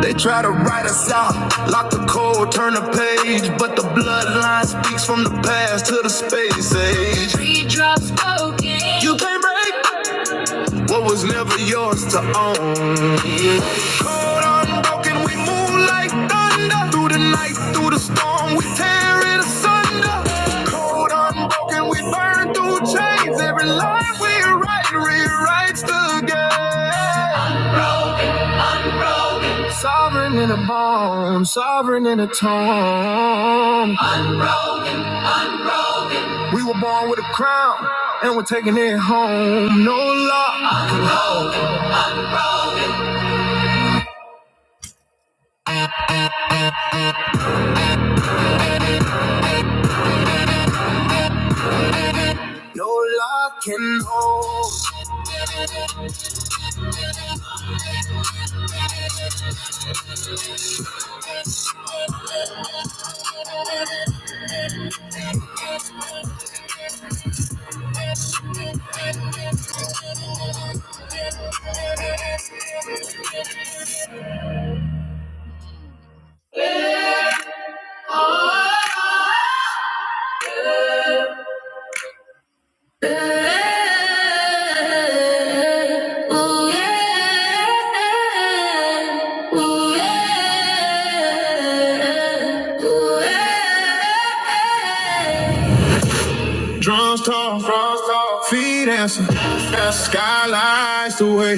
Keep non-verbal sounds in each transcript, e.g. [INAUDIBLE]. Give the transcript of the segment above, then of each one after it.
They try to write us out, lock the code, turn the page, but the bloodline speaks from the past to the space age. Three drops spoken. You can't break. What was never yours to own. Cold, unbroken, we move like thunder. Through the night, through the storm, we tear it asunder. Cold, unbroken, we burn through chains. Every line we write rewrites the game. Born sovereign in a tomb. We were born with a crown, and we're taking it home. No law, no law can hold. Drums talk, drums talk, feet dancing, that's skylights the way.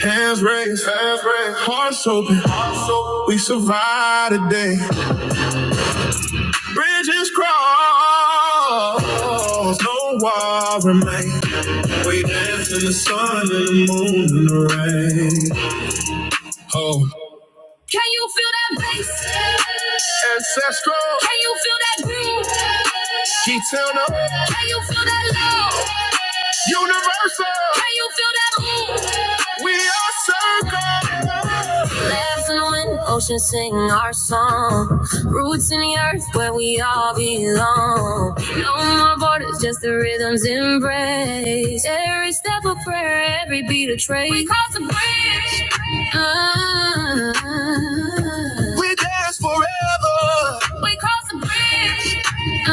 Hands raised, hands raised, hearts open, hearts open. We survive today. Bridges cross, no wall remain. We dance in the sun and the moon and the rain. Oh. Can you feel that bass? Ancestral. Can you feel that groove? She tell no. Can you feel that love? Universal. Can you feel that move? We are circle. Laughs in the wind, ocean sing our song. Roots in the earth where we all belong. No more borders, just the rhythm's embrace. Every step of prayer, every beat a trace. We cross the bridge. Ah. We dance forever. We cross the bridge. We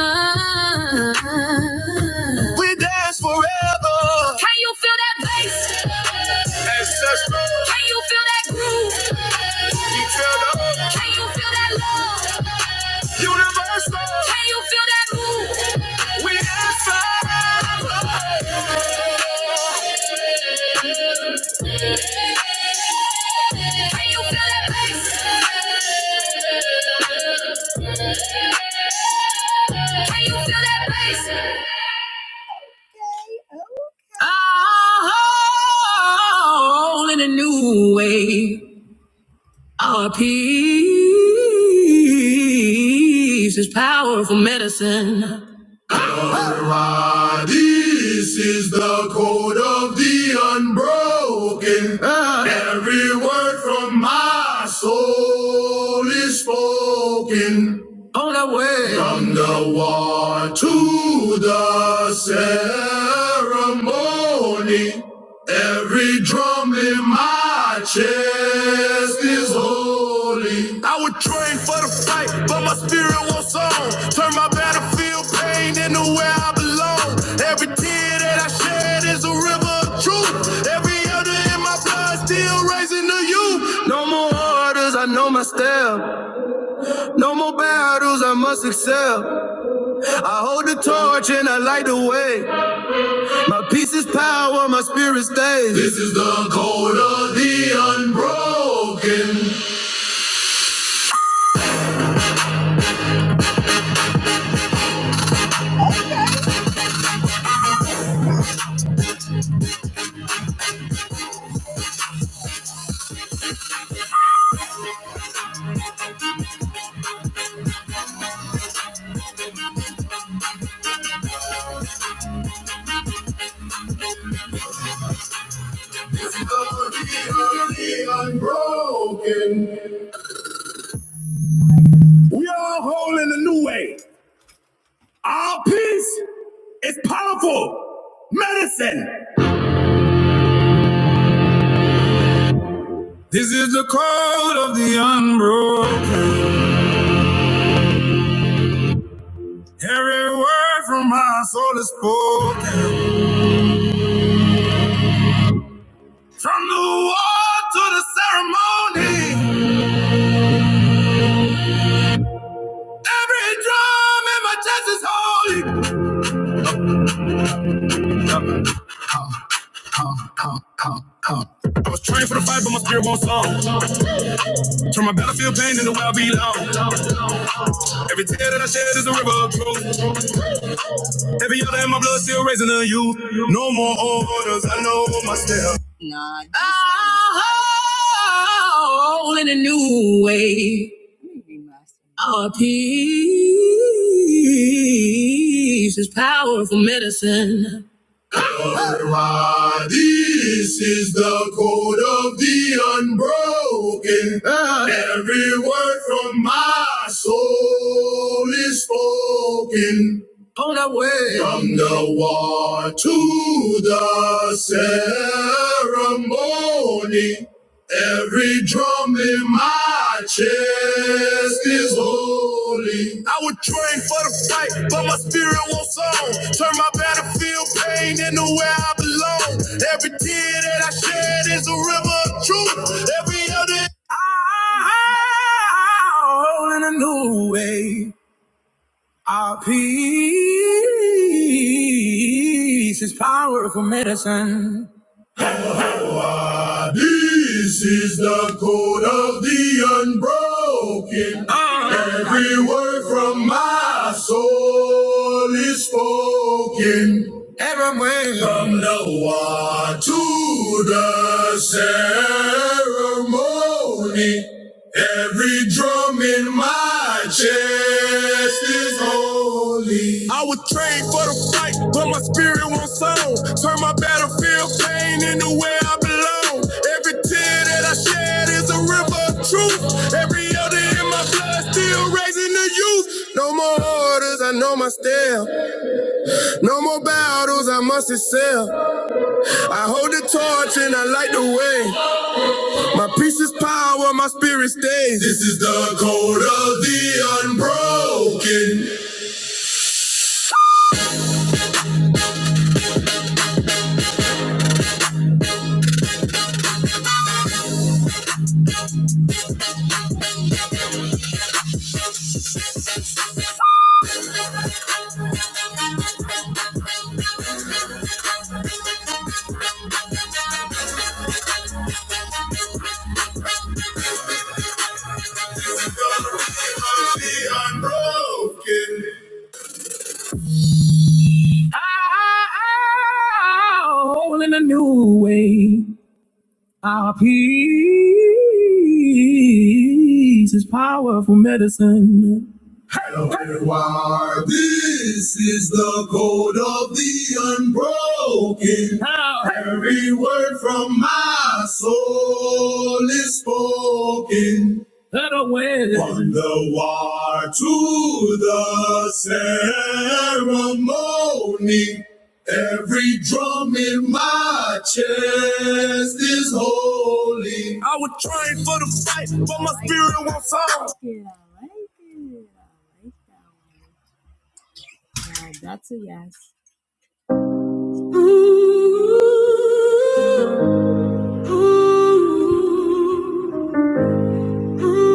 dance forever. Can you feel that bass? Ancestral. Can you feel that groove? You feel the hope. Can you feel that love? Universal. Can you feel that move? We dance forever. Can you feel that bass? Can you feel that bass? all in a new way. Our peace is powerful medicine. Rah, This is the code of the unbroken. Ah. Every word from my soul is spoken. On the way. From the war to the ceremony. Every drum in my chest is holy. I would train for the fight, but my spirit won't on. Turn my battlefield pain into where I belong. Every tear that I shed is a river of truth. Every elder in my blood still raising the youth. No more orders, I know my step. No more battles, I must excel. I hold the torch and I light the way. My peace is power, my spirit stays. This is the code of the unbroken. The unbroken. We are whole in a new way. Our peace is powerful medicine. This is the code of the unbroken. Every word from my soul is spoken. From the war to the ceremony. Every drum in my chest is holy. I was trained for the fight, but my spirit won't slow. Turn my battlefield pain into where I belong. Every tear that I shed is a river of truth. Every other in my blood still raising the youth. No more orders, I know my step. All in a new way. Our peace is powerful medicine. Ra, this is the code of the unbroken. Ah. Every word from my soul is spoken. On the way. From the war to the ceremony. Every drum in my chest is holy. I would train for the fight, but my spirit won't on. Turn my battlefield pain into where I belong. Every tear that I shed is a river of truth. Every other all in a new way. Our peace is powerful medicine. Ah, this is the code of the unbroken. Ah. Every word from my soul is spoken. Everywhere. From Noah to the ceremony, every drum in my chest is holy. I was trained for the fight, but my spirit won't sound. Turn my battlefield pain into where I belong. Every tear that I shed is a river of truth. Every elder in my blood still raising the youth. No more orders, I know my step. No more battles I must excel. I hold the torch and I light the way. My peace is power, my spirit stays. This is the code of the unbroken. Of the unbroken. All in a new way. Our peace is powerful medicine. Why this is the code of the unbroken. How? Every word from my soul is spoken. That away. From the war to the ceremony. Every drum in my chest is holy. I was trying for the fight, but my spirit won't fall.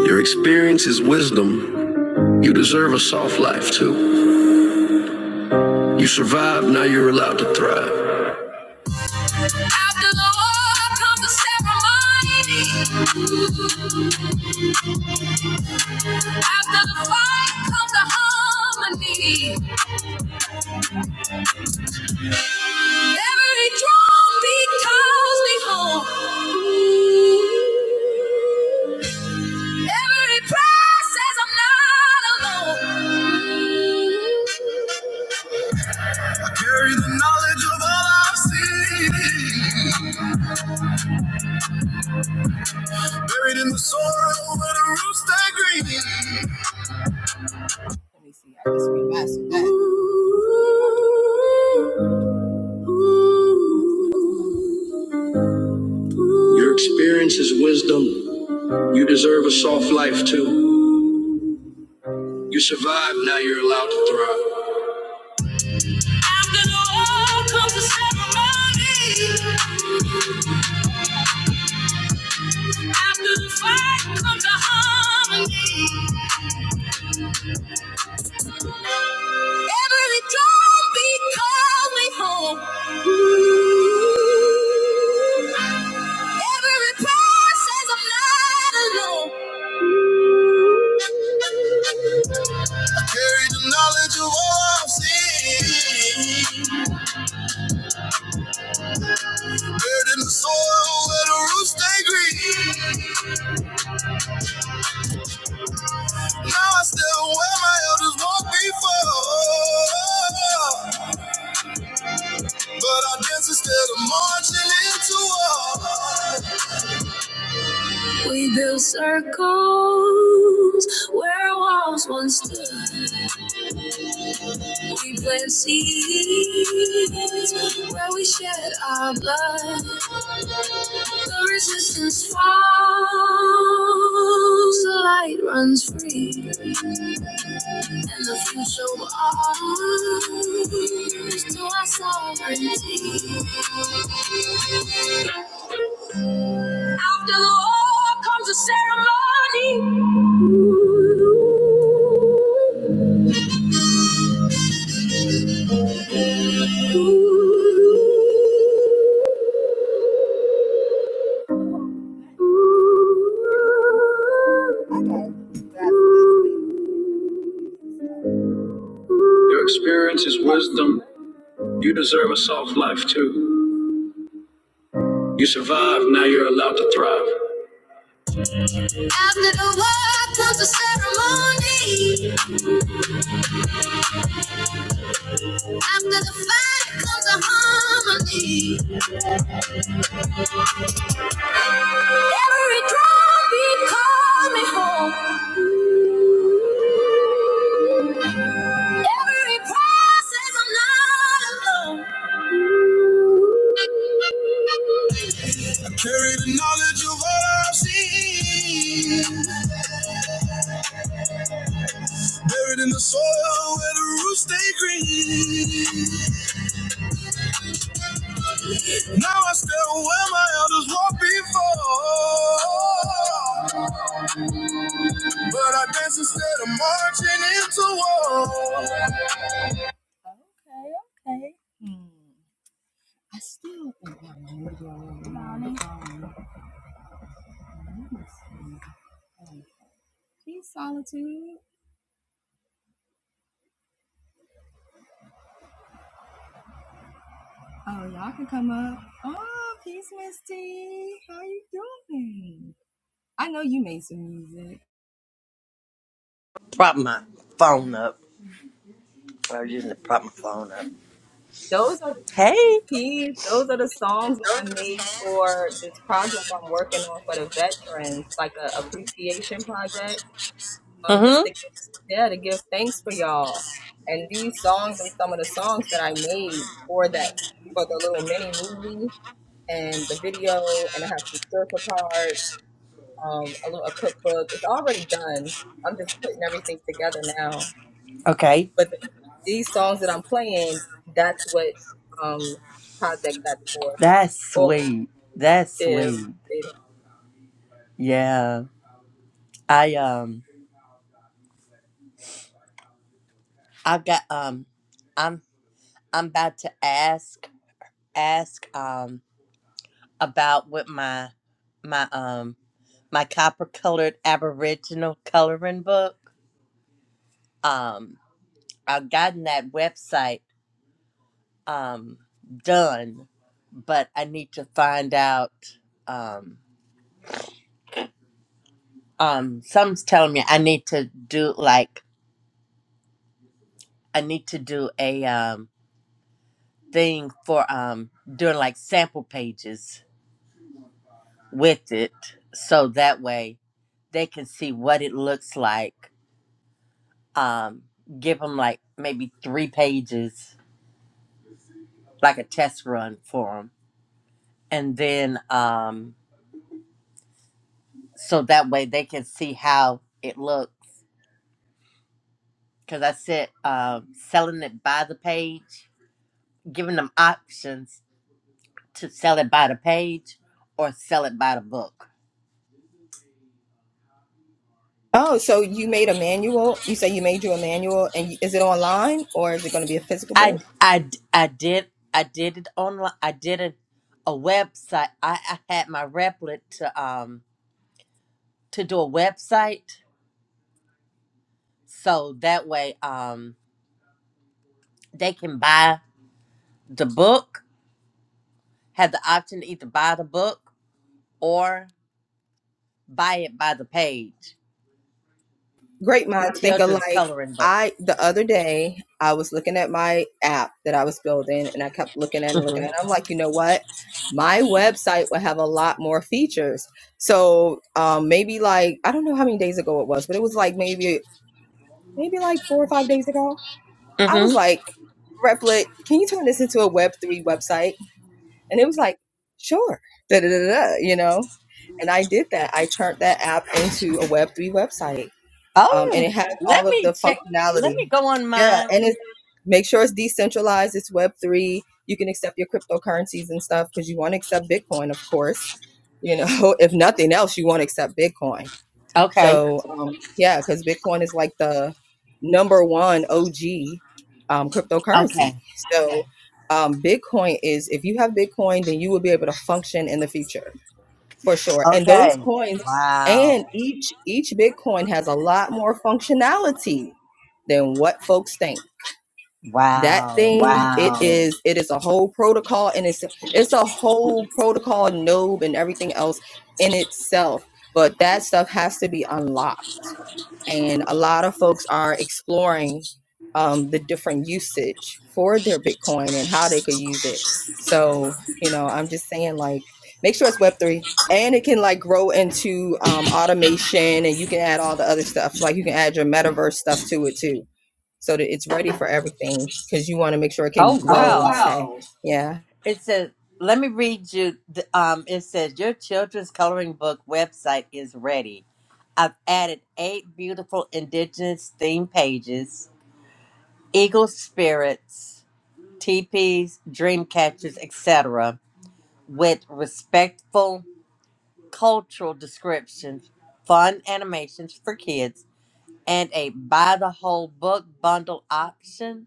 Your experience is wisdom. You deserve a soft life too. You survived, now you're allowed to thrive. After the war comes the ceremony. After the fight comes the harmony. Every drum beat calls me home. Every prayer says I'm not alone. I carry the knowledge of all I've seen. Buried in the soil where the roots stay green. Ooh. Your experience is wisdom. You deserve a soft life too. You survived, now you're allowed to thrive. After the war comes the ceremony. After the fight comes the harmony. Every drum beat calls me home. Every prayer says I'm not alone. Carry the knowledge of all I've seen. Buried in the soil where the roots stay green. Now I stand where my elders walked before. But I dance instead of marching into war. We build circles where walls once stood. We plant seeds where we shed our blood. The resistance falls, the light runs free, and the future belongs to our sovereignty. After the law comes a ceremony. Your experience is wisdom. You deserve a soft life too. You survived, now you're allowed to thrive. After the war comes a ceremony. After the fight comes a harmony. Every drumbeat call me home. Every process, I'm not alone. I Carry the knowledge of all I've seen. Buried in the soil where the roots stay green. Now I step where my elders walked before. But I dance instead of marching into war. prop my phone up. I was using to prop my phone up. Hey. Mm-hmm. Okay. That's sweet. That's sweet. Yeah. I um I got um I'm I'm about to ask ask um about what my my um my copper colored aboriginal coloring book. Um I've gotten that website um done, but I need to find out um um some's telling me I need to do like I need to do a um thing for um doing like sample pages with it so that way they can see what it looks like um give them like maybe 3 pages like a test run for them and then um so that way they can see how it looks cuz I said um selling it by the page giving them options to sell it by the page or sell it by the book. I I I did I did it online. I did it a website. I, I had my replet to um to do a website so that way um they can buy the book, have the option to either buy the book or buy it by the page. Children's coloring book. Mhm. Mhm. Oh, let me check. Let me go on mine. Okay. Okay. Okay. Wow. Wow. Oh, wow. It says, let me read you. The, um, it says, your children's coloring book website is ready. I've added eight beautiful indigenous theme pages, eagle spirits, teepees, dream catchers, etc., with respectful cultural descriptions, fun animations for kids, and a buy the whole book bundle option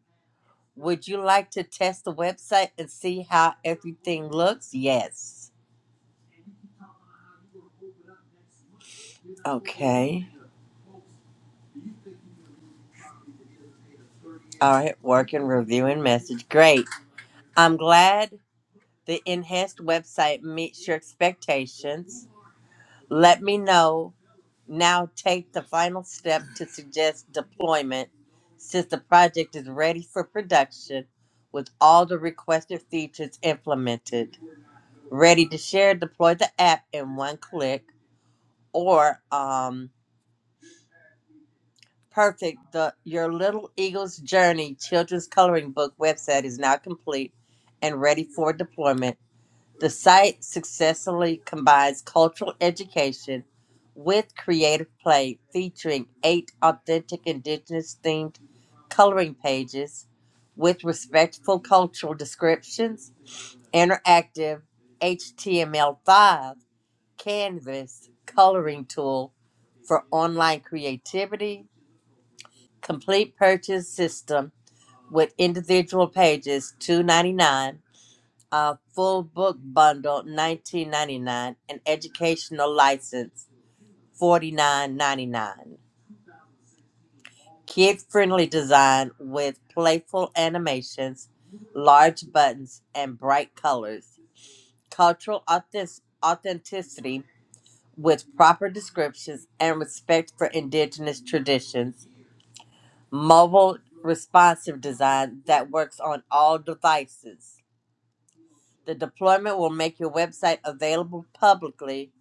Would you like to test the website and see how everything looks? Yes. Okay. All right. Working, reviewing message. Great. I'm glad the enhanced website meets your expectations. Let me know. Now take the final step to suggest deployment since the project is ready for production with all the requested features implemented. Ready to share, deploy the app in one click or um Perfect. The Your Little Eagle's Journey children's coloring book website is now complete and ready for deployment. The site successfully combines cultural education with creative play, featuring eight authentic indigenous themed coloring pages with respectful cultural descriptions, interactive HTML5 canvas coloring tool for online creativity complete purchase system with individual pages 299 a full book bundle 1999 an educational license 49.99 kid friendly design with playful animations large buttons and bright colors cultural authentic- authenticity with proper descriptions and respect for indigenous traditions mobile responsive design that works on all devices. The deployment will make your website available publicly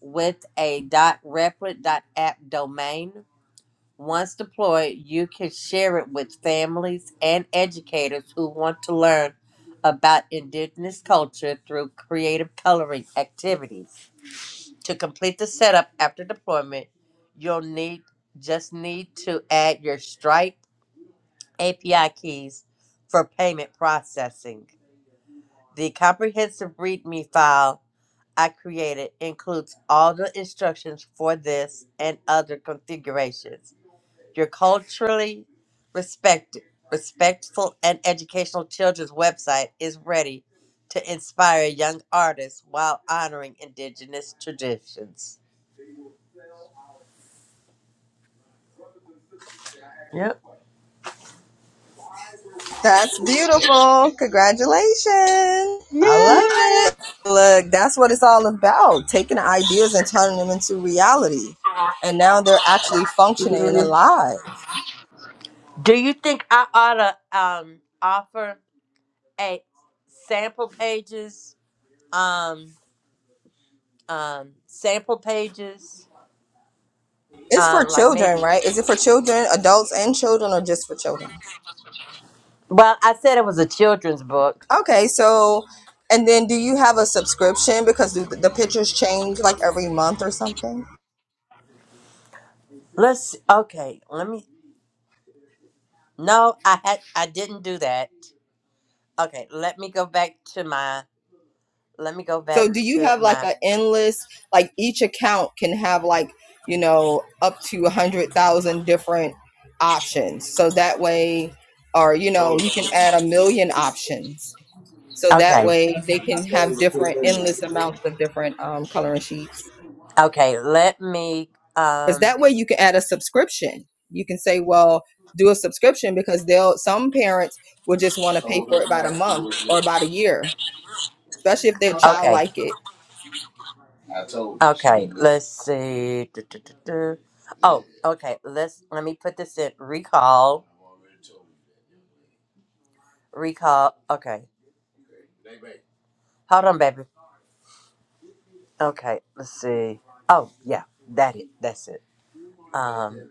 with a .replit.app domain. Once deployed, you can share it with families and educators who want to learn about indigenous culture through creative coloring activities. To complete the setup after deployment, you'll need just need to add your Stripe API keys for payment processing. The comprehensive README file I created includes all the instructions for this and other configurations. Your culturally respect, respectful and educational children's website is ready to inspire young artists while honoring indigenous traditions. Yep. Yay! Do you think I ought to um, offer a sample pages um, um, sample pages, um, like maybe. Well, I said it was a children's book. Let's see. okay. Let me. No, I had. I didn't do that. Okay, let me go back to my. Let me go back to my. Okay, okay. Let me. Um. Uh, Okay. I told you she Okay, knew. let's see. Du- du- du- du. Oh, okay. Let's let me put this in. Recall. Recall. Okay. Hold on, baby. Okay, let's see. Oh, yeah, that it. That's it. Um,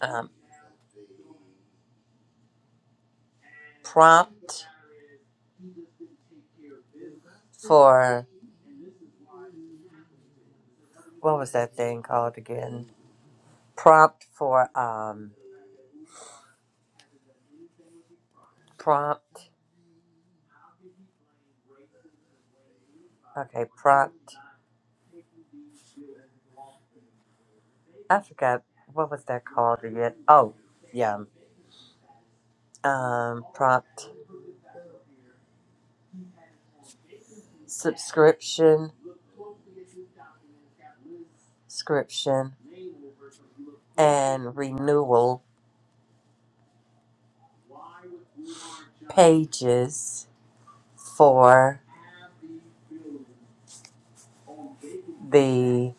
um, prompt for what was that thing called again? Prompt for um, prompt. Okay, prompt. I forgot what was that called again. Oh, yeah. Um, prompt. subscription, subscription, and renewal pages for the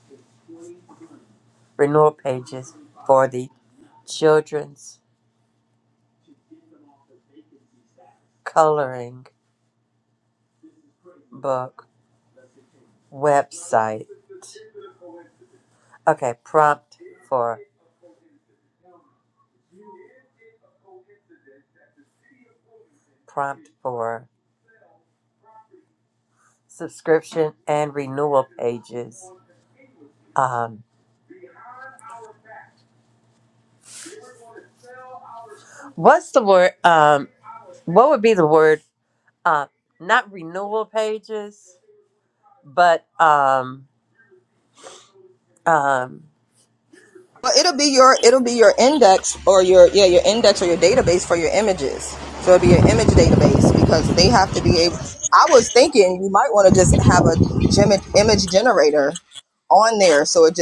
renewal pages for the children's coloring book website. Okay, prompt for prompt for subscription and renewal pages. Um, what's the word? Um, what would be the word? Uh, not renewal pages, but um, um,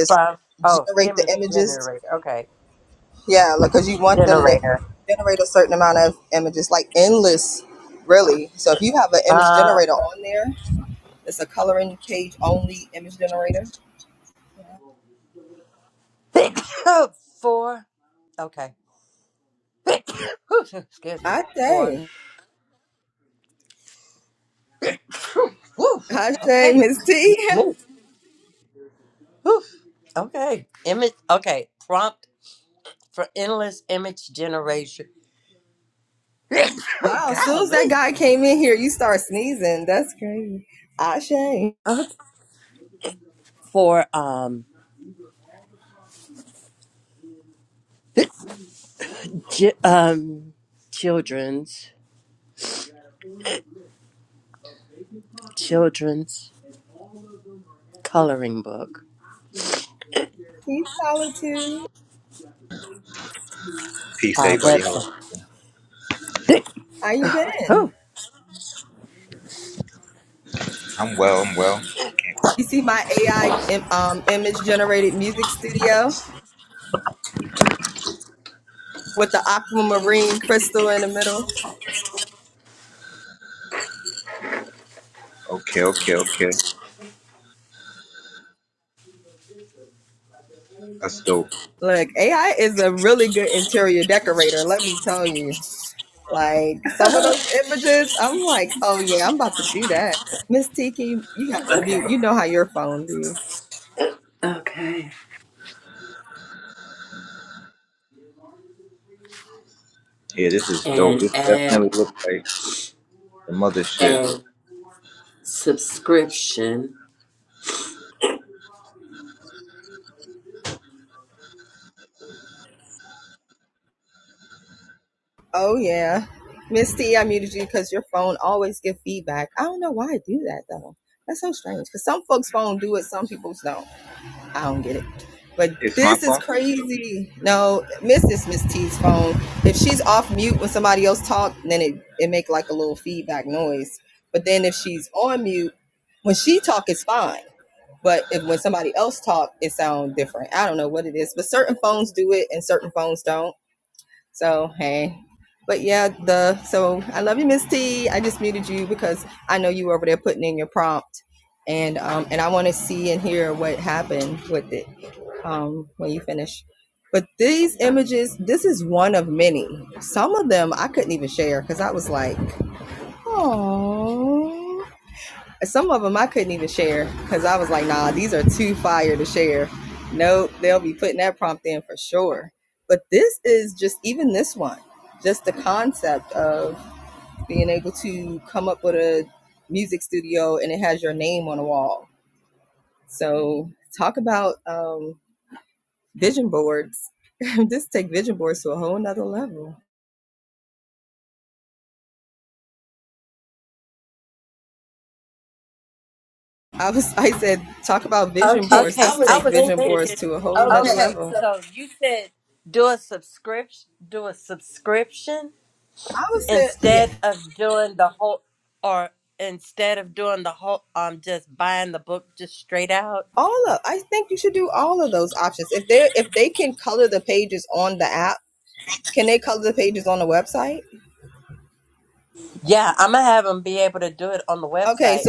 Five oh M is generator. Okay. Generator. Um six [COUGHS] four. Okay. [LAUGHS] [COUGHS] Whew, Excuse me. Four. Woo. Okay. Me. Whew. Okay. Image okay. Prompt for endless image generation. [LAUGHS] [COUGHS] Oh, Golly. Uh, For um chi- um children's children's coloring book. Peace, Uh everybody. How are website. Whew. I'm well. I'm well. Okay, okay, okay. That's dope. [LAUGHS] yeah, Okay. Okay. this is dope. And This add definitely looks like the mother shit. and subscription. It's my phone. Okay, I was thinking. Okay, so you said do a subscription, do a subscription instead of doing the whole, or instead of doing the whole, um, just buying the book just straight out. Yeah, I'm gonna have them be able to do it on the website.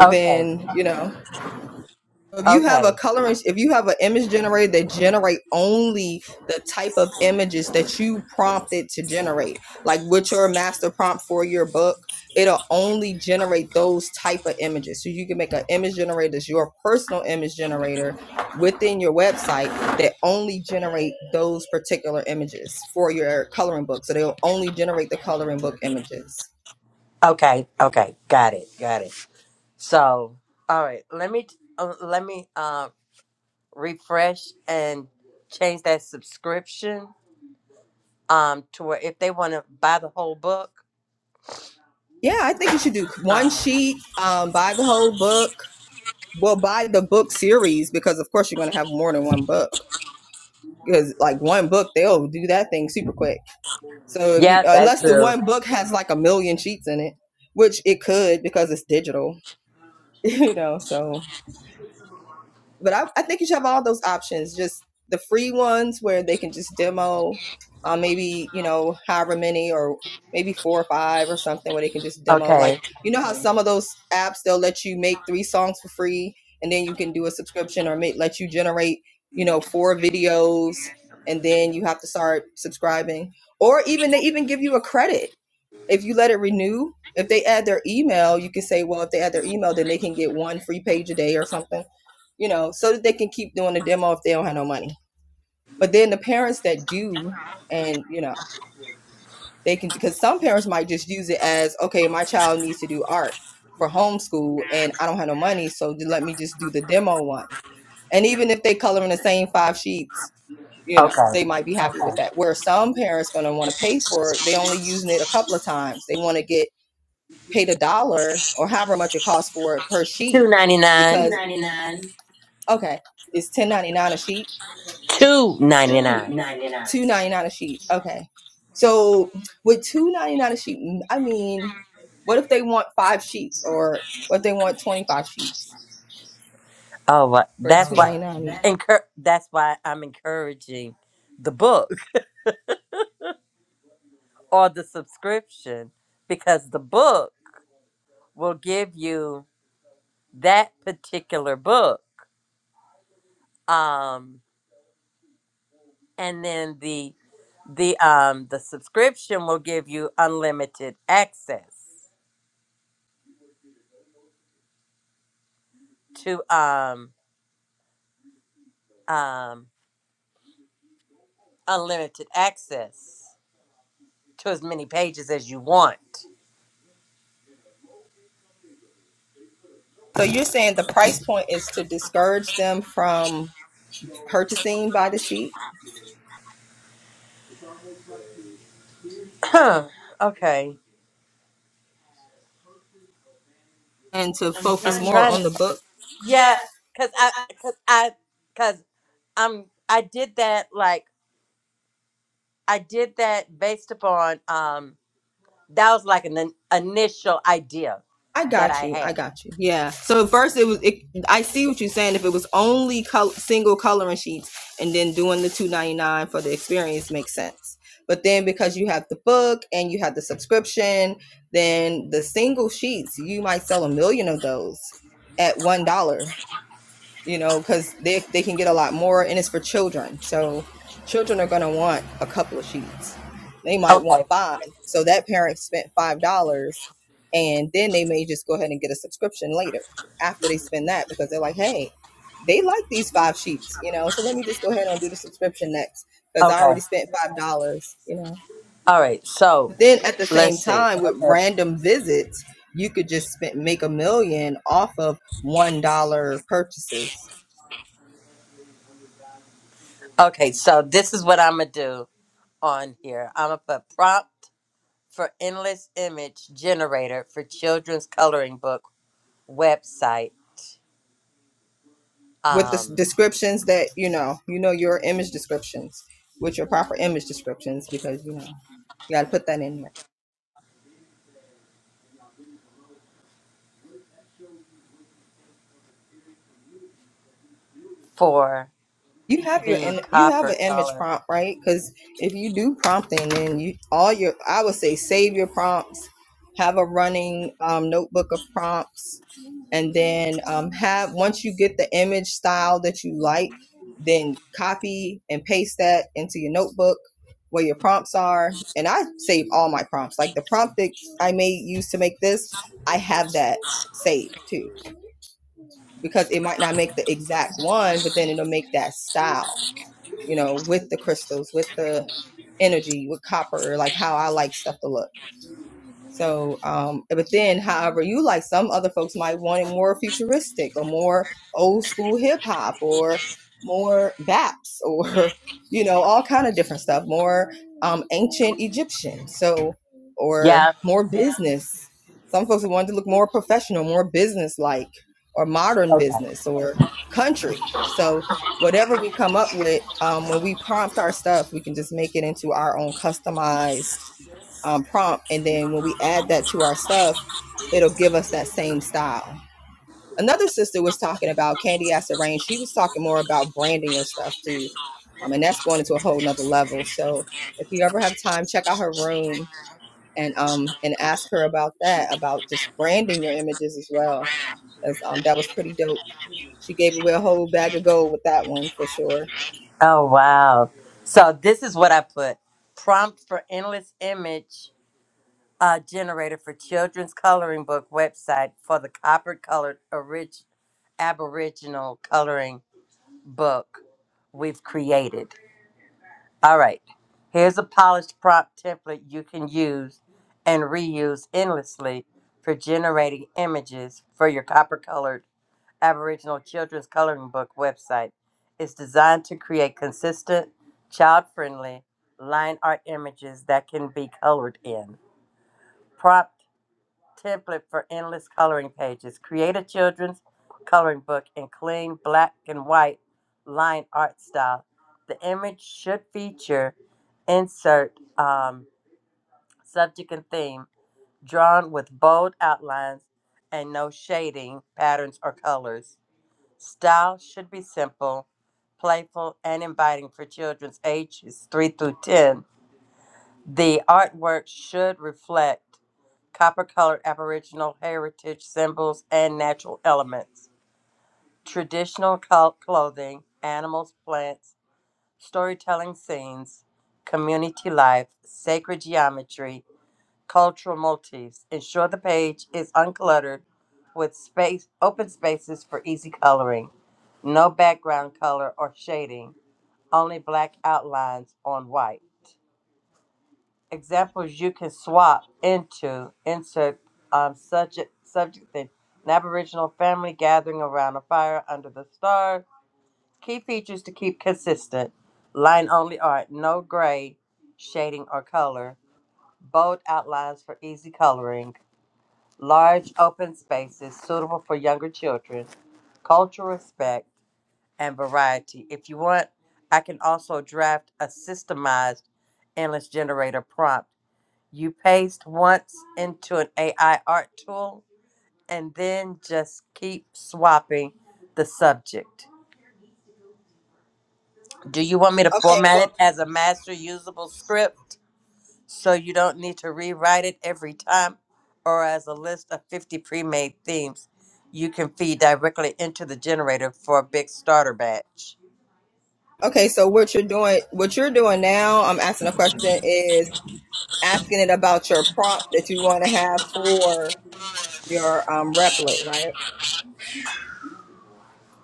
Okay, okay, okay, okay. Got it, got it. So, all right, let me uh, let me um refresh and change that subscription um to where if they want to buy the whole book um yeah that's true okay okay 299 99, 299 299. oh well, that's why. Encour- that's why i'm encouraging the book or the subscription because the book will give you that particular book um and then the the um the subscription will give you unlimited access to um um unlimited access to as many pages as you want. [CLEARS THROAT] okay, I'm trying to yeah, cause I cause I cause I'm I did that like I did that based upon um that was like an, in- initial idea that I had. Yeah. Okay. Okay. All right. So let's see. Okay. Okay, so this is what I'm gonna do on here. I'm gonna put prompt for endless image generator for children's coloring book website um for the copper color. Yeah. Okay. Oh wow. So this is what I put. Prompt for endless image uh, generator for children's coloring book website for the copper colored orig- aboriginal coloring book we've created. All right. Here's a polished prompt template you can use and reuse endlessly for generating images for your copper colored Aboriginal children's coloring book website. It's designed to create consistent, child friendly line art images that can be colored in. Prompt template for endless coloring pages. Create a children's coloring book in clean black and white line art style. The image should feature insert um, subject and theme drawn with bold outlines and no shading, patterns, or colors. Style should be simple, playful, and inviting for children's ages 3 through 10. The artwork should reflect copper colored Aboriginal heritage symbols and natural elements, traditional col- clothing, animals, plants, storytelling scenes, community life, sacred geometry, cultural motifs. Ensure the page is uncluttered with space open spaces for easy coloring. No background color or shading, only black outlines on white. examples you can swap into insert um, subject subject thing. An Aboriginal family gathering around a fire under the stars. Key features to keep consistent: line only art, no gray shading or color, bold outlines for easy coloring, large open spaces suitable for younger children, cultural respect, and variety. If you want, I can also draft a systemized endless generator prompt you paste once into an AI art tool and then just keep swapping the subject. Do you want me to format it as a master usable script so you don't need to rewrite it every time or as a list of 50 pre made themes you can feed directly into the generator for a big starter batch?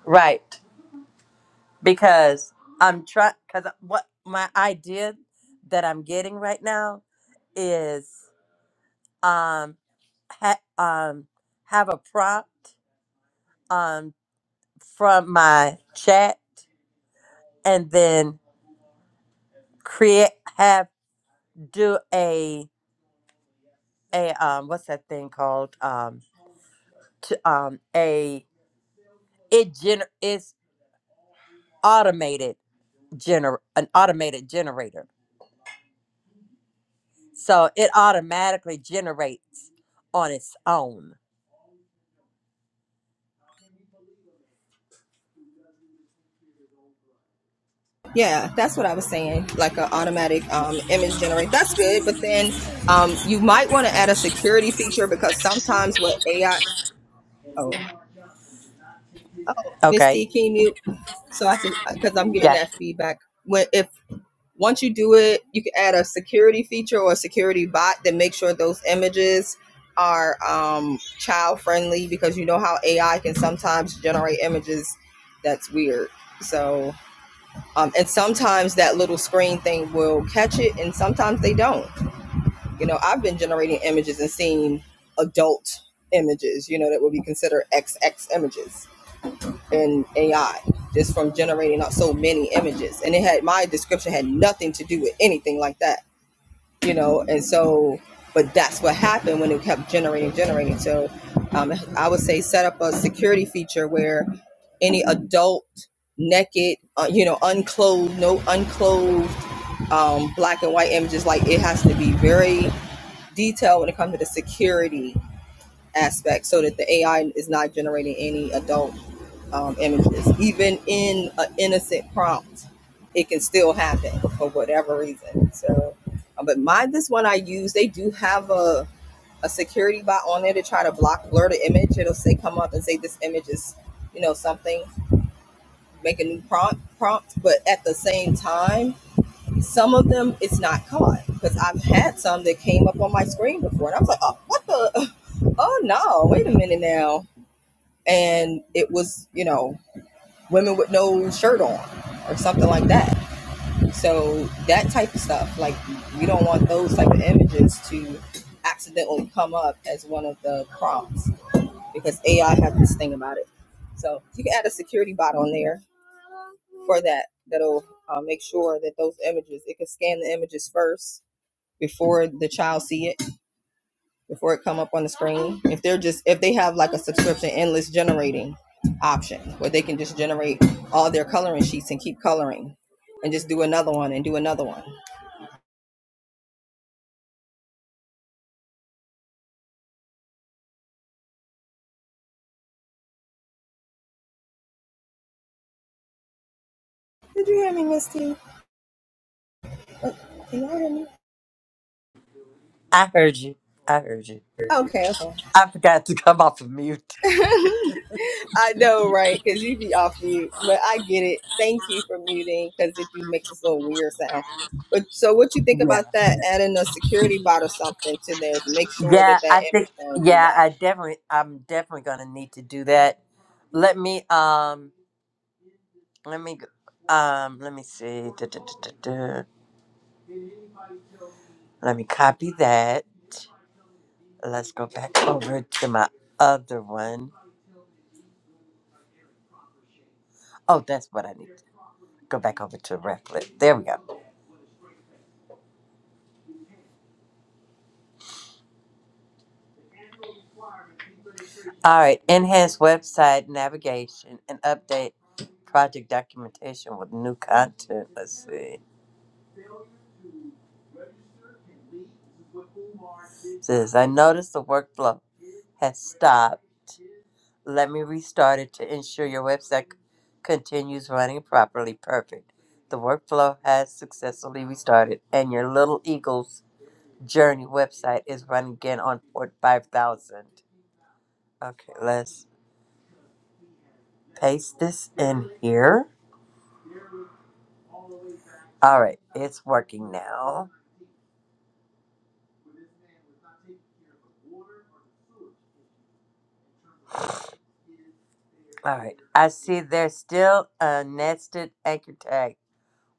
Right, because I'm trying, because what my idea that I'm getting right now is. um ha- um, have a prompt um, from my chat and then create have do a a um what's that thing called um to um a it gener it's automated gener an automated generator so it automatically generates on its own Yeah. okay yeah i heard you i heard you i forgot to come off of mute Yeah, I think yeah, I definitely I'm definitely gonna need to do that. Let me um let me go- um let me see. Duh, duh, duh, duh, duh. Let me copy that. Let's go back over to my other one. Oh, that's what I need. Go back over to Replit. There we go. All right. Enhance website navigation and update project documentation with new content. Let's see. It says I noticed the workflow has stopped Let me restart it to ensure your website c- continues running properly. Perfect. The workflow has successfully restarted, and your Little Eagles Journey website is running again on port 5000. Okay, let's paste this in here. All right, it's working now. All right, I see there's still a nested anchor tag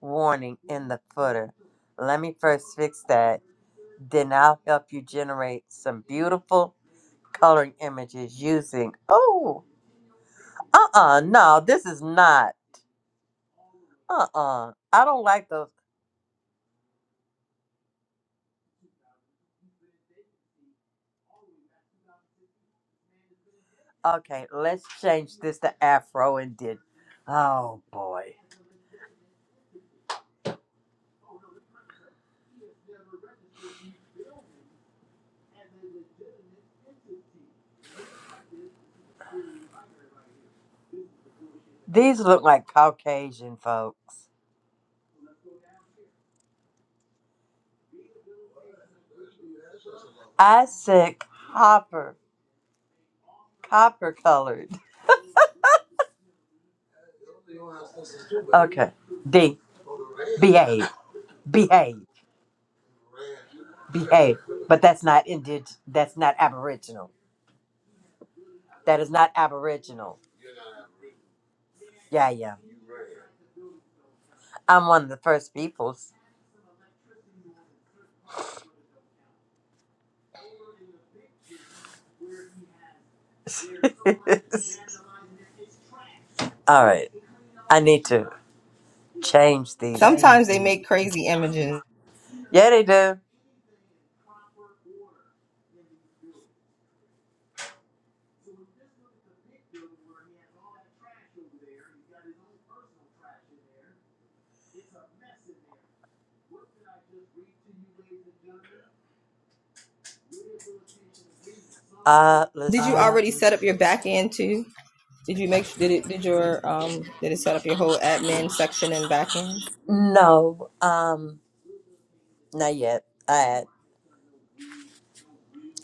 warning in the footer. Let me first fix that. Then I'll help you generate some beautiful coloring images using oh uh-uh no this is not uh-uh i don't like those okay let's change this to afro and did oh boy these look like caucasian folks i said copper copper colored [LAUGHS] okay d behave behave behave but that's not indig that's not aboriginal that is not aboriginal yeah yeah i'm one of the first peoples [LAUGHS] All right. I need to change these. Yeah, they do. Uh, listen. No, um, not yet. All right.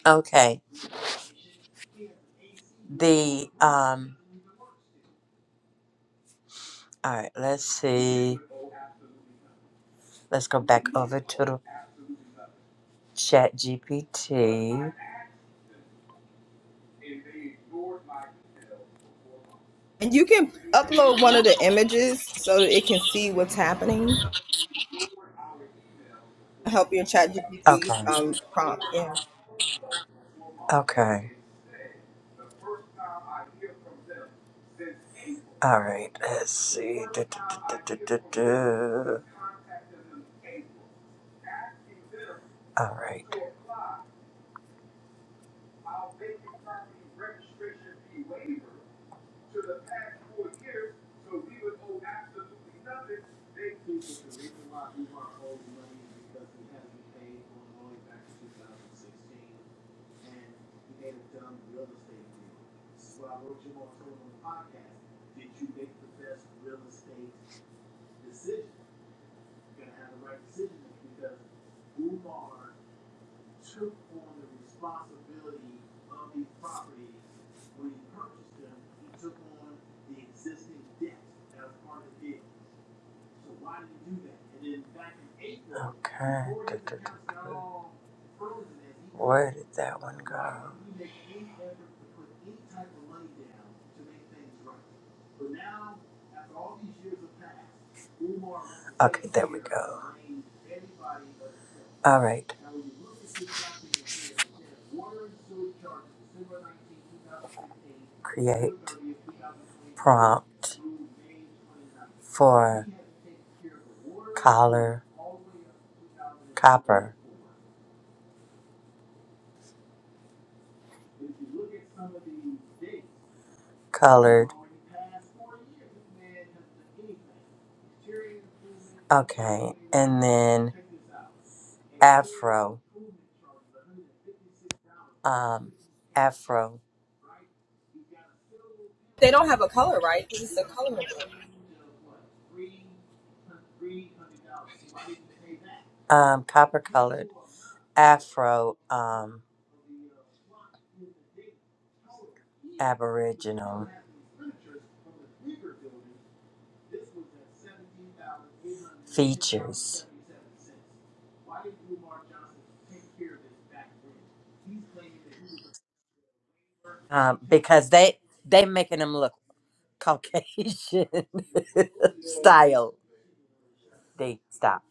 Okay. The, um, all right, let's see. Let's go back over to the chat GPT. Okay. Okay. All right. Let's see. Du- du- du- du- du- du- du. All right. Okay. Where did that one go? All right. Create prompt. for collar, copper, colored. Okay, and then afro, um, afro, um, copper colored, afro, um, aboriginal features, um, because they they making them look Caucasian [LAUGHS] style. They stop.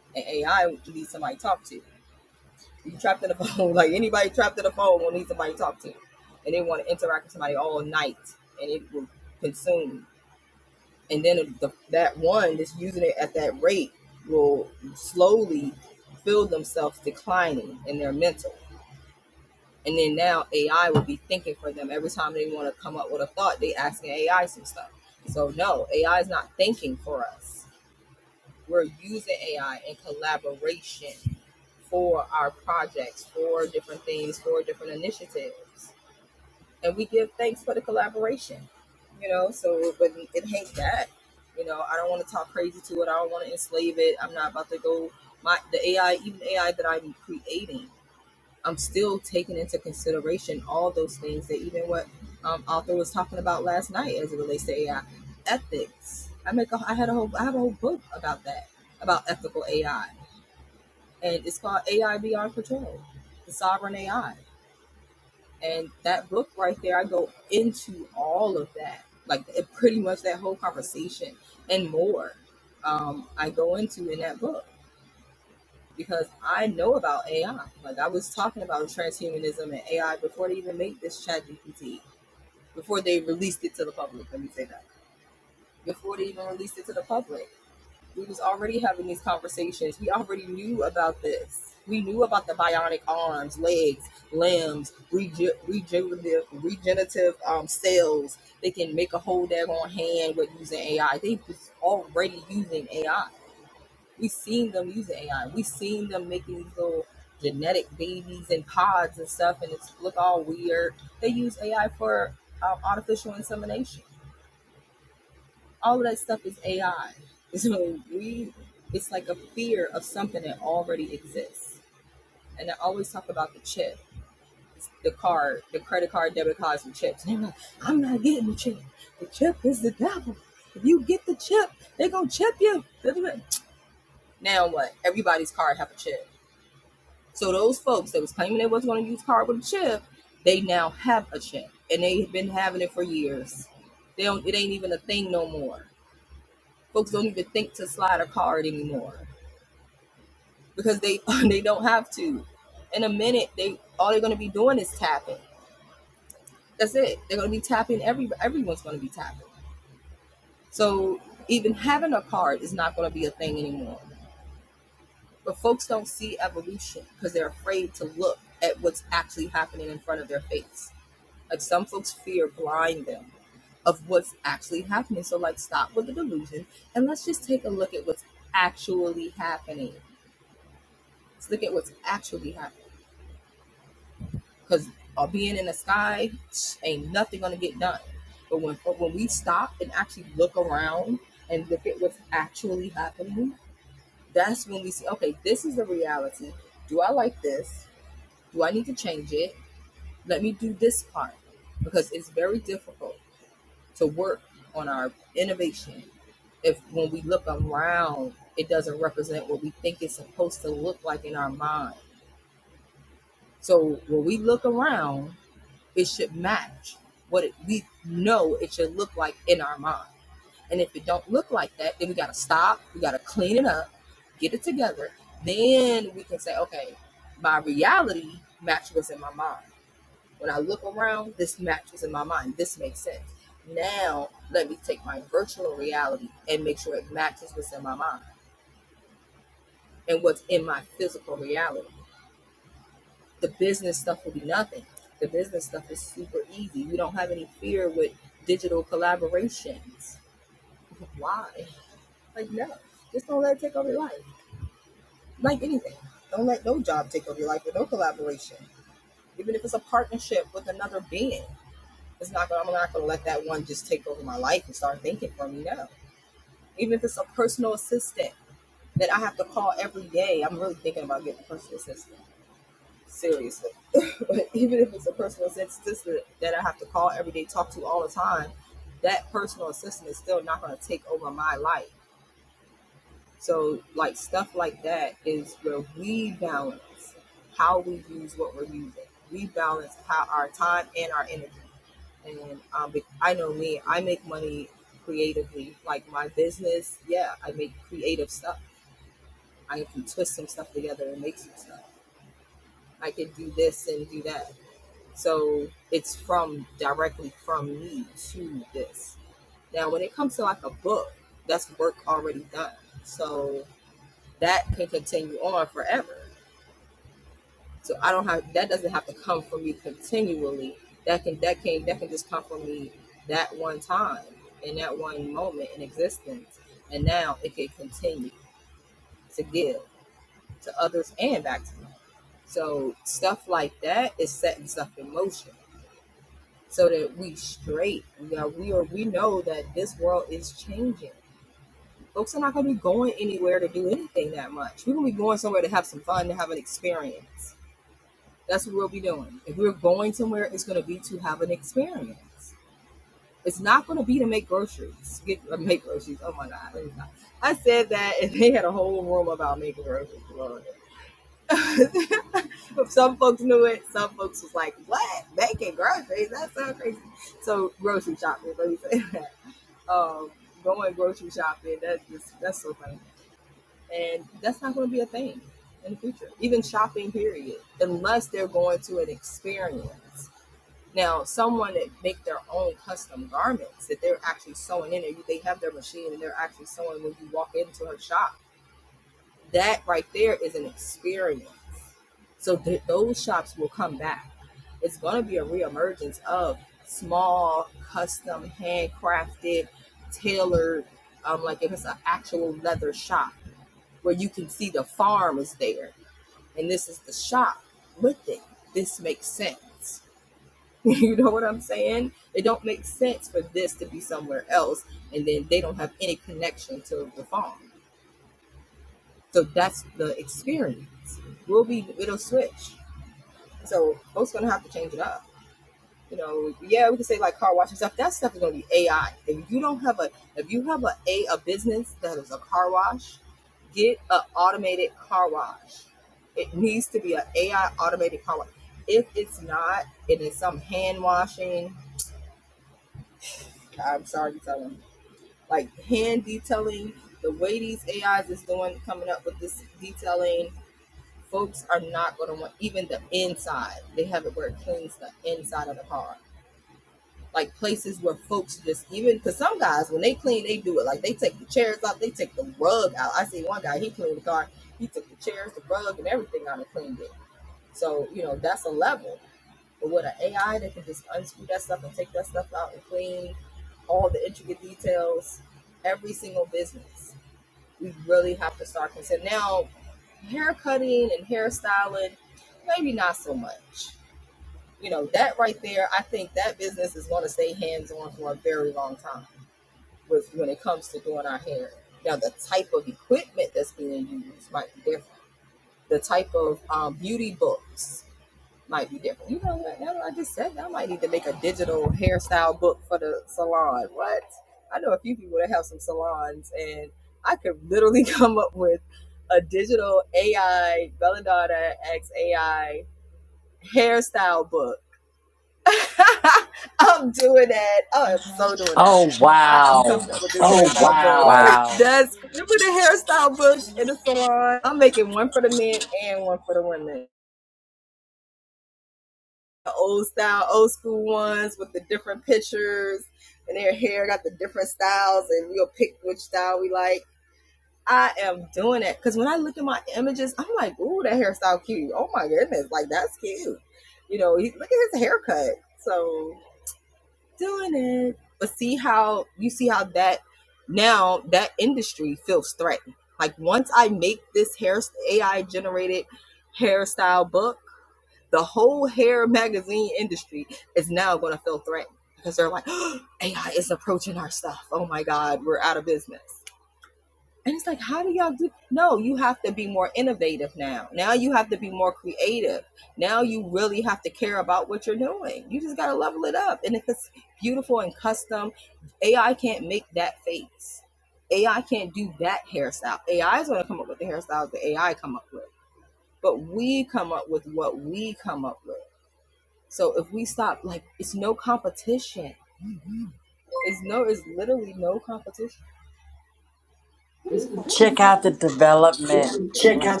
Check out the development link.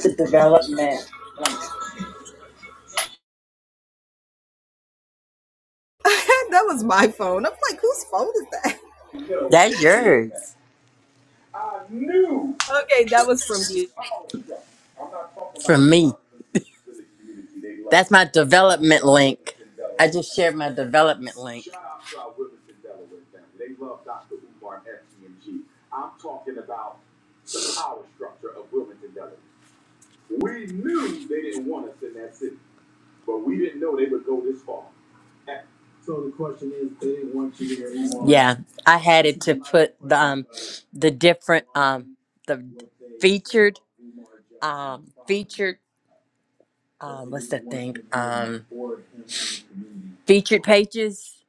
That's yours. That's my development link. I just shared my development link. Yeah, I had it to put the um, the different um, the featured um, featured uh, featured pages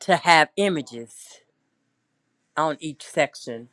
to have images on each section.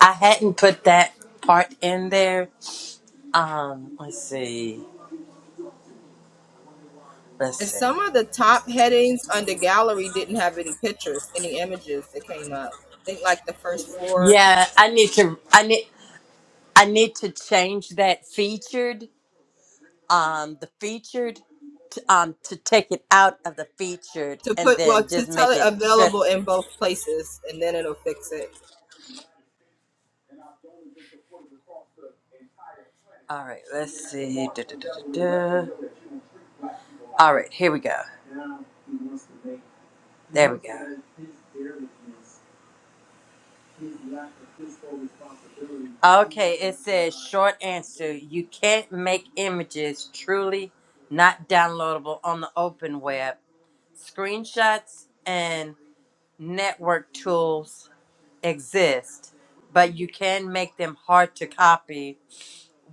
I hadn't put that part in there. Um, let's see, let's see. Yeah, I need to. I need. I need to change that featured. Um, the featured. To, um, to take it out of the featured and then just make it straight All right, let's see. Da, da, da, da, da. All right, here we go. There. Oh, short answer. You can't make images truly not downloadable on the open web. Screenshots and network tools exist, but you can make them hard to copy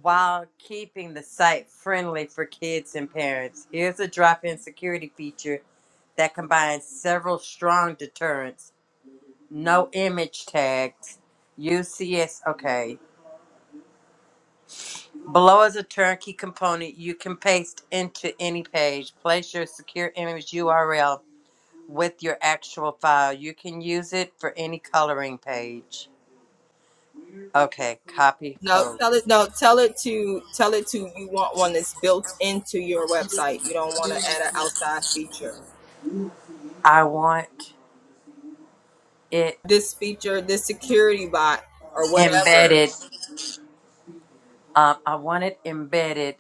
while keeping the site friendly for kids and parents. Here's a drop in security feature that combines several strong deterrents No image tags. UCS. Okay. Below is a turnkey component you can paste into any page. Place your secure image URL with your actual file. You can use it for any coloring page. Okay. Copy code. I want it embedded. Um, I want it embedded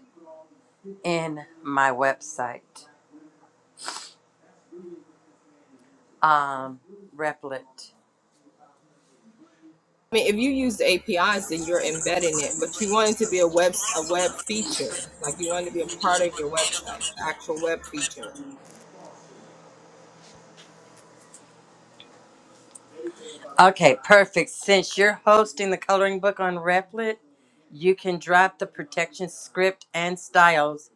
in my website. Um, Replit. Okay, perfect. Since you're hosting the coloring book on Replit, you can drop the protection script and styles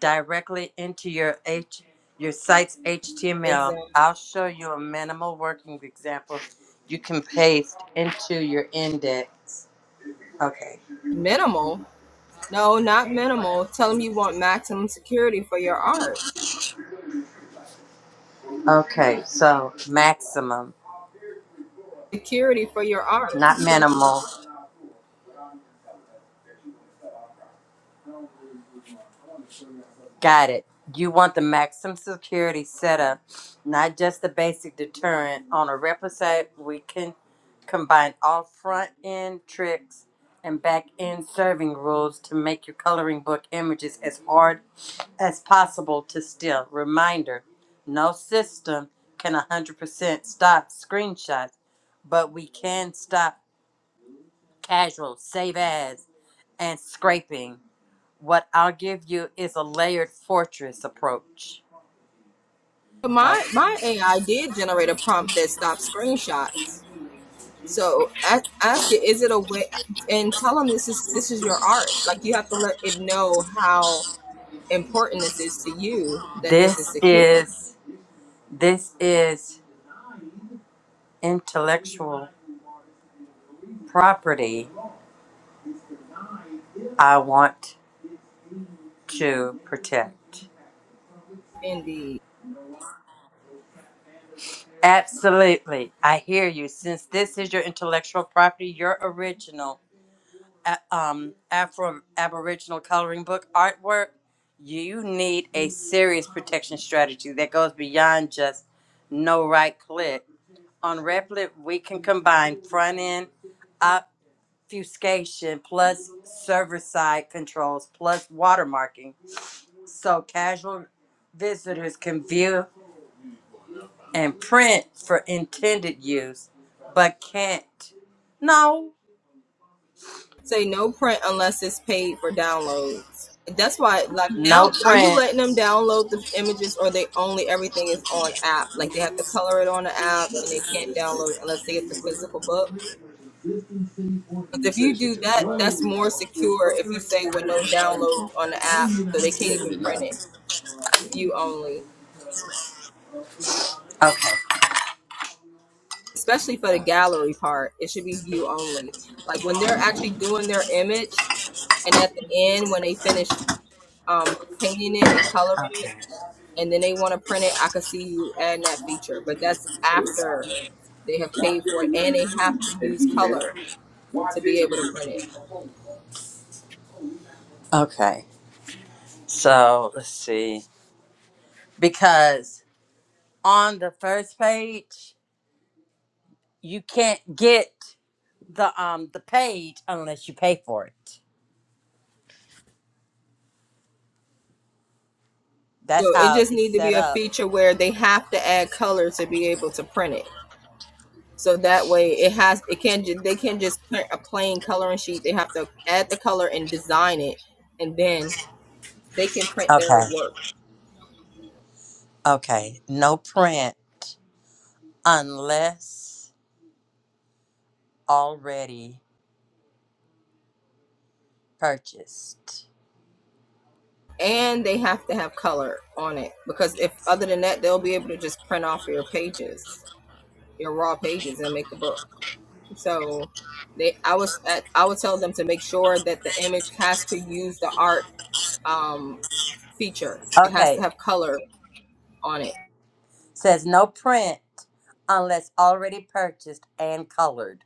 directly into your H your site's HTML. I'll show you a minimal working example you can paste into your index. Okay. Okay, so maximum, not minimal. Got it. You want the maximum security setup, not just the basic deterrent. On a replica, site, we can combine all front end tricks and back end serving rules to make your coloring book images as hard as possible to steal. Reminder no system can 100% stop screenshots, but we can stop casual save as and scraping. What I'll give you is a layered fortress approach. Okay. This is this is intellectual property I want to protect. Absolutely. I hear you. Since this is your intellectual property, your original a- um Afro Aboriginal coloring book artwork, you need a serious protection strategy that goes beyond just no right click. On Replit, we can combine front end obfuscation plus server side controls plus watermarking so casual visitors can view and print for intended use but can't no no print You finished with this. Right. okay all right okay okay so let's see because on the first page you can't get the um the page unless you pay for it That's how it's set up. Okay. Okay. No print unless already purchased. Okay. Says no print unless already purchased and colored.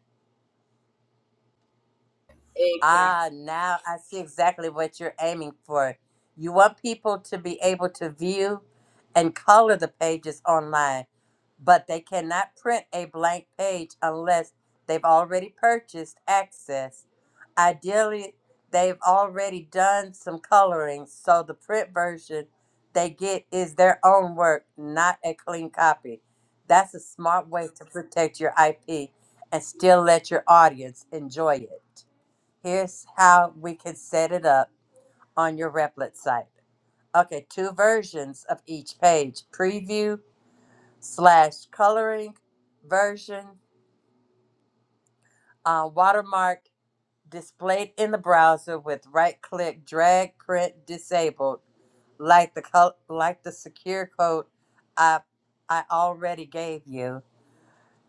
Ah, now I see exactly what you're aiming for. You want people to be able to view and color the pages online but they cannot print a blank page unless they've already purchased access. Ideally, they've already done some coloring, so the print version they get is their own work, not a clean copy. That's a smart way to protect your IP and still let your audience enjoy it. Here's how we can set it up on your Replit site. Okay, two versions of each page preview slash coloring version uh, watermark displayed in the browser with right click drag print disabled like the col- like the secure code I I already gave you.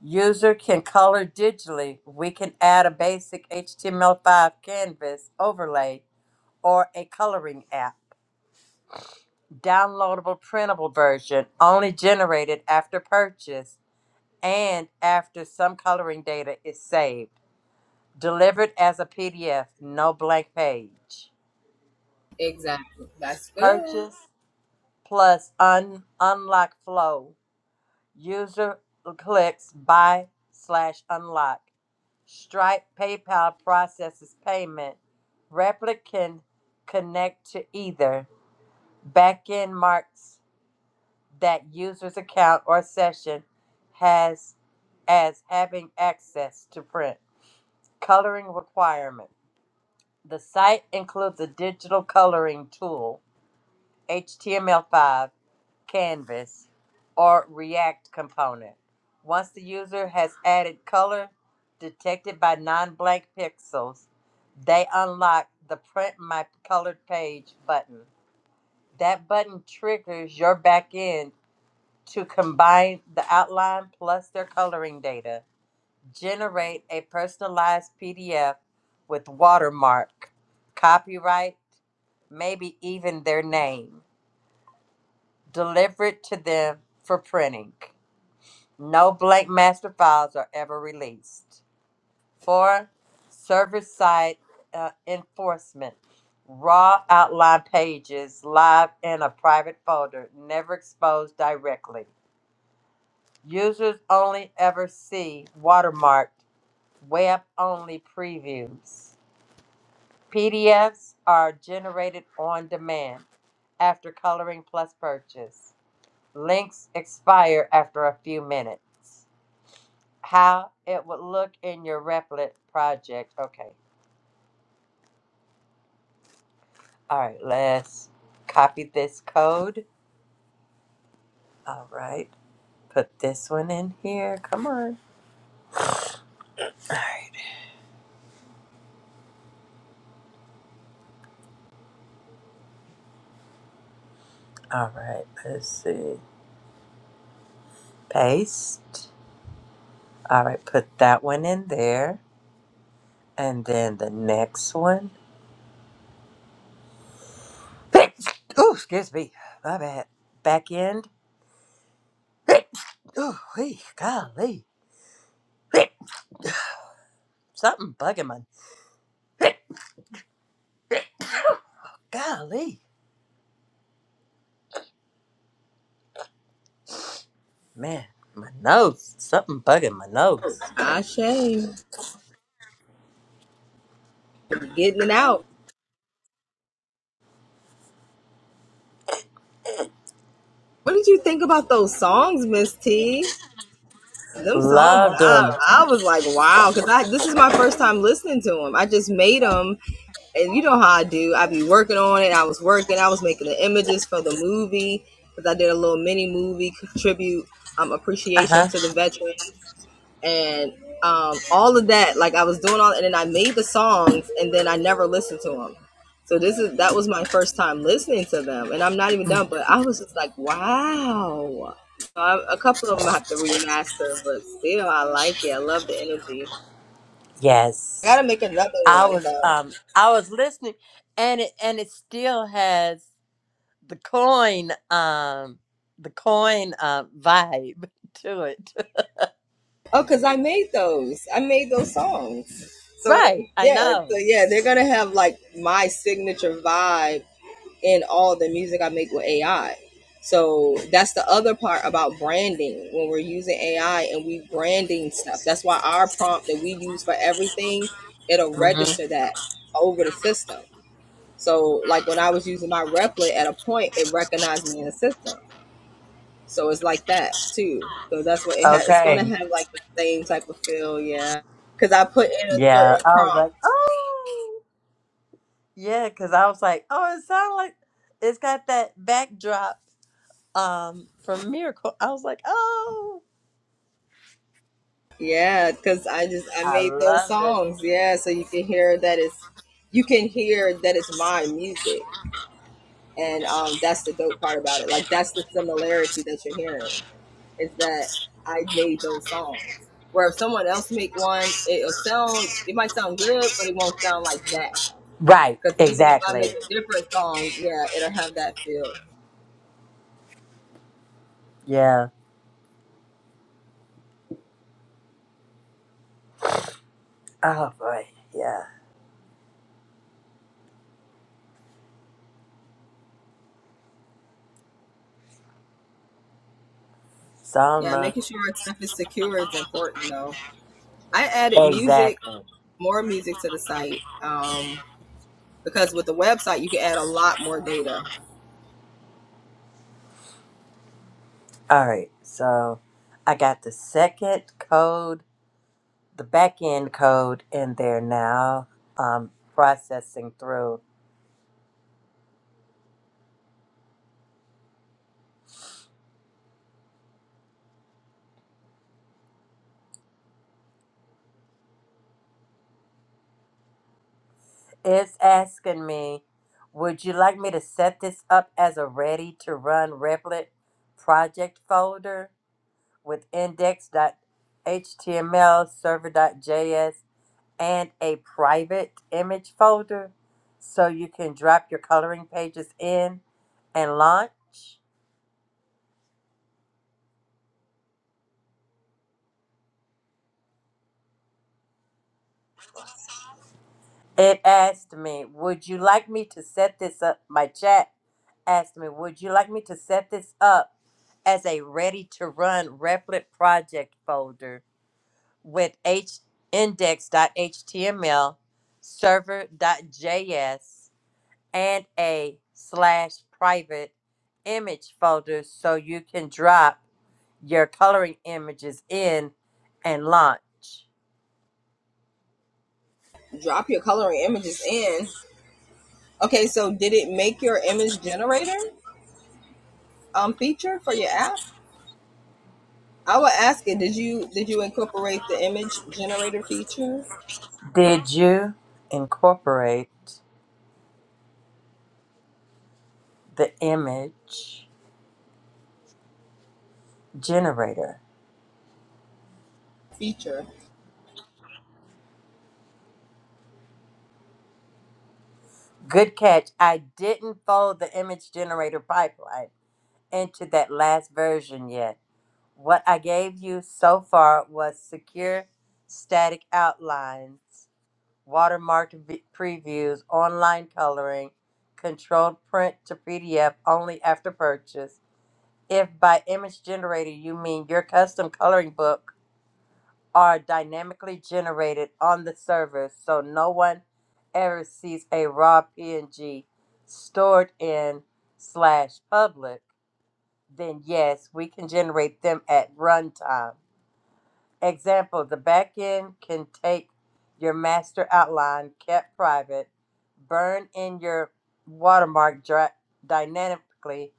User can color digitally. We can add a basic HTML5 canvas overlay or a coloring app. Downloadable printable version only generated after purchase and after some coloring data is saved Delivered as a PDF, no blank page. Purchase plus un- unlock flow. User clicks buy slash unlock. Stripe PayPal processes payment. Replicant connect to either. Backend marks that user's account or session has as having access to print. Coloring requirement. The site includes a digital coloring tool HTML5, Canvas, or React component. Once the user has added color detected by non-blank pixels, they unlock the Print My Colored Page button. That button triggers your backend to combine the outline plus their coloring data, generate a personalized PDF with watermark, copyright, maybe even their name. delivered to them for printing. No blank master files are ever released. Four, server-side uh, enforcement. Raw outline pages live in a private folder, never exposed directly. Users only ever see watermarked web-only previews. PDFs are generated on demand after coloring plus purchase. Links expire after a few minutes. How it would look in your Replit project. Okay. All right, let's copy this code. All right. Put this one in here. Come on. All right. All right. Let's see. Paste. All right. Put that one in there. And then the next one. [CLEARS THROAT] Oh, excuse me. My bad. Back end. [CLEARS THROAT] Oh, golly. [CLEARS THROAT] Something bugging my [CLEARS THROAT] Golly, man, my nose, something bugging my nose. Loved them. Uh huh. Yes, I was um I was listening, and it and it still has the coin um the coin uh, vibe [LAUGHS] to it. Right, I know. hmm Okay. Yeah, I was like, oh yeah, because I was like, oh, it sounds like it's got that backdrop um from Miracle. I was like, oh. I love it. Right, exactly. Yeah. Oh boy. Yeah. Salma. Exactly. All right. So I got the second code, the back end code in there now. Um processing through. It's asking me, would you like me to set this up as a ready to run Replit project folder with index.html server.js and a private image folder so you can drop your coloring pages in and launch. It asked me, Would you like me to set this up? My chat asked me, Would you like me to set this up as a ready to run Replit project folder with h index.html, server.js, and a slash private image folder so you can drop? your coloring images in and launch. Did you incorporate the image generator? Good catch. I didn't fold the image generator pipeline into that last version yet. What I gave you so far was secure static outlines, watermarked v- previews, online coloring, controlled print to PDF only after purchase, If by image generator you mean your custom coloring book are dynamically generated on the server so no one ever sees a raw PNG stored in slash public, then yes, we can generate them at runtime. Example, the backend can take your master outline kept private, burn in your watermark dra- dynamically,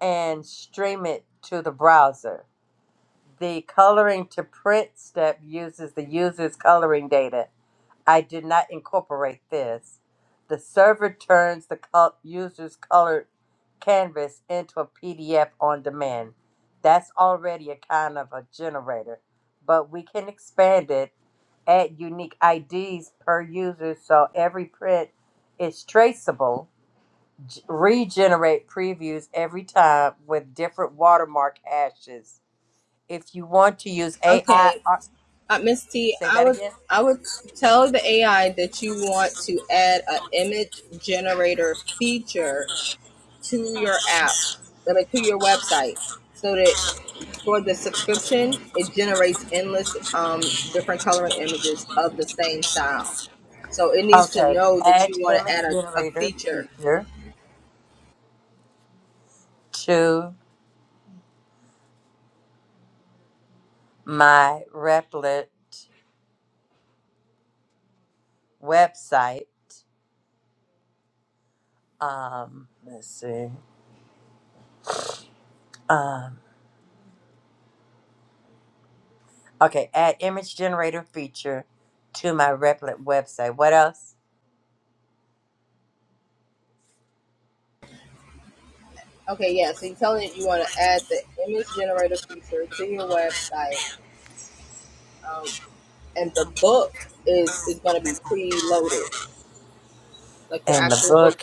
and stream it to the browser The coloring to print step uses the user's coloring data. I did not incorporate this. The server turns the col- user's colored canvas into a PDF on demand. That's already a kind of a generator, but we can expand it, add unique IDs per user so every print is traceable, g- regenerate previews every time with different watermark hashes if you want to use AI, ar- say that again. Okay, add image generator feature to my Replit website. Um, let's see. Um, okay, add image generator feature to my Replit website. What else? And the book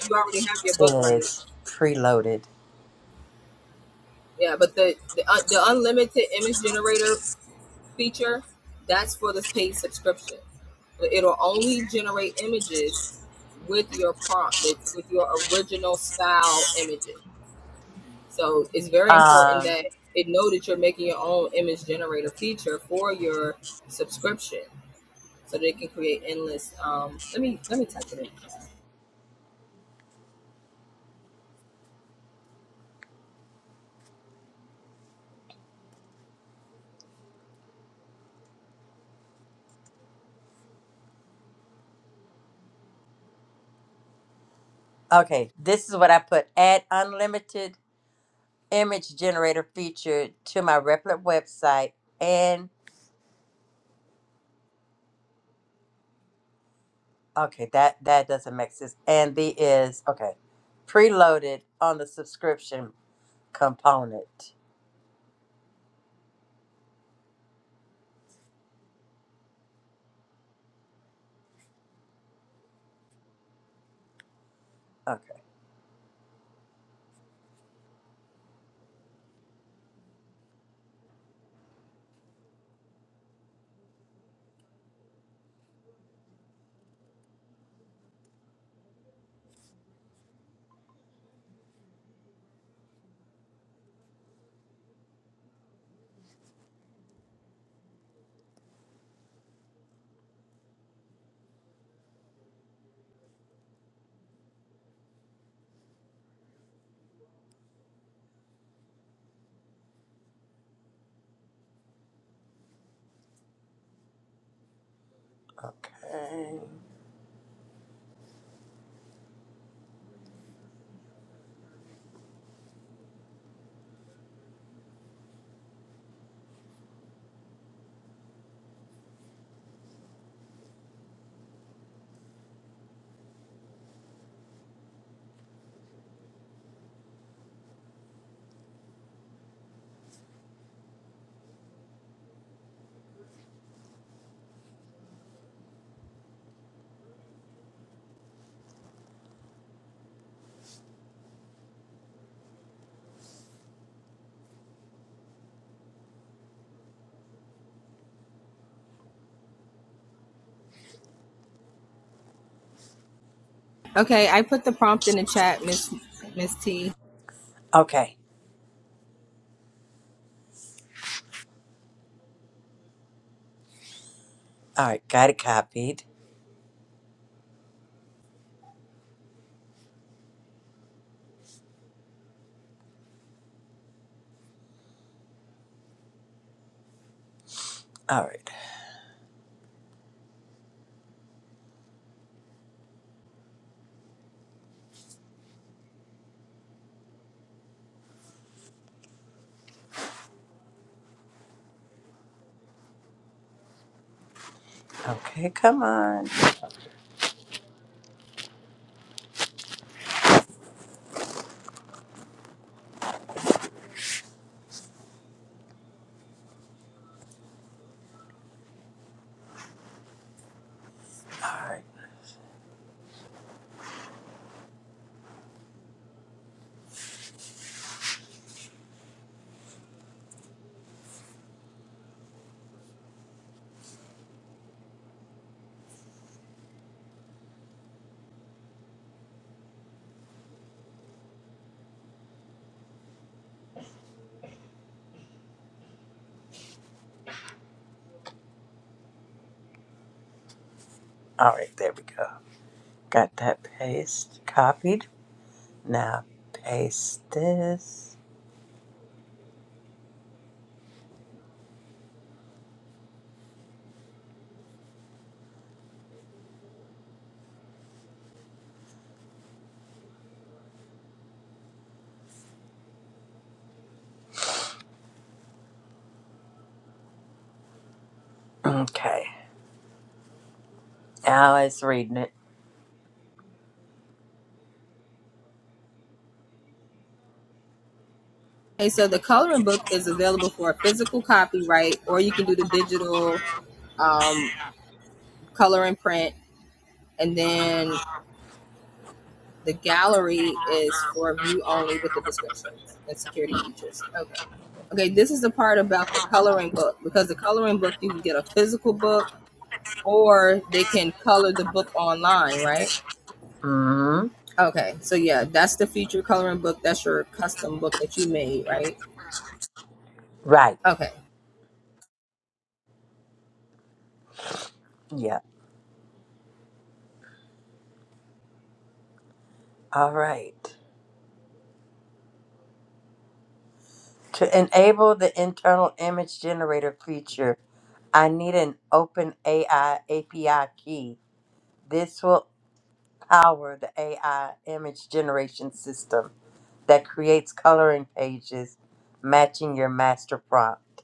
is preloaded. Um, okay, this is what I put. Add unlimited image generator feature to my Replit website and Okay, that that doesn't make sense. And the is okay, preloaded on the subscription component. Okay, okay, okay. All right, got it copied. All right, okay, come on. All right, all right, there we go. Got that paste copied. Now paste this. Okay, now it's reading it. Hmm. Right. Yeah. All right. To enable the internal image generator feature, I need an OpenAI API key. This will power the AI image generation system that creates coloring pages matching your master prompt.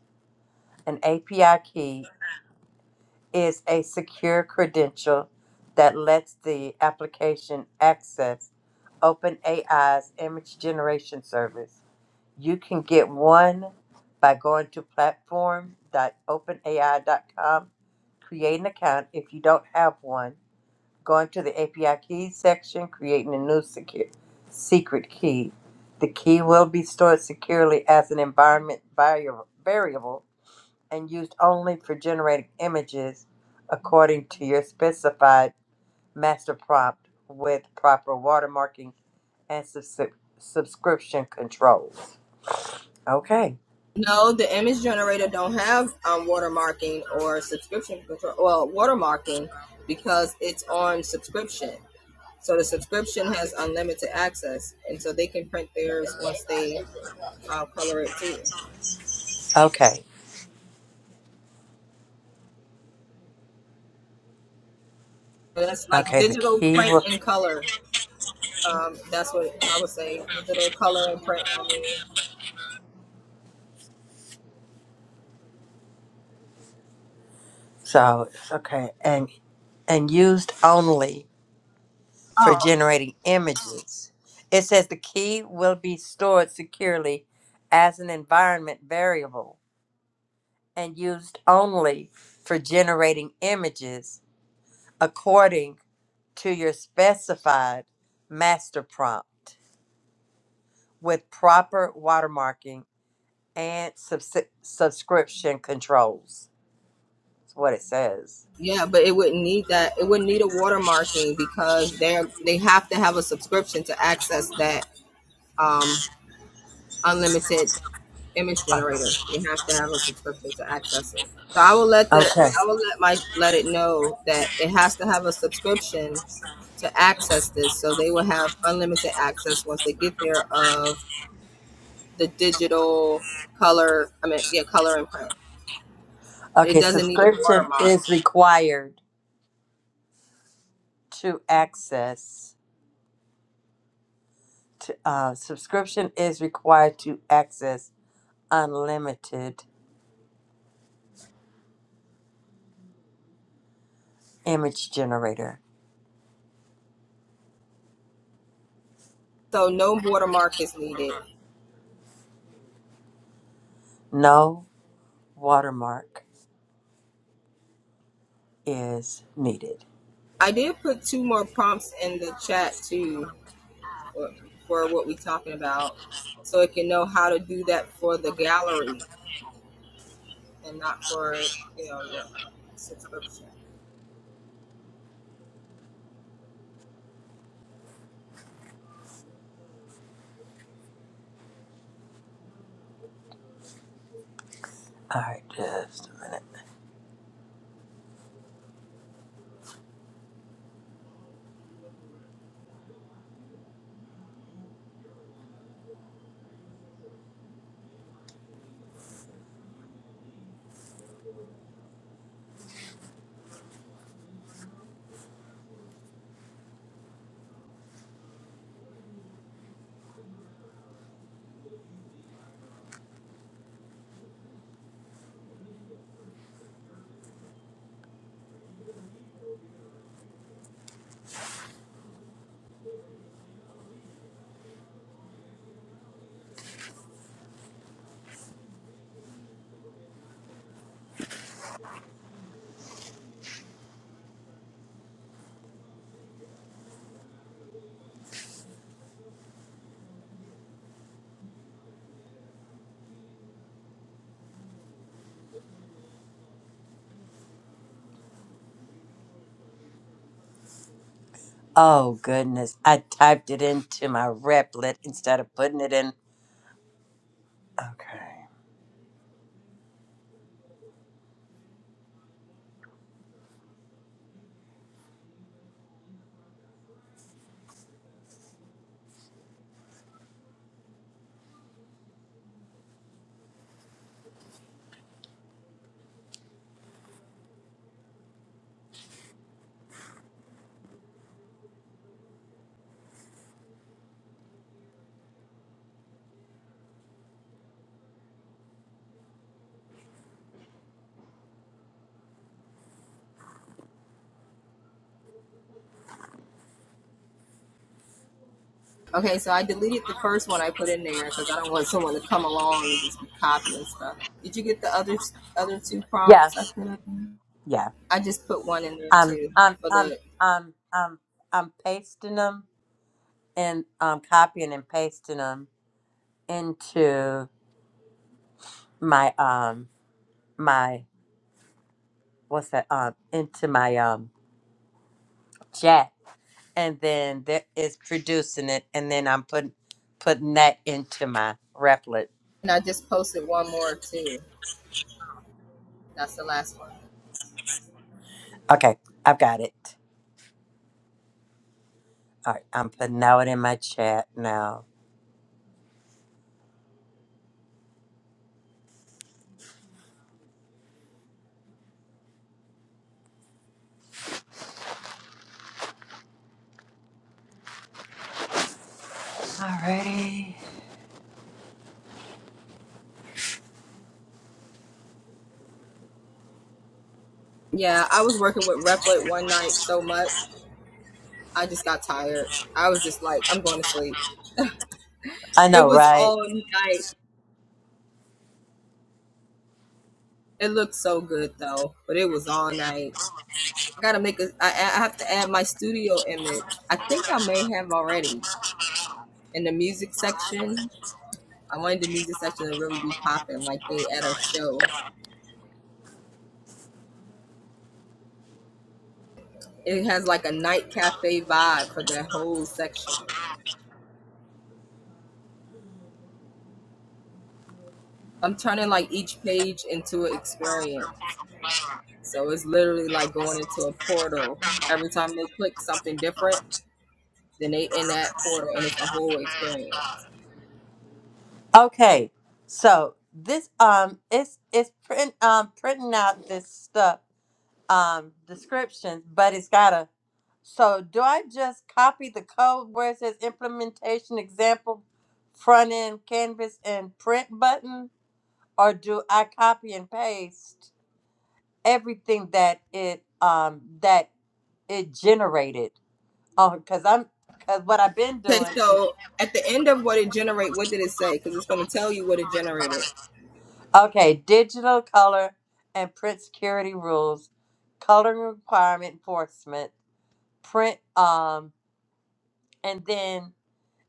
An API key is a secure credential that lets the application access OpenAI's image generation service You can get one by going to platform.openai.com, create an account if you don't have one, going to the API keys section, creating a new secure, secret key. The key will be stored securely as an environment varia- variable and used only for generating images according to your specified master prompt with proper watermarking and subs- subscription controls. Okay. Okay. Okay. The key word. So okay, and and used only for generating images. It says the key will be stored securely as an environment variable and used only for generating images according to your specified master prompt with proper watermarking and subs- subscription controls. That's what it says. Okay. Okay, subscription is required to access. To, uh, subscription is required to access unlimited image generator. No watermark is needed. All right, just a minute. Oh goodness, I typed it into my replet instead of putting it in. Okay. Yeah, yeah. I'm, I'm, I'm, I'm, I'm, I'm pasting them and um, copying and pasting them into my um my what's that um into my um jack and then that is producing it and then I'm putting putting that into my replet. Okay, I've got it. All right, I'm putting out in my chat now. I know, right? Okay. So this um it's it's print um printing out this stuff um description, but it's got a So do I just copy the code where it says implementation example front end canvas and print button or do I copy and paste everything that it um that it generated? Oh, cuz I'm cuz what I've been doing is okay, digital color and print security rules, coloring requirement enforcement, print um and then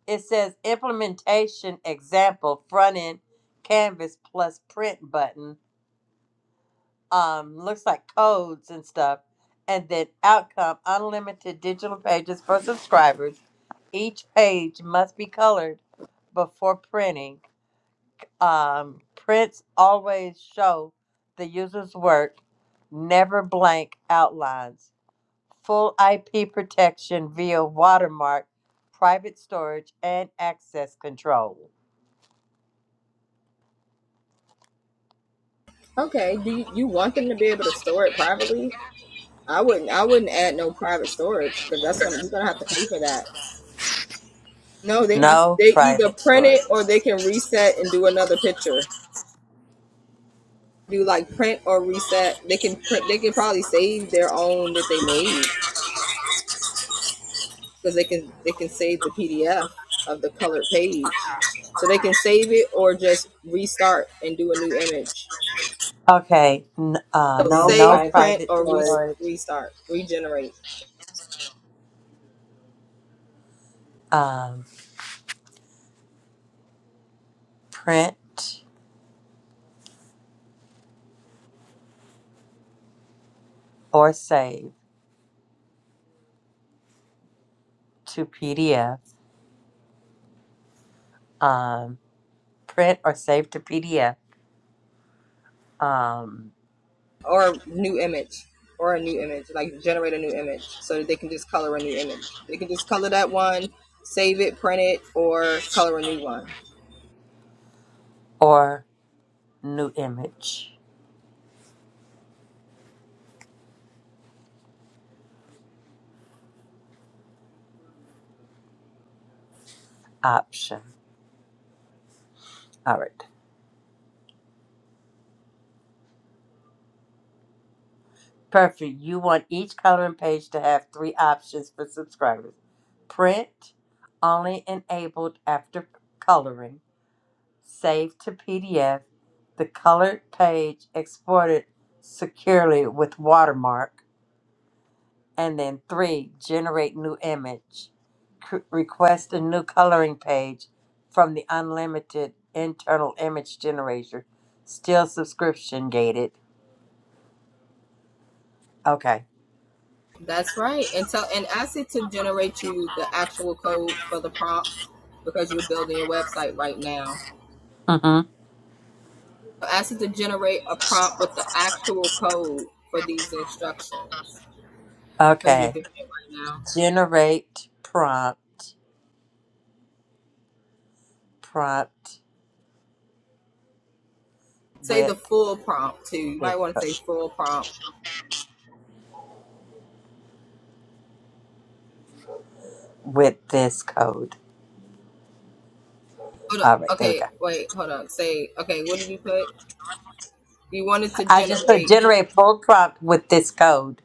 it says implementation example front end canvas plus print button um looks like codes and stuff and then outcome unlimited digital pages for subscribers each page must be colored before printing um prints always show the user's work never blank outlines full ip protection via watermark private storage and access control No private storage. Okay, n- um, no private storage. Um, print or save to PDF. Um, print or save to PDF. Um, or new image option. All right. Perfect. You want each coloring page to have three options for subscribers. Print only enabled after coloring. save to PDF, the colored page exported securely with watermark, and then three, generate new image. C- request a new coloring page from the unlimited internal image generator, still subscription gated. Okay. Mm-hmm. Okay. Generate prompt, prompt with this, co- with this code. All right, there we go. I just put generate full prompt with this code.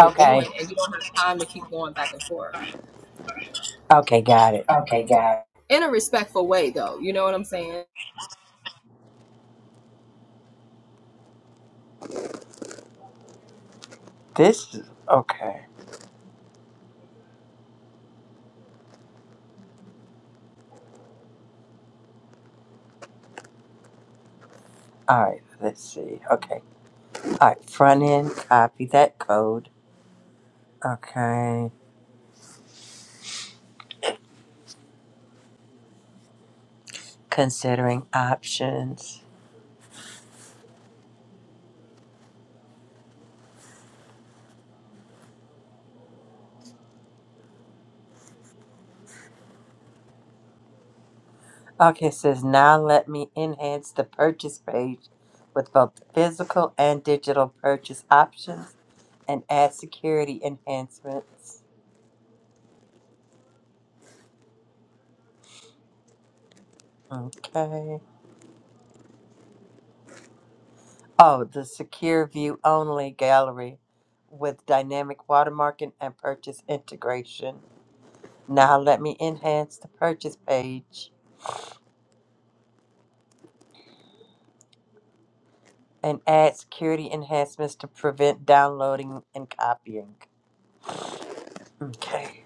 Okay. Okay, got it. Okay, guys. This is okay. All right, let's see. Okay. All right, front end, copy that code. Okay. Considering options. Okay, it says now let me enhance the purchase page with both the physical and digital purchase options and add security enhancements. Okay. Oh, the secure view only gallery with dynamic watermarking and purchase integration. Now let me enhance the purchase page and add security enhancements to prevent downloading and copying. Okay.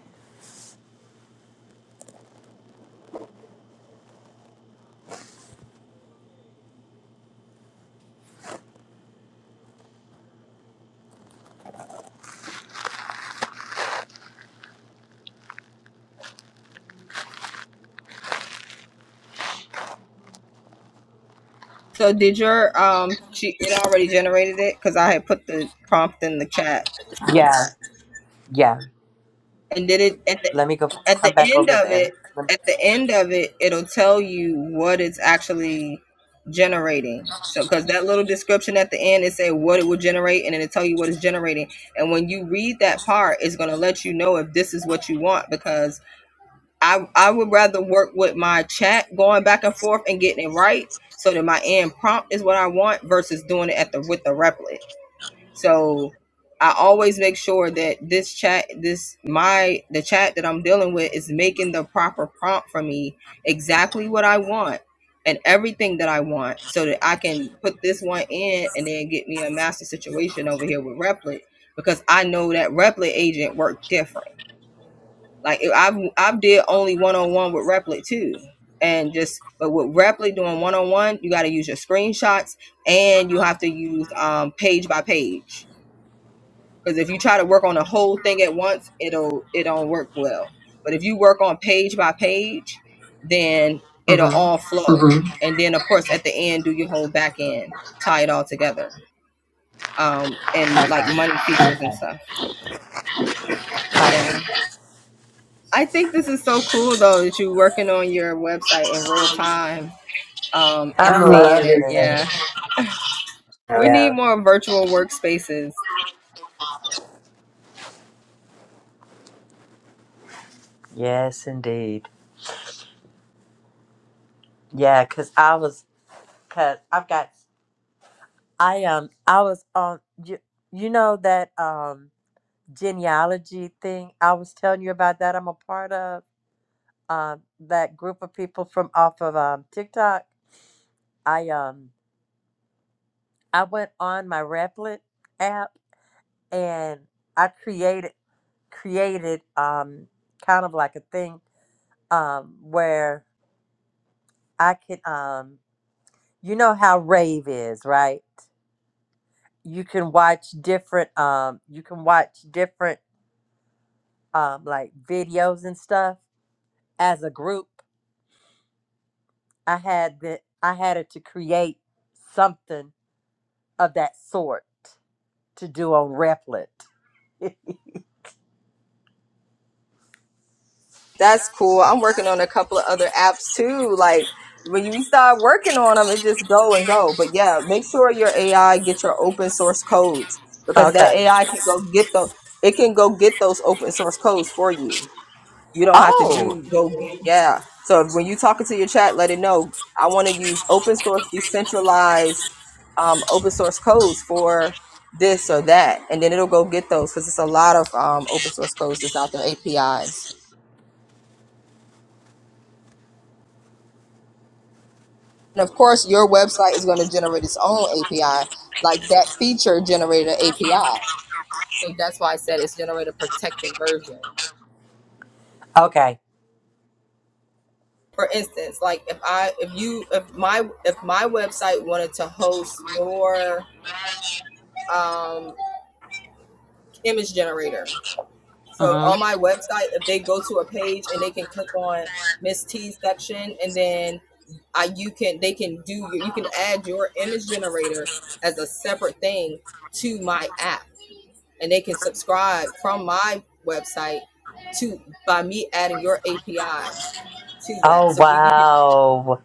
Yeah, yeah. Let me go come back over there. Mm-hmm. Okay. All right. I'm loving this. Yeah. Yes, indeed. Yeah, cause I was, cause I've got, I um, I was on you. You know that um. genealogy thing I was telling you about that I'm a part of uh, that group of people from off of um, TikTok. I um I went on my Replit app and I created created um kind of like a thing um where I could um you know how rave is right you can watch different um you can watch different um like videos and stuff as a group I had the I had it to create something of that sort to do on Replit. [LAUGHS] okay. Oh. Okay. hmm Oh wow.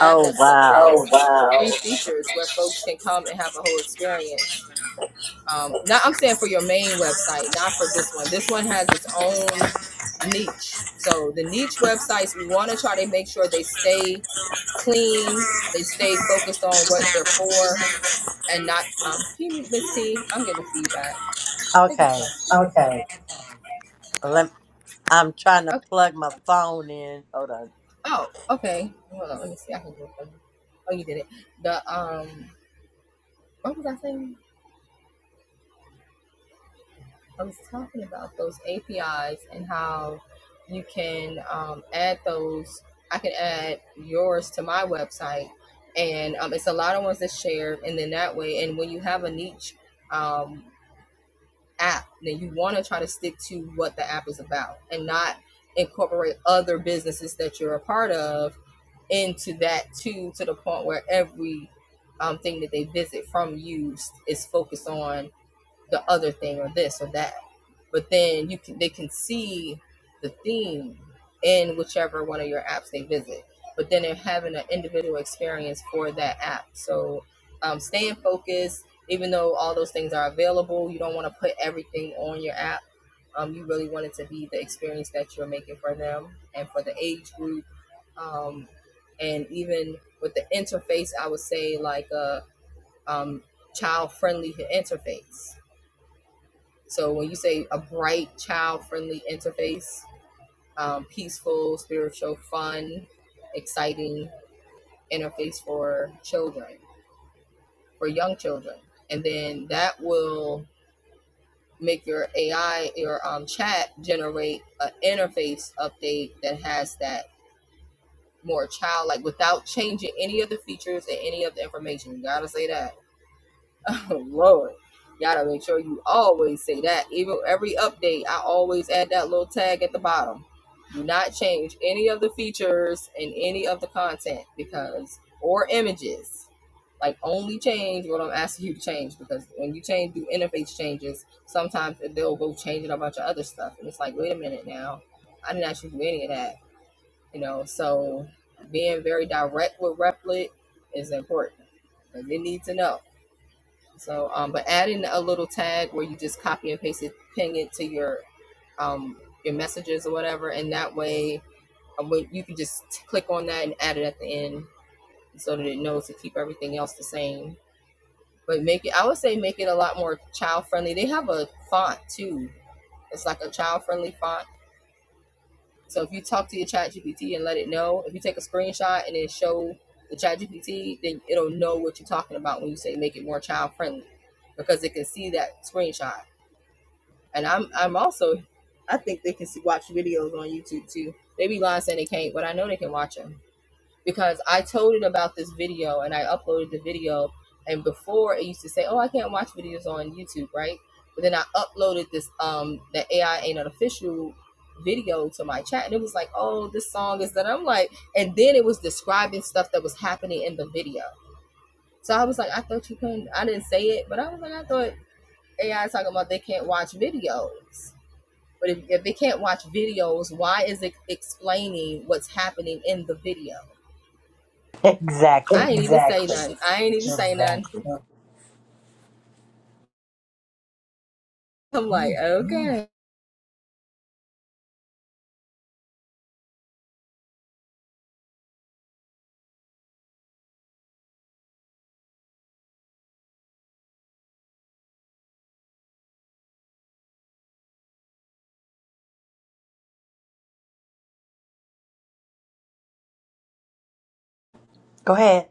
Oh wow. Oh, Okay. okay. Let I'm trying to plug my phone in. Hold on. Exactly. Exactly. Go ahead.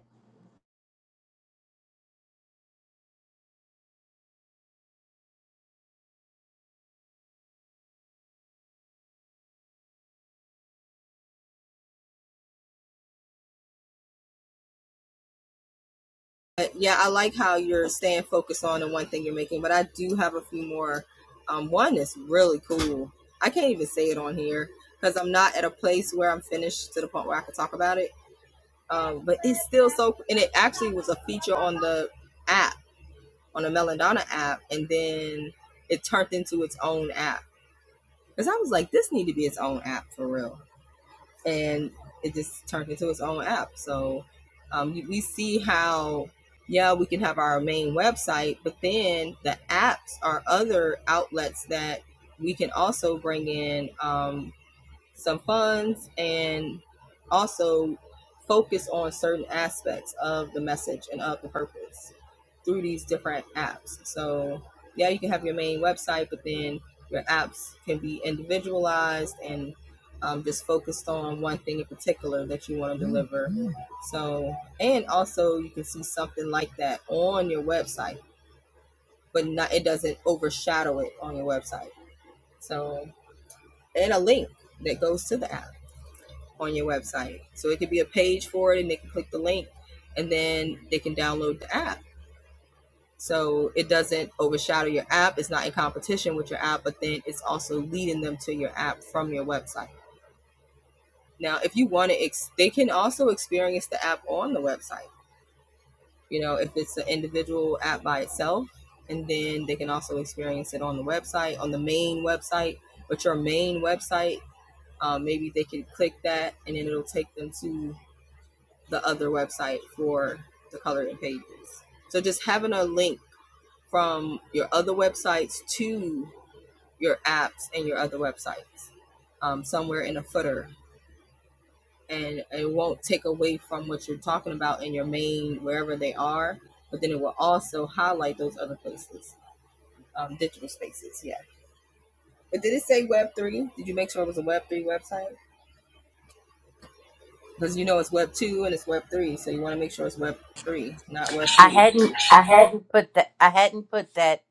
I hadn't I I had. hadn't put that I hadn't put that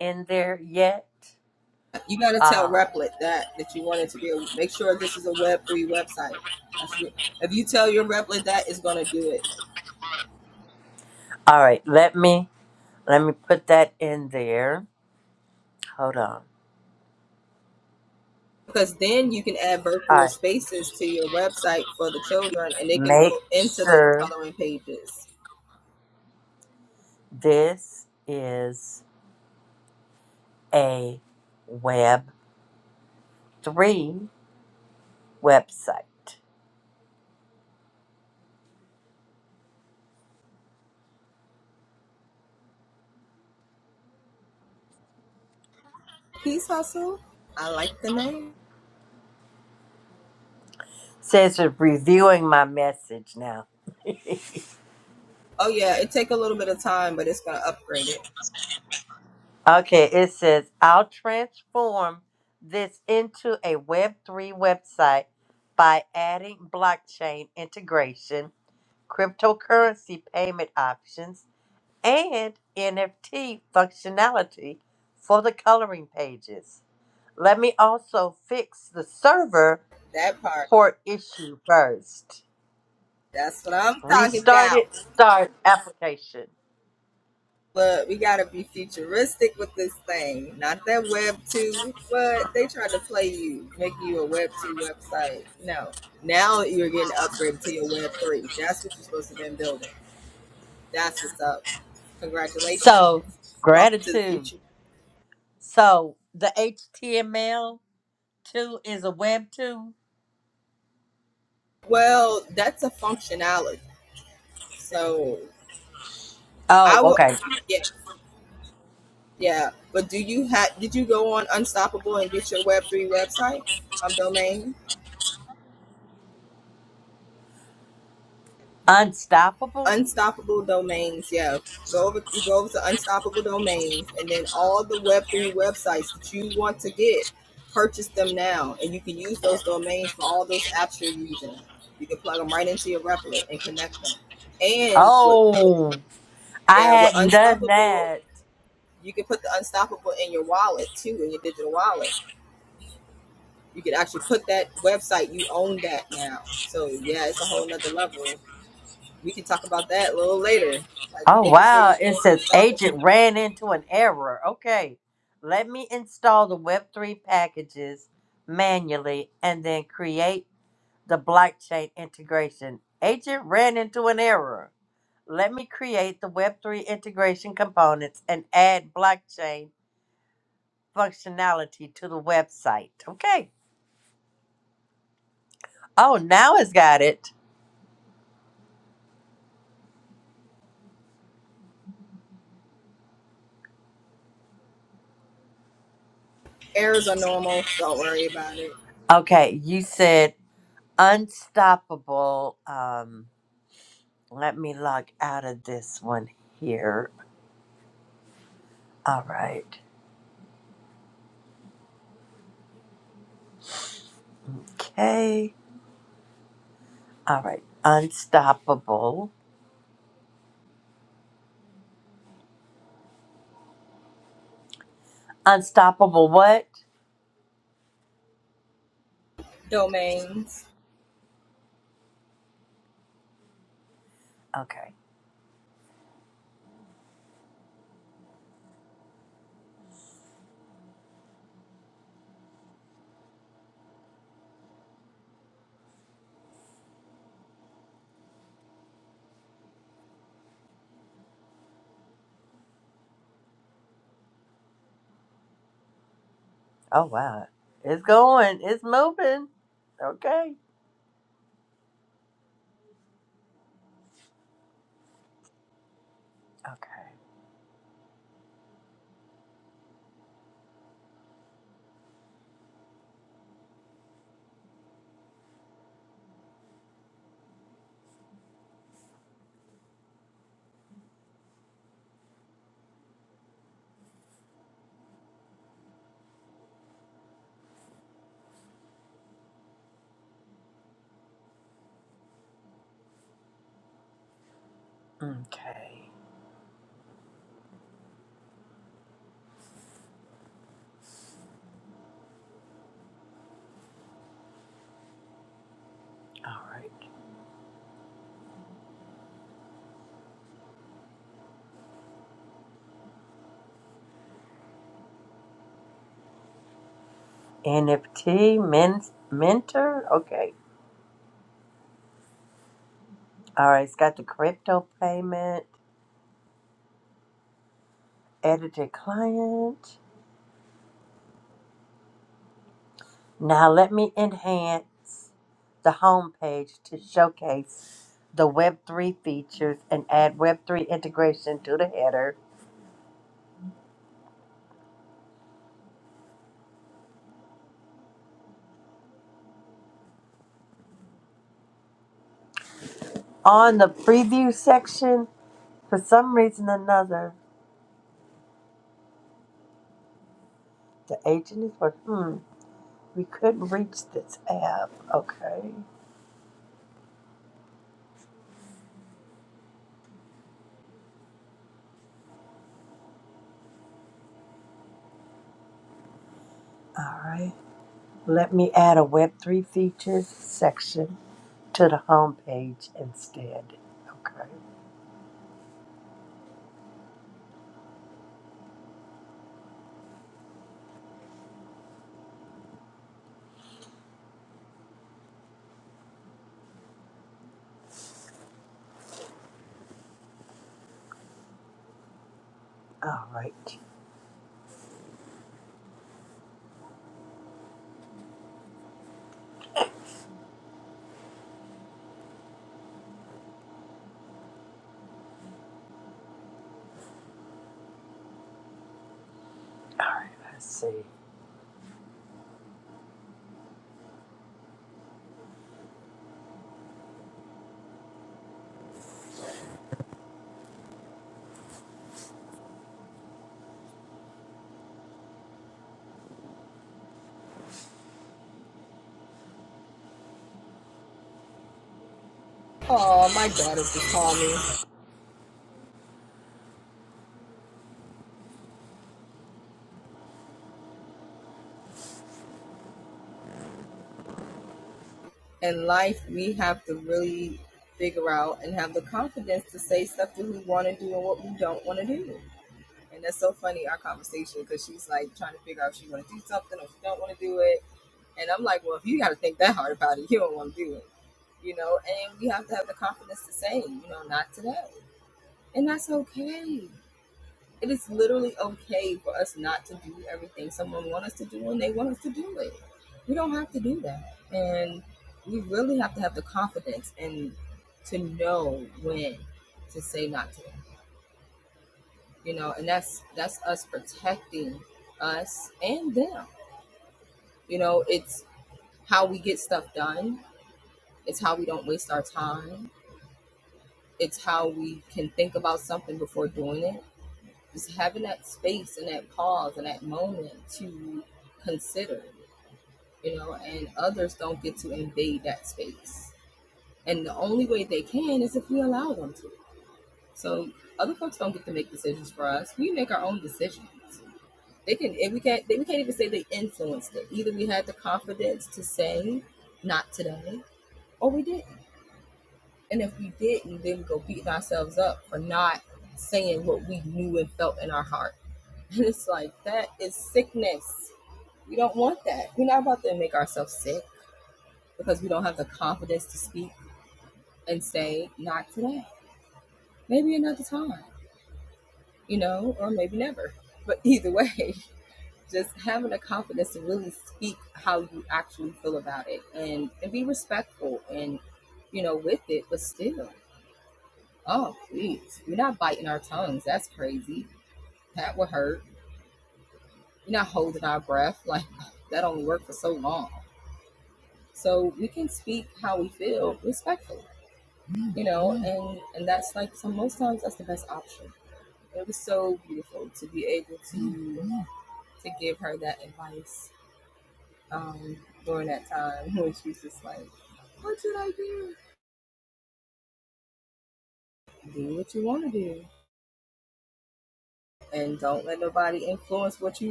in there yet. Um all right, let me let me put that in there. Hold on. All right. Make sure this is a Web3 website. Says it's reviewing my message now. Okay, it says I'll transform this into a Web3 website by adding blockchain integration, cryptocurrency payment options, and NFT functionality for the coloring pages. Let me also fix the server port issue first. Restart it, start application. So, gratitude. So, the HTML2 is a Web2. Oh, okay. Unstoppable. Oh, I hadn't done that. Oh, wow. It says agent ran into an error. Okay. Let me install the Web3 packages manually and then create. the blockchain integration. Agent ran into an error. Let me create the Web3 integration components and add blockchain functionality to the website. Okay. Oh, now it's got it. Okay. You said unstoppable. Um, let me log out of this one here. All right. Okay. All right. Unstoppable. Unstoppable what? Okay. Oh wow, it's going, it's moving. Okay, okay, okay. All right. NFT men- mentor. Okay. All right. It's got the crypto payment, edited client. Now let me enhance the homepage to showcase the Web3 features and add Web3 integration to the header. On the preview section, for some reason or another, the agent is working. Hmm. We could reach this app. Okay. All right. Let me add a Web3 features section to the homepage instead. Okay. All right. Let's see.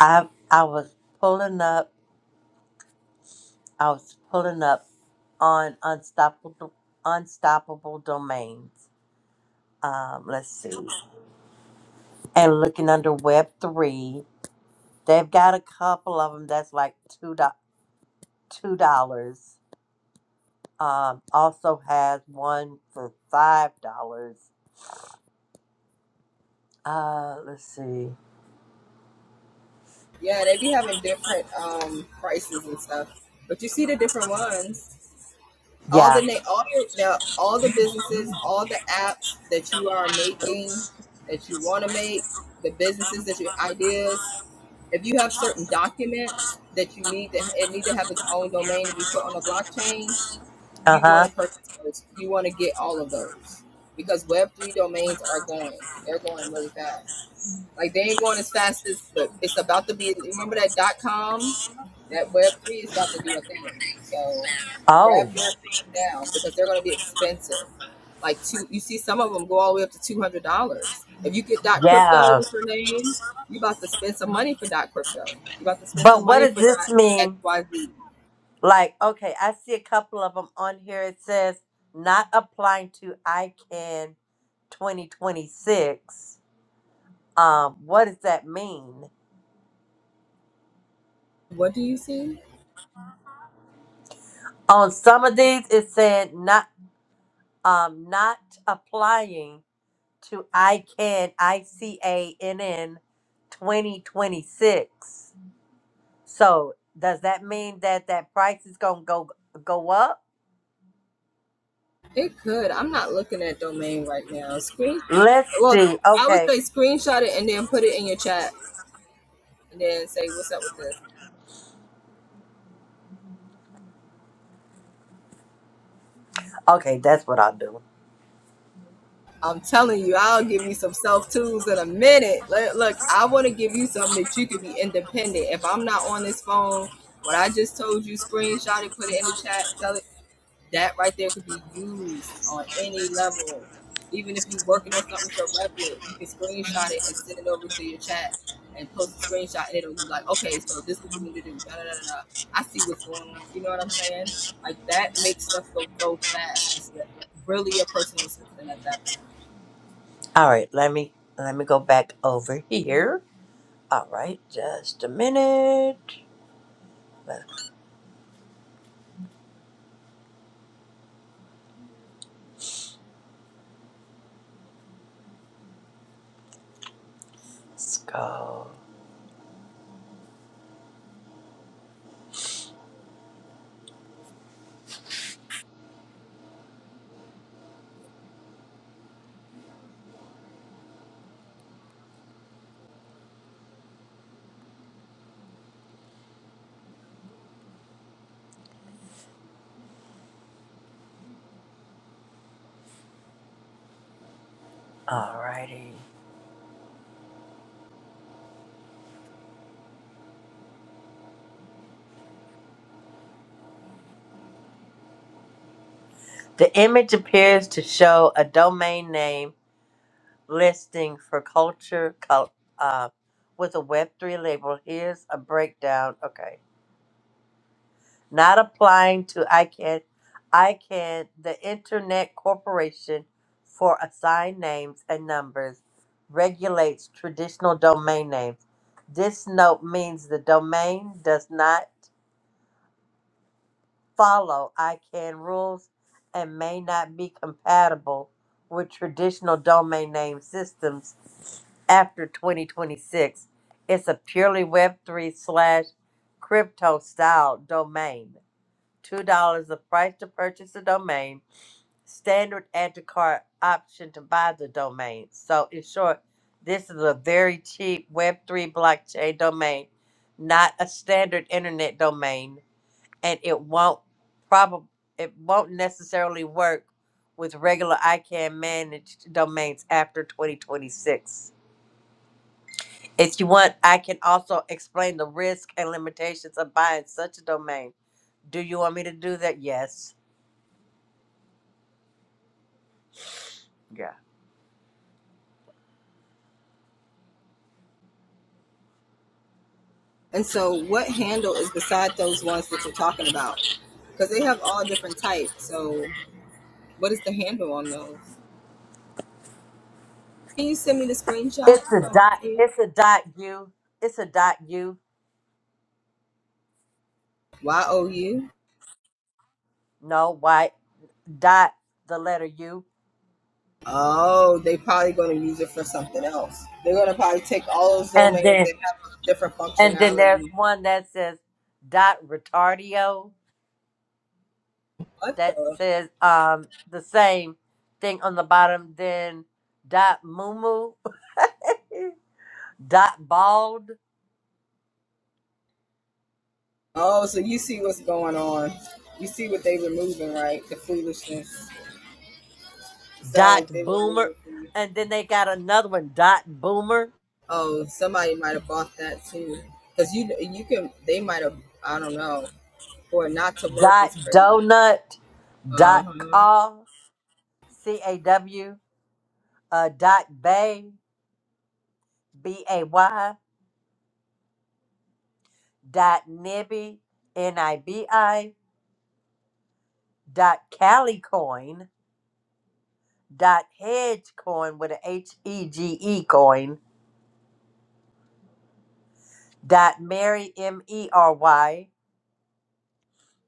I I was pulling up. I was pulling up on unstoppable unstoppable domains. Um, let's see. And looking under Web3, they've got a couple of them that's like two do- two dollars um, also has one for five dollars. Uh, let's see. Yeah. Uh huh. Oh, yeah. But what does this mean? Like, okay, I see a couple of them on here. It says not applying to ICANN 2026. Um, what does that mean? On some of these, it's saying not um not applying to I can I C A N N 2026. So does that mean that that price is gonna go go up? Let's see. Okay. Okay, that's what I'll do. All right, let me let me go back over here. All right, just a minute. Let's go. Alrighty. The image appears to show a domain name listing for culture col- uh, with a Web3 label. Here's a breakdown. Okay. Not applying to ICANN, ICANN, the Internet Corporation for Assigned Names and Numbers, regulates traditional domain names. This note means the domain does not follow ICANN rules and may not be compatible with traditional domain name systems after 2026. It's a purely Web3 slash crypto style domain. $2 the price to purchase the domain, standard add to cart option to buy the domain. So, in short, this is a very cheap Web3 blockchain domain, not a standard internet domain, and it won't probably it won't necessarily work with regular ICANN managed domains after 2026. If you want, I can also explain the risk and limitations of buying such a domain. Do you want me to do that? Yes. It's a dot. It's a dot u. It's a dot u. No, why dot the letter u, and then and then there's one that says dot retardio that says um the same thing on the bottom. Then dot mumu dot bald dot boomer, and then they got another one dot boomer dot donut dot com c a w uh, dot bay b a y dot nibby n i b i dot calicoin dot hedge coin with a h e g e coin dot mary m e r y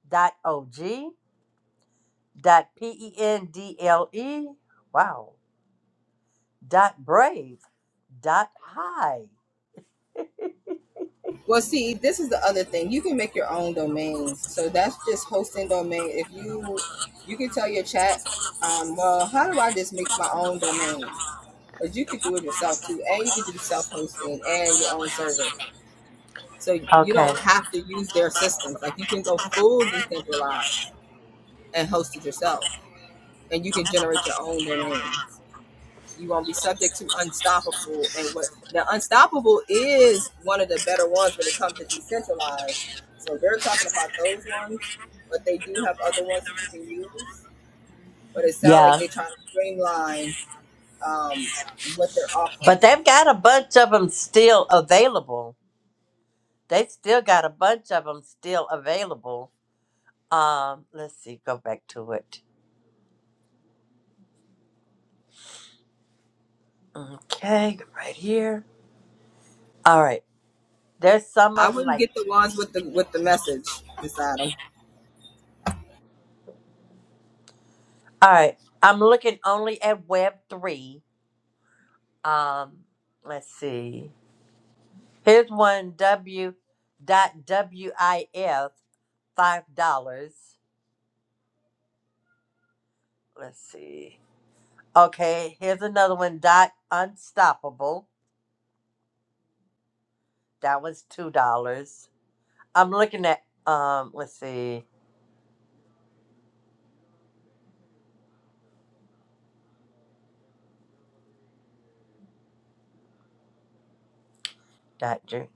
dot o g dot p e n d l e wow dot brave dot high okay yeah But they've got a bunch of them still available. They still got a bunch of them still available. Um, let's see, go back to it. Okay, right here. All right. There's some of them like, all right, I'm looking only at Web 3. Um, let's see. Here's one W dot WIF, $5. Let's see. Okay, here's another one dot Unstoppable. That was $2. I'm looking at um. Let's see. Dot Ju.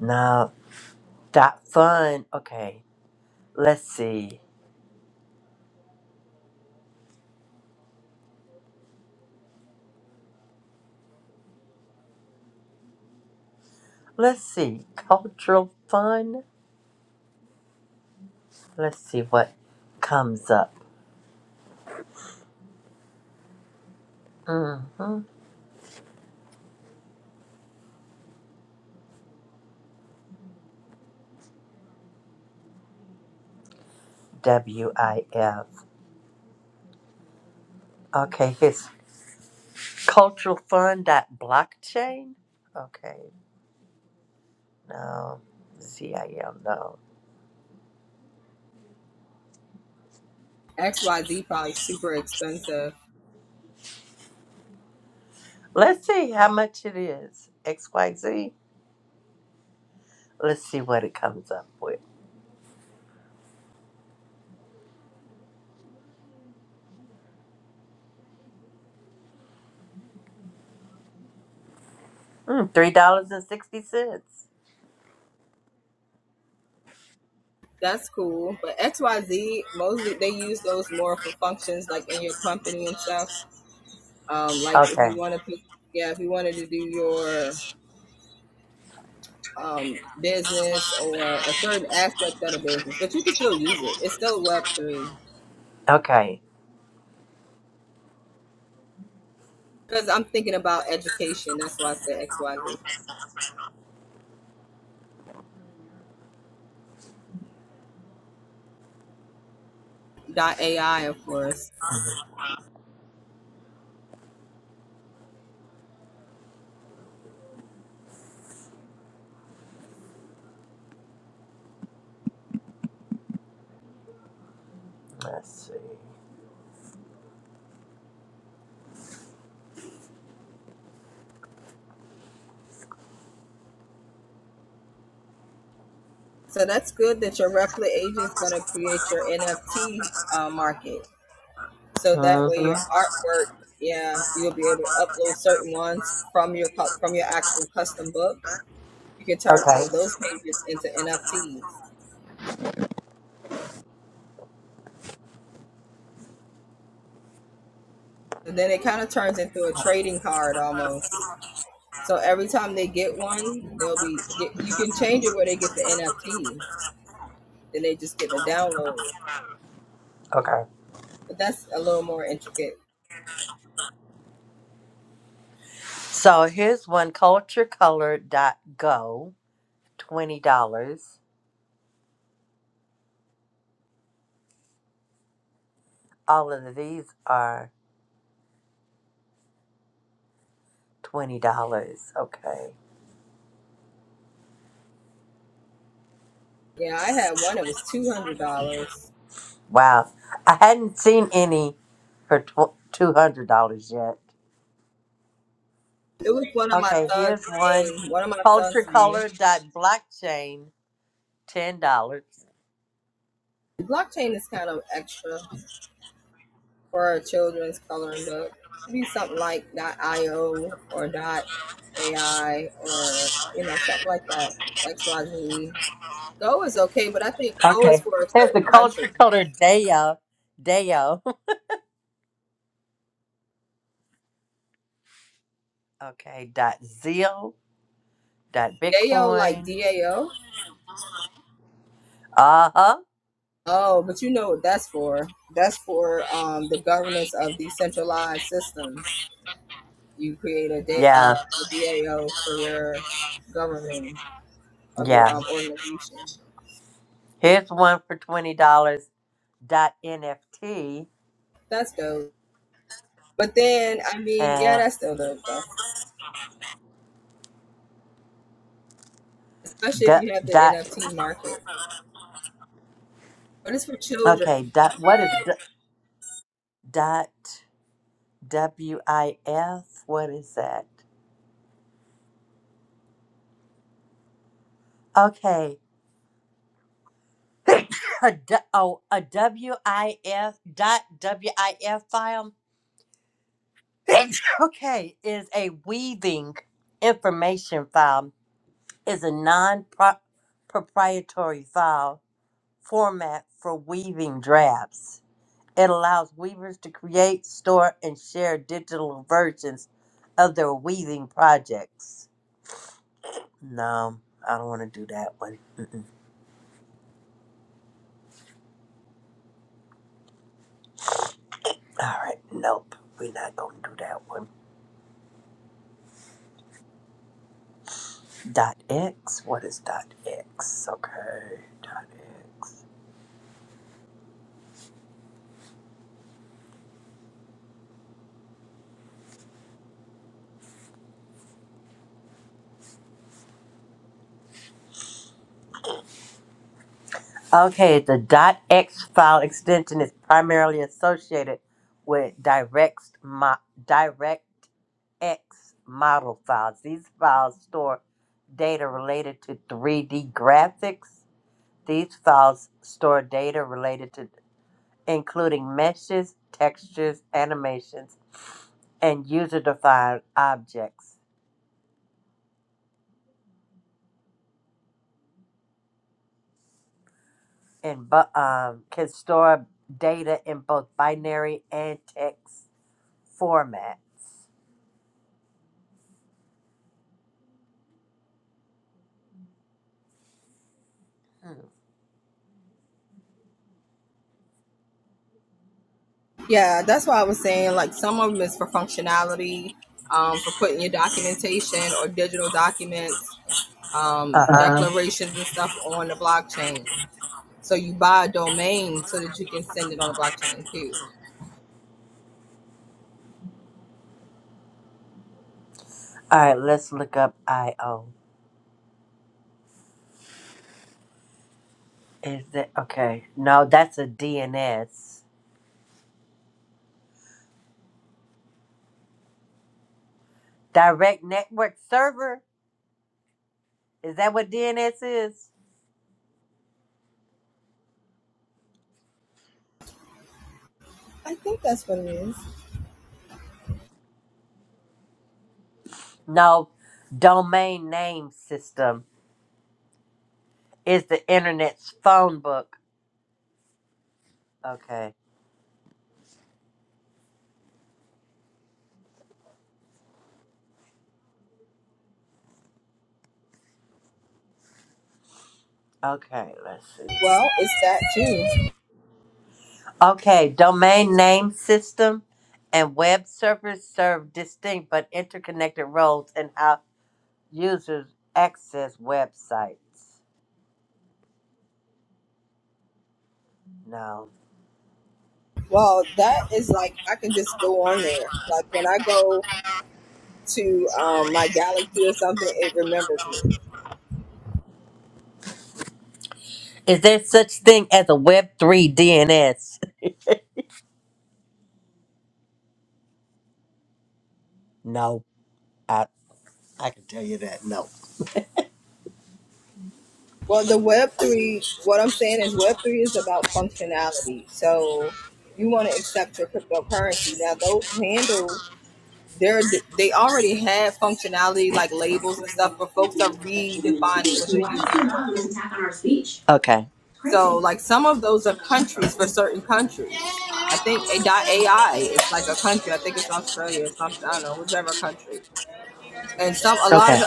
No. Dot fun. Okay. Let's see. Let's see. Cultural fun. Let's see what comes up. Mm-hmm. WIF. Okay. His cultural fun. Dot blockchain. Okay. No. Z I L. No. Let's see how much it is. XYZ. Let's see what it comes up with. Mm, $3.60. Okay. Okay. Let's see. hmm Okay. Okay. So here's one culture color dot go $20. All of these are $20. Okay. Wow. I hadn't seen any for tw- $200 yet. Okay, here's one culture color dot blockchain $10. Okay. Here's the culturecolor Deo, Deo. [LAUGHS] Okay, dot Zeal, dot Bitcoin, Uh huh. Yeah. Yeah. Here's one for twenty dollars. Dot NFT and dot dot. Okay. Dot. What is d- dot WIF? What is that? Okay. [COUGHS] A d- oh, a W I F. dot WIF file. [COUGHS] okay, is a weaving information file. Is a non proprietary file format for weaving drafts. It allows weavers to create, store, and share digital versions of their weaving projects. No, I don't want to do that one. Mm-mm. All right, nope. We're not going to do that one. Dot X? What is dot X? Okay, dot X. Okay, the dot X file extension is primarily associated with direct, mo- X model files. These files store data related to 3D graphics. These files store data related to including meshes, textures, animations, and user-defined objects. And bu- um, can store data in both binary and text formats. Uh huh. All right, let's look up I/O. Is it okay? No, that's a DNS. Direct Network Server. Is that what DNS is? No, domain name system is the internet's phone book. Okay, okay, let's see. Okay, domain name system and web servers serve distinct but interconnected roles in how users access websites. No. Is there such thing as a Web3 DNS? No. I, Why does your mom always attack on our speech? okay. Crazy. Okay.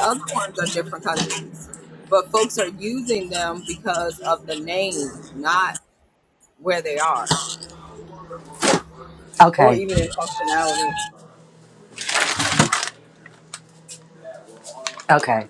Okay. Okay.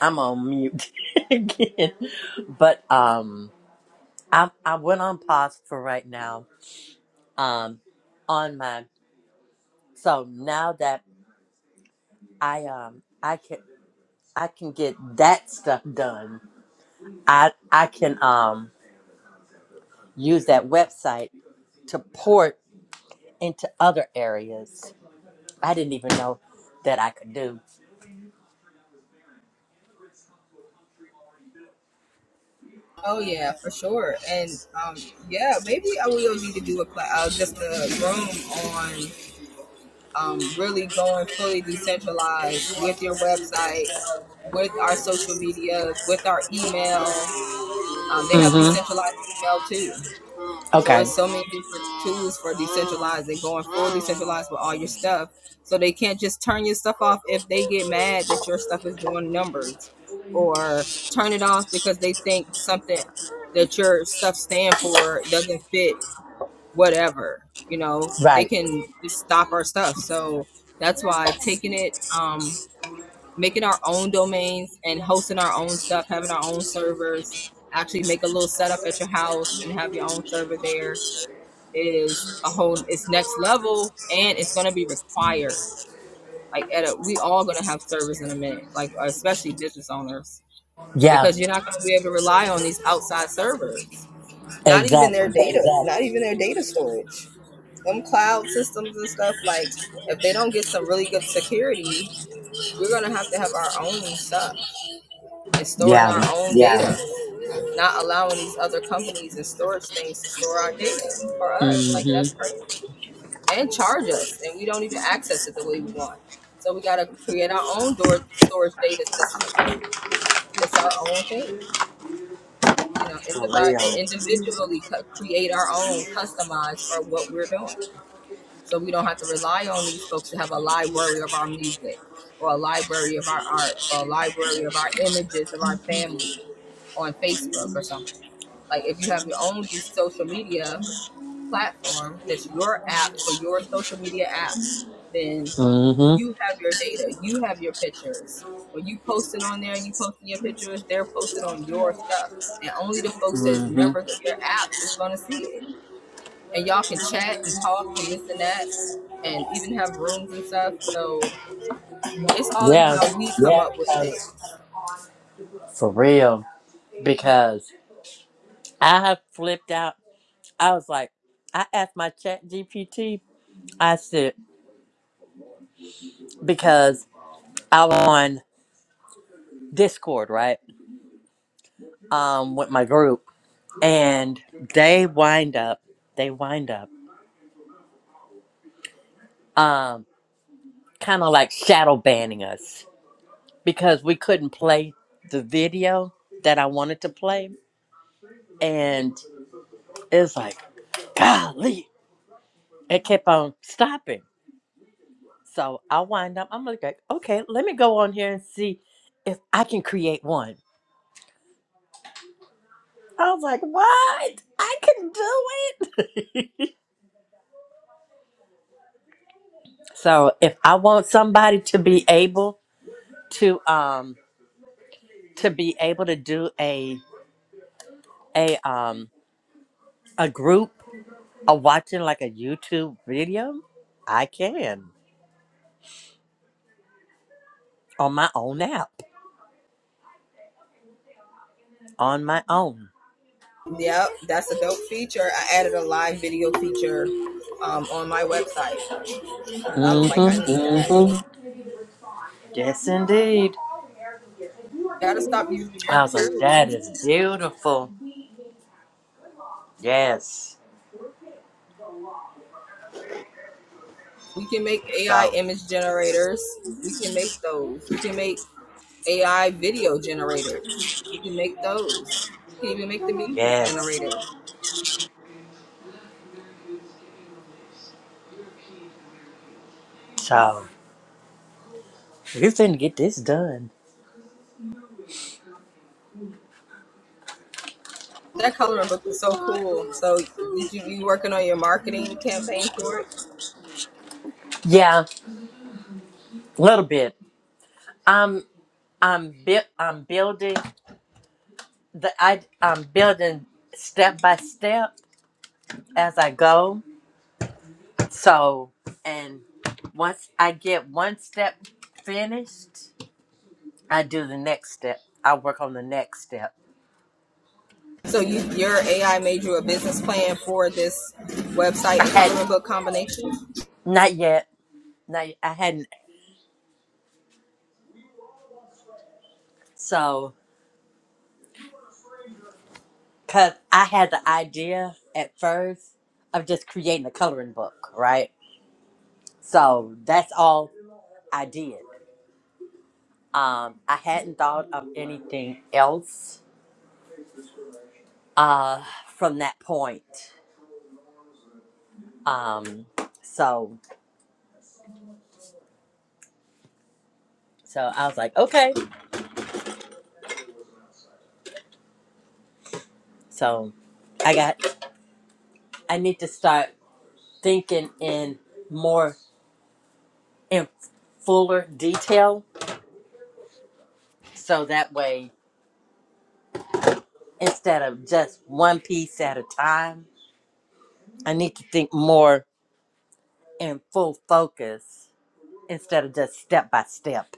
I'm on mute [LAUGHS] again. But um I I went on pause for right now. Um on my so now that I um I can I can get that stuff done. I I can um use that website to port into other areas. I didn't even know that I could do. Mhm. Okay. Right. Yeah, exactly. Yeah. Mm-hmm. For real. Mm-hmm. Mm-hmm. Yeah, for real. Because I have flipped out. I was like, I asked my chat GPT, I said, because I was on Discord, right? Um, with my group. And they wind up, they wind up um kind of like shadow banning us because we couldn't play the video that I wanted to play. and. It's like, golly, it kept on stopping. So I wind up, I'm like, okay, let me go on here and see if I can create one. I was like, what? I can do it. [LAUGHS] so if I want somebody to be able to um to be able to do a a um a group or watching like a YouTube video, I can on my own app on my own. mm hmm Yes, indeed. I was like, that is beautiful. Yes. So, yes. So, we finna get this done. Yeah, a little bit. I'm, I'm, bui- I'm building the, I, I'm building step by step as I go. So, and once I get one step finished, I do the next step. I work on the next step. I had, not yet, not, yet. I hadn't. So, Because I had the idea at first of just creating a coloring book, right? So that's all I did. Um, I hadn't thought of anything else uh, from that point. Um, so, so I was like, okay. So I got, I need to start thinking in more, in fuller detail. So that way, instead of just one piece at a time, I need to think more in full focus instead of just step by step.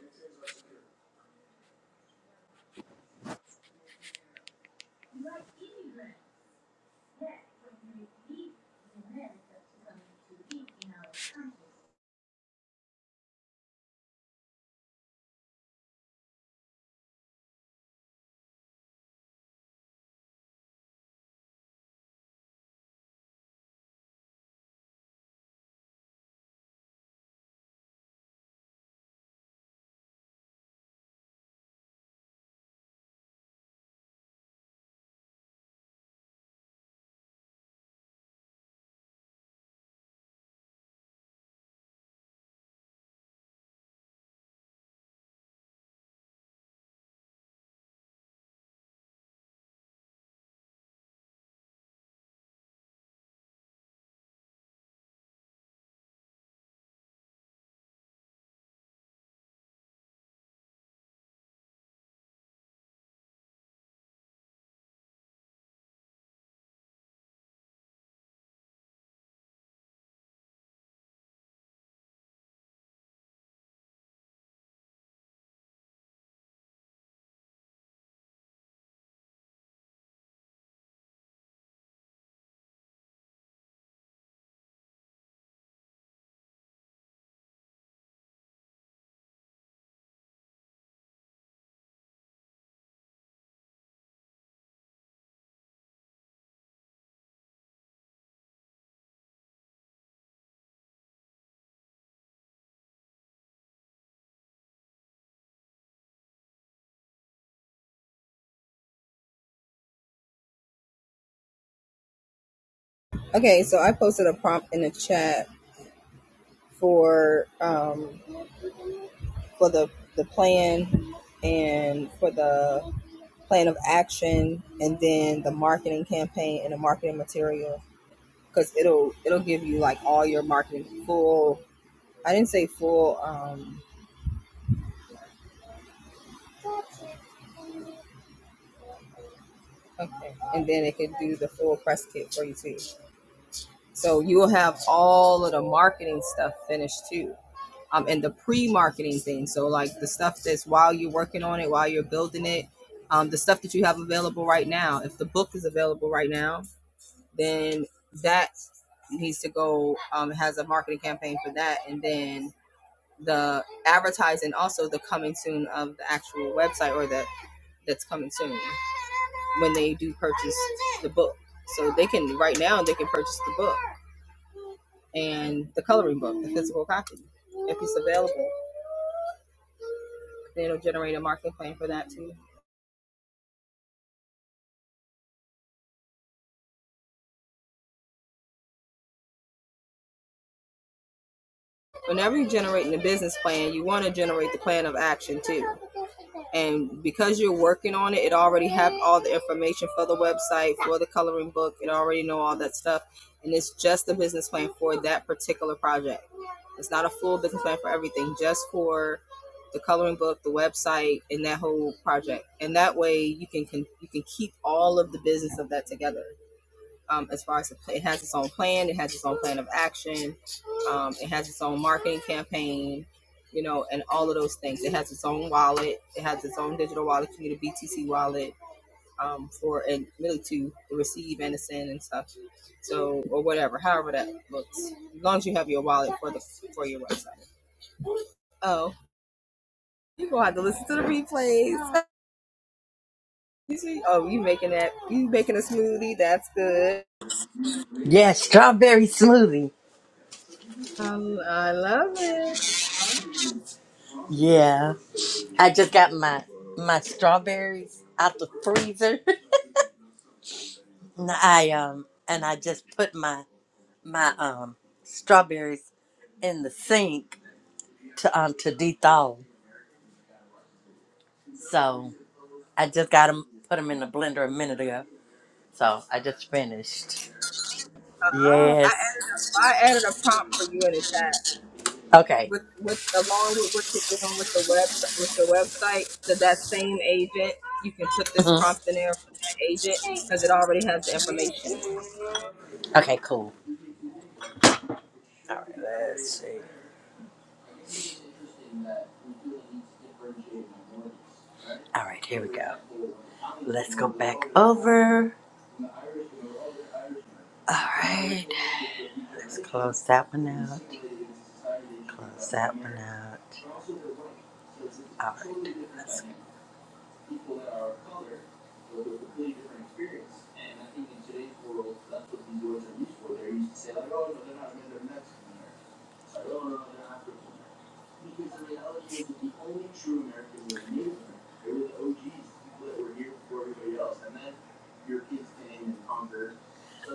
Yeah, strawberry smoothie. Yeah, I just got my my strawberries out the freezer. [LAUGHS] and I um and I just put my my um strawberries in the sink to um to thaw. So I just got them put them in the blender a minute ago. So I just finished. Yes. Okay. Mhm. Okay. Cool. Let's see. All right. Here we go. Let's go back over. All right. Let's close that one out. Close that one out. All right. Let's-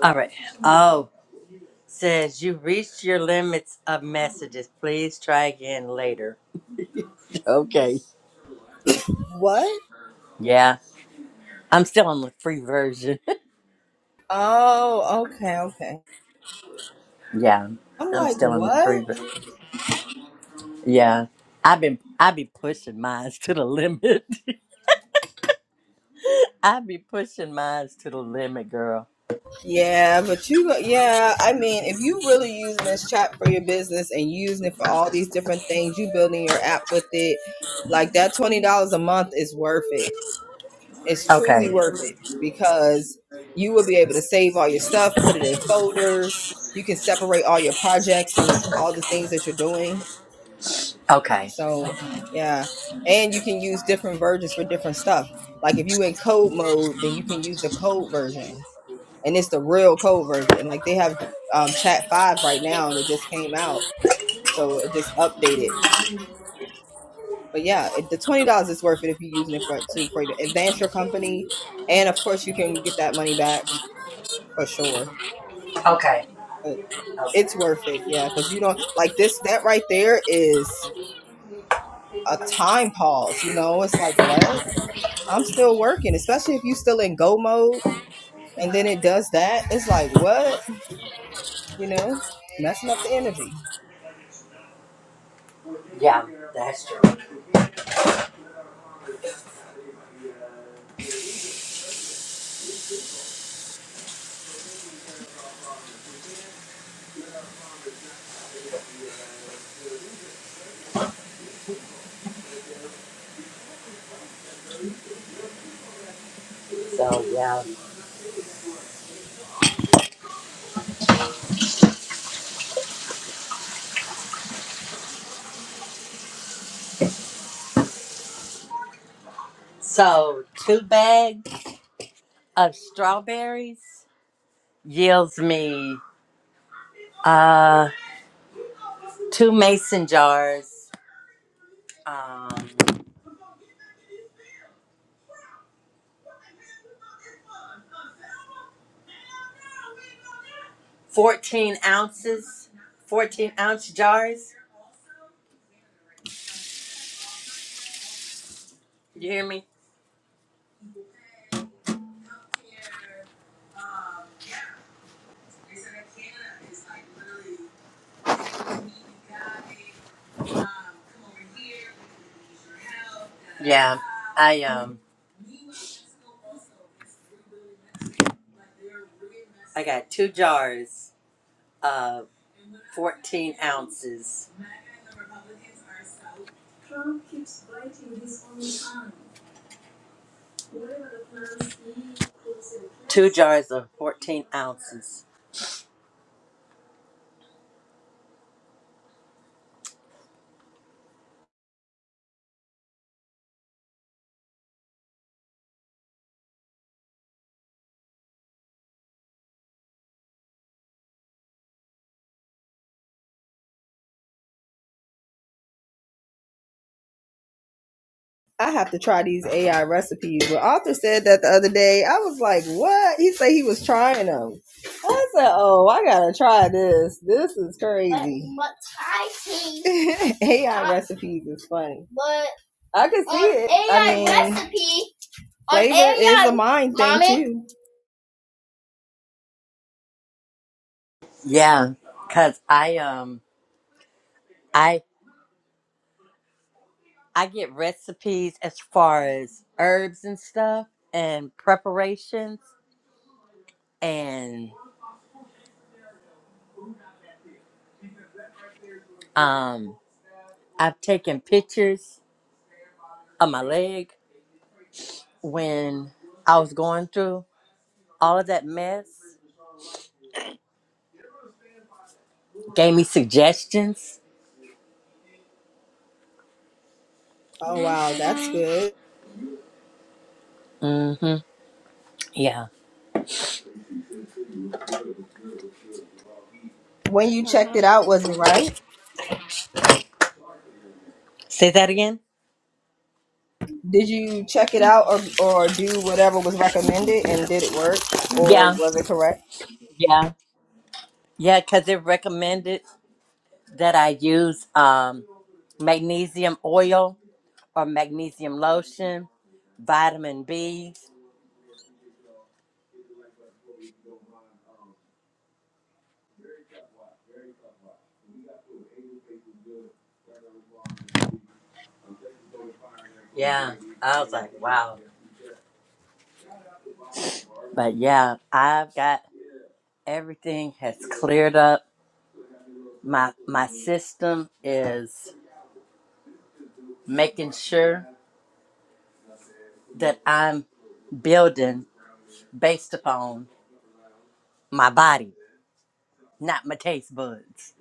All right. Oh, says you reached your limits of messages. Please try again later. [LAUGHS] Okay. Yeah. I'm still on the free version. [LAUGHS] yeah. I'm still on the free version. Yeah. I've been I be pushing mine [LAUGHS] to the limit. [LAUGHS] I be pushing mine to the limit, girl. Okay. Okay. Okay. okay. Yeah, that's true. So yeah. So two bags of strawberries yields me uh two mason jars, um, fourteen ounces, fourteen ounce jars. You hear me? Yeah. I um I got two jars of fourteen ounces. Two jars of fourteen ounces. What's 5 But P. Yeah, cause I um I I get recipes as far as herbs and stuff and preparations and um I've taken pictures of my leg when I was going through all of that mess. Gave me suggestions. Mhm. Yeah. Say that again? Yeah. Yeah. Yeah, cuz it recommended that I use um magnesium oil or magnesium lotion, vitamin B. Yeah, I was like, wow. But yeah, I've got everything has cleared up. My my system is making sure that I'm building based upon my body, not my taste buds.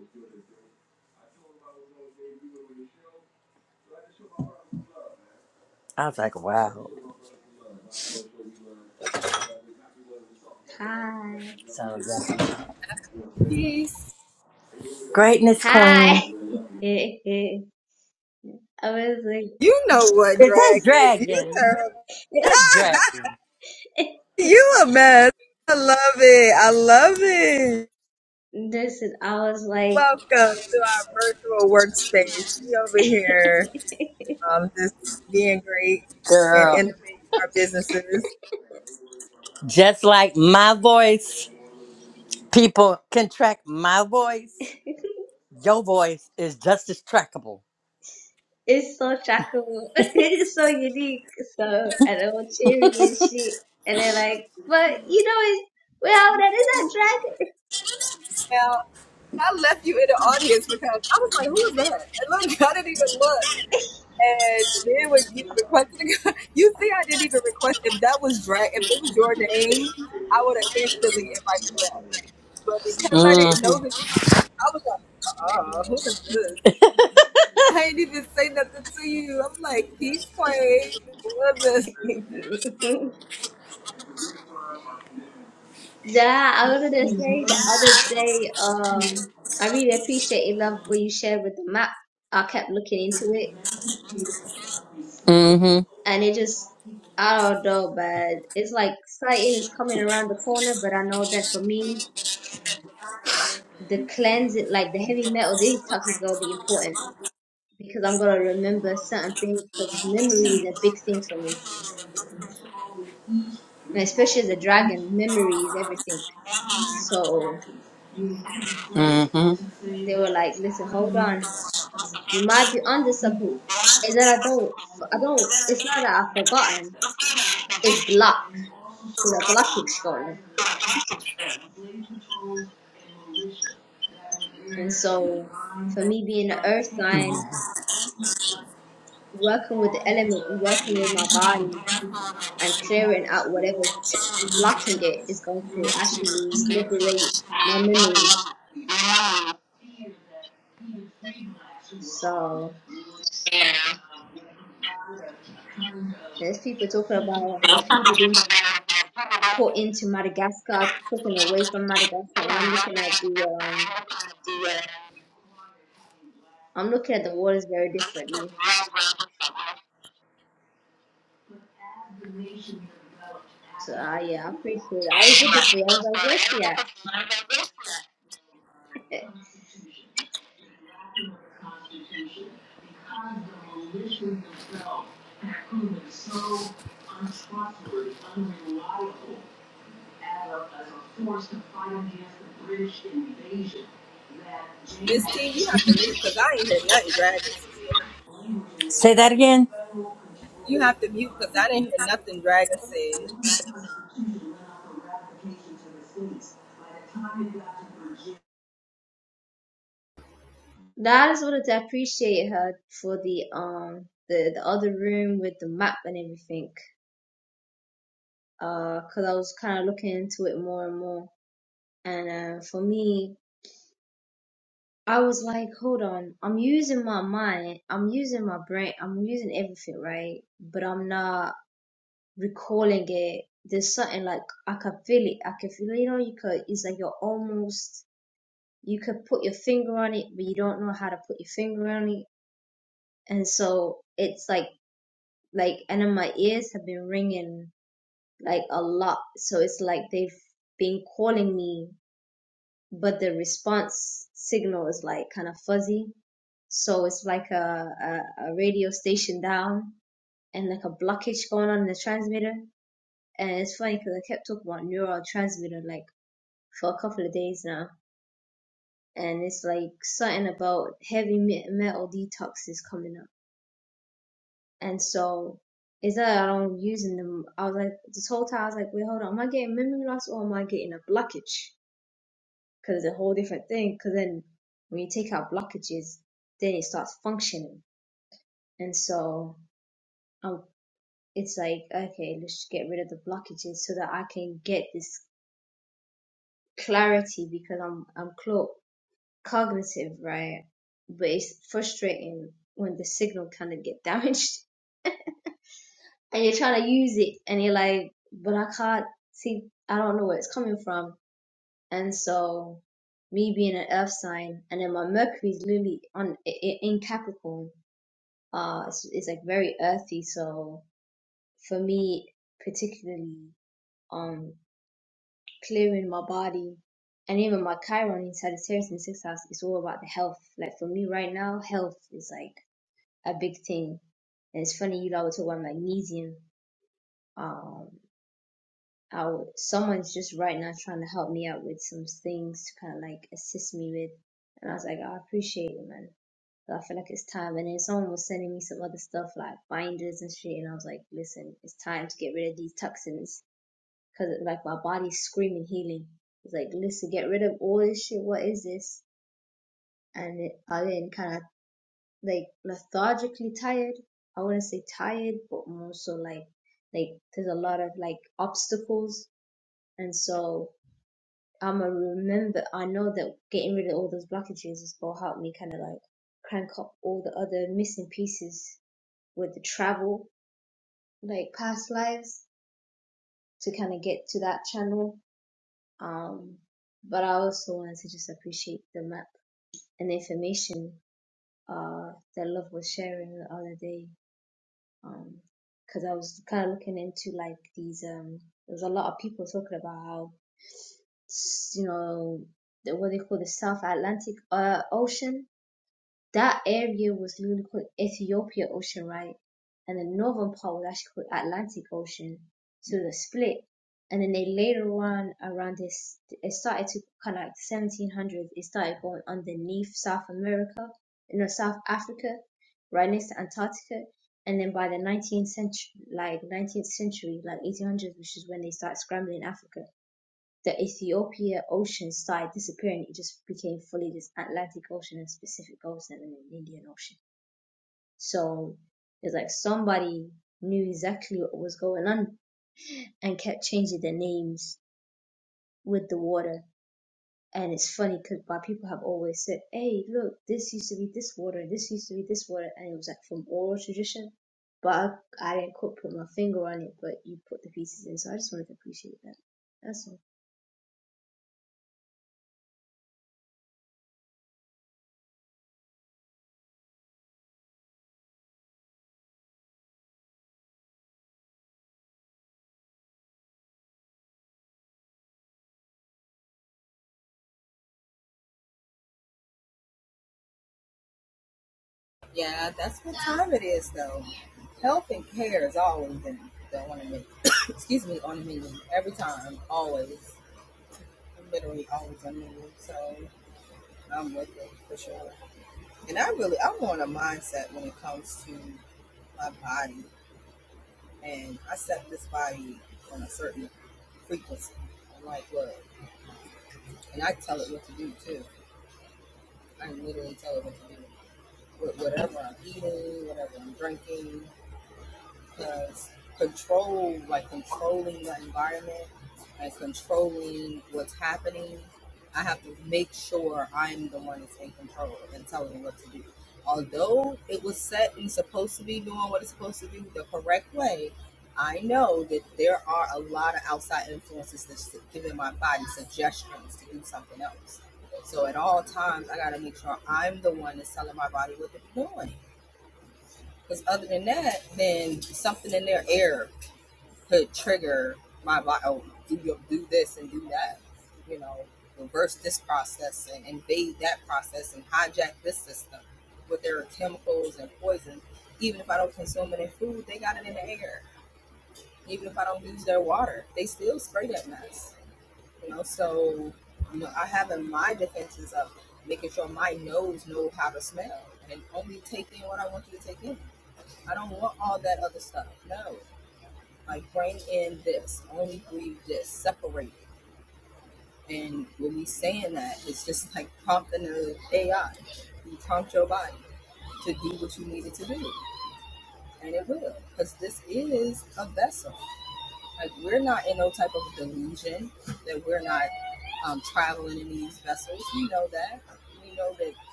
I was like, wow. Hi. So yeah. greatness Hi. queen. [LAUGHS] I was like, Is that dragon? [LAUGHS] That's dragon. this is, I was like, [LAUGHS] Girl. Just like my voice, people can track my voice. Your voice is just as trackable. it's so shockable. [LAUGHS] it's so unique. So, and I'm cheering and shit. And they're like, but you know, it's, well, that Mm-hmm. is a dragon. [LAUGHS] nah, I wanted to say the other day, um, I really appreciate it, love what you shared with the map. I kept looking into it Mm-hmm. and it just I don't know, but it's like Satan is coming around the corner. But I know that for me, the cleansing, like the heavy metal detox, is gonna be important because I'm gonna remember certain things because memory is a big thing for me, and especially as a dragon, memory is everything. So Mm-hmm. they were like, "Listen, hold on, you might be onto something," and then I don't, I don't. It's not that I've forgotten; it's blocked. There's a blockage going on, and so for me being an earth sign. working with the element and working with my body and clearing out whatever's blocking it is going to actually liberate my memory. So there's people talking about how people being put into Madagascar, taken away from Madagascar, and I'm looking at the um, I'm looking at the waters very differently. So uh, yeah, I appreciate it. I was looking for you. I was like, where's she at? [LAUGHS] Say that again. Now, I just wanted to appreciate her for the um the the other room with the map and everything. because uh, I was kind of looking into it more and more. And uh, for me, I was like, hold on, I'm using my mind, I'm using my brain, I'm using everything, right? But I'm not recalling it. There's something like I can feel it. I can feel, you know, you could. It's like you're almost. You could put your finger on it, but you don't know how to put your finger on it. And so it's like, like, and then my ears have been ringing like a lot. So it's like they've been calling me but the response signal is like kind of fuzzy. So it's like a, a, a radio station down and like a blockage going on in the transmitter. And it's funny because I kept talking about neurotransmitter like for a couple of days now. And it's like something about heavy metal detox is coming up. And so it's that I don't using them. I was like, this whole time I was like, wait, hold on. Am I getting memory loss or am I getting a blockage? because it's a whole different thing. Because then when you take out blockages, then it starts functioning. And so um, it's like, okay, let's just get rid of the blockages so that I can get this clarity because I'm I'm clo- cognitive, right? But it's frustrating when the signal kind of get damaged [LAUGHS] and you're trying to use it and you're like, but I can't see. I don't know where it's coming from. And so me being an earth sign and then my Mercury's literally on i- i- in capricorn Uh, it's, it's like very earthy. So for me, particularly, um, clearing my body and even my Chiron in Sagittarius and Sixth House is all about the health. Like for me right now, health is like a big thing. And it's funny, you lot were talk about magnesium. Um, I would, someone's just right now trying to help me out with some things to kind of like assist me with. And I was like, I appreciate it, man. So I feel like it's time. And then someone was sending me some other stuff like binders and shit, and I was like, listen, it's time to get rid of these toxins because like my body's screaming healing. It's like, listen, get rid of all this shit. What is this? And it, i then kind of like lethargically tired. I wouldn't say tired, but more so like like there's a lot of like obstacles, and so I'm gonna remember. I know that getting rid of all those blockages is gonna help me kind of like crank up all the other missing pieces with the travel, like past lives, to kind of get to that channel. Um, but I also wanted to just appreciate the map and the information uh, that Love was sharing the other day. Because I was kind of looking into like these, um, there was a lot of people talking about how, you know, the, what they call the South Atlantic uh, Ocean That area was newly called Ethiopia Ocean right, and the northern part was actually called Atlantic Ocean. So the split, and then they later on around this, it started to kind of like 1700s. It started going underneath South America, you know, South Africa, right next to Antarctica, and then by the 19th century, like 19th century, like 1800s, which is when they start scrambling Africa the Ethiopia Ocean started disappearing. It just became fully this Atlantic Ocean and Pacific Ocean and an Indian Ocean. So it's like somebody knew exactly what was going on and kept changing the names with the water. And it's funny because my people have always said, "Hey, look, this used to be this water. This used to be this water," and it was like from oral tradition. But I, I didn't quite put my finger on it, but you put the pieces in, so I just wanted to appreciate that. That's all. Yeah.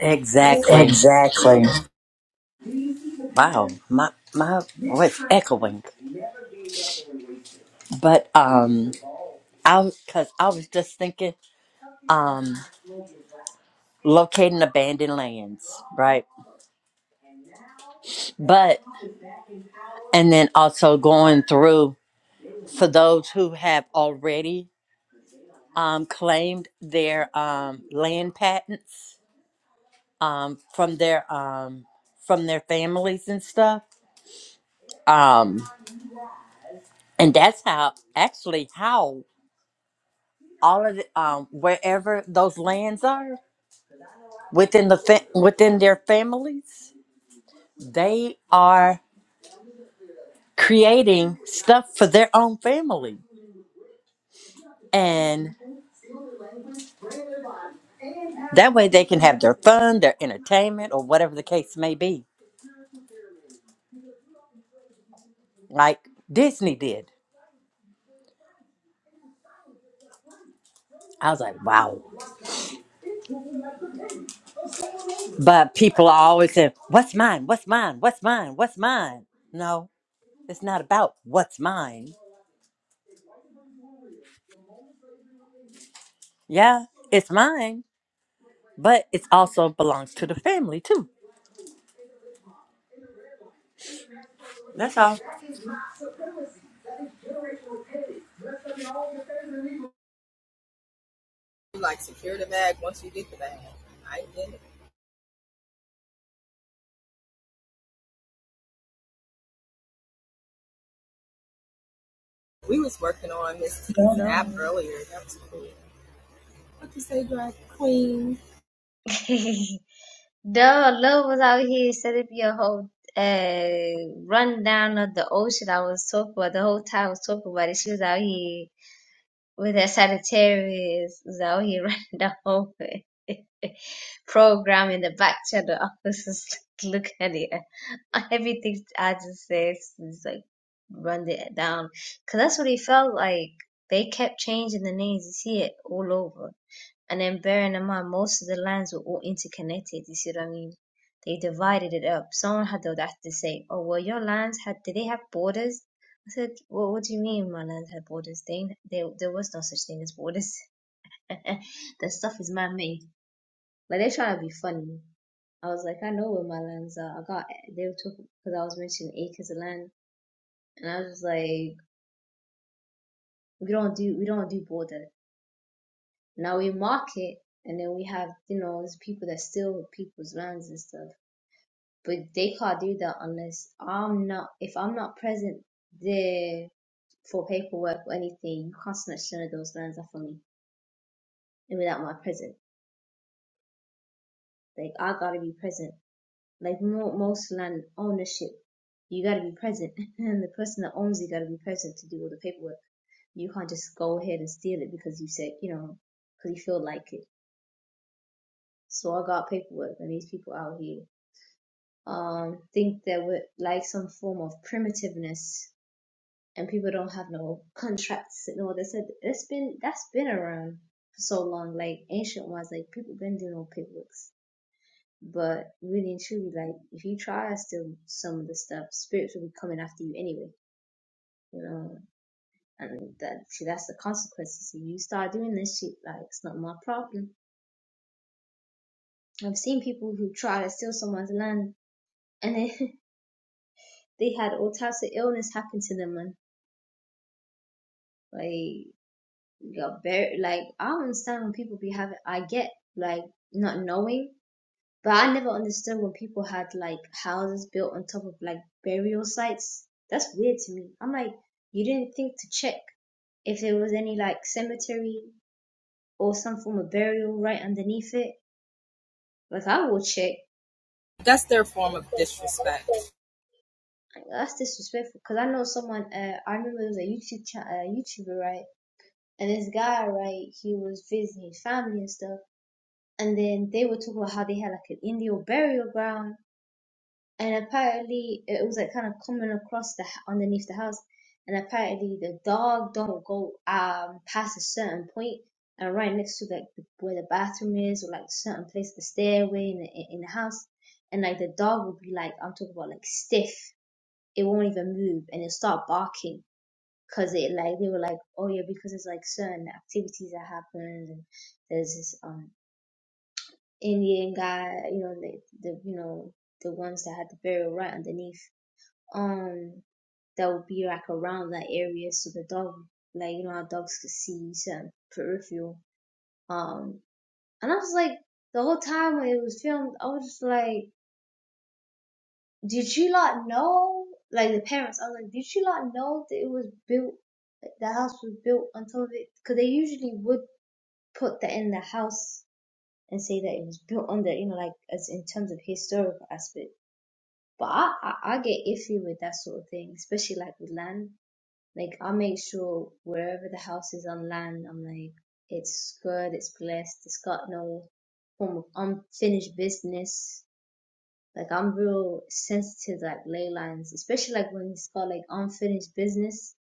Exactly. Exactly. Wow, my my voice echoing. But um, I was because I was just thinking um locating abandoned lands, right? But and then also going through for those who have already um claimed their um land patents um from their um from their families and stuff. Um and that's how actually how all of the um wherever those lands are within the fa- within their families, they are creating stuff for their own family. And that way they can have their fun, their entertainment, or whatever the case may be, like Disney did. I was like, wow. But people are always saying, what's mine? What's mine? What's mine? What's mine? No, it's not about what's mine. Yeah, it's mine, but it also belongs to the family too. That's all. Love it. [LAUGHS] Duh, love was out here set up your whole uh rundown of the ocean I was talking about the whole time I was talking about it. She was out here with her Sagittarius, was out here [LAUGHS] running the whole [LAUGHS] program in the back channel. I was [LAUGHS] just like, look at it. [LAUGHS] Everything I just said is like run it down. Cause that's what it felt like. They kept changing the names. You see it all over. And then bearing in mind, most of the lands were all interconnected. You see what I mean? They divided it up. Someone had the audacity to say, "Oh, well, your lands had did they have borders?" I said, "Well, what do you mean my lands had borders? They, ain't- there, there was no such thing as borders. [LAUGHS] that stuff is man-made." Like they're trying to be funny. I was like, I know where my lands are. I got they were talking because I was mentioning acres of land, and I was like, we don't do we don't do border. Now we mark it, and then we have you know there's people that steal people's lands and stuff. but they can't do that unless I'm not if I'm not present there for paperwork or anything. You can't snatch none of those lands off of me and without my present. Like I gotta be present. Like mo- most land ownership, you gotta be present, [LAUGHS] and the person that owns it gotta be present to do all the paperwork. You can't just go ahead and steal it because you said you know because you feel like it. So I got paperwork, and these people out here um think that we're like some form of primitiveness and people don't have no contracts and all this. It's been that's been around for so long, like ancient ones, like people been doing all paperwork. But really and truly, like if you try, still some of the stuff, spirits will be coming after you anyway. You know, and that see, that's the consequences. If you start doing this shit, like it's not my problem. I've seen people who try to steal someone's land, and they [LAUGHS] they had all types of illness happen to them, man. Like You're very like I don't understand when people be having. I get like not knowing, but I never understood when people had like houses built on top of like burial sites. That's weird to me. I'm like, you didn't think to check if there was any like cemetery or some form of burial right underneath it. Like I will check. Like, That's disrespectful. Cause I know someone. Uh, I remember there was a YouTube cha- uh, YouTuber right, and this guy right, he was visiting his family and stuff and then they were talking about how they had like an Indian burial ground, and apparently it was like kind of coming across the underneath the house, and apparently the dog don't go um past a certain point and right next to like the, where the bathroom is or like certain place the stairway in the, in the house, and like the dog will be like I'm talking about like stiff, it won't even move and it'll start barking. Cause it like they were like oh yeah because it's like certain activities that happen and there's this um Indian guy, you know, the, the you know the ones that had the burial right underneath, um, that would be like around that area, so the dog, like you know, how dogs could see certain peripheral, um, and I was like, the whole time when it was filmed, I was just like, did you not know? Like the parents, I was like, did you not know that it was built, Like the house was built on top of it? Because they usually would put that in the house and say that it was built on the, you know, like as in terms of historical aspect But I, I, I get iffy with that sort of thing, especially like with land. Like I make sure wherever the house is on land, I'm like, it's good, it's blessed, it's got no form of unfinished business. Like I'm real sensitive to, like ley lines, especially like when it's got like unfinished business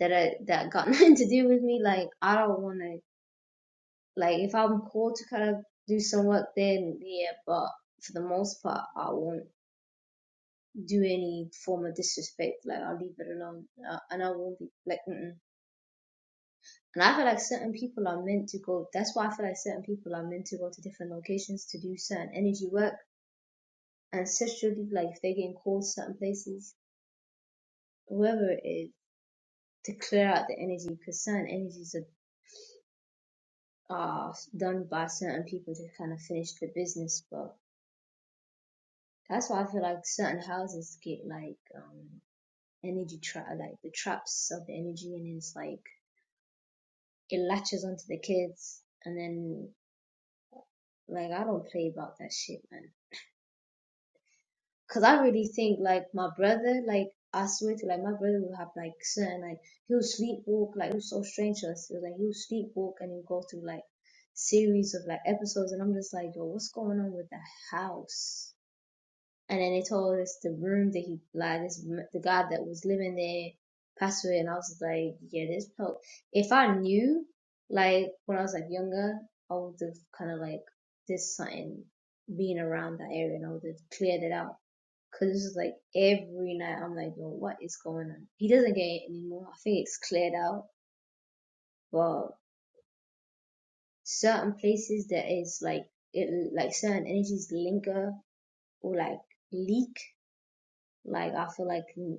that I that got [LAUGHS] nothing to do with me. Like I don't want to like if I'm called to kind of do some work, then yeah. But for the most part, I won't do any form of disrespect. Like I'll leave it alone, uh, and I won't be like. Mm-mm. And I feel like certain people are meant to go. That's why I feel like certain people are meant to go to different locations to do certain energy work ancestrally. Like if they're getting called certain places, whoever it is, to clear out the energy because certain energies are, are done by certain people to kind of finish the business. But that's why I feel like certain houses get like um energy trap, like the traps of the energy, and it's like it latches onto the kids and then like I don't play about that shit, man. Cause I really think like my brother, like I swear to like my brother will have like certain like he'll sleepwalk, like it was so strange to us. It was like he'll sleepwalk and he'll go through like series of like episodes and I'm just like, yo, what's going on with the house? And then they told us the room that he, like, this, the guy that was living there passed away. And I was like, yeah, this help. If I knew, like, when I was like younger, I would have kind of like, this something being around that area and I would have cleared it out. Cause this is like every night I'm like, yo, what is going on? He doesn't get it anymore. I think it's cleared out. But certain places that is like it like certain energies linger or like leak. Like I feel like mm,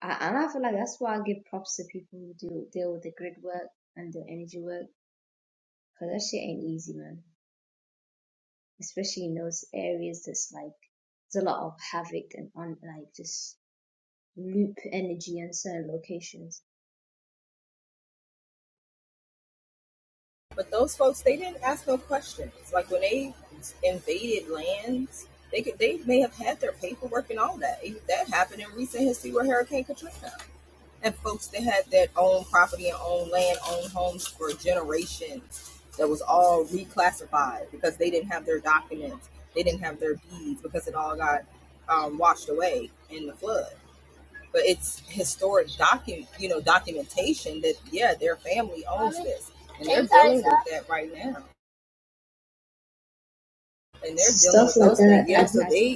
I, and I feel like that's why I give props to people who do deal with the grid work and the energy work, cause that shit ain't easy, man. Especially in those areas that's like there's a lot of havoc and on like just loop energy in certain locations. See stuff like that. I did.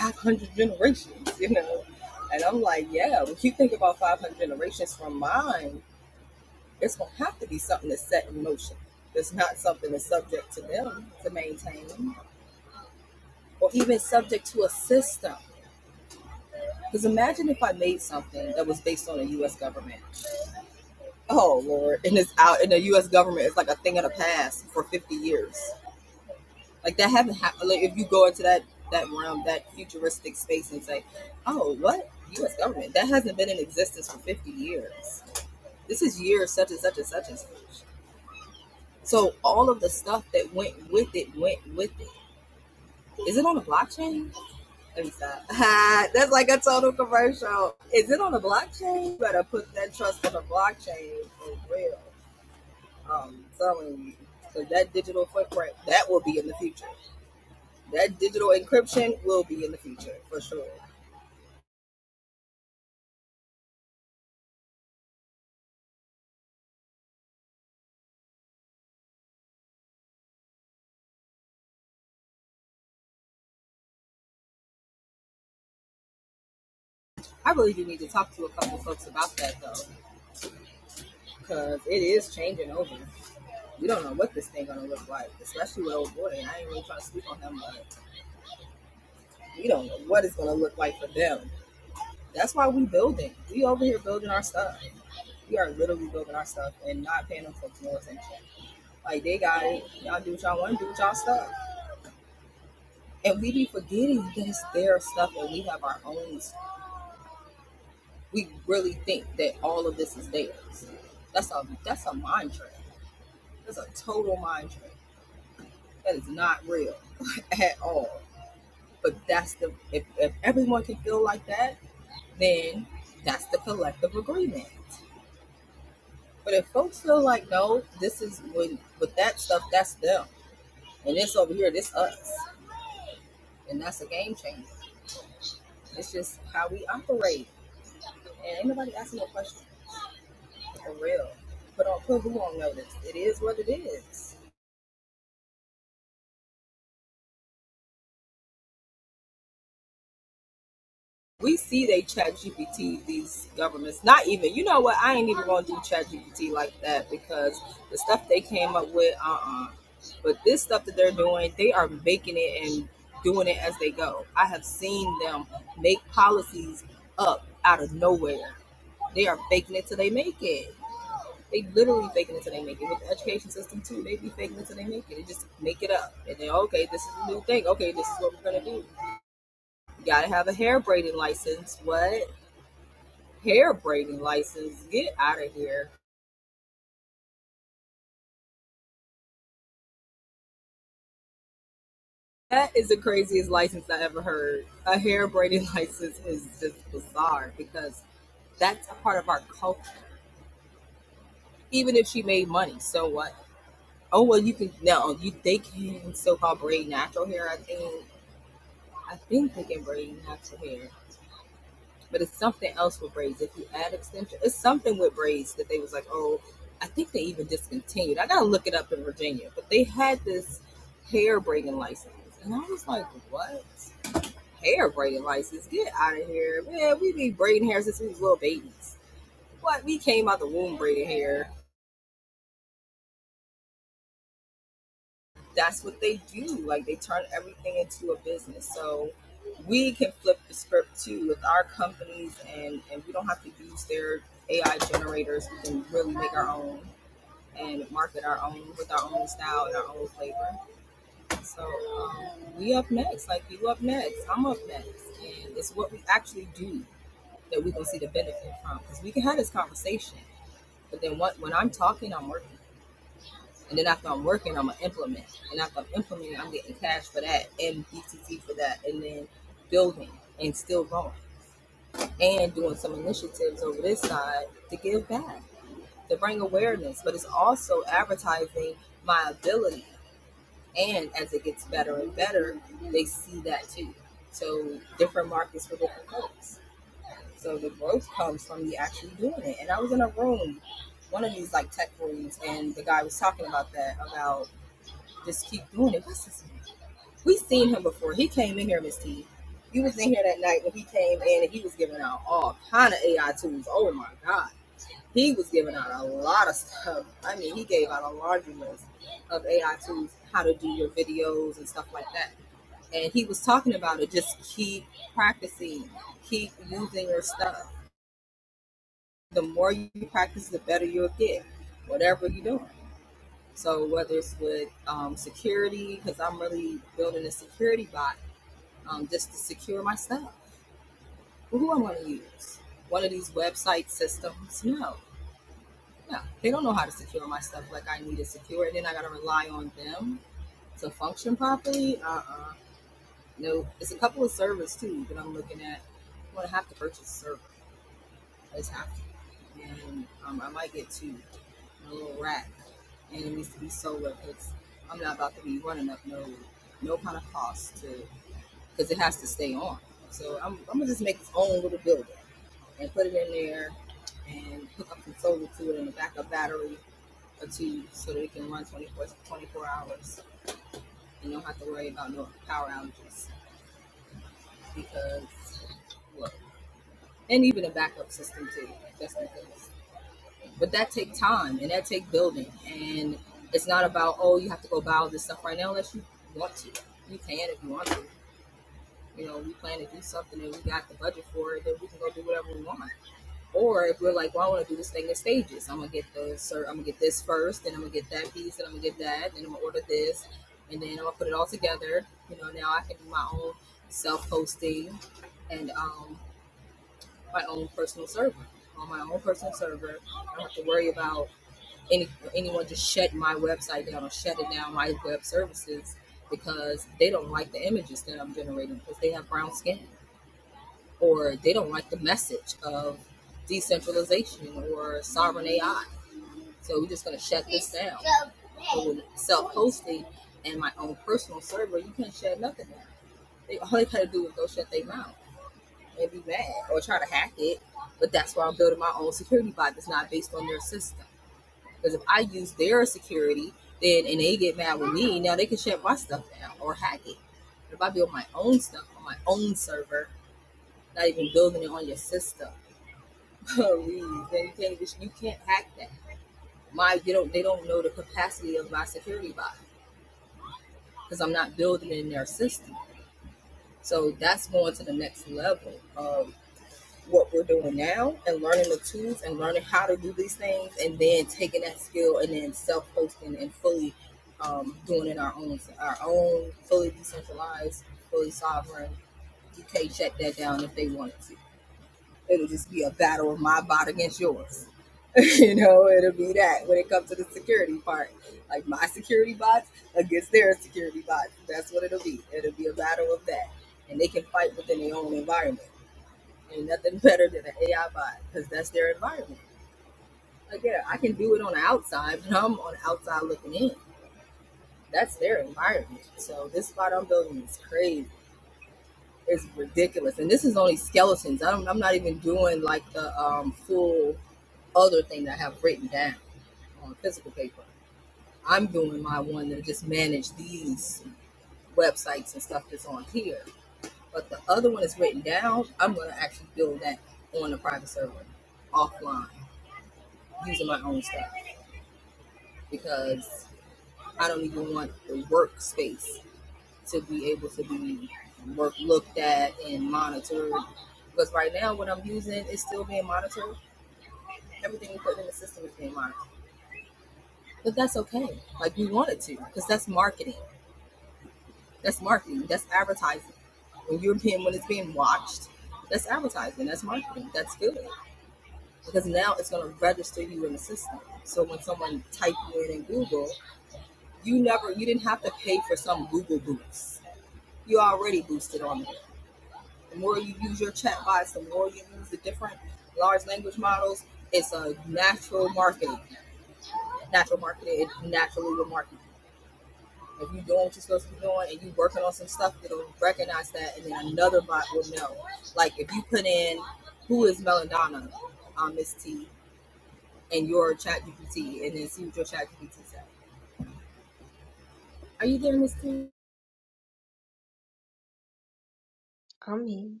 I mean,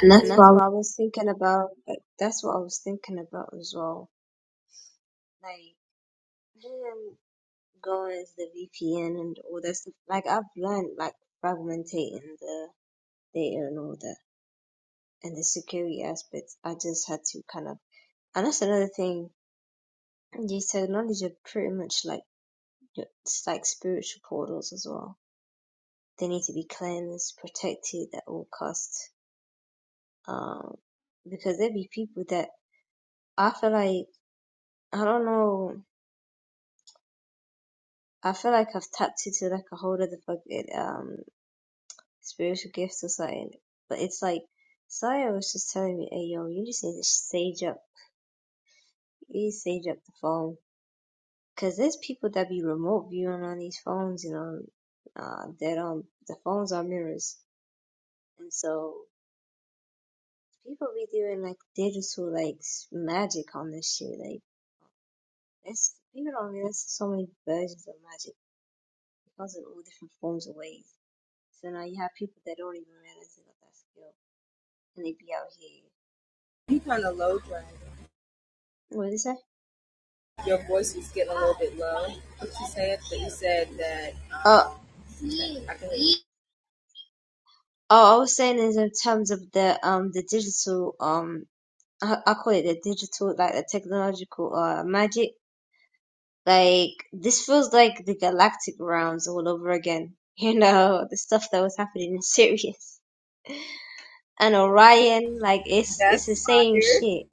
And and that's that's why what I was thinking about. like, That's what I was thinking about as well. Like, him going as the VPN and all that stuff. Like, I've learned, like, fragmentating the data and all that. and the security aspects. I just had to kind of, and that's another thing. These technology are pretty much like yeah, it's like spiritual portals as well. They need to be cleansed, protected at all costs, um, because there be people that I feel like I don't know. I feel like I've tapped into like a whole other fucking um spiritual gifts or something, but it's like Saya was just telling me, "Hey yo, you just need to sage up. You need to sage up the phone." Cause there's people that be remote viewing on these phones, you know, uh, that um the phones are mirrors, and so people be doing like digital like s- magic on this shit. Like it's people don't realize there's so many versions of magic because of all different forms of ways. So now you have people that don't even realize they got that skill, and they be out here. What did it say? Uh, oh, I was saying is in terms of the um the digital um I, I call it the digital like the technological uh magic Like this feels like the galactic rounds all over again. [LAUGHS] You know, the stuff that was happening in [LAUGHS] Sirius and Orion, like it's it's the same shit.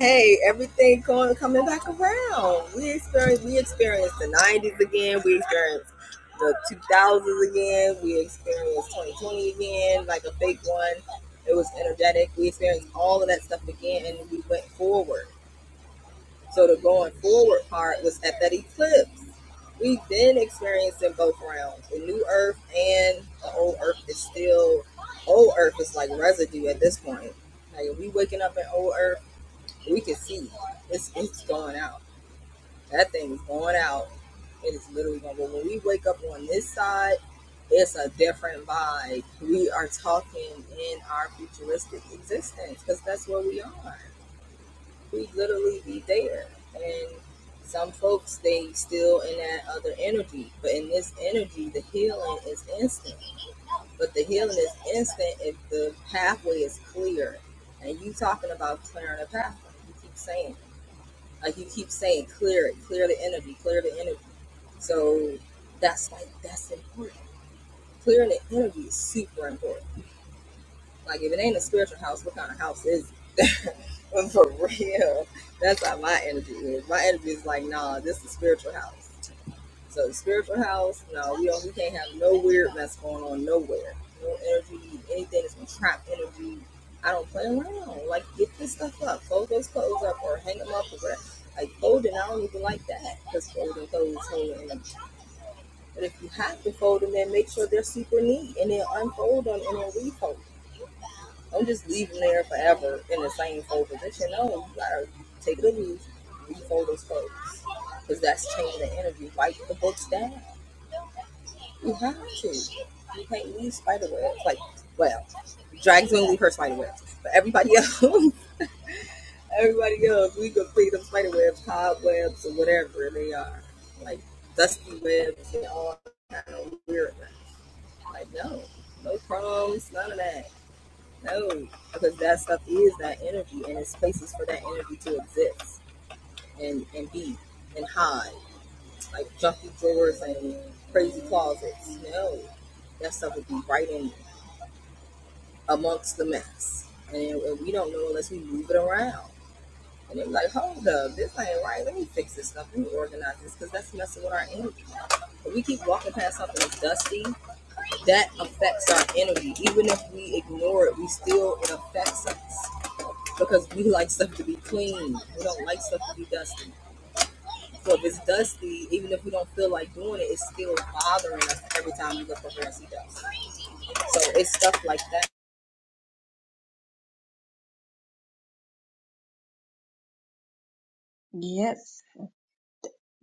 Yep.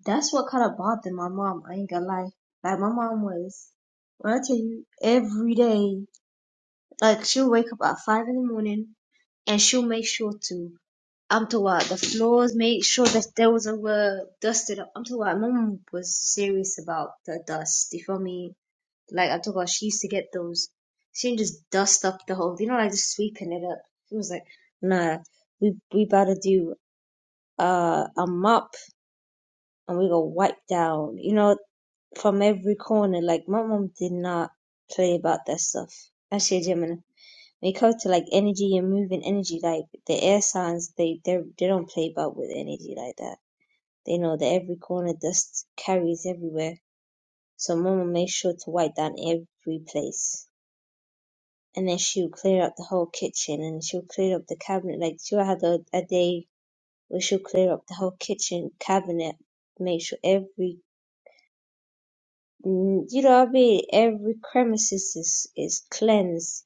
That's what kind of bothered my mom, I ain't gonna lie. Like my mom was when I tell you every day, like she'll wake up at five in the morning and she'll make sure to I'm talking about the floors, make sure that there was a were dusted up. I'm talking about my mom was serious about the dust, you feel me? Like I told her, she used to get those. She didn't just dust up the whole, you know, like just sweeping it up. She was like, "Nah, we we about to do uh, a mop and we gonna wipe down, you know, from every corner." Like my mom did not play about that stuff. Actually, Gemini, when it comes to like energy and moving energy, like the air signs, they they they don't play about with energy like that. They know that every corner dust carries everywhere. So mama made sure to wipe down every place and then she would clear up the whole kitchen and she would clear up the cabinet. Like she would have a, a day where she would clear up the whole kitchen cabinet, make sure every mm, you know what I mean, every premises is is cleansed.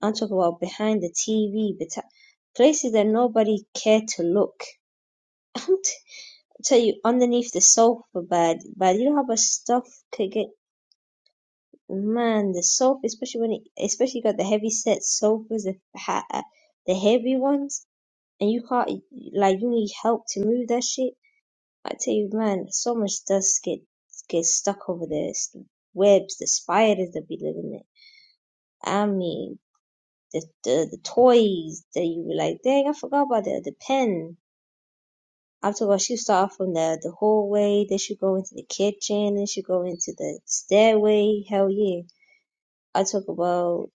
I'm talking about behind the TV, but places that nobody cared to look. [LAUGHS] I'm t- tell you underneath the sofa, but but you know how much stuff could get. Man, the sofa, especially when it, especially you got the heavy set sofas, the the heavy ones and you can't like you need help to move that shit. I tell you, man, so much dust get gets stuck over there. It's the webs, the spiders that be living there. I mean, the the, the toys that you were like, dang, I forgot about that. the pen. I'm talking about she start from the the hallway, then she go into the kitchen, then she go into the stairway. Hell yeah! I talk about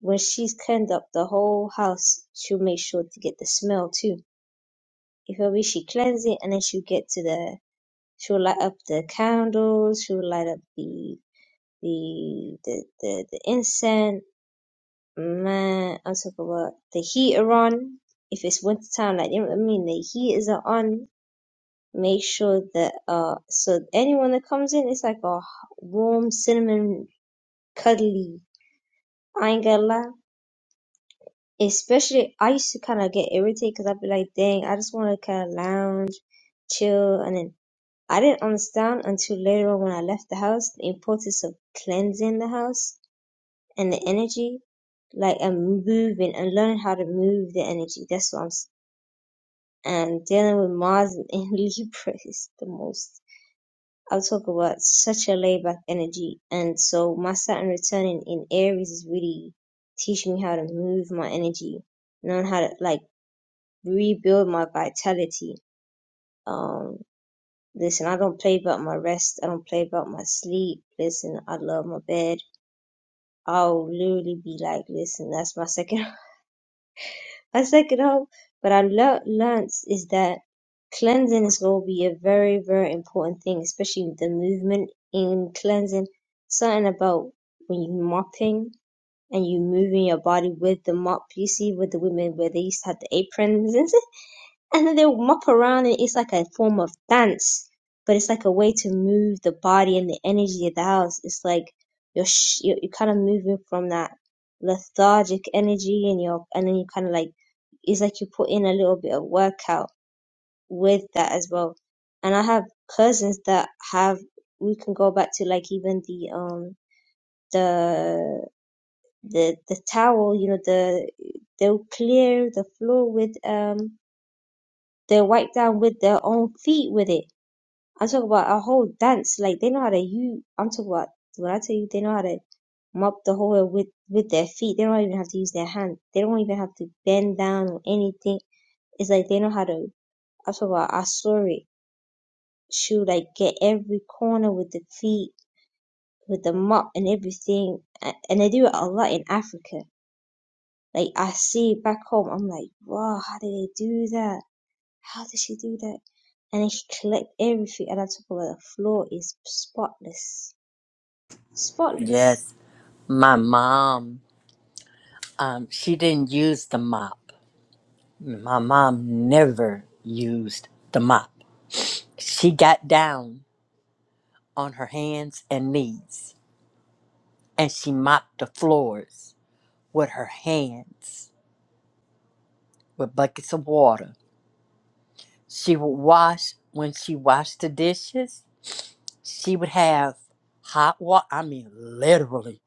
when she's cleaned up the whole house, she'll make sure to get the smell too. You feel me? She cleans it and then she'll get to the She'll light up the candles. She'll light up the the the the, the incense. Man, I'm talking about the heater on. If it's winter time, like you know what I mean, the heaters are on. Make sure that uh, so anyone that comes in, it's like a warm cinnamon cuddly. I ain't gonna lie. Especially, I used to kind of get irritated because I'd be like, dang, I just want to kind of lounge, chill, and then I didn't understand until later on when I left the house the importance of cleansing the house and the energy, like and moving and learning how to move the energy. That's what I'm s- and dealing with Mars and [LAUGHS] Libra is the most. I'll talk about such a laid back energy, and so my Saturn returning in Aries is really teaching me how to move my energy, knowing how to like rebuild my vitality. Um, Listen, I don't play about my rest. I don't play about my sleep. Listen, I love my bed. I'll literally be like, listen, that's my second, [LAUGHS] my second home. But I learnt learnt is that cleansing is going to be a very, very important thing, especially with the movement in cleansing. Something about when you mopping and you moving your body with the mop. You see with the women where they used to have the aprons [LAUGHS] and then they'll mop around and it's like a form of dance but it's like a way to move the body and the energy of the house it's like you're sh- you're, you're kind of moving from that lethargic energy and you're and then you kind of like it's like you put in a little bit of workout with that as well and i have cousins that have we can go back to like even the um the the the towel you know the they'll clear the floor with um they wipe down with their own feet with it. I'm talking about a whole dance. Like they know how to you. I'm talking about when I tell you they know how to mop the whole with with their feet. They don't even have to use their hand. They don't even have to bend down or anything. It's like they know how to. I'm talking about I saw She would like get every corner with the feet, with the mop and everything, A- and they do it a lot in Africa. Like I see back home, I'm like, wow, how do they do that? How did she do that? And then she collect everything, and on top of it, the floor is spotless, spotless. Yes, my mom, um, she didn't use the mop. My mom never used the mop. She got down on her hands and knees and she mopped the floors with her hands with buckets of water. She would wash, when she washed the dishes, she would have hot water, I mean, literally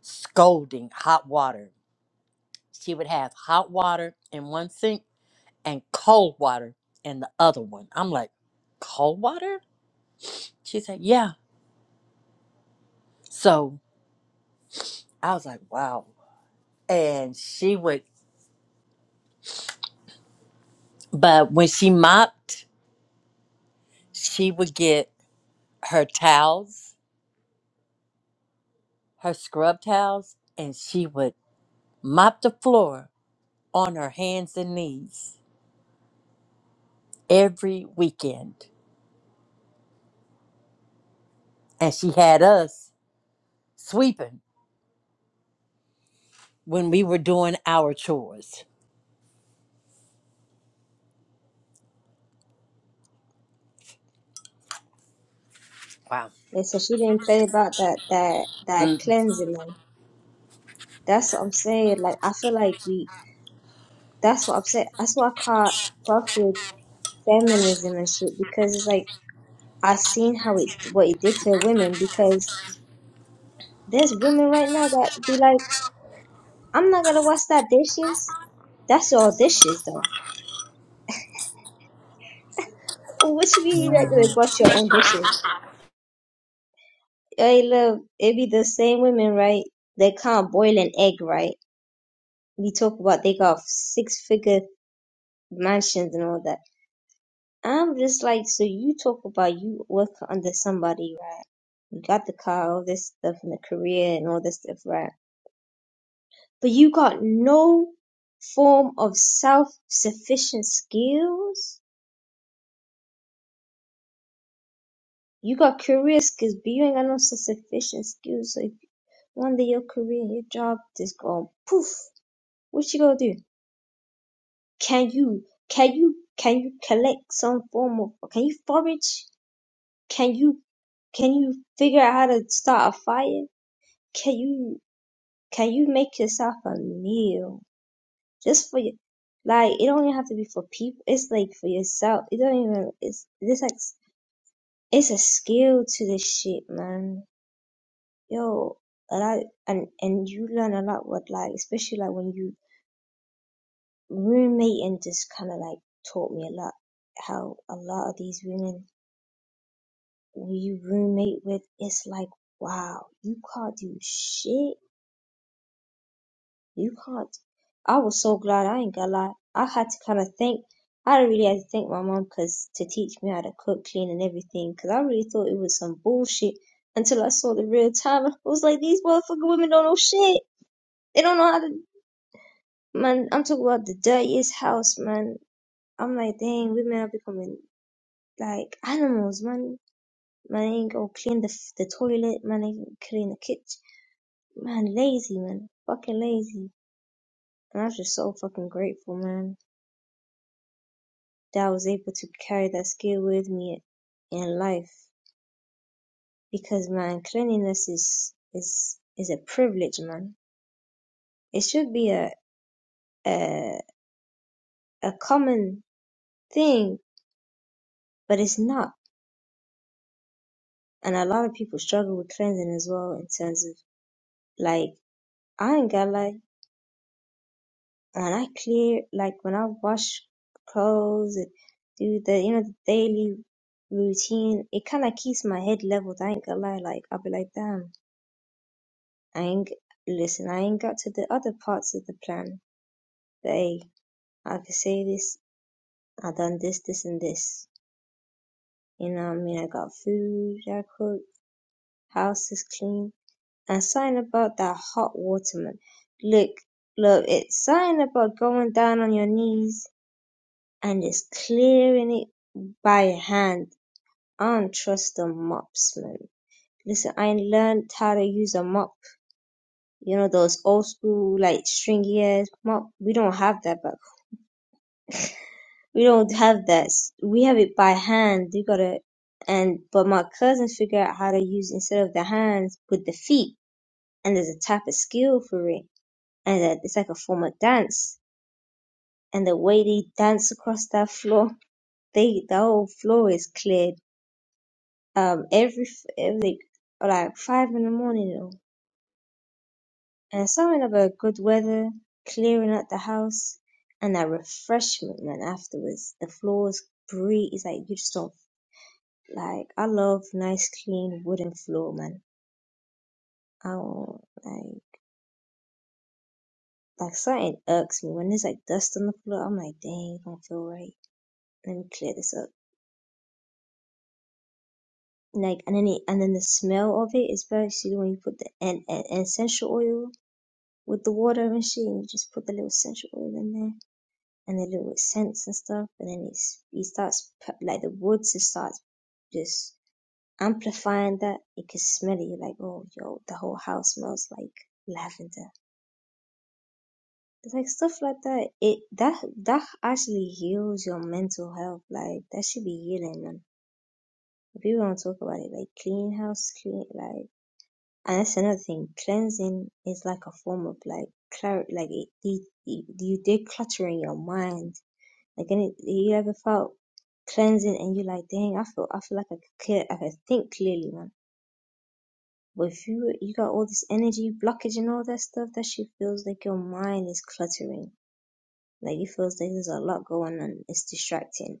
scolding hot water. She would have hot water in one sink and cold water in the other one. I'm like, cold water? She said, yeah. So I was like, wow. And she would But when she mopped, she would get her towels, her scrub towels, and she would mop the floor on her hands and knees every weekend. And she had us sweeping when we were doing our chores. Wow. They said she didn't play about that that that Mm. cleansing, man. That's what I'm saying. Like I feel like we. That's what I'm saying. That's why I can't fuck with feminism and shit because it's like I seen how it what it did to women because there's women right now that be like, I'm not gonna wash that dishes. That's your dishes though. What you mean you're not gonna wash your own dishes? Hey, look, it be the same women, right? They can't boil an egg, right? We talk about they got six figure mansions and all that. I'm just like, so you talk about you work under somebody, right? You got the car, all this stuff, and the career and all this stuff, right? But you got no form of self sufficient skills. You got career skills, but you ain't got no self sufficient skills. So if one day your career, your job just gone poof. What you gonna do? can you can you can you collect some form of can you forage can you can you figure out how to start a fire can you can you make yourself a meal just for your like it don't even have to be for people it's like for yourself it don't even it's this like it's a skill to this shit man yo and I and and you learn a lot with like especially like when you roommating just kind of like taught me a lot how a lot of these women when you roommate with, it's like, wow, you can't do shit. You can't. I was so glad I ain't gonna lie. I had to kind of thank, I really had to thank my mom because to teach me how to cook, clean, and everything because I really thought it was some bullshit until I saw the real time. I was like, these motherfucking women don't know shit. They don't know how to, man. I'm talking about the dirtiest house, man. I'm like, dang, women are becoming like animals, man. Man, they ain't gonna clean the the toilet. Man, they ain't clean the kitchen Man, lazy, man. Fucking lazy. And I'm just so fucking grateful, man, that I was able to carry that skill with me in life. Because, man, cleanliness is, is, is a privilege, man. It should be a, a, a common thing, but it's not. And a lot of people struggle with cleansing as well in terms of, like, I ain't gonna lie. when I clear, like when I wash clothes and do the, you know, the daily routine, it kind of keeps my head leveled. I ain't gonna lie. Like, I'll be like, damn, I ain't, listen, I ain't got to the other parts of the plan. But hey, I could say this, I done this, this, and this. You know what I mean? I got food, I cook, house is clean. And something about that hot water, man. Look, look, it's something about going down on your knees and is clearing it by hand. I don't trust a mopsman. Listen, I ain't learned how to use a mop. You know those old school like stringy ass mop. We don't have that, but we don't have that. We have it by hand. You gotta and but my cousins figure out how to use instead of the hands with the feet. And there's a type of skill for it, and that it's like a form of dance. And the way they dance across that floor, they the whole floor is cleared um every f- every like like five in the morning though. And something about good weather, clearing out the house, and that refreshment man afterwards. The floors breathe. It's like you just don't like. I love nice clean wooden floor man. I don't like like something irks me when there's like dust on the floor. I'm like dang, I don't feel right. Let me clear this up. Like and then it, and then the smell of it is it, especially when you put the and, and essential oil with the water machine, you just put the little essential oil in there and the little scents and stuff, and then it's, it starts like the woods. It starts just amplifying that. It can smell it. You're like, oh, yo, the whole house smells like lavender. It's like stuff like that. It that that actually heals your mental health. Like that should be healing, man. people don't talk about it, like clean house, clean like And that's another thing. Cleansing is like a form of like clar like it, de- de- you decluttering your mind. Like, any, you ever felt cleansing and you're like, dang, I feel, I feel like I could, clear, I could think clearly, man. But if you you got all this energy blockage and all that stuff, that shit feels like your mind is cluttering. Like it feels like there's a lot going on. It's distracting.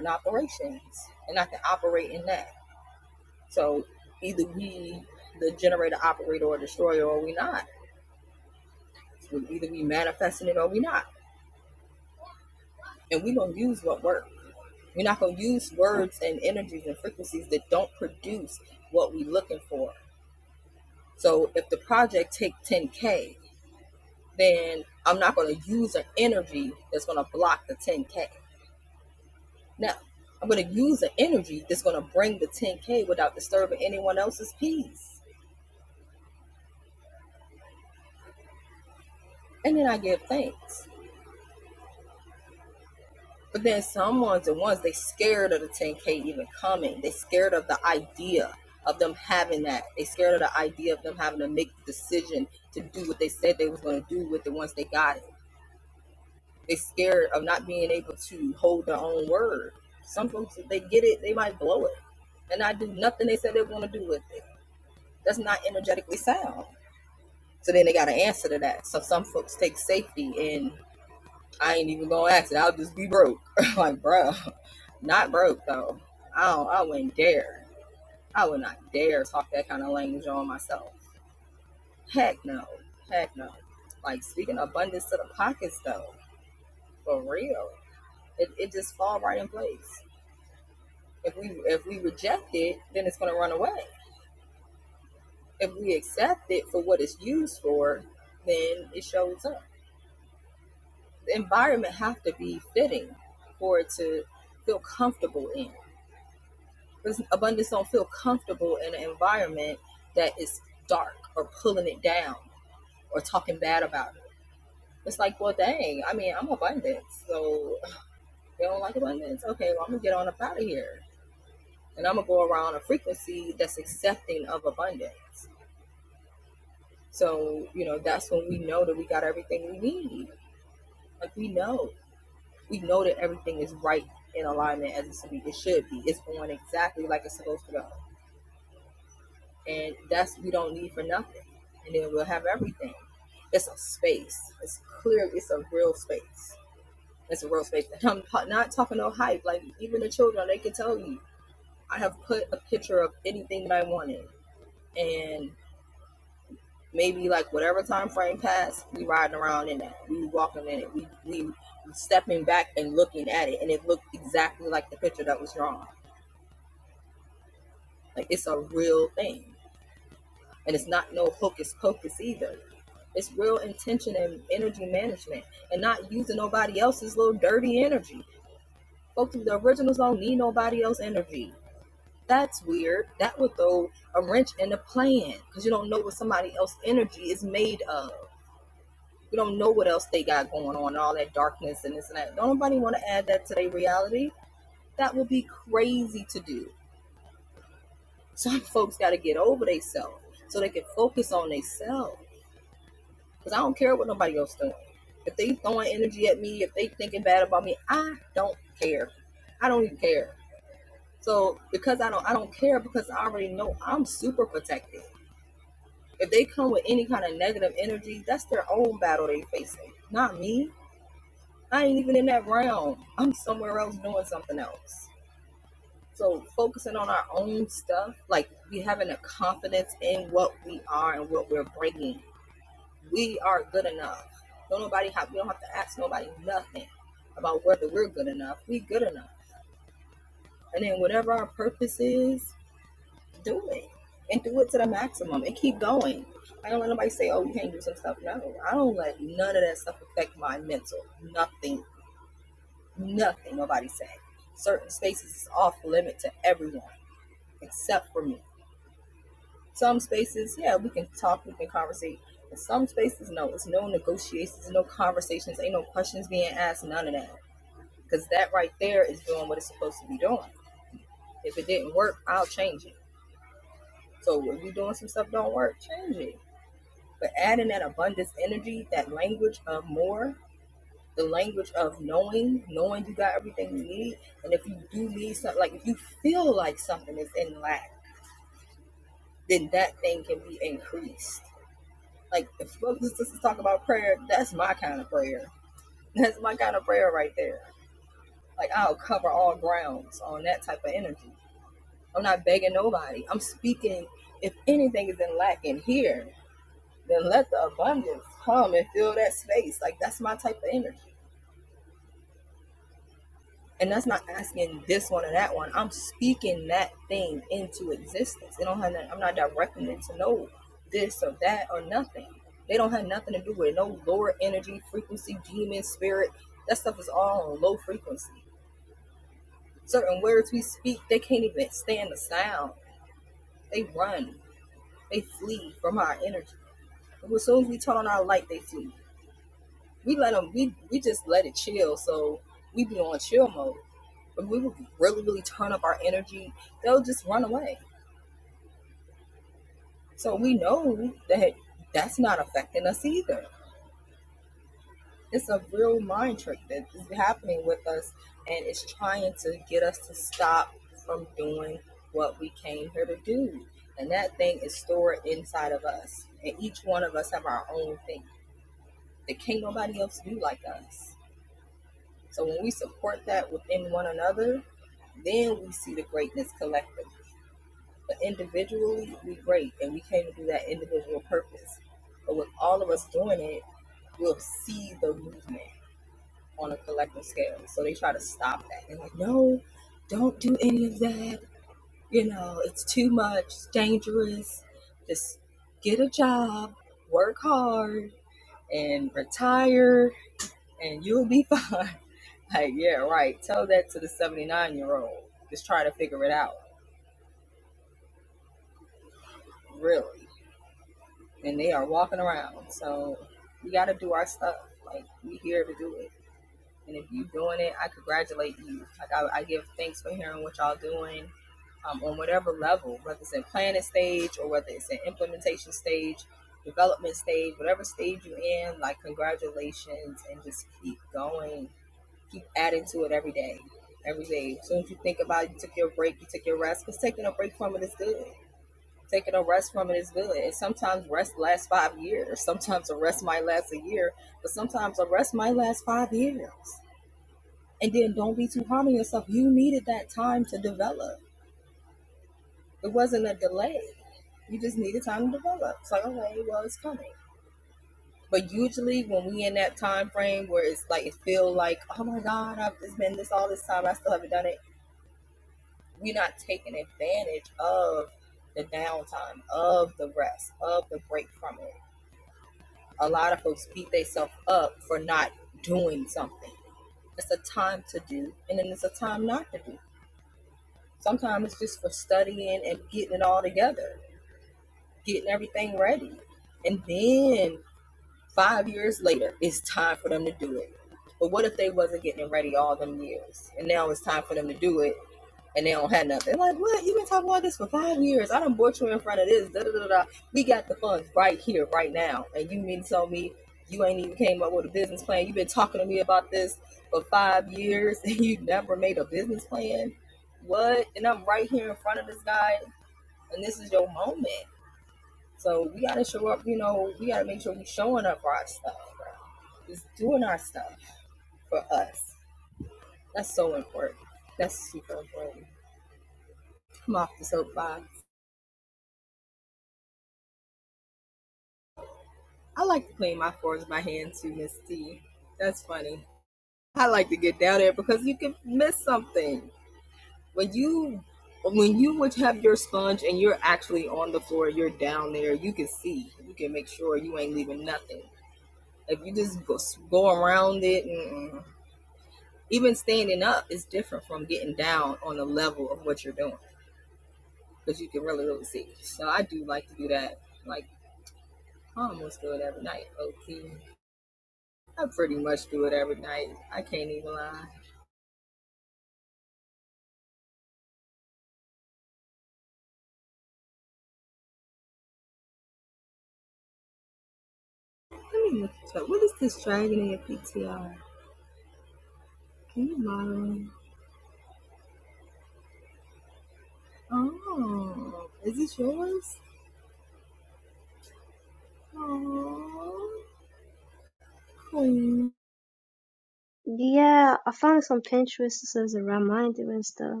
Yeah, I found some Pinterest that says around mind and stuff.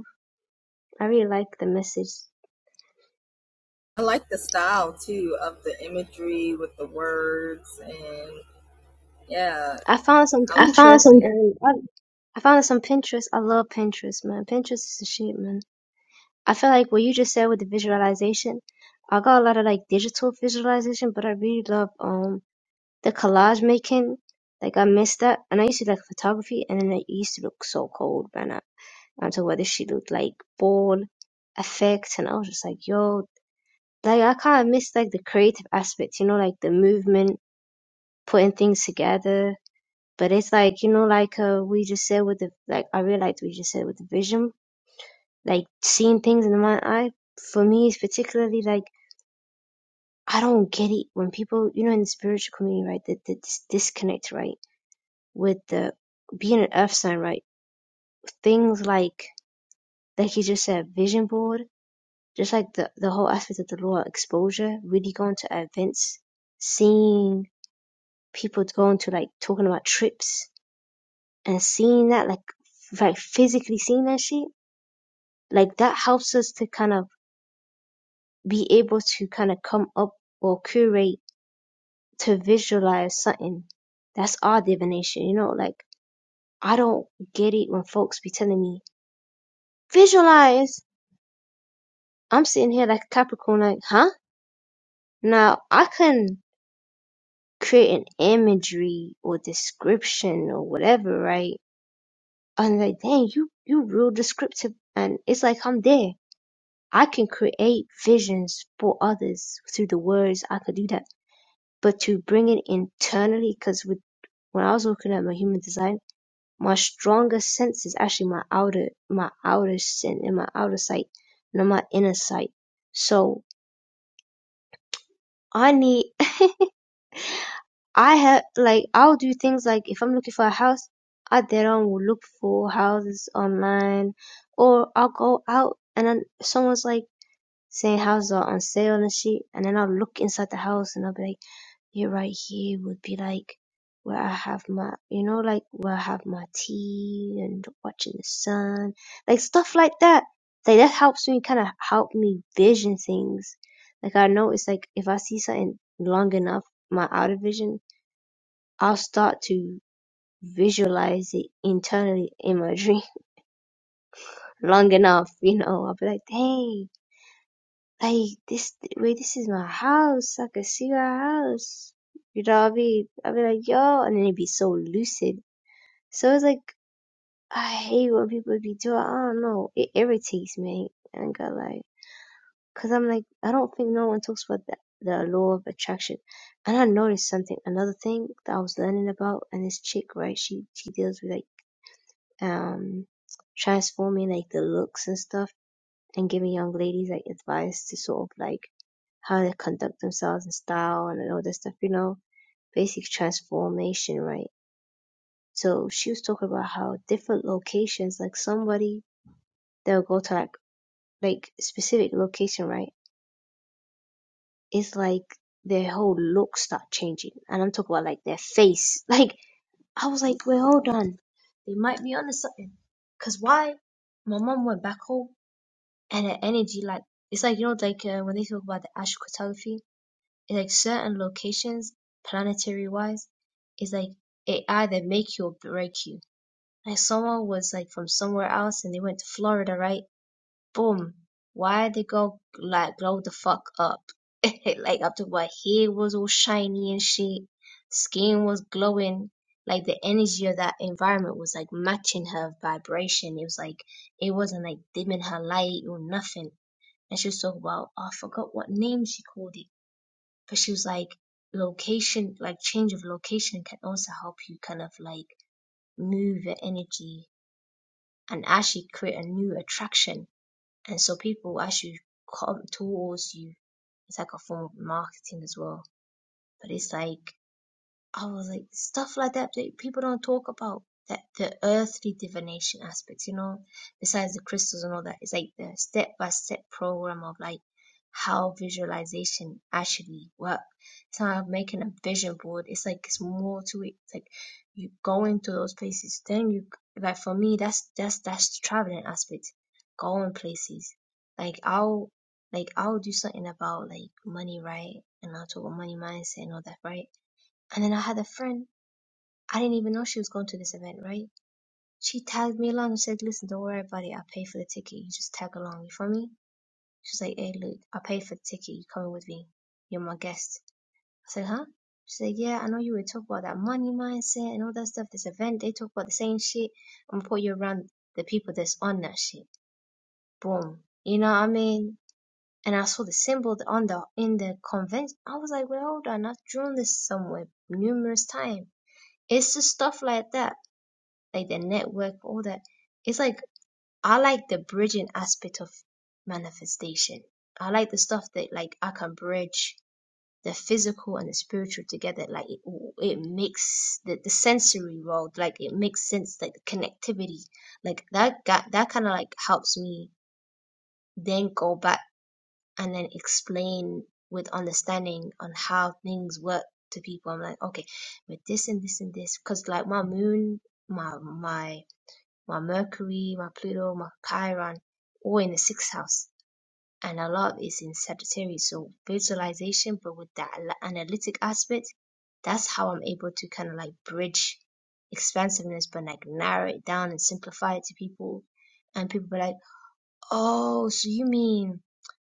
I really like the message I found some Pinterest and I, I found some Pinterest. I love Pinterest, man. Pinterest is the shit, man. I feel like what you just said with the visualization, I got a lot of like digital visualization, but I really love um the collage making. Like I miss that, and I used to like photography, and then it used to look so cold, man. I, until whether she looked like ball effects, and I was just like, yo, like I kind of miss like the creative aspect, you know, like the movement, putting things together but it's like, you know, like uh, we just said with the, like, I realized we just said with the vision, like seeing things in my eye, for me, is particularly like, I don't get it when people, you know, in the spiritual community, right, that this disconnect, right, with the being an earth sign, right, things like, like you just said, vision board, just like the, the whole aspect of the law of exposure, really going to events, seeing people going to like talking about trips and seeing that, like, like physically seeing that shit like that helps us to kind of be able to kind of come up or curate to visualize something. That's our divination, you know, like I don't get it when folks be telling me, visualize. I'm sitting here like a Capricorn, like, huh? Now I can create an imagery or description or whatever, right? And like, dang, you, you real descriptive. And it's like, I'm there. I can create visions for others through the words. I could do that but to bring it internally because with when I was looking at my human design, my strongest sense is actually my outer my outer sin and my outer sight, not my inner sight. So I need [LAUGHS] I have like I'll do things like if I'm looking for a house, I then will look for houses online, or I'll go out and then someone's like saying houses are on sale and shit, and then I'll look inside the house and I'll be like here right here would be like where I have my you know like where I have my tea and watching the sun like stuff like that like that helps me kind of help me vision things like I know it's like if I see something long enough my outer vision I'll start to visualize it internally in my dream [LAUGHS] long enough you know I'll be like dang like this wait this is my house i can see my house you know what i mean i'll be like yo and then it'd be so lucid so it's like i hate when people be doing i don't know it irritates me and got like because i'm like i don't think no one talks about the, the law of attraction and i noticed something another thing that i was learning about and this chick right she she deals with like um transforming like the looks and stuff and giving young ladies like advice to sort of like how they conduct themselves in style and all this stuff, you know, basic transformation, right? So she was talking about how different locations, like somebody they'll go to like like specific location, right? It's like their whole look start changing. And I'm talking about like their face. [LAUGHS] Like I was like, wait, hold on. They might be onto something. Cause why? My mom went back home and her energy like it's like you know like uh, when they talk about the astrocartography like certain locations planetary wise is like it either make you or break you. Like someone was like from somewhere else and they went to Florida, right? Boom. Why they go like glow the fuck up? [LAUGHS] like up to what hair was all shiny and shit, skin was glowing. Like the energy of that environment was like matching her vibration. It was like it wasn't like dimming her light or nothing. And she was talking about oh, I forgot what name she called it because she was like, location, like change of location can also help you kind of like move your energy and actually create a new attraction. And so people will actually come towards you. It's like a form of marketing as well. But it's like I was like stuff like that that people don't talk about. That the earthly divination aspects, you know, besides the crystals and all that, it's like the step by step program of like how visualization actually works. It's not like making a vision board. It's like it's more to it. It's like you go into those places. Then you like for me, that's that's that's the traveling aspect. Going places. Like I'll like I'll do something about like money, right? And I'll talk about money mindset and all that, right? And then I had a friend. I didn't even know she was going to this event, right? She tagged me along and said, "Listen, don't worry about it. I'll pay for the ticket. You just tag along. You for me?" She's like, "Hey, look, I'll pay for the ticket. You coming with me? You're my guest." I said, "Huh?" She's like, "Yeah, I know you would talk about that money mindset and all that stuff. This event, they talk about the same shit. I'm gonna put you around the people that's on that shit. Boom. You know what I mean?" And I saw the symbol on the in the convention. I was like, "Well, hold on. I've drawn this somewhere numerous times." It's just stuff like that like their network, all that. It's like I like the bridging aspect of manifestation. I like the stuff that like I can bridge the physical and the spiritual together. Like it, it makes the, the sensory world like it makes sense. Like the connectivity, like that got, that kind of like helps me then go back and then explain with understanding on how things work to people. I'm like, okay, with this and this and this, because like my moon, my my my Mercury, my Pluto, my Chiron, all in the sixth house. And a lot is in Sagittarius. So visualization, but with that analytic aspect, that's how I'm able to kind of like bridge expansiveness, but like narrow it down and simplify it to people. And people be like, oh, so you mean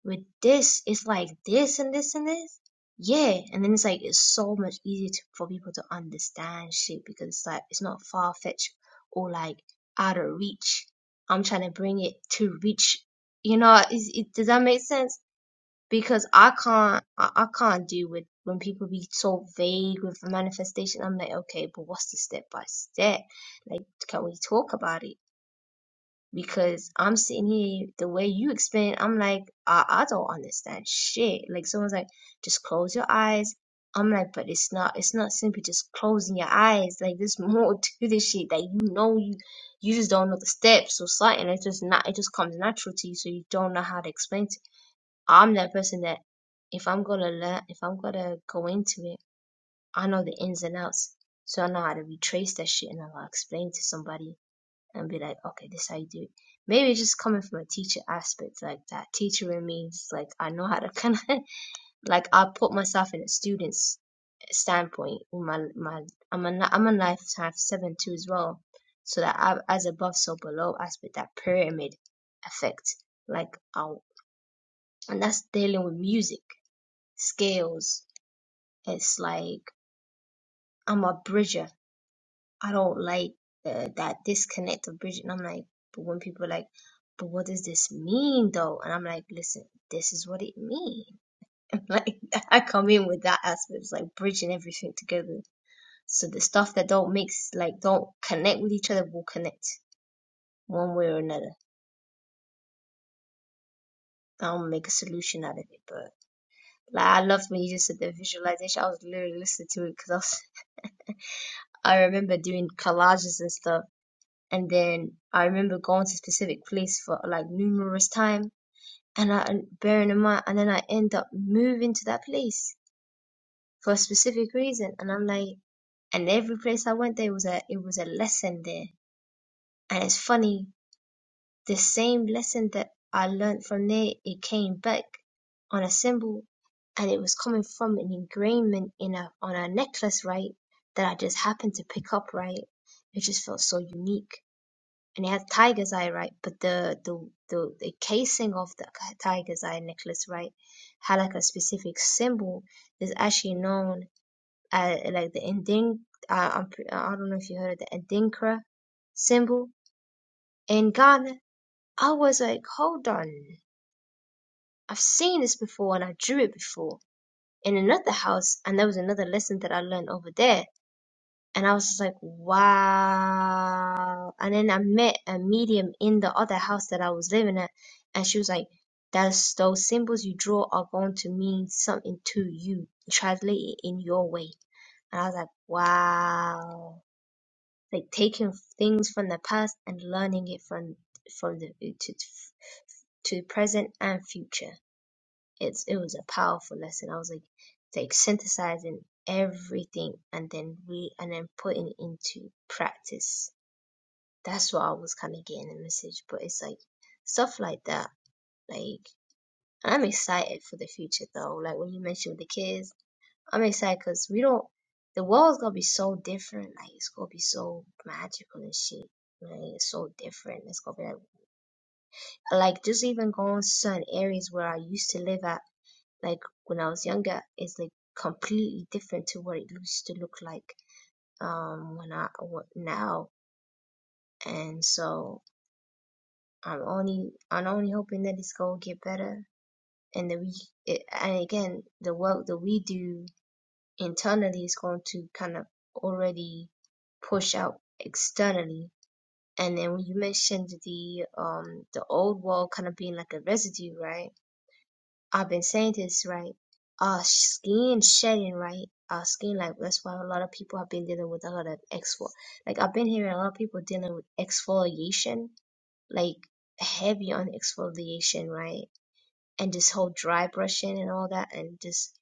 with this it's like this and this and this yeah and then it's like it's so much easier to, for people to understand shit because it's like it's not far-fetched or like out of reach i'm trying to bring it to reach you know is it, does that make sense because i can't I, I can't do with when people be so vague with the manifestation i'm like okay but what's the step by step like can we talk about it because I'm sitting here the way you explain, I'm like, I, I don't understand shit. Like someone's like, just close your eyes. I'm like, but it's not it's not simply just closing your eyes. Like there's [LAUGHS] more to this shit that you know you you just don't know the steps or something. It's just not it just comes natural to you so you don't know how to explain it. I'm that person that if I'm gonna learn if I'm gonna go into it, I know the ins and outs. So I know how to retrace that shit and I'll explain to somebody and be like, okay, this is how you do it. Maybe it's just coming from a teacher aspect, like that teacher in me like I know how to kind of [LAUGHS] like I put myself in a student's standpoint. With my my I'm a I'm a lifetime seven two as well, so that I, as above so below aspect that pyramid effect, like I and that's dealing with music scales. It's like I'm a bridger I don't like the, that disconnect of Bridget. And I'm like, but when people are like, but what does this mean though? And I'm like, listen, this is what it means. [LAUGHS] like I come in with that aspect, it's like bridging everything together. So the stuff that don't mix, like don't connect with each other, will connect one way or another. I'll make a solution out of it. But like I loved when you just said the visualization. I was literally listening to it because I was. I remember doing collages and stuff And then I remember going to specific place for like numerous time. And I, and bearing in mind, and then I end up moving to that place for a specific reason. And I'm like, and every place I went there was a, it was a lesson there. And it's funny, the same lesson that I learned from there, it came back on a symbol and it was coming from an engraving in a, on a necklace, right? That I just happened to pick up, right? It just felt so unique and it has tiger's eye, right? But the the the, the casing of the tiger's eye necklace, right, had like a specific symbol that's actually known as like the ending. Uh, i don't know if you heard of the endinkra symbol in Ghana. I was like, hold on, I've seen this before and I drew it before in another house, and there was another lesson that I learned over there And I was just like, wow. And then I met a medium in the other house that I was living at, and she was like, that's those symbols you draw are going to mean something to you. Translate it in your way. And I was like, wow. Like taking things from the past and learning it from from the to to present and future. It's it was a powerful lesson. I was like like synthesizing everything and then re and then putting it into practice. That's what I was kind of getting the message. But it's like stuff like that. Like I'm excited for the future though. Like when you mentioned the kids, I'm excited because we don't. The world's gonna be so different. Like it's gonna be so magical and shit. Like it's so different. It's gonna be like, like just even going to certain areas where I used to live at like when I was younger is like completely different to what it used to look like um when I what, now. And so I'm only I'm only hoping that it's gonna get better and that we it, and again the work that we do internally is going to kind of already push out externally. And then when you mentioned the um the old wall kind of being like a residue, right? I've been saying this right. Our skin shedding, right? Our skin, like that's why a lot of people have been dealing with a lot of exfol. Like I've been hearing a lot of people dealing with exfoliation, like heavy on exfoliation, right? And this whole dry brushing and all that, and just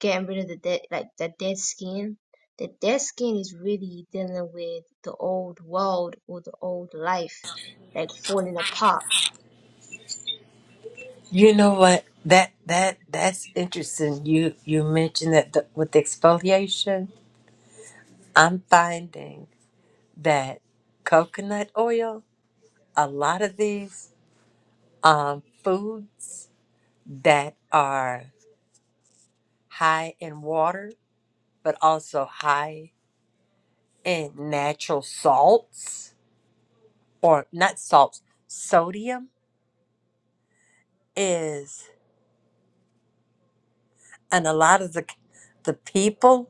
getting rid of the dead, like the dead skin. The dead skin is really dealing with the old world or the old life, like falling apart. You know what? That that that's interesting. You you mentioned that the, with exfoliation, I'm finding that coconut oil, a lot of these um, foods that are high in water, but also high in natural salts or not salts, sodium is, and a lot of the the people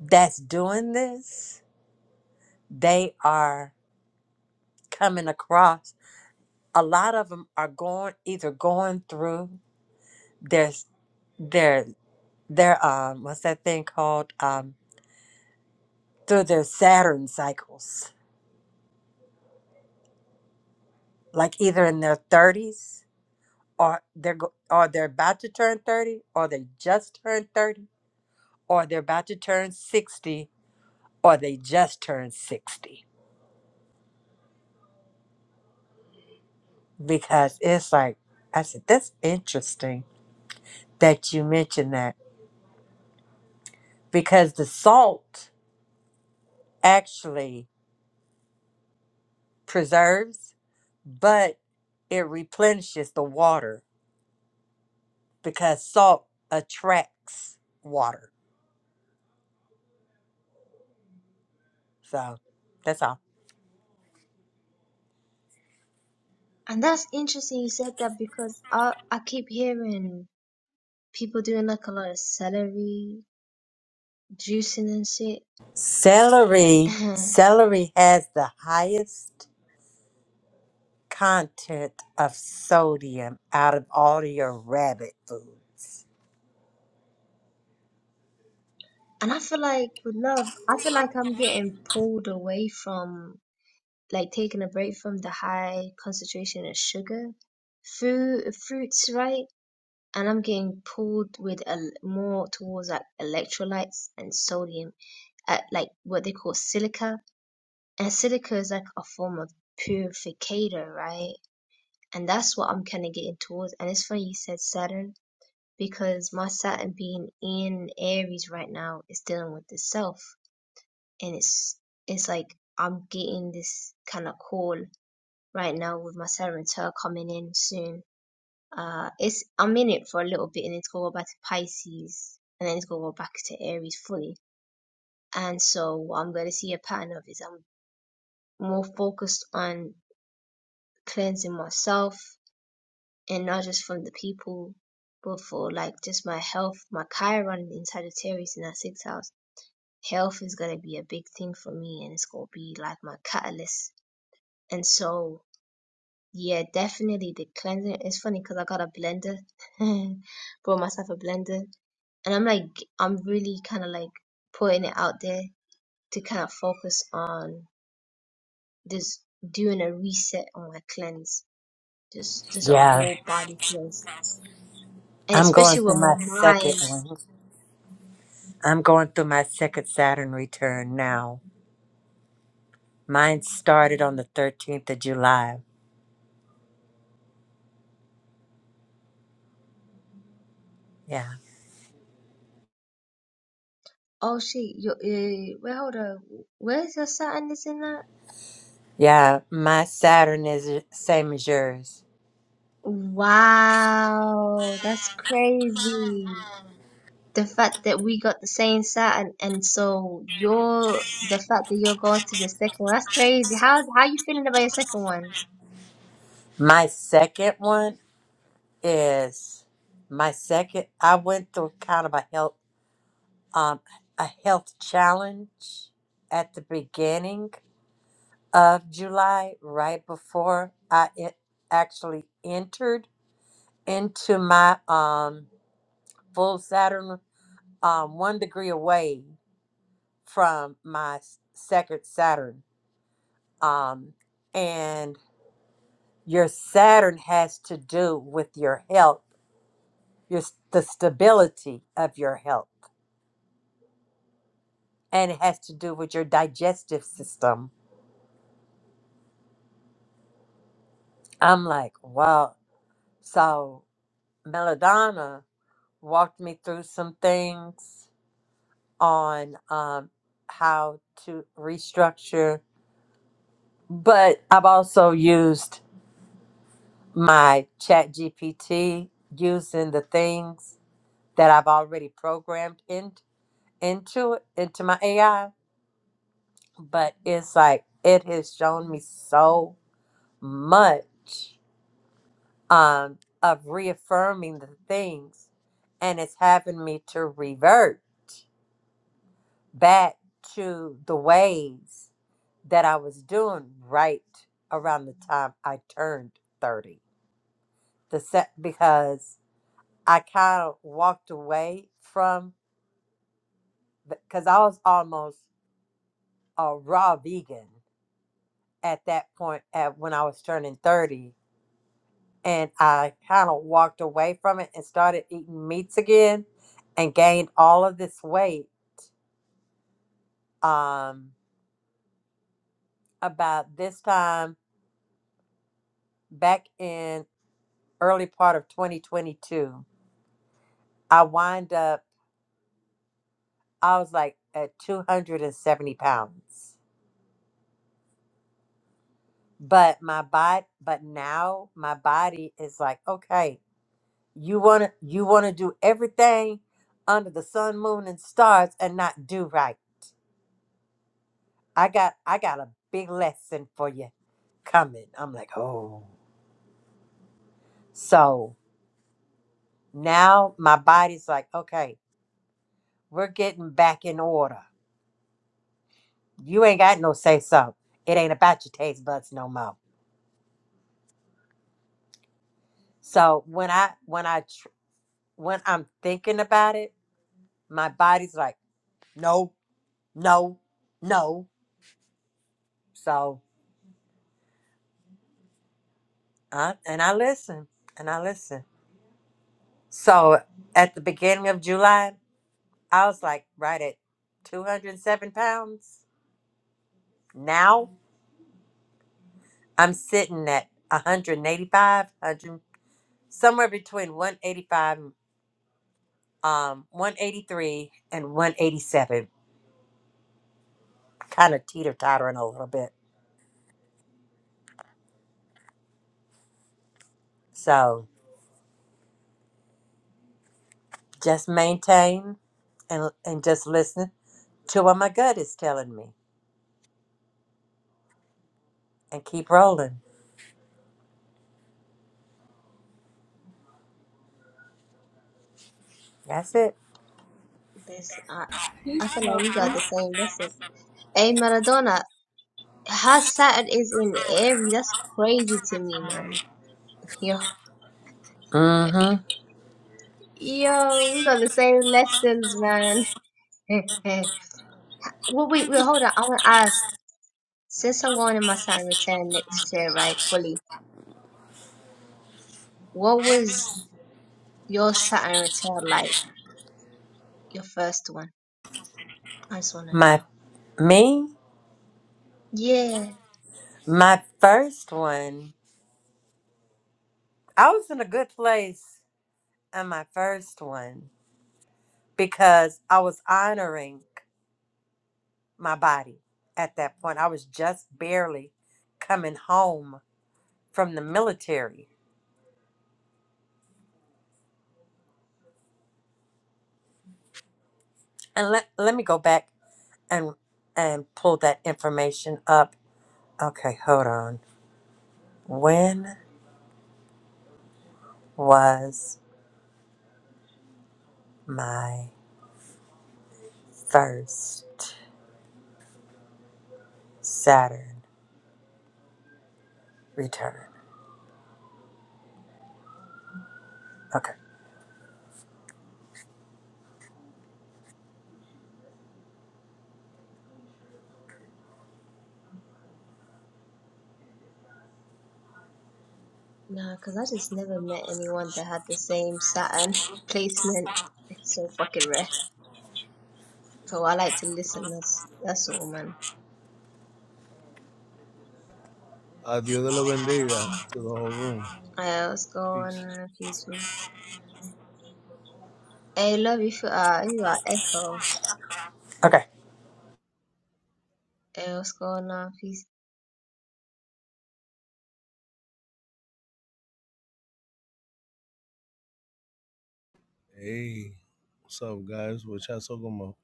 that's doing this, they are coming across a lot of them are going either going through their their their um what's that thing called um through their Saturn cycles, like either in their thirties or they're go- or they're about to turn thirty, or they just turned thirty, or they're about to turn sixty, or they just turned sixty. Because it's like I said, that's interesting that you mentioned that because the salt actually preserves but it replenishes the water because salt attracts water. So that's all. And that's interesting you said that because I I keep hearing people doing like a lot of celery, juicing and shit. [LAUGHS] [CLEARS THROAT] Celery, and celery has the highest content of sodium out of all your rabbit foods. I feel like with love, I feel like I'm getting pulled away from like taking a break from the high concentration of sugar food fruits, right? And I'm getting pulled with a more towards like electrolytes and sodium at like what they call silica. And silica is like a form of purificator, right? And that's what I'm kind of getting towards. And it's funny you said Saturn because my Saturn being in Aries right now is dealing with itself, and it's it's like I'm getting this kind of call right now with my Saturn return coming in soon. Uh, it's I'm in it for a little bit, and it's gonna go back to Pisces, and then it's gonna go back to Aries fully. And so what I'm gonna see a pattern of is I'm more focused on cleansing myself, and not just from the people, but for like just my health, my Chiron in Sagittarius in that sixth house health is going to be a big thing for me and it's going to be like my catalyst. And so, yeah, definitely the cleansing. It's funny because I got a blender, [LAUGHS] bought myself a blender, and I'm like, I'm really kind of like putting it out there to kind of focus on just doing a reset on my cleanse, just just a Yeah, whole body cleanse. And I'm going especially with through my my second mind. one. I'm going through my second Saturn return now. Mine started on the 13th of July. Yeah. Oh shit! Yo, uh, wait, hold on. Where's your Saturn is in that? Yeah, my Saturn is the same as yours. Wow, that's crazy. The fact that we got the same Saturn, and and so you're the fact that you're going to the second one, that's crazy. How's how you feeling about your second one? My second one is my second. I went through kind of a health um a health challenge at the beginning of July, right before I e- actually entered into my um full Saturn, um one degree away from my s- second Saturn, um, and your Saturn has to do with your health your the stability of your health and it has to do with your digestive system i'm like wow so melodonna walked me through some things on um, how to restructure but i've also used my chat gpt using the things that i've already programmed in, into it into my ai but it's like it has shown me so much um, of reaffirming the things, and it's having me to revert back to the ways that I was doing right around the time I turned 30. The set because I kind of walked away from because I was almost a raw vegan at that point at when I was turning 30 and I kind of walked away from it and started eating meats again and gained all of this weight um, about this time back in early part of 2022. I wind up, I was like at 270 pounds. But my body, but now my body is like, okay, you want to, you want to do everything under the sun, moon, and stars and not do right. I got, I got a big lesson for you coming. I'm like, oh. So now my body's like, okay, we're getting back in order. You ain't got no say so. It ain't about your taste buds no more. So when I when I tr- when I'm thinking about it, my body's like, no, no, no. So I, and I listen and I listen. So at the beginning of July, I was like right at 207 pounds. Now I'm sitting at 185, 100, somewhere between 185, um, 183 and 187, kind of teeter tottering a little bit. So just maintain and and just listen to what my gut is telling me and keep rolling. That's it. This I, I feel like we got the same. lesson. hey Maradona, her Saturn is in Aries. That's crazy to me, man. Yo, Mm-hmm. yo, we got the same lessons, man. [LAUGHS] well, wait, wait, hold on. I want to ask. Since I'm going in my Saturn return next year, right, fully. What was your Saturn return like? Your first one? I just want to know. My me? Yeah, My first one. I was in a good place in my first one because I was honoring my body at that point. I was just barely coming home from the military. And let let me go back and and pull that information up. Okay, hold on. When was my first Saturn return? Okay. no, because I just never met anyone that had the same Saturn placement. It's so fucking rare. So I like to listen. That's that's all, man. Uh, Dios de lo bendiga to the whole room. Uh, what's going Peace. on, peace, peace. Hey, love you for uh, you are Echo. Okay. Hey, what's going on, peace? Hey, what's up, guys? What y'all talking about?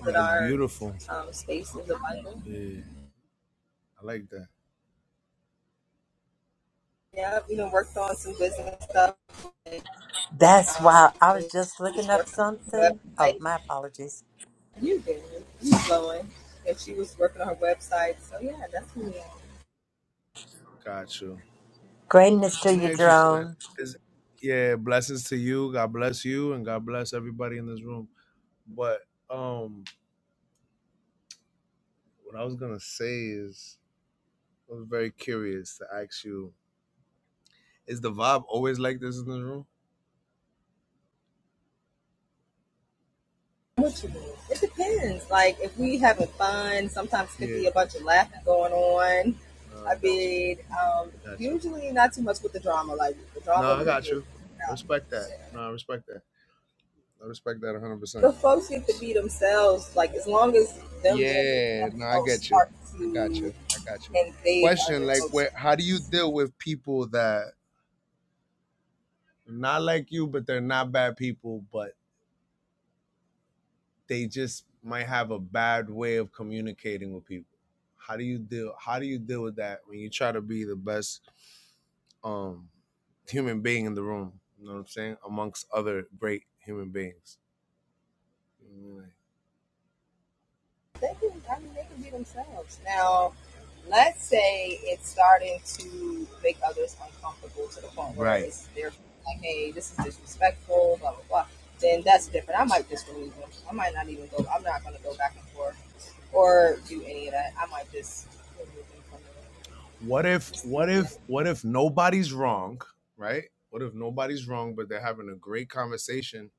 That's beautiful. Yeah, I like that. That's why I was just looking up something. Oh, my apologies. Gotcha. Greatness to Let me your ask you something. drone. Is, yeah, blessings to you. God bless you, and God bless everybody in this room. But um, what I was gonna say is, I was very curious to ask you: Is the vibe always like this in this room? Yeah. No, I got you. I got you. No, I got you. I respect that. No, I respect that. I respect that 100%. Yeah, no, I get you. I got you. I got you. Question like where how do you deal with people that not like you but they're not bad people but they just might have a bad way of communicating with people? How do you deal how do you deal with that when you try to be the best um human being in the room? You know what I'm saying? Amongst other great human beings. right? what if what if what if nobody's wrong right what if nobody's wrong but they're having a great conversation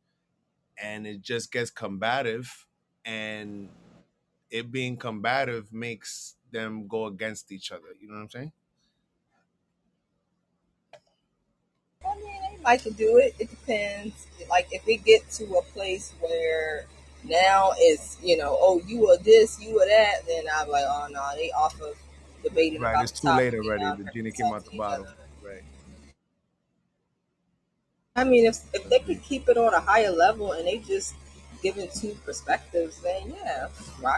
and it just gets combative and it being combative makes them go against each other you know what i'm saying right it's too late already the genie came out the bottle right that's the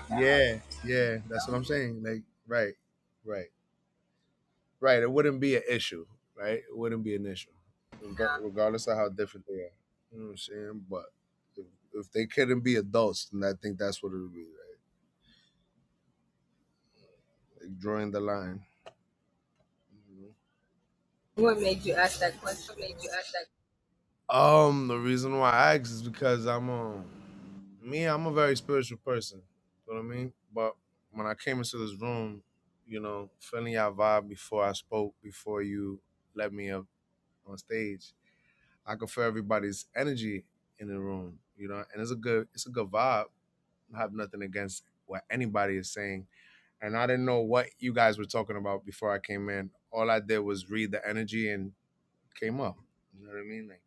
yeah yeah that's what i'm saying like right right right? It wouldn't be an issue, right? It wouldn't be an issue, reg- regardless of how different they are. You know what I'm saying? But if, if they couldn't be adults, then I think that's what it would be. Right? Like, drawing the line. you know? What made you ask that? Um, the reason why I asked is because I'm um me, I'm a very spiritual person. You know what I mean? But when I came into this room, you know, feeling your vibe before I spoke, before you let me up on stage, I can feel everybody's energy in the room, you know, and it's a good it's a good vibe. I have nothing against what anybody is saying. And I didn't know what you guys were talking about before I came in. All I did was read the energy and came up. You know what I mean? Like,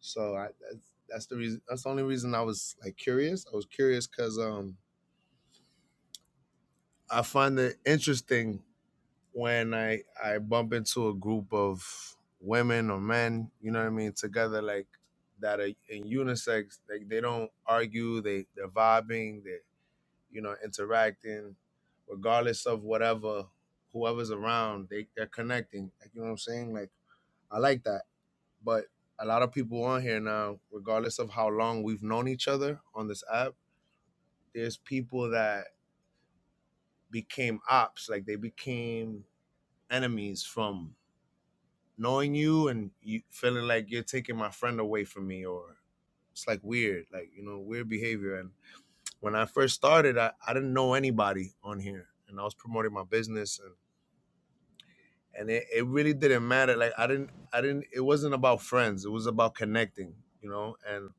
so I, that's that's the reason. That's the only reason I was like curious. I was curious because um I find it interesting when I I bump into a group of women or men, you know what I mean, together like that are in unisex, like they don't argue, they they're vibing, they you know interacting, regardless of whatever whoever's around, they they're connecting. Like you know what I'm saying? Like I like that, but a lot of people on here now, regardless of how long we've known each other on this app, there's people that became ops, like they became enemies from knowing you and you feeling like you're taking my friend away from me or it's like weird like you know weird behavior and when i first started i, I didn't know anybody on here and i was promoting my business and and it, it really didn't matter like i didn't i didn't it wasn't about friends it was about connecting you know and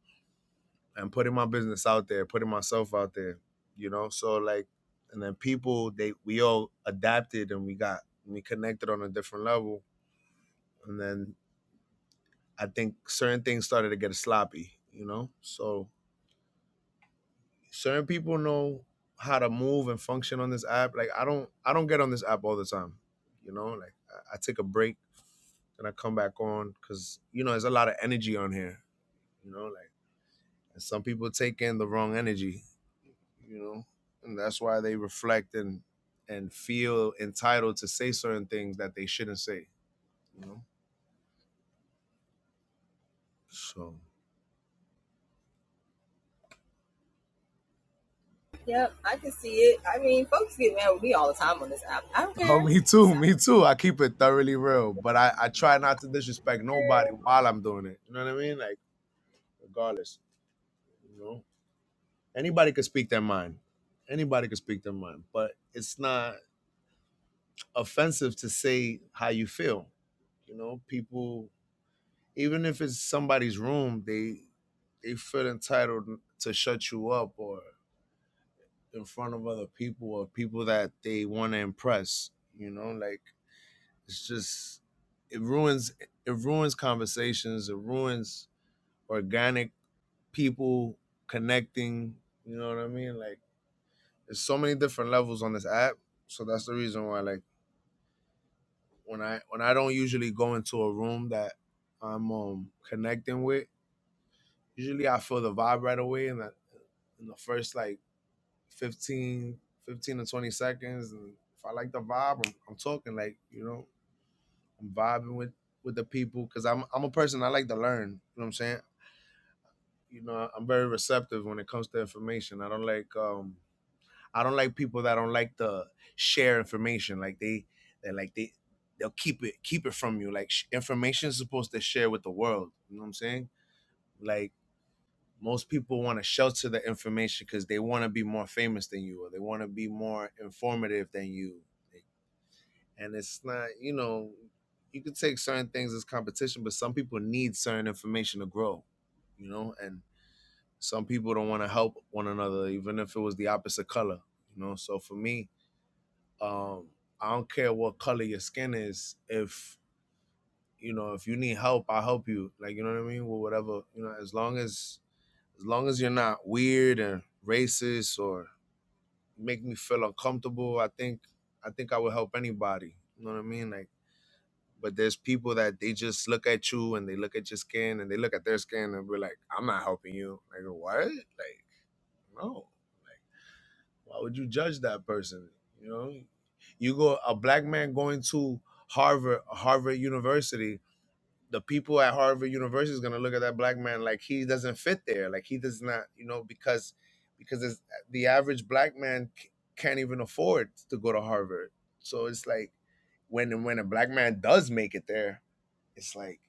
and putting my business out there putting myself out there you know so like and then people they we all adapted and we got we connected on a different level and then I think certain things started to get sloppy, you know? So certain people know how to move and function on this app. Like I don't I don't get on this app all the time. You know, like I, I take a break and I come back on because, you know, there's a lot of energy on here. You know, like and some people take in the wrong energy, you know. And that's why they reflect and and feel entitled to say certain things that they shouldn't say, you know? So Oh, me too, me too. I keep it thoroughly real, but I, I try not to disrespect nobody while I'm doing it. You know what I mean? Like, regardless, you know, anybody could speak their mind. Anybody could speak their mind, but it's not offensive to say how you feel. You know, people, even if it's somebody's room, they they feel entitled to shut you up or in front of other people or people that they want to impress. You know, like It's just it ruins it ruins conversations. It ruins organic people connecting. You know what I mean? Like there's so many different levels on this app. So that's the reason why like when I when I don't usually go into a room that I'm um connecting with, usually I feel the vibe right away in that in the first like fifteen fifteen 15 to 20 seconds. And if I like the vibe, I'm, I'm talking like, you know, I'm vibing with with the people because I'm I'm a person I like to learn. You know what I'm saying? You know, I'm very receptive when it comes to information. I don't like um I don't like people that don't like to share information. Like they they like they they'll keep it keep it from you. Like sh- information is supposed to share with the world. You know what I'm saying? Like most people want to shelter the information because they want to be more famous than you or they want to be more informative than you. They and it's not you know you could take certain things as competition but some people need certain information to grow you know and some people don't want to help one another even if it was the opposite color you know so for me um i don't care what color your skin is if you know if you need help i'll help you like you know what i mean well whatever you know as long as as long as you're not weird and racist or make me feel uncomfortable i think i think i would help anybody you know what i mean like But there's people that they just look at you and they look at your skin and they look at their skin and be like, I'm not helping you. Like, what? Like, no. Why would you judge that person? You know, you go a black man going to Harvard, Harvard University. The people at Harvard University is gonna look at that black man like he doesn't fit there, like he does not, you know, because because it's, the average black man c- can't even afford to go to Harvard. So it's like when when a black man does make it there, it's like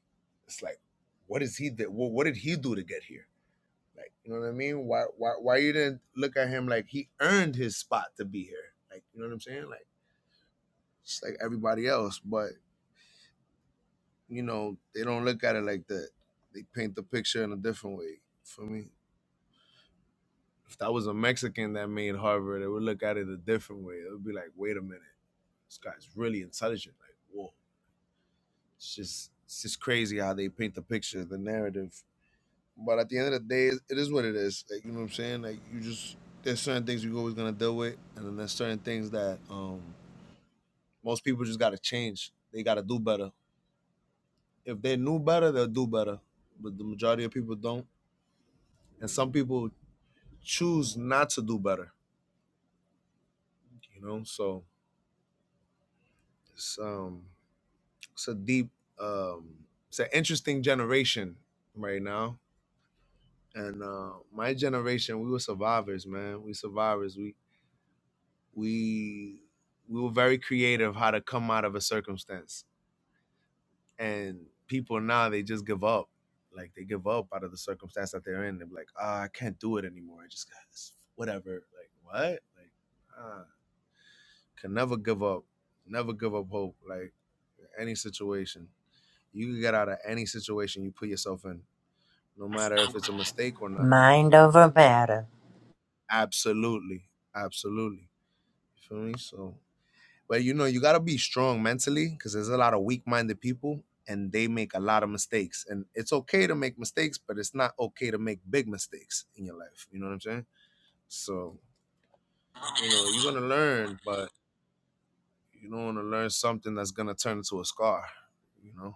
it's like what is he that what, what did he do to get here like you know what i mean why why why you didn't look at him like he earned his spot to be here like you know what i'm saying like just like everybody else but you know they don't look at it like that they paint the picture in a different way for me if that was a mexican that made harvard they would look at it a different way it would be like wait a minute this guy's really intelligent like whoa it's just it's just crazy how they paint the picture the narrative But at the end of the day, it is what it is. Like, you know what I'm saying? Like you just there's certain things you're always gonna deal with, and then there's certain things that um most people just gotta change. They gotta do better. If they knew better, they'll do better. But the majority of people don't, and some people choose not to do better. You know, so it's um it's a deep um it's an interesting generation right now. And uh, my generation, we were survivors, man. We survivors. We we we were very creative how to come out of a circumstance and people now they just give up like they give up out of the circumstance that they're in they're like ah oh, i can't do it anymore i just got this whatever like what like ah, can never give up never give up hope like any situation you can get out of any situation you put yourself in no matter if it's a mistake or not Mind over matter. absolutely absolutely you feel me so But you know, you gotta be strong mentally because there's a lot of weak-minded people and they make a lot of mistakes. And it's okay to make mistakes, but it's not okay to make big mistakes in your life. You know what I'm saying? So, you know, you're gonna learn, but you don't wanna learn something that's gonna turn into a scar, you know.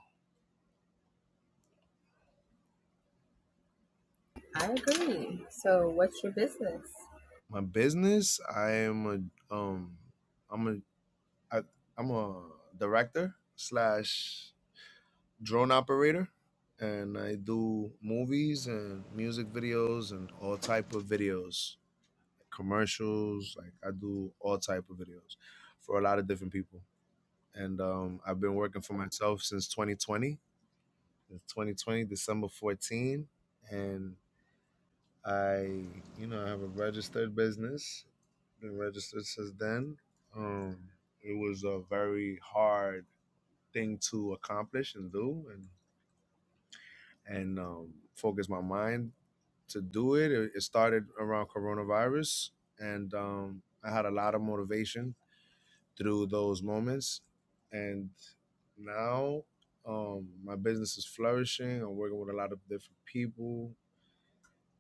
My business, I am a um I'm a I, I'm a director slash drone operator, and I do movies and music videos and all type of videos, commercials. Like I do all type of videos for a lot of different people. And um, I've been working for myself since 2020, since 2020 December 14, and I, you know, I have a registered business. Been registered since then. Um, it was a very hard thing to accomplish and do, and. and um, focus my mind to do it. It, it started around coronavirus, and um, I had a lot of motivation through those moments. And now um, my business is flourishing. I'm working with a lot of different people.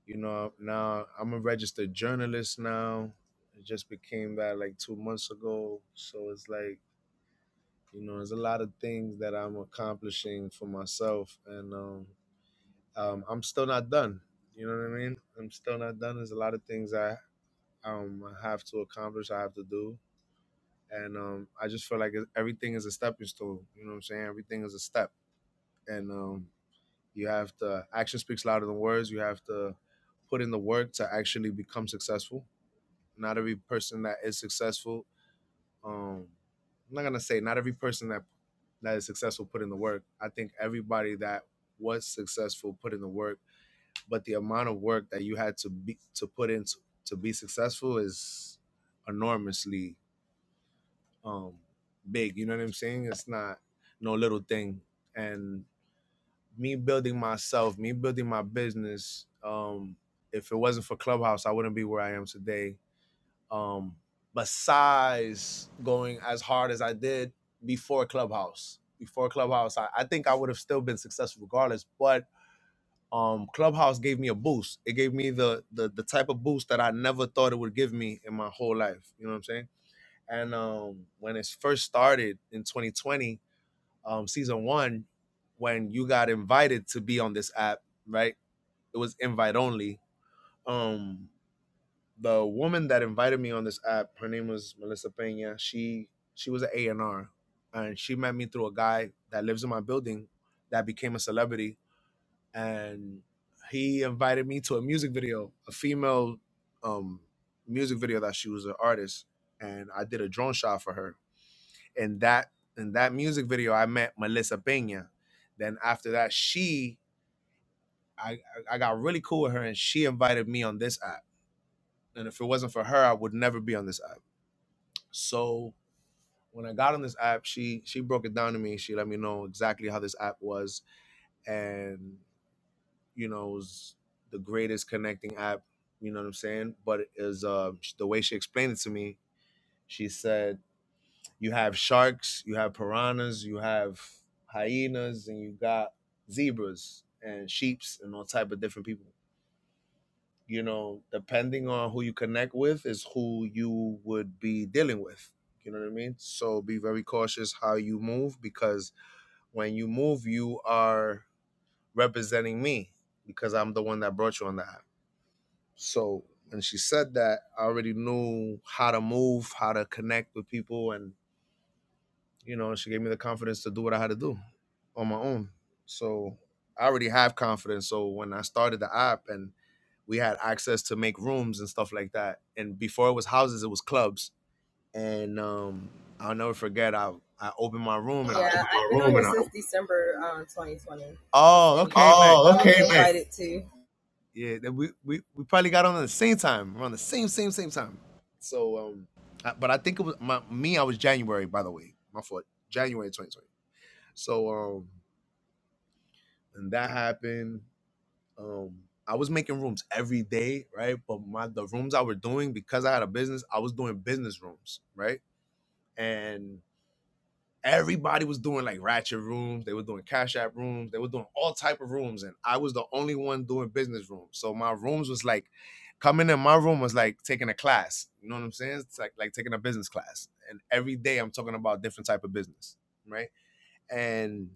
You know, now I'm a registered journalist now. I just became that like two months ago. So it's like, you know, there's a lot of things that I'm accomplishing for myself. And um, um, I'm still not done. You know what I mean? I'm still not done. There's a lot of things I um, I have to accomplish, I have to do. And um, I just feel like everything is a stepping stone. You know what I'm saying? Everything is a step. And um, you have to, action speaks louder than words. You have to put in the work to actually become successful. Not every person that is successful, um, I'm not going to say not every person that that is successful put in the work. I think everybody that was successful put in the work but the amount of work that you had to be to put into to, to be successful is enormously um big you know what i'm saying it's not no little thing and me building myself me building my business um if it wasn't for clubhouse i wouldn't be where i am today um besides going as hard as i did before clubhouse before clubhouse i, I think i would have still been successful regardless but um clubhouse gave me a boost it gave me the, the the type of boost that i never thought it would give me in my whole life you know what i'm saying and um when it first started in 2020 um season one when you got invited to be on this app right it was invite only um the woman that invited me on this app her name was melissa pena she she was an a&r and R, and she met me through a guy that lives in my building that became a celebrity and he invited me to a music video, a female um, music video that she was an artist, and I did a drone shot for her. And that in that music video, I met Melissa Pena. Then after that, she I I I got really cool with her, and she invited me on this app. And if it wasn't for her, I would never be on this app. So when I got on this app, she she broke it down to me. She let me know exactly how this app was, and you know, is the greatest connecting app. You know what I'm saying? But it is uh, the way she explained it to me, she said you have sharks, you have piranhas, you have hyenas, and you got zebras and sheep's and all type of different people. You know, depending on who you connect with is who you would be dealing with. You know what I mean? So be very cautious how you move because when you move, you are representing me because I'm the one that brought you on the app." So when she said that, I already knew how to move, how to connect with people, and you know, she gave me the confidence to do what I had to do on my own. So I already have confidence. So when I started the app and we had access to make rooms and stuff like that, and before it was houses, it was clubs. And um, I'll never forget. I I opened my room and I oh okay nice Oh, Yeah, that we, we we probably got on at the same time, around the same same same time. So, um, I, but I think it was my me. I was January, by the way. My fault. January 2020. So, um, and that happened. Um, I was making rooms every day, right? But my the rooms I were doing because I had a business, I was doing business rooms, right? And everybody was doing like ratchet rooms they were doing cash app rooms they were doing all type of rooms and i was the only one doing business rooms so my rooms was like coming in my room was like taking a class you know what i'm saying it's like like taking a business class and every day i'm talking about different type of business right and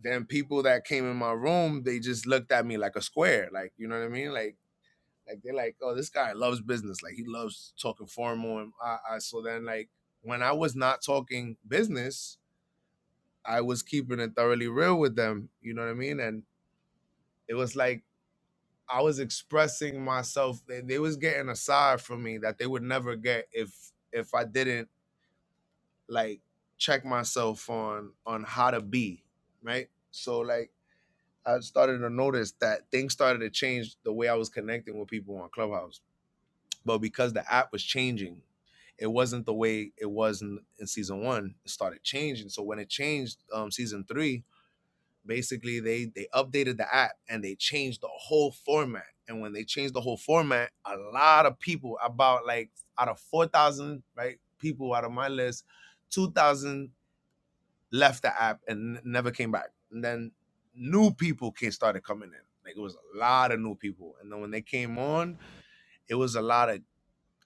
then people that came in my room they just looked at me like a square like you know what i mean like like they're like oh this guy loves business like he loves talking formal and I, I so then like when i was not talking business I was keeping it thoroughly real with them. You know what I mean? And it was like I was expressing myself. They, they was getting a side from me that they would never get if if I didn't like check myself on on how to be right. So like I started to notice that things started to change the way I was connecting with people on Clubhouse. But because the app was changing, it wasn't the way it was in, in season one. It started changing. So when it changed um, season three, basically they they updated the app and they changed the whole format and when they changed the whole format a lot of people about like out of 4000 right people out of my list 2000 left the app and n- never came back and then new people came started coming in like it was a lot of new people and then when they came on it was a lot of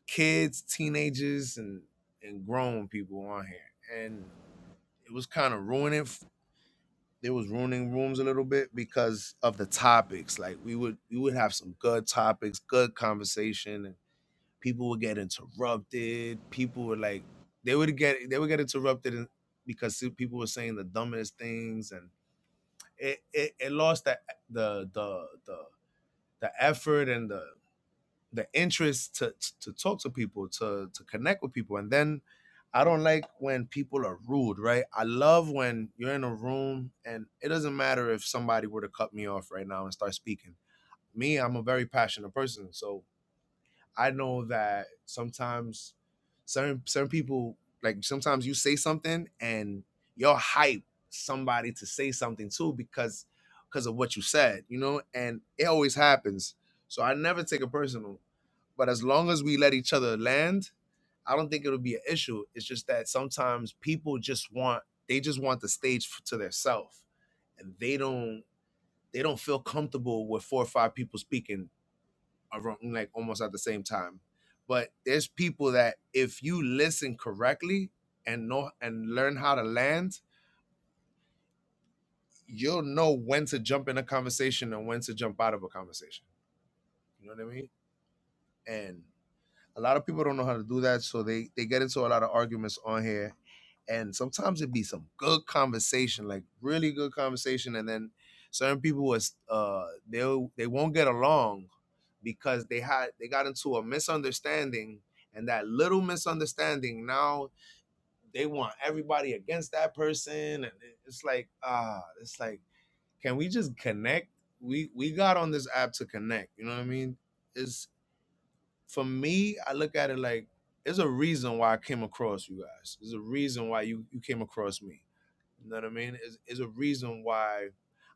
kids teenagers and and grown people on here and it was kind of ruining they was ruining rooms a little bit because of the topics. Like we would we would have some good topics, good conversation, and people would get interrupted. People would like they would get they would get interrupted and because people were saying the dumbest things and it it, it lost the the the the the effort and the the interest to to talk to people, to to connect with people. And then I don't like when people are rude, right? I love when you're in a room and it doesn't matter if somebody were to cut me off right now and start speaking. Me, I'm a very passionate person, so I know that sometimes certain certain people like sometimes you say something and you'll hype somebody to say something too because because of what you said, you know, and it always happens. So I never take it personal but as long as we let each other land, I don't think it'll be an issue. It's just that sometimes people just want they just want the stage to themselves, and they don't they don't feel comfortable with four or five people speaking around like almost at the same time. But there's people that if you listen correctly and know and learn how to land, you'll know when to jump in a conversation and when to jump out of a conversation. You know what I mean? And. A lot of people don't know how to do that, so they they get into a lot of arguments on here, and sometimes it be some good conversation, like really good conversation, and then certain people was uh they they won't get along because they had they got into a misunderstanding, and that little misunderstanding now they want everybody against that person, and it- it's like ah, it's like can we just connect? We we got on this app to connect, you know what I mean? It's for me, I look at it like there's a reason why I came across you guys. There's a reason why you you came across me. You know what I mean? There's there's a reason why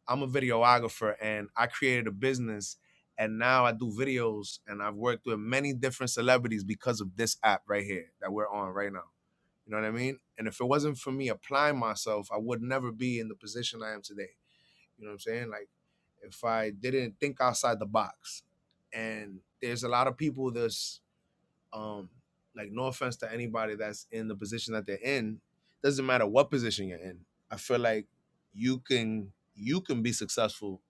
I'm a videographer and I created a business and now I do videos and I've worked with many different celebrities because of this app right here that we're on right now. You know what I mean? And if it wasn't for me applying myself, I would never be in the position I am today. You know what I'm saying? Like if I didn't think outside the box. And there's a lot of people that's um like no offense to anybody that's in the position that they're in doesn't matter what position you're in i feel like you can you can be successful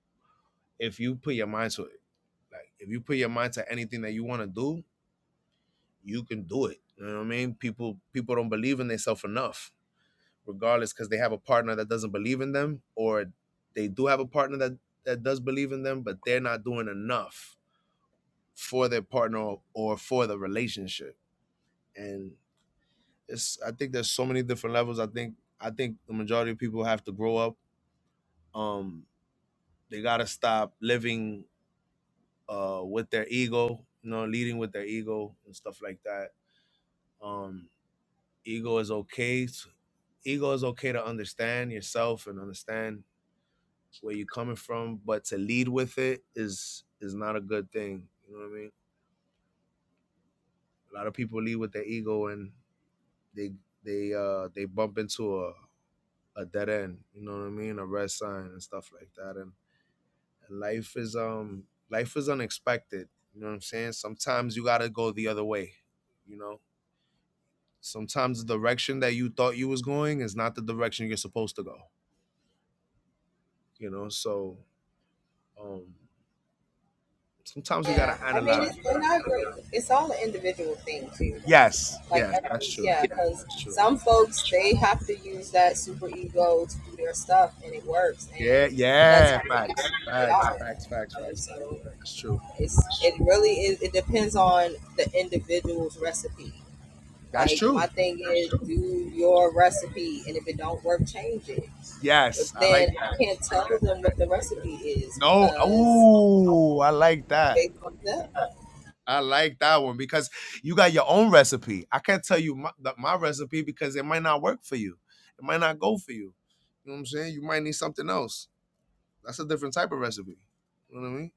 if you put your mind to it like if you put your mind to anything that you want to do you can do it you know what i mean people people don't believe in themselves enough regardless because they have a partner that doesn't believe in them or they do have a partner that that does believe in them but they're not doing enough for their partner or for the relationship and it's I think there's so many different levels. I think I think the majority of people have to grow up. Um, they gotta stop living uh with their ego, you know, leading with their ego and stuff like that. Um, ego is okay. Ego is okay to understand yourself and understand where you're coming from, but to lead with it is is not a good thing. You know what I mean? A lot of people lead with their ego and they they uh they bump into a a dead end. You know what I mean? A red sign and stuff like that. And life is um life is unexpected you know what i'm saying sometimes you gotta go the other way you know sometimes the direction that you thought you was going is not the direction you're supposed to go you know so um sometimes we gotta analyze yes yes that's true that's true yeah yeah facts facts facts facts facts that's true that's true yes i like that i like that right? no oh i like that I like that one because you got your own recipe. I can't tell you my, the- my recipe because it might not work for you. It might not go for you. You know what I'm saying? You might need something else. That's a different type of recipe. You know what I mean?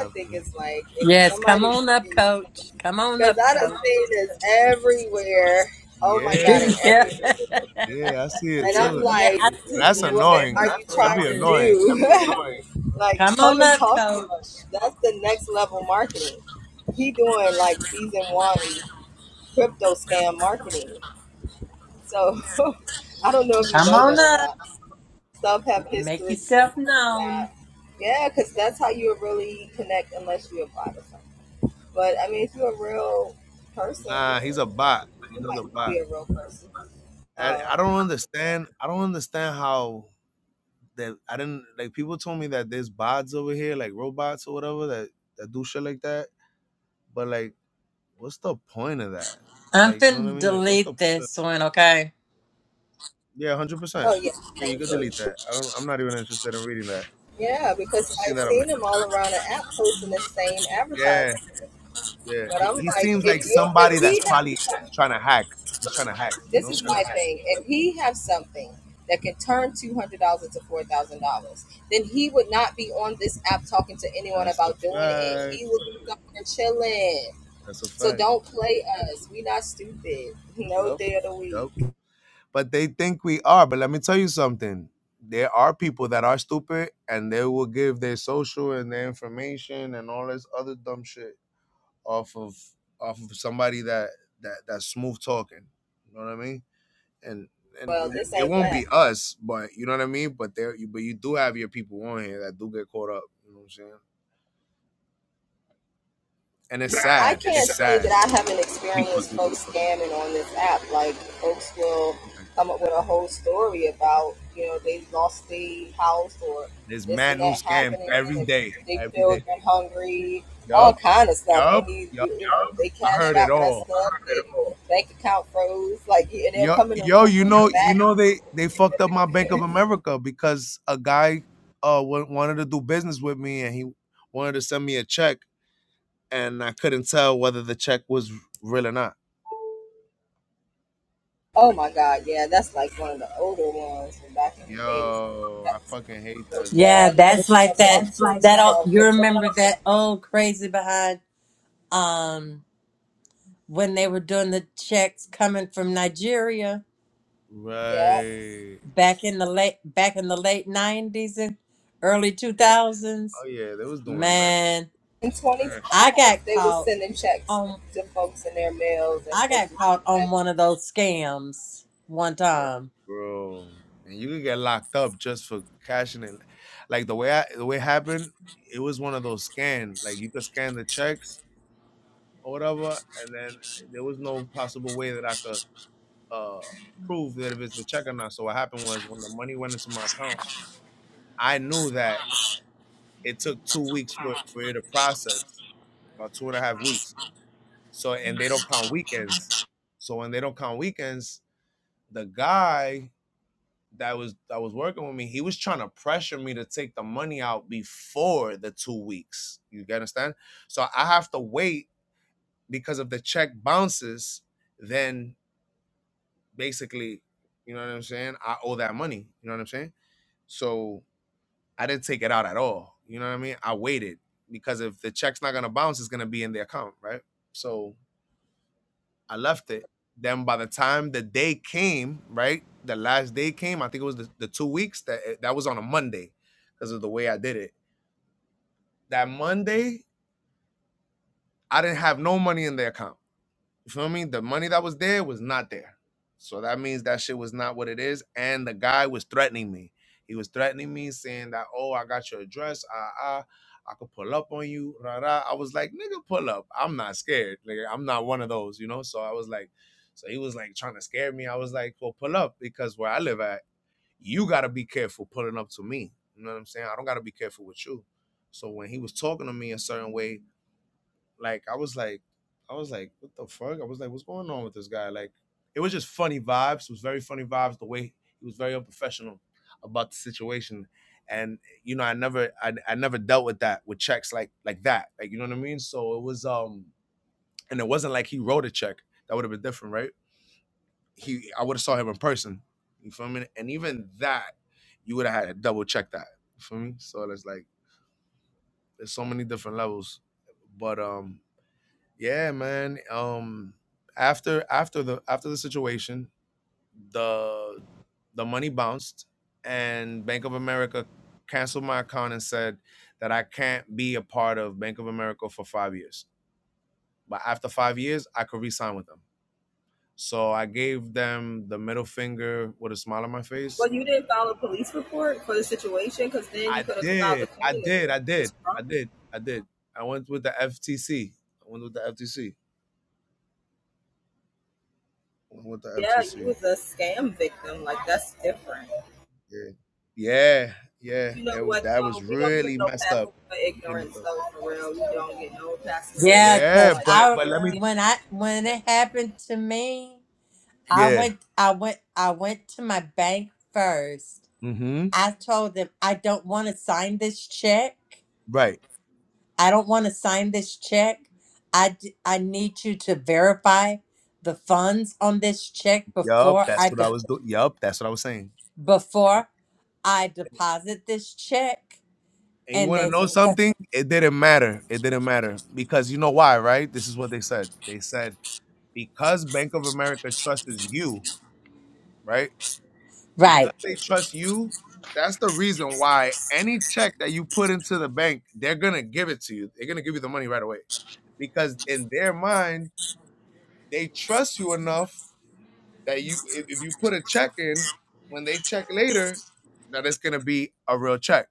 Uh, Yes, come on up, coach. Come on up, coach. [LAUGHS] Yeah, yeah. [LAUGHS] yeah, I see it too. yeah, I see That's him annoying. everywhere That'd be too. annoying. Come on up, coach. Come on up. Make yourself known. Nah, he's a bot. He's a bot. I, I don't understand. I don't understand how that I didn't like. People told me that there's bots over here, like robots or whatever, that that do shit like that. But like what's the point of that? I'm Like, you know what I finna mean? Like, what's the delete this one, okay? yeah, one hundred percent. Yeah, you could delete that. I don't. I'm not even interested in reading that. Like, I've seen that a million times. Yeah, yeah. He, he seems like somebody that's probably trying to hack. He's trying to hack. You know? That's a fact. That's a fact. Yep. Yep. But they think we are. But let me tell you something. There are people that are stupid, and they will give their social and their information and all this other dumb shit off of off of somebody that that that's smooth talking. You know what I mean? And and we- it won't be us, but you know what I mean. But there, you, but you do have your people on here that do get caught up. You know what I'm saying? And it's okay. sad. It's sad. People do get caught up. Right. There's mad new scam every day, every day. Yup, yup, yup. I heard it all. Yo, yo, you know, you know, they they fucked up my Bank of America because a guy uh wa- wanted to do business with me and he wanted to send me a check and I couldn't tell whether the check was real or not. Yo, I fucking hate that shit. Yeah, that's like that. That all you remember that old crazy behind um when they were doing the checks coming from Nigeria Right. back in the late back in the late nineties and early two Yeah. thousands. Oh yeah, they was doing mad, Man, mad I shit. got caught on I got caught on one of those scams one Yeah, time. bro. And you could get locked up just for cashing it. Like the way I, the way it happened, it was one of those scan. Like you could scan the checks or whatever, and then there was no possible way that I could uh prove that if it's a check or not. So what happened was when the money went into my account, I knew that It took two weeks for, for it to process, about two and a half weeks. So and they don't count weekends. So when they don't count weekends, the guy that was that was working with me, he was trying to pressure me to take the money out before the two weeks. You get understand? So I have to wait because if the check bounces, then basically, you know what I'm saying? I owe that money. You know what I'm saying? So I didn't take it out at all. You know what I mean? I waited because if the check's not gonna bounce, it's gonna be in the account, right? So I left it. Then by the time the day came, right, the last day came, I think it was the, the two weeks that eh, that was on a Monday because of the way I did it. That Monday, I didn't have no money in the account. You feel me? The money that was there was not there. So that means that shit was not what it is. And the guy was threatening me. He was threatening me, saying that, oh, I got your address. Ah, ah, I could pull up on you. Rah, rah. I was like, nigga, pull up. I'm not scared. Nigga, I'm not one of those, you know? So I was like, so he was like trying to scare me. I was like, well, pull up because where I live at, you got to be careful pulling up to me. You know what I'm saying? I don't got to be careful with you. So when he was talking to me a certain way, like I was like, I was like, what the fuck? I was like, what's going on with this guy? Like, it was just funny vibes. It was very funny vibes. The way he was very unprofessional about the situation, and you know, I never, I, I never dealt with that with checks like like that. Like you know what I mean? So it was, um, and it wasn't like he wrote a check. That would have been different, right? He, I would have saw him in person. You feel me? And even that, you would have had to double check that. You feel me? So it's like there's so many different levels, but um, yeah, man. Um, after after the after the situation, the the money bounced, and Bank of America canceled my account and said that I can't be a part of Bank of America for five years. But after five years, I could re-sign with them. So I gave them the middle finger with a smile on my face. I did. I did. I did. I did. I did. I went with the FTC. I went with the FTC. I went with the FTC. Yeah. Yeah, yeah, it wa- that was really messed up. Really messed up. Yeah, Yeah, cause but I but let me. when I when it happened to me, I Yeah. went I went I went to my bank first Mm-hmm. I told them I don't want to sign this check. Right. I don't want to sign this check. I, d- I need you to verify the funds on this check Yup. before That's I what I de- was doing. Yup. That's what I was saying. And, before I and deposit this check. and you And want to they know said, something? It didn't matter. It didn't matter because you know why, right? This is what they said. They said because Bank of America trusts you, right? Because right. they trust you. That's the reason why any check that you put into the bank, they're gonna give it to you. They're gonna give you the money right away. because in their mind they trust you enough that you if, if you put a check in when they check later that it's gonna be a real check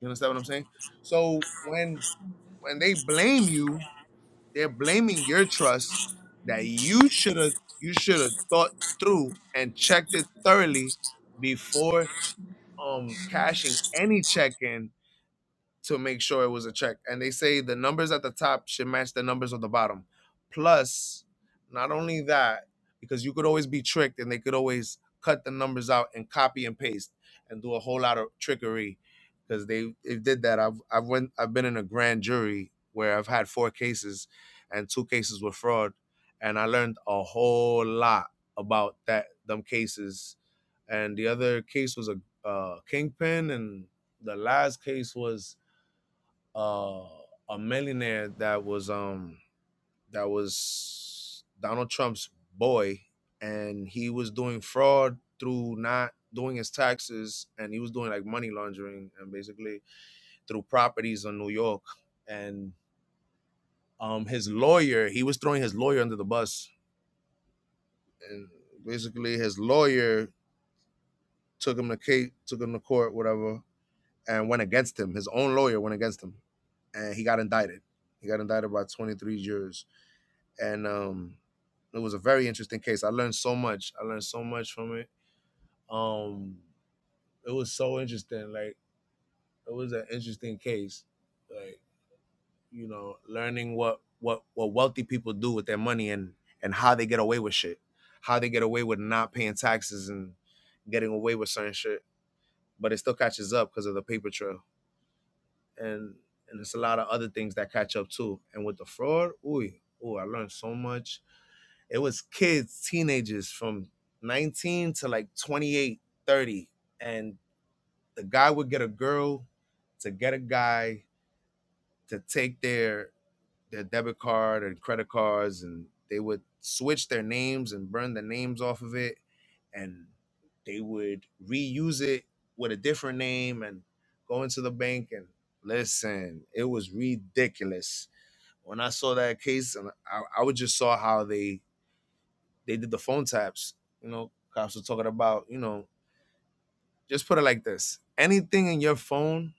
you understand what i'm saying so when when they blame you they're blaming your trust that you should have you should have thought through and checked it thoroughly before um cashing any check in to make sure it was a check. And they say the numbers at the top should match the numbers on the bottom. Plus, not only that, because you could always be tricked and they could always cut the numbers out and copy and paste and do a whole lot of trickery because they, they did that. I've I've went I've been in a grand jury where I've had four cases and two cases were fraud and I learned a whole lot about that them cases and the other case was a uh, kingpin and the last case was uh, a millionaire that was um that was Donald Trump's boy, and he was doing fraud through not doing his taxes, and he was doing like money laundering and basically through properties in New York, and um his lawyer he was throwing his lawyer under the bus, and basically his lawyer took him to case, took him to court, whatever, and went against him. His own lawyer went against him, and he got indicted. He got indicted by twenty three jurors and um, it was a very interesting case. I learned so much. I learned so much from it. Um, it was so interesting. Like it was an interesting case. Like you know, learning what what what wealthy people do with their money and and how they get away with shit, how they get away with not paying taxes and getting away with certain shit. But it still catches up because of the paper trail and and it's a lot of other things that catch up too. And with the fraud, ooh, ooh, I learned so much It was kids, teenagers from 19 to like 28, 30, And the guy would get a girl to get a guy to take their their debit card and credit cards and they would switch their names and burn the names off of it and they would reuse it with a different name and go into the bank and listen it was ridiculous when i saw that case and i, I would just saw how they they did the phone taps. You know, cops were talking about, you know, just put it like this. Anything in your phone,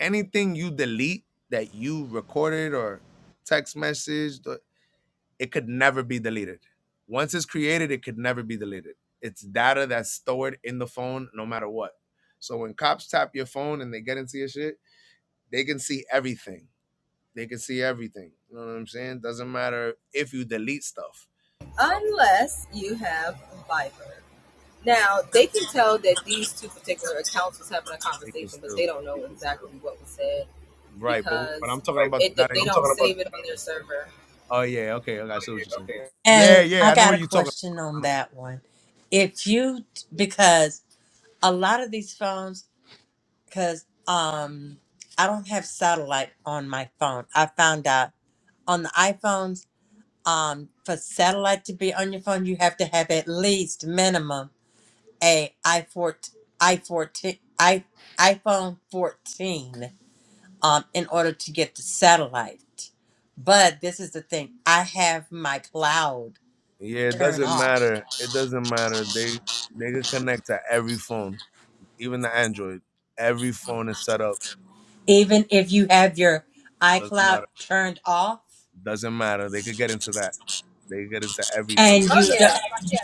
anything you delete that you recorded or text message, it could never be deleted. Once it's created, it could never be deleted. It's data that's stored in the phone no matter what. So when cops tap your phone and they get into your shit, they can see everything. They can see everything. You know what I'm saying? Doesn't matter if you delete stuff. They can still right, but but I'm talking like, about the data in your phone. Oh yeah, okay, okay, I see what you're saying. Yeah, And yeah, I I know got what a you're talking. about. question I on that one. If you know- because a lot of these phones because um I don't have satellite on my phone. I found out on the iPhones um, for satellite to be on your phone, you have to have at least minimum a i14, i14, i iPhone 14 um, in order to get the satellite. But this is the thing: I have my cloud Yeah, it turned doesn't off. matter. It doesn't matter. They they could connect to every phone, even the Android. Every phone is set up. Even if you have your Doesn't iCloud matter. turned off, Doesn't matter. They could get into that. They could get into everything. and you don't,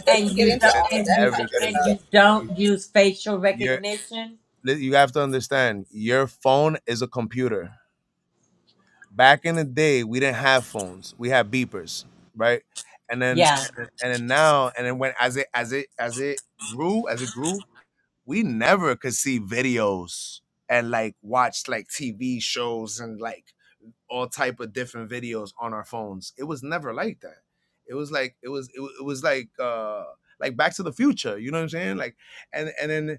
and They you could don't, get into and you and everything. you don't use facial Your recognition, li- you have to understand. Your phone is a computer. back in the day we didn't have phones we had beepers right and then yeah, and then and then now and then when as it as it as it grew as it grew we never could see videos and like watch like tv shows and like all type of different videos on our phones it was never like that it was like it was it, wa- it was like uh like back to the future you know what i'm saying like and and then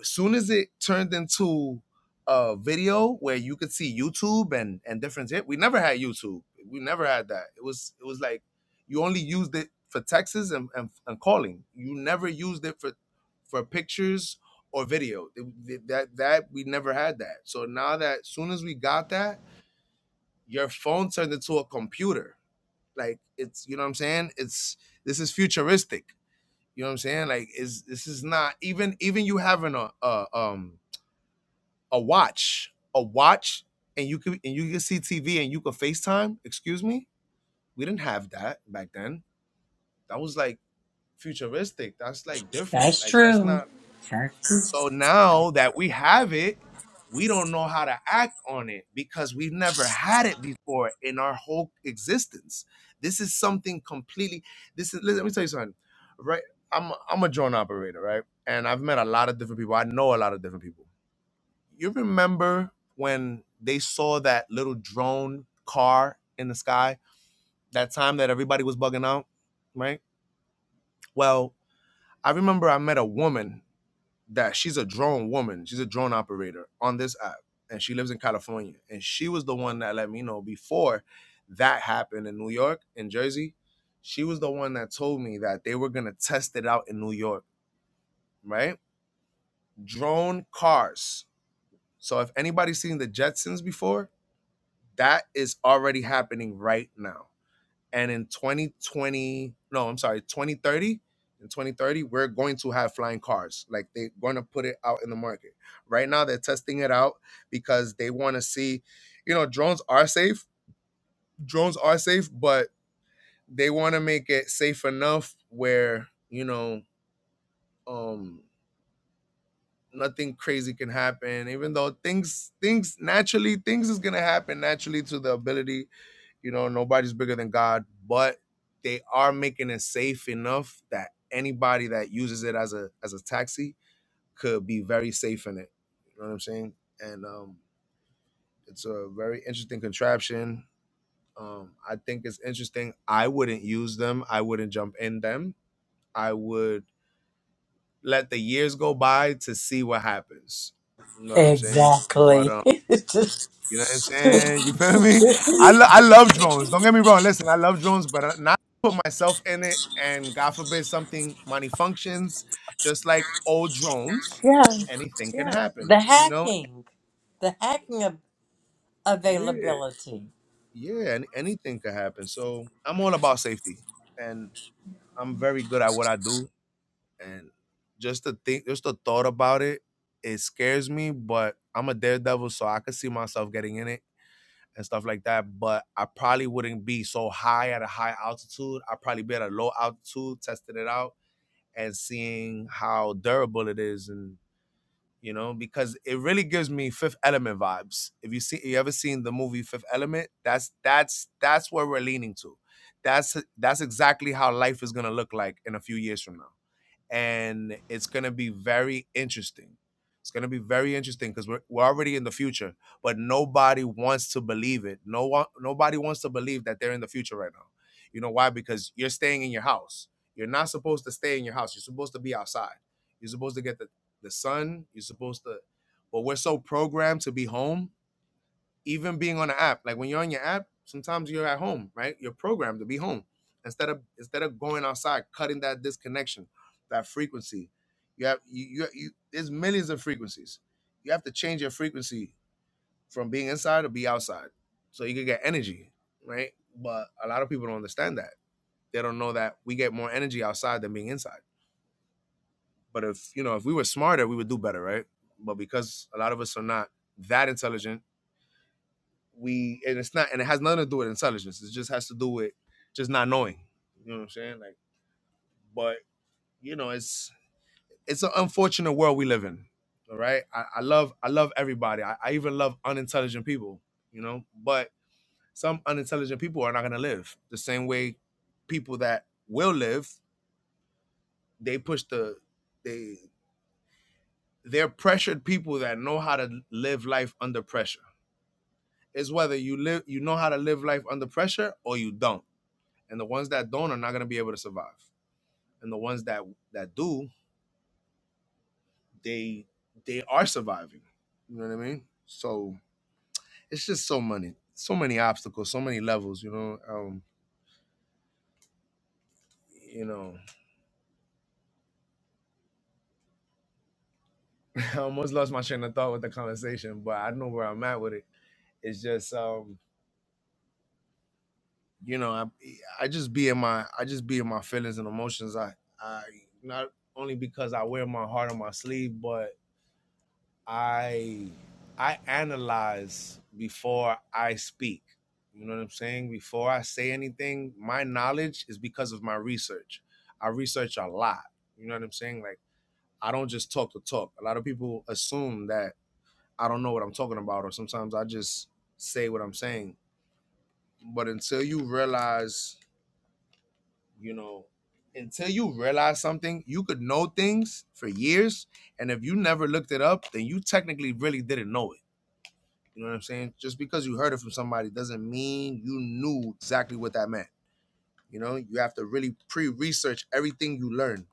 as soon as it turned into a video where you could see YouTube and and different shit, we never had YouTube. We never had that. It was it was like you only used it for texts and, and, and calling. You never used it for for pictures or video. It- that that we never had that. So now that as soon as we got that, your phone turned into a computer. Like it's you know what I'm saying. It's this is futuristic. You know what I'm saying? Like is this is not even even you having a, a um a watch, a watch, and you could and you could see TV and you could FaceTime. Excuse me, we didn't have that back then. That was like futuristic. That's like different. that's Like that's true. not. that's true. So now that we have it, we don't know how to act on it because we've never had it before in our whole existence. This is something completely. This is. Let me tell you something. Right, I'm i I'm a drone operator, right? And I've met a lot of different people. I know a lot of different people you remember when they saw that little drone car in the sky? That time that everybody was bugging out, right? Well, I remember I met a woman that she's a drone woman. She's a drone operator on this app, and she lives in California. And she was the one that let me know before that happened in New York, in Jersey. She was the one that told me that they were gonna test it out in New York, right? Drone cars. So if anybody's seen the Jetsons before, That is already happening right now. And in 2020, no, I'm sorry, 2030, in 2030, we're going to have flying cars. Like they're going to put it out in the market. Right now, they're testing it out because they want to see, you know, drones are safe. Drones are safe, but they want to make it safe enough where, you know, um, nothing crazy can happen even though things things naturally things is going to happen naturally to the ability You know, nobody's bigger than God, but they are making it safe enough that anybody that uses it as a as a taxi could be very safe in it. You know what I'm saying? And um, it's a very interesting contraption. Um, I think it's interesting. I wouldn't use them. I wouldn't jump in them. I would let the years go by to see what happens. You know what I'm saying? But Exactly. um, You know what I'm saying? You feel me? I, lo- I love drones. Don't get me wrong. Listen, I love drones, but I- not put myself in it. And God forbid something malfunctions, just like old drones, Yeah. anything can Yeah. happen. The You know? hacking. The hacking of Yeah, availability. yeah. And anything can happen. So I'm all about safety, and I'm very good at what I do. And just the think, just the thought about it, it scares me. But I'm a daredevil, so I could see myself getting in it and stuff like that. But I probably wouldn't be so high at a high altitude. I'd probably be at a low altitude, testing it out and seeing how durable it is and you know, because it really gives me fifth element vibes. If you see you ever seen the movie Fifth Element, that's that's that's where we're leaning to. That's that's exactly how life is gonna look like in a few years from now and it's going to be very interesting. It's going to be very interesting because we're, we're already in the future, but nobody wants to believe it. No one, nobody wants to believe that they're in the future right now. You know why? Because you're staying in your house. You're not supposed to stay in your house. You're supposed to be outside. You're supposed to get the, the sun. You're supposed to, but we're so programmed to be home even being on the app. Like when you're on your app, sometimes you're at home, right? You're programmed to be home. Instead of instead of going outside, cutting that disconnection, that frequency. You have you you, you there's millions of frequencies. You have to change your frequency from being inside to be outside. So you can get energy, right? But a lot of people don't understand that. They don't know that we get more energy outside than being inside. But if you know, if we were smarter, we would do better, right? But because a lot of us are not that intelligent we and it's not and it has nothing to do with intelligence. It just has to do with just not knowing. You know what I'm saying? Like, but you know, it's it's an unfortunate world we live in. All right. I, I love I love everybody. I, I even love unintelligent people, you know, but some unintelligent people are not gonna live. The same way people that will live, they push the they they're pressured people that know how to live life under pressure. It's whether you live you know how to live life under pressure or you don't and the ones that don't are not going to be able to survive and the ones that that do they they are surviving you know what i mean so it's just so many so many obstacles so many levels you know um you know [LAUGHS] i almost lost my train of thought with the conversation but i know where i'm at with it it's just um you know i i just be in my i just be in my feelings and emotions i i not only because i wear my heart on my sleeve but I I analyze before I speak. You know what I'm saying? Before I say anything, my knowledge is because of my research. I research a lot. You know what I'm saying? Like I don't just talk to talk. A lot of people assume that I don't know what I'm talking about or sometimes I just say what I'm saying. But until you realize, you know, until you realize something, you could know things for years and if you never looked it up, then you technically really didn't know it You know what I'm saying? Just because you heard it from somebody doesn't mean you knew exactly what that meant. You know, you have to really pre-research everything you learn.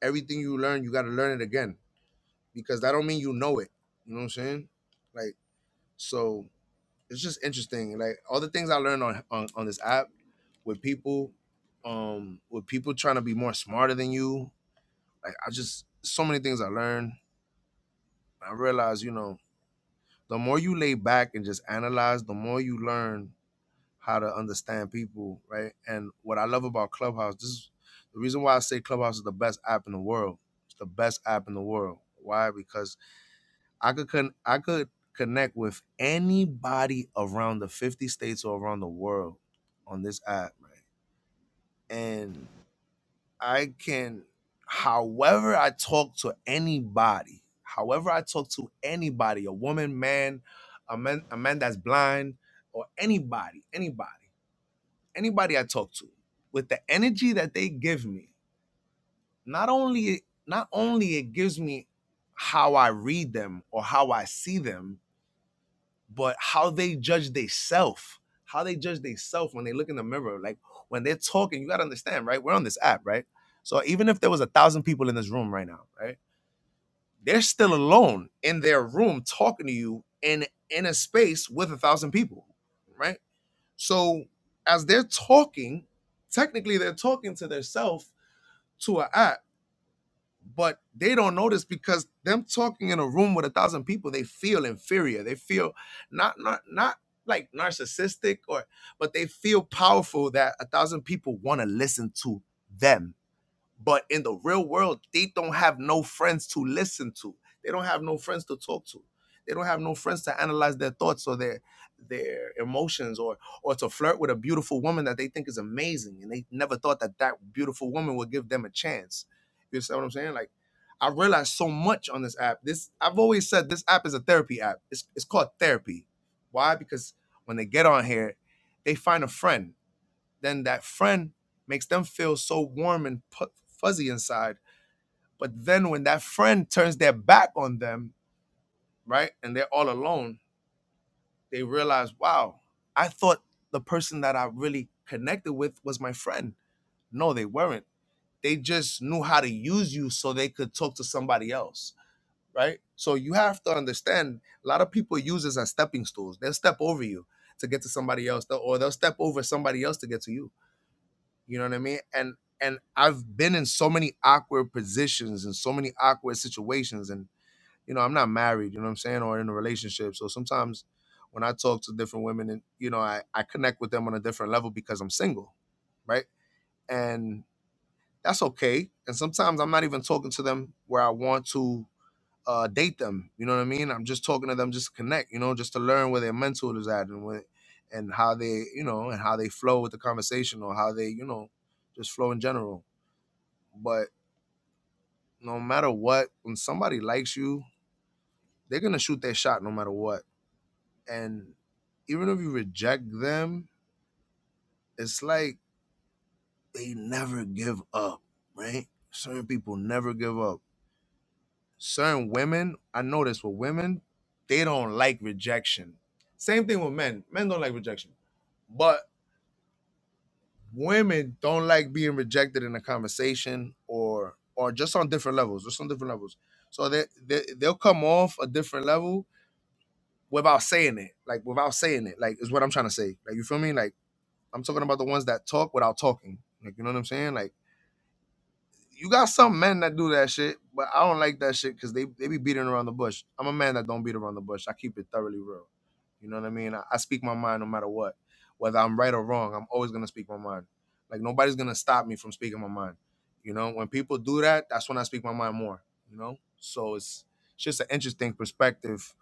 Everything you learn, you got to learn it again because that don't mean you know it. You know what I'm saying? Like so, it's just interesting. Like all the things I learned on on, on this app with people, um, with people trying to be more smarter than you. Like I just so many things I learned. I realized, you know, the more you lay back and just analyze, the more you learn how to understand people, right? And what I love about Clubhouse, this is the reason why I say Clubhouse is the best app in the world. It's the best app in the world. Why? Because I could con- I could connect with anybody around the 50 states or around the world on this app, right? And I can however I talk to anybody, however I talk to anybody, a woman, man, a man, a man that's blind, or anybody, anybody. anybody I talk to, with the energy that they give me, not only not only it gives me how I read them or how I see them, but how they judge themselves, how they judge themselves when they look in the mirror. Like when they're talking, you gotta understand, right? We're on this app, right? So even if there was a thousand people in this room right now, right? They're still alone in their room talking to you in in a space with a thousand people, right? So as they're talking, technically they're talking to their self to an app, but they don't notice because them talking in a room with a thousand people, they feel inferior. They feel not not not like narcissistic or but they feel powerful that a thousand people want to listen to them but in the real world, they don't have no friends to listen to. They don't have no friends to talk to. They don't have no friends to analyze their thoughts or their their emotions or or to flirt with a beautiful woman that they think is amazing and they never thought that that beautiful woman would give them a chance. You understand what I'm saying? Like I realized so much on this app. This I've always said this app is a therapy app. It's it's called therapy. Why? Because when they get on here, they find a friend then that friend makes them feel so warm and pu- fuzzy inside. But then when that friend turns their back on them, right, and they're all alone, they realize, wow, I thought the person that I really connected with was my friend. No, they weren't. They just knew how to use you so they could talk to somebody else, right? So you have to understand a lot of people use this as stepping stools. They'll step over you to get to somebody else, or they'll step over somebody else to get to you You know what I mean? And and I've been in so many awkward positions and so many awkward situations. And you know, I'm not married. You know what I'm saying? Or in a relationship. So sometimes when I talk to different women, and you know, I I connect with them on a different level because I'm single, right? And that's okay. And sometimes I'm not even talking to them where I want to uh, date them. You know what I mean? I'm just talking to them just to connect. You know, just to learn where their mental is at and what and how they you know and how they flow with the conversation or how they you know just flow in general. But no matter what, when somebody likes you, they're gonna shoot their shot no matter what. And even if you reject them, it's like they never give up, right? Certain people never give up certain women, I notice with women, they don't like rejection. Same thing with men. Men don't like rejection. But women don't like being rejected in a conversation or or just on different levels, just on different levels. So they, they they'll come off a different level without saying it. Like without saying it. Like is what I'm trying to say. Like you feel me? Like I'm talking about the ones that talk without talking. Like you know what I'm saying? Like you got some men that do that shit, but I don't like that shit because they, they be beating around the bush. I'm a man that don't beat around the bush. I keep it thoroughly real. You know what I mean? I, I speak my mind no matter what. Whether I'm right or wrong, I'm always gonna speak my mind. Like nobody's gonna stop me from speaking my mind. You know, when people do that, that's when I speak my mind more, you know? So it's, it's just an interesting perspective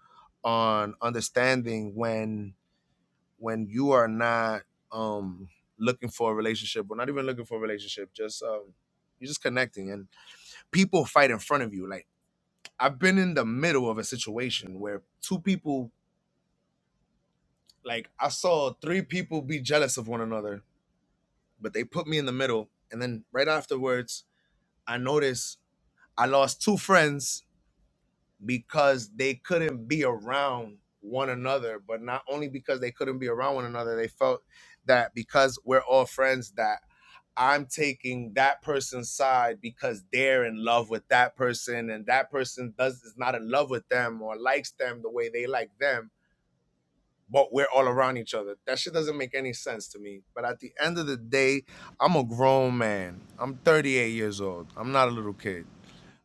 on understanding when when you are not um looking for a relationship or not even looking for a relationship, just um you're just connecting and people fight in front of you. Like I've been in the middle of a situation where two people, like I saw three people be jealous of one another, but they put me in the middle. And then right afterwards, I noticed I lost two friends because they couldn't be around one another. But not only because they couldn't be around one another, they felt that because we're all friends that I'm taking that person's side because they're in love with that person and that person does is not in love with them or likes them the way they like them, but we're all around each other. That shit doesn't make any sense to me. But at the end of the day, I'm a grown man. I'm 38 years old. I'm not a little kid.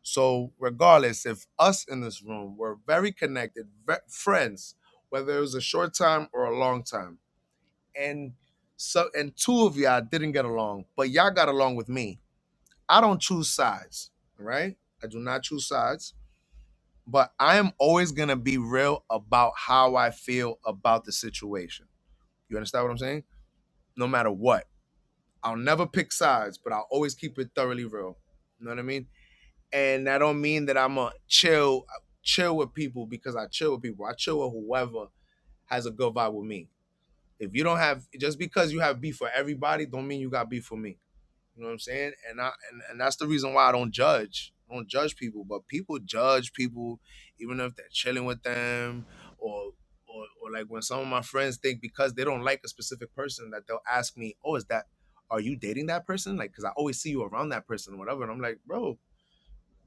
So regardless, if us in this room were very connected, ve- friends, whether it was a short time or a long time, and so and two of y'all didn't get along, but y'all got along with me I don't choose sides, right? I do not choose sides, but I am always going to be real about how I feel about the situation. You understand what I'm saying? No matter what. I'll never pick sides, but I'll always keep it thoroughly real. You know what I mean? And that don't mean that I'm a chill chill with people because I chill with people. I chill with whoever has a good vibe with me. If you don't have just because you have beef for everybody, don't mean you got beef for me. You know what I'm saying? And I and, and that's the reason why I don't judge. I don't judge people, but people judge people even if they're chilling with them or or, or like when some of my friends think because they don't like a specific person that they'll ask me, "Oh, is that are you dating that person?" Like cuz I always see you around that person or whatever and I'm like, "Bro,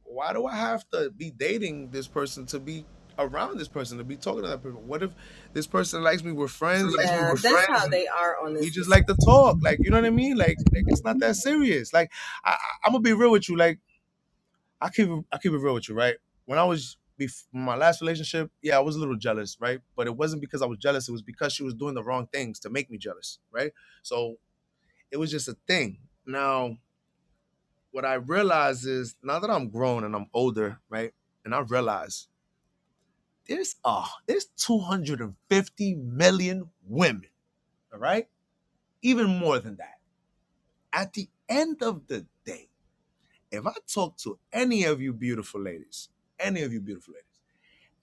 why do I have to be dating this person to be around this person to be talking to that person? What if this person likes me? We're friends like- we just like to talk. Like, you know what I mean? Like, like it's not that serious. Like, I, I, I'm gonna be real with you. Like, I keep I keep it real with you, right? When I was bef- my last relationship, yeah, I was a little jealous, right? But it wasn't because I was jealous. It was because she was doing the wrong things to make me jealous, right? So it was just a thing. Now, what I realize is now that I'm grown and I'm older, right? And I realize there's uh there's 250 million women, all right? Even more than that. At the end of the day, if I talk to any of you beautiful ladies, any of you beautiful ladies,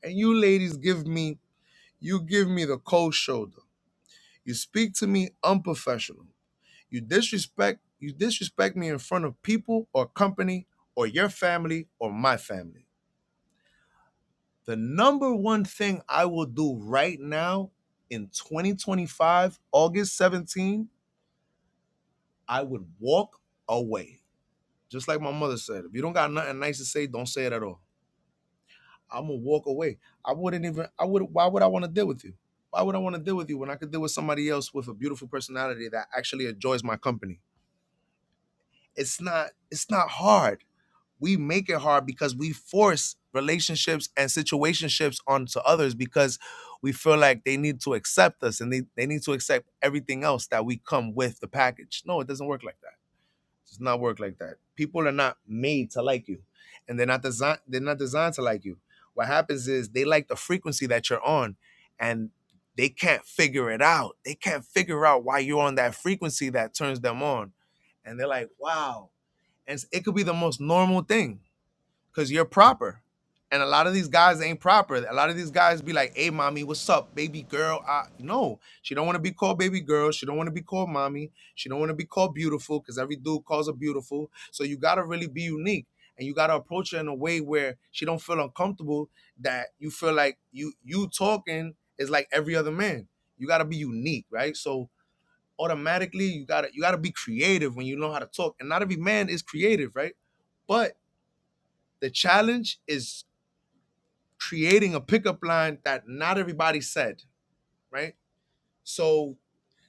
and you ladies give me, you give me the cold shoulder. You speak to me unprofessional. You disrespect, you disrespect me in front of people or company or your family or my family. The number one thing I will do right now in 2025, August 17, I would walk away. Just like my mother said, if you don't got nothing nice to say, don't say it at all I'm gonna walk away. I wouldn't even. I would. Why would I want to deal with you? Why would I want to deal with you when I could deal with somebody else with a beautiful personality that actually enjoys my company? It's not. It's not hard. We make it hard because we force relationships and situationships onto others because we feel like they need to accept us and they, they need to accept everything else that we come with the package. No, it doesn't work like that does not work like that. People are not made to like you, and they're not designed. They're not designed to like you. What happens is they like the frequency that you're on, and they can't figure it out. They can't figure out why you're on that frequency that turns them on, and they're like, "Wow!" And it could be the most normal thing because you're proper. And a lot of these guys ain't proper. A lot of these guys be like, "Hey, mommy, what's up, baby girl?" I, no, she don't want to be called baby girl. She don't want to be called mommy. She don't want to be called beautiful because every dude calls her beautiful. So you gotta really be unique, and you gotta approach her in a way where she don't feel uncomfortable. That you feel like you you talking is like every other man. You gotta be unique, right? So automatically you gotta you gotta be creative when you know how to talk. And not every man is creative, right? But the challenge is creating a pickup line that not everybody said, right? So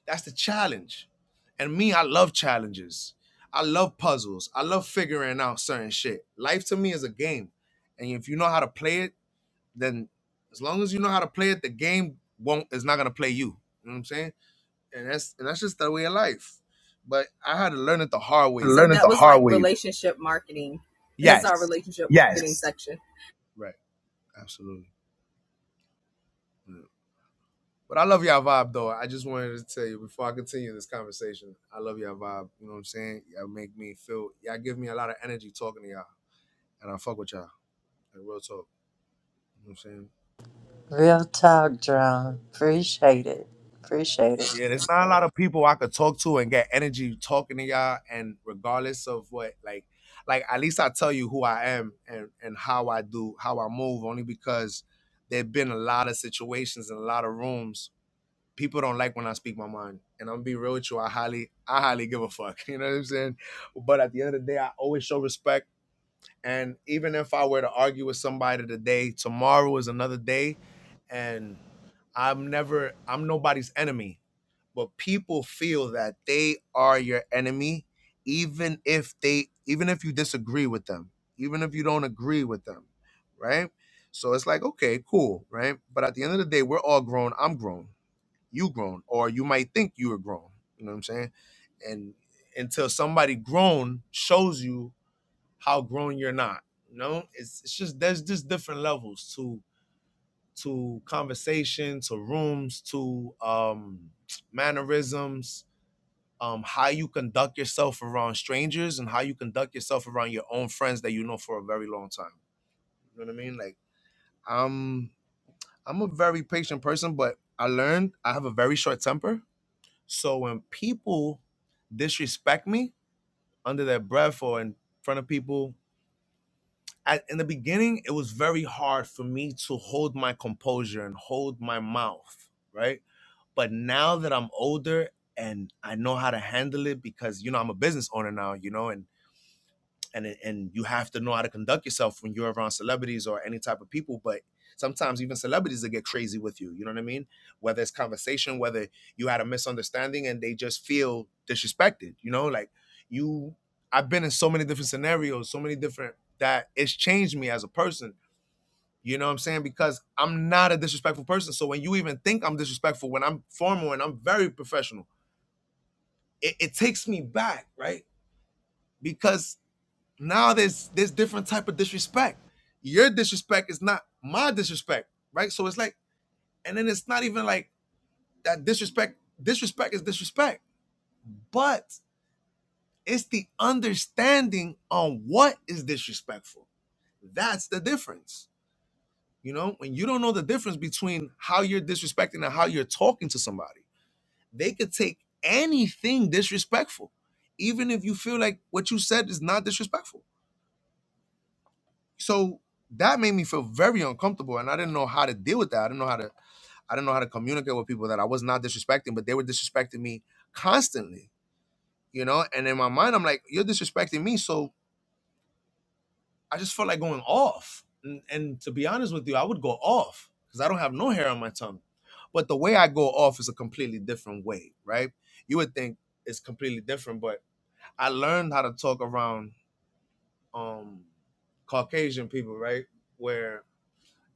that's the challenge. And me, I love challenges. I love puzzles. I love figuring out certain shit. Life to me is a game. And if you know how to play it, then as long as you know how to play it, the game won't is not gonna play you. You know what I'm saying? And that's and that's just the way of life. But I had to learn it the hard way. Yes. Right. Absolutely. Yeah. But I love y'all vibe though. I just wanted to tell you before I continue this conversation, I love y'all vibe. You know what I'm saying? Y'all make me feel y'all give me a lot of energy talking to y'all. And I fuck with y'all. Like real talk. You know what I'm saying? Real talk, John. Appreciate it. Appreciate it. Yeah, there's not a lot of people I could talk to and get energy talking to y'all and regardless of what like like at least I tell you who I am and and how I do, how I move, only because there've been a lot of situations and a lot of rooms people don't like when I speak my mind. And I'm gonna be real with you, I highly, I highly give a fuck. [LAUGHS] You know what I'm saying? But at the end of the day, I always show respect. And even if I were to argue with somebody today, tomorrow is another day. And I'm never, I'm nobody's enemy. But people feel that they are your enemy, even if they, even if you disagree with them, even if you don't agree with them, right? So it's like, okay, cool, right? But at the end of the day, we're all grown. I'm grown you grown or you might think you are grown you know what i'm saying and until somebody grown shows you how grown you're not you know it's, it's just there's just different levels to to conversation to rooms to um mannerisms um how you conduct yourself around strangers and how you conduct yourself around your own friends that you know for a very long time you know what i mean like i'm i'm a very patient person but i learned i have a very short temper So when people disrespect me under their breath or in front of people, I, in the beginning, it was very hard for me to hold my composure and hold my mouth, right? But now that I'm older and I know how to handle it because, you know, I'm a business owner now, you know, and and and you have to know how to conduct yourself when you're around celebrities or any type of people but sometimes even celebrities that get crazy with you you know what i mean whether it's conversation whether you had a misunderstanding and they just feel disrespected you know like you i've been in so many different scenarios so many different that it's changed me as a person you know what i'm saying because i'm not a disrespectful person so when you even think i'm disrespectful when i'm formal and i'm very professional it, it takes me back right because now there's there's different type of disrespect. Your disrespect is not my disrespect, right? So it's like, and then it's not even like that disrespect. Disrespect is disrespect, but it's the understanding on what is disrespectful. That's the difference. You know, when you don't know the difference between how you're disrespecting and how you're talking to somebody, they could take anything disrespectful, even if you feel like what you said is not disrespectful So that made me feel very uncomfortable, and I didn't know how to deal with that. I didn't know how to I didn't know how to communicate with people that I was not disrespecting, but they were disrespecting me constantly, you know. And in my mind, I'm like, "You're disrespecting me," so I just felt like going off. And, and to be honest with you, I would go off because I don't have no hair on my tongue. But the way I go off is a completely different way, right? You would think it's completely different, but I learned how to talk around um Caucasian people, right? Where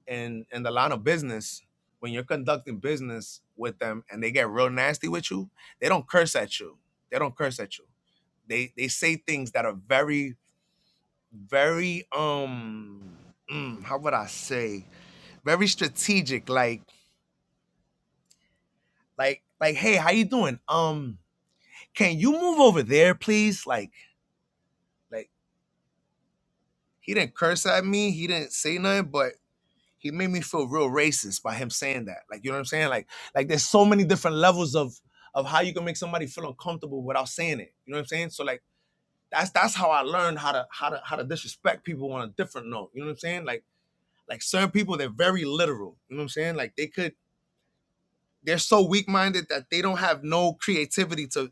in in the line of business when you're conducting business with them and they get real nasty with you they don't curse at you they don't curse at you they they say things that are very very um mm, how would i say very strategic like like like hey how you doing um can you move over there please like like he didn't curse at me he didn't say nothing but he made me feel real racist by him saying that. Like, you know what I'm saying? Like, like there's so many different levels of of how you can make somebody feel uncomfortable without saying it. You know what I'm saying? So like that's that's how I learned how to how to how to disrespect people on a different note. You know what I'm saying? Like like certain people they're very literal. You know what I'm saying? Like they could they're so weak minded that they don't have no creativity to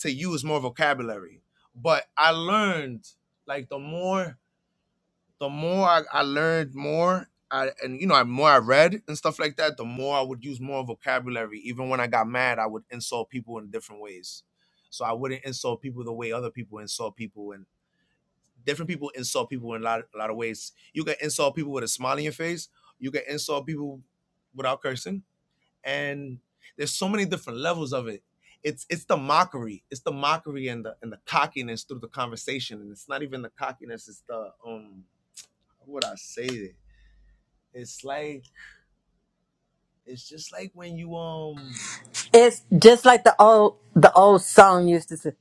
to use more vocabulary. But I learned like the more the more I, I learned more I, and you know, I more I read and stuff like that, the more I would use more vocabulary. Even when I got mad, I would insult people in different ways. So I wouldn't insult people the way other people insult people, and different people insult people in a lot, a lot of ways. You can insult people with a smile on your face. You can insult people without cursing, and there's so many different levels of it. It's it's the mockery, it's the mockery and the and the cockiness through the conversation, and it's not even the cockiness. It's the um how would I say that? It's like it's just like when you um. It's just like the old the old song used to say,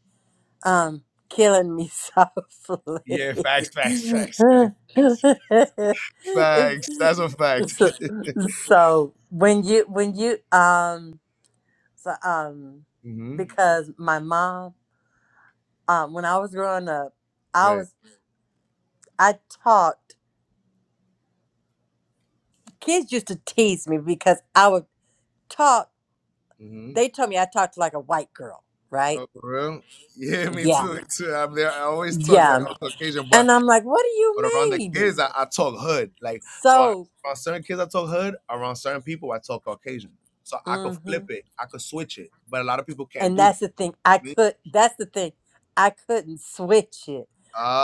um, killing me [LAUGHS] softly. Yeah, facts, facts, facts, facts. That's a fact. it's, so, so when you when you um so um Mm-hmm. because my mom um when I was growing Right. up I talked. Kids used to tease me because I would talk. Mm-hmm. They told me I talked like a white girl, right? Oh, for real? Yeah, me Yeah, too. me too. I'm there. I always talk like yeah. on am Caucasian, but And I'm like, what do you but around the mean? kids, I, I talk hood. Like so, I, So, around certain kids, I talk hood. Around certain people, I talk Caucasian. So I could hmm flip it. I could switch it. But a lot of people can't and do that's the thing. I that. could. That's the thing. I couldn't switch it.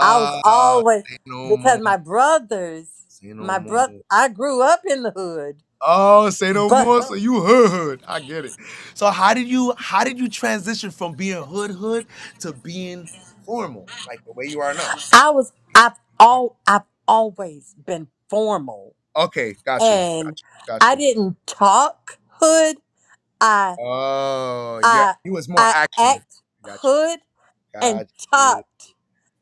I was always say no more. because my brothers, Say no my brother, more. I grew up in the hood, Oh, say no but more. So you hood hood. I get it. So how did you how did you transition from being hood hood to being formal, like the way you are now? I was. I've all. I've always been formal Okay, got you, got and you, got I you. didn't talk hood. I Oh yeah, I He was more I action. act Got you, hood and got you. talked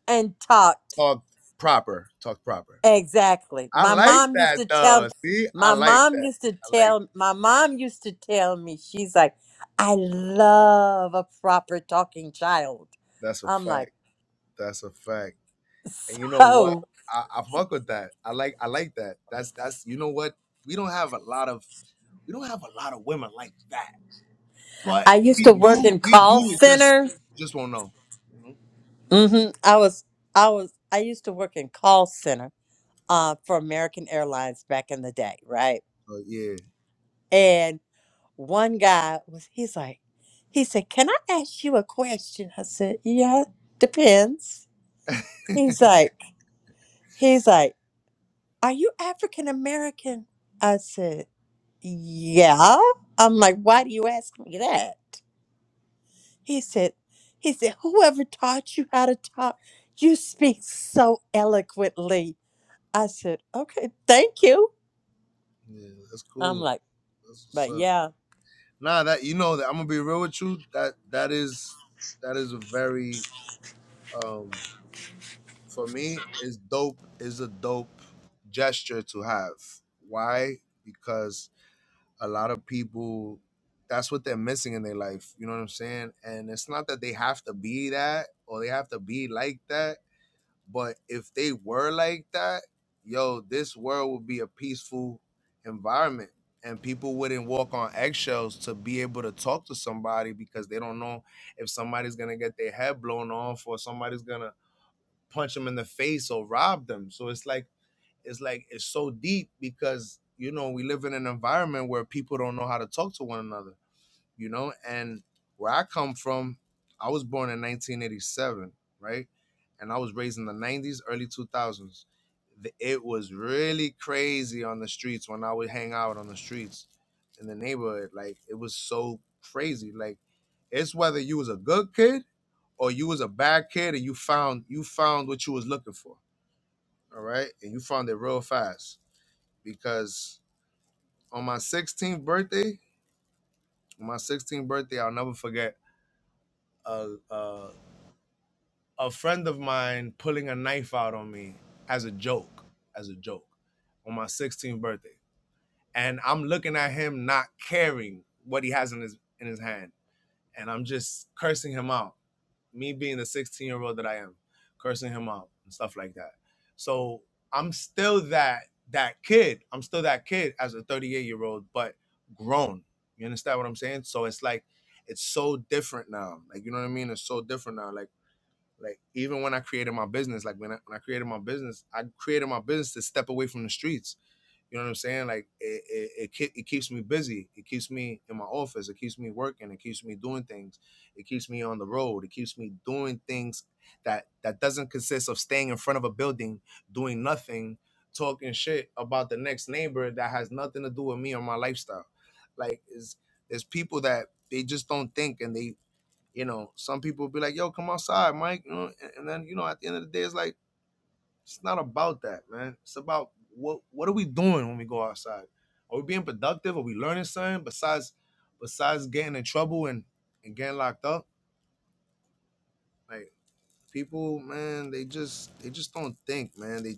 and talked Talk proper, talk proper. exactly. I My like mom used that to though. tell See, I my like mom that. used to I like tell my mom used to tell me she's like, I love a proper talking child. that. That's a I'm like, fact. That's a fact. And you know what? so I, I fuck with that. I like I like that. That's that's you know what? We don't have a lot of we don't have a lot of women like that, but I used to We work do, in we call do. It just, center. just won't know. you know, yeah, hmm I was I was I used to work in call center uh, for American Airlines back in the day, right? But yeah, And one guy was, he's like, he said, Can I ask you a question? I said, Yeah, depends. He's like, he's like, Are you African American? I said, Yeah. I'm like, why do you ask me that? He said, he said, whoever taught you how to talk, you speak so eloquently. I said, okay, thank you. yeah, that's I'm cool. like, That's what's but up. yeah. Nah, that you know that I'm gonna be real with you. That that is that is a very um for me is dope is a dope gesture to have. Why? Because a lot of people that's what they're missing in their life. You know what I'm saying? And it's not that they have to be that or they have to be like that But if they were like that, yo, this world would be a peaceful environment and people wouldn't walk on eggshells to be able to talk to somebody because they don't know if somebody's going to get their head blown off or somebody's going to punch them in the face or rob them. So it's like it's like it's so deep because you know, we live in an environment where people don't know how to talk to one another you know and where i come from i was born in 1987 right and i was raised in the 90s early 2000s it was really crazy on the streets when i would hang out on the streets in the neighborhood like it was so crazy like it's whether you was a good kid or you was a bad kid and you found you found what you was looking for all right and you found it real fast because on my 16th birthday on my 16th birthday i'll never forget a, a a friend of mine pulling a knife out on me as a joke, as a joke, on my 16th birthday. And I'm looking at him not caring what he has in his in his hand. And I'm just cursing him out. Me being the 16 year old that I am, cursing him out and stuff like that. So I'm still that that kid. I'm still that kid as a 38 year old, but grown. You understand what I'm saying? So it's like it's so different now. Like you know what I mean? It's so different now. Like like even when I created my business, like when I, when I created my business, I created my business to step away from the streets. You know what I'm saying? Like it it, it, it keeps me busy. It keeps me in my office. It keeps me working. It keeps me doing things. It keeps me on the road. It keeps me doing things that that doesn't consist of staying in front of a building doing nothing, talking shit about the next neighbor that has nothing to do with me or my lifestyle. Like is there's people that they just don't think and they you know, some people be like, "Yo, come outside, Mike," you know, and, and then you know, at the end of the day, it's like it's not about that, man. It's about what what are we doing when we go outside? Are we being productive? Are we learning something besides besides getting in trouble and and getting locked up? Like people man they just they just don't think man they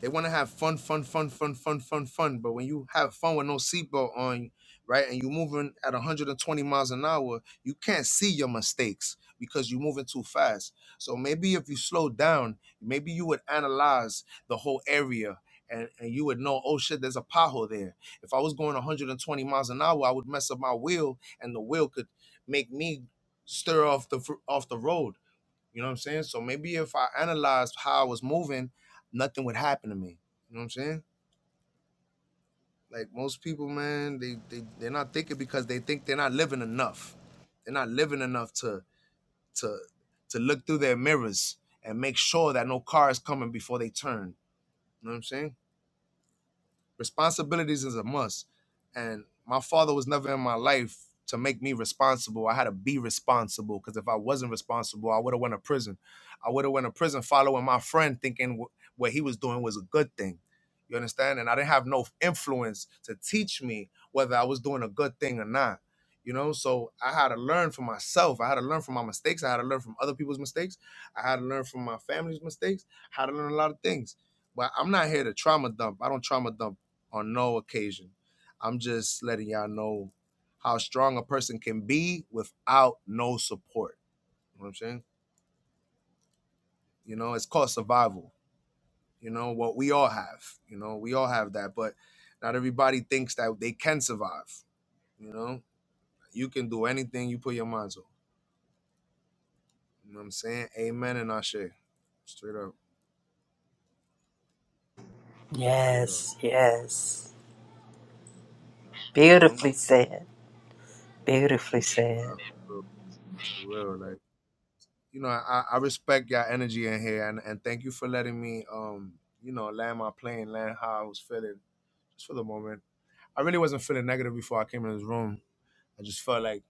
they want to have fun fun fun fun fun fun fun but when you have fun with no seatbelt on right and you're moving at 120 miles an hour you can't see your mistakes because you're moving too fast so maybe if you slow down maybe you would analyze the whole area and, and you would know, oh shit, there's a pothole there. If I was going 120 miles an hour, I would mess up my wheel, and the wheel could make me stir off the fr- off the road you know what I'm saying? So maybe if I analyzed how I was moving, nothing would happen to me. You know what I'm saying? Like most people, man, they they they're not thinking because they think they're not living enough. They're not living enough to to to look through their mirrors and make sure that no car is coming before they turn. You know what I'm saying? Responsibilities is a must. And my father was never in my life to make me responsible. I had to be responsible because if I wasn't responsible, I would have went to prison. I would have went to prison following my friend, thinking wh- what he was doing was a good thing. You understand? And I didn't have no influence to teach me whether I was doing a good thing or not. You know, so I had to learn for myself. I had to learn from my mistakes. I had to learn from other people's mistakes. I had to learn from my family's mistakes. I had to learn a lot of things. But I'm not here to trauma dump. I don't trauma dump on no occasion. I'm just letting y'all know how strong a person can be without no support. You know what I'm saying? You know, it's called survival. You know, what we all have. You know, we all have that, but not everybody thinks that they can survive. You know, you can do anything you put your mind to. You know what I'm saying? Amen and I Straight up. Straight up. Yes, yes. You know? Beautifully said. Beautifully Uh, said. for for real. Like you know, I, I respect your energy in here, and, and thank you for letting me, um, you know, land my plane, land how I was feeling just for the moment. I really wasn't feeling negative before I came in this room. I just felt like,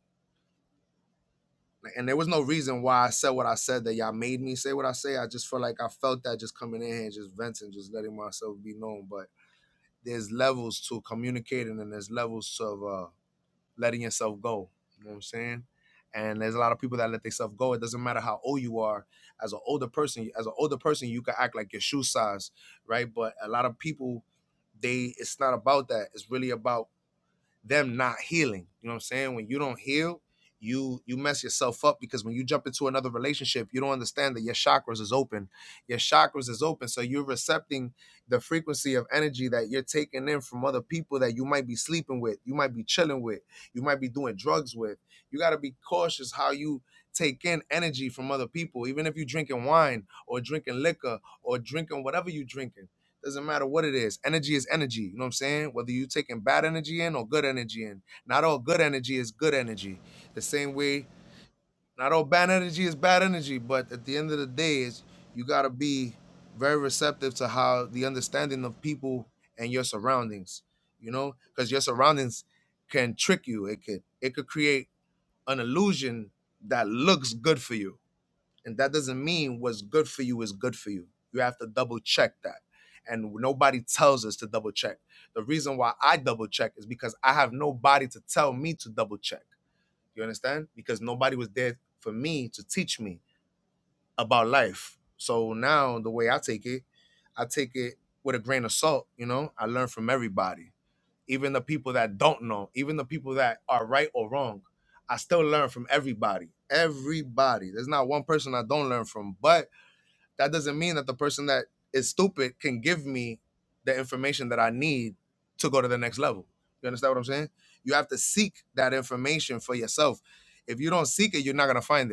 and there was no reason why I said what I said that y'all made me say what I say. I just felt like I felt that just coming in here and just venting, just letting myself be known. But there's levels to communicating, and there's levels of uh, letting yourself go. You know what I'm saying? And there's a lot of people that let themselves go. It doesn't matter how old you are. As an older person, as an older person, you can act like your shoe size, right? But a lot of people, they it's not about that. It's really about them not healing. You know what I'm saying? When you don't heal, you you mess yourself up because when you jump into another relationship, you don't understand that your chakras is open. Your chakras is open, so you're recepting the frequency of energy that you're taking in from other people that you might be sleeping with, you might be chilling with, you might be doing drugs with. You got to be cautious how you take in energy from other people, even if you're drinking wine or drinking liquor or drinking whatever you're drinking doesn't matter what it is. Energy is energy. You know what I'm saying? Whether you're taking bad energy in or good energy in. Not all good energy is good energy. The same way, not all bad energy is bad energy. But at the end of the day, is you gotta be very receptive to how the understanding of people and your surroundings. You know, because your surroundings can trick you. It could it could create an illusion that looks good for you and that doesn't mean what's good for you is good for you. You have to double check that. And nobody tells us to double check. The reason why I double check is because I have nobody to tell me to double check. You understand? Because nobody was there for me to teach me about life. So now the way I take it, I take it with a grain of salt, you know? I learn from everybody, even the people that don't know, even the people that are right or wrong. I still learn from everybody. Everybody. There's not one person I don't learn from, but that doesn't mean that the person that is stupid can give me the information that I need to go to the next level. You understand what I'm saying? You have to seek that information for yourself. If you don't seek it, you're not gonna find it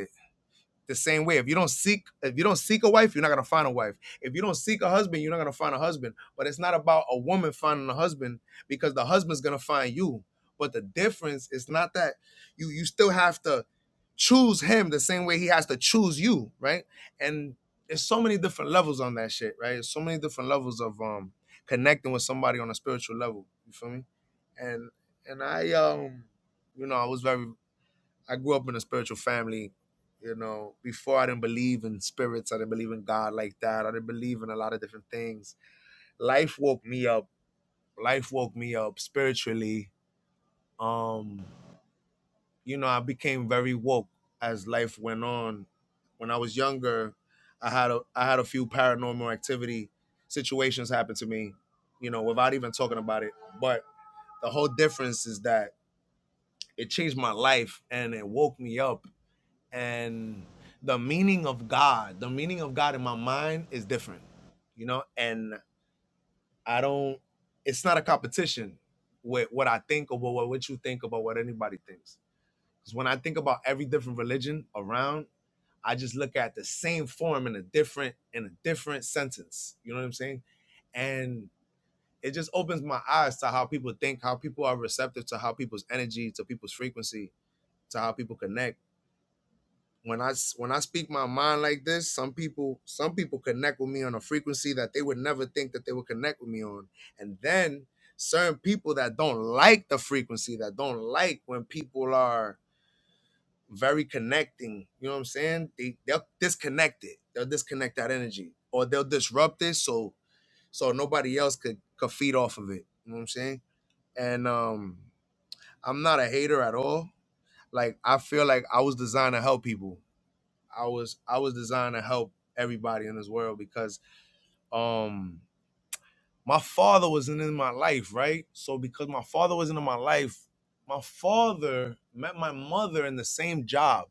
the same way. If you don't seek, if you don't seek a wife, you're not gonna find a wife. If you don't seek a husband, you're not gonna find a husband. But it's not about a woman finding a husband because the husband's gonna find you. But the difference is not that you you still have to choose him the same way he has to choose you, right? And there's so many different levels on that shit, right? There's so many different levels of um connecting with somebody on a spiritual level. You feel me? And and I um you know I was very I grew up in a spiritual family. You know, before I didn't believe in spirits, I didn't believe in God like that. I didn't believe in a lot of different things. Life woke me up. Life woke me up spiritually. Um, you know, I became very woke as life went on. When I was younger, I had a I had a few paranormal activity situations happen to me, you know, without even talking about it. But the whole difference is that it changed my life and it woke me up and the meaning of God, the meaning of God in my mind is different, you know, and I don't, it's not a competition with what I think or what, what you think about what anybody thinks. Because when I think about every different religion around, I just look at the same form in a different, in a different sentence. You know what I'm saying? And it just opens my eyes to how people think, how people are receptive to how people's energy, to people's frequency, to how people connect When I when I speak my mind like this, some people some people connect with me on a frequency that they would never think that they would connect with me on. And then certain people that don't like the frequency, that don't like when people are very connecting, you know what I'm saying? They they'll disconnect it. They'll disconnect that energy. Or they'll disrupt it so so nobody else could could feed off of it. You know what I'm saying? And um I'm not a hater at all. Like I feel like I was designed to help people I was I was designed to help everybody in this world because um my father wasn't in my life, right? So because my father wasn't in my life, my father met my mother in the same job,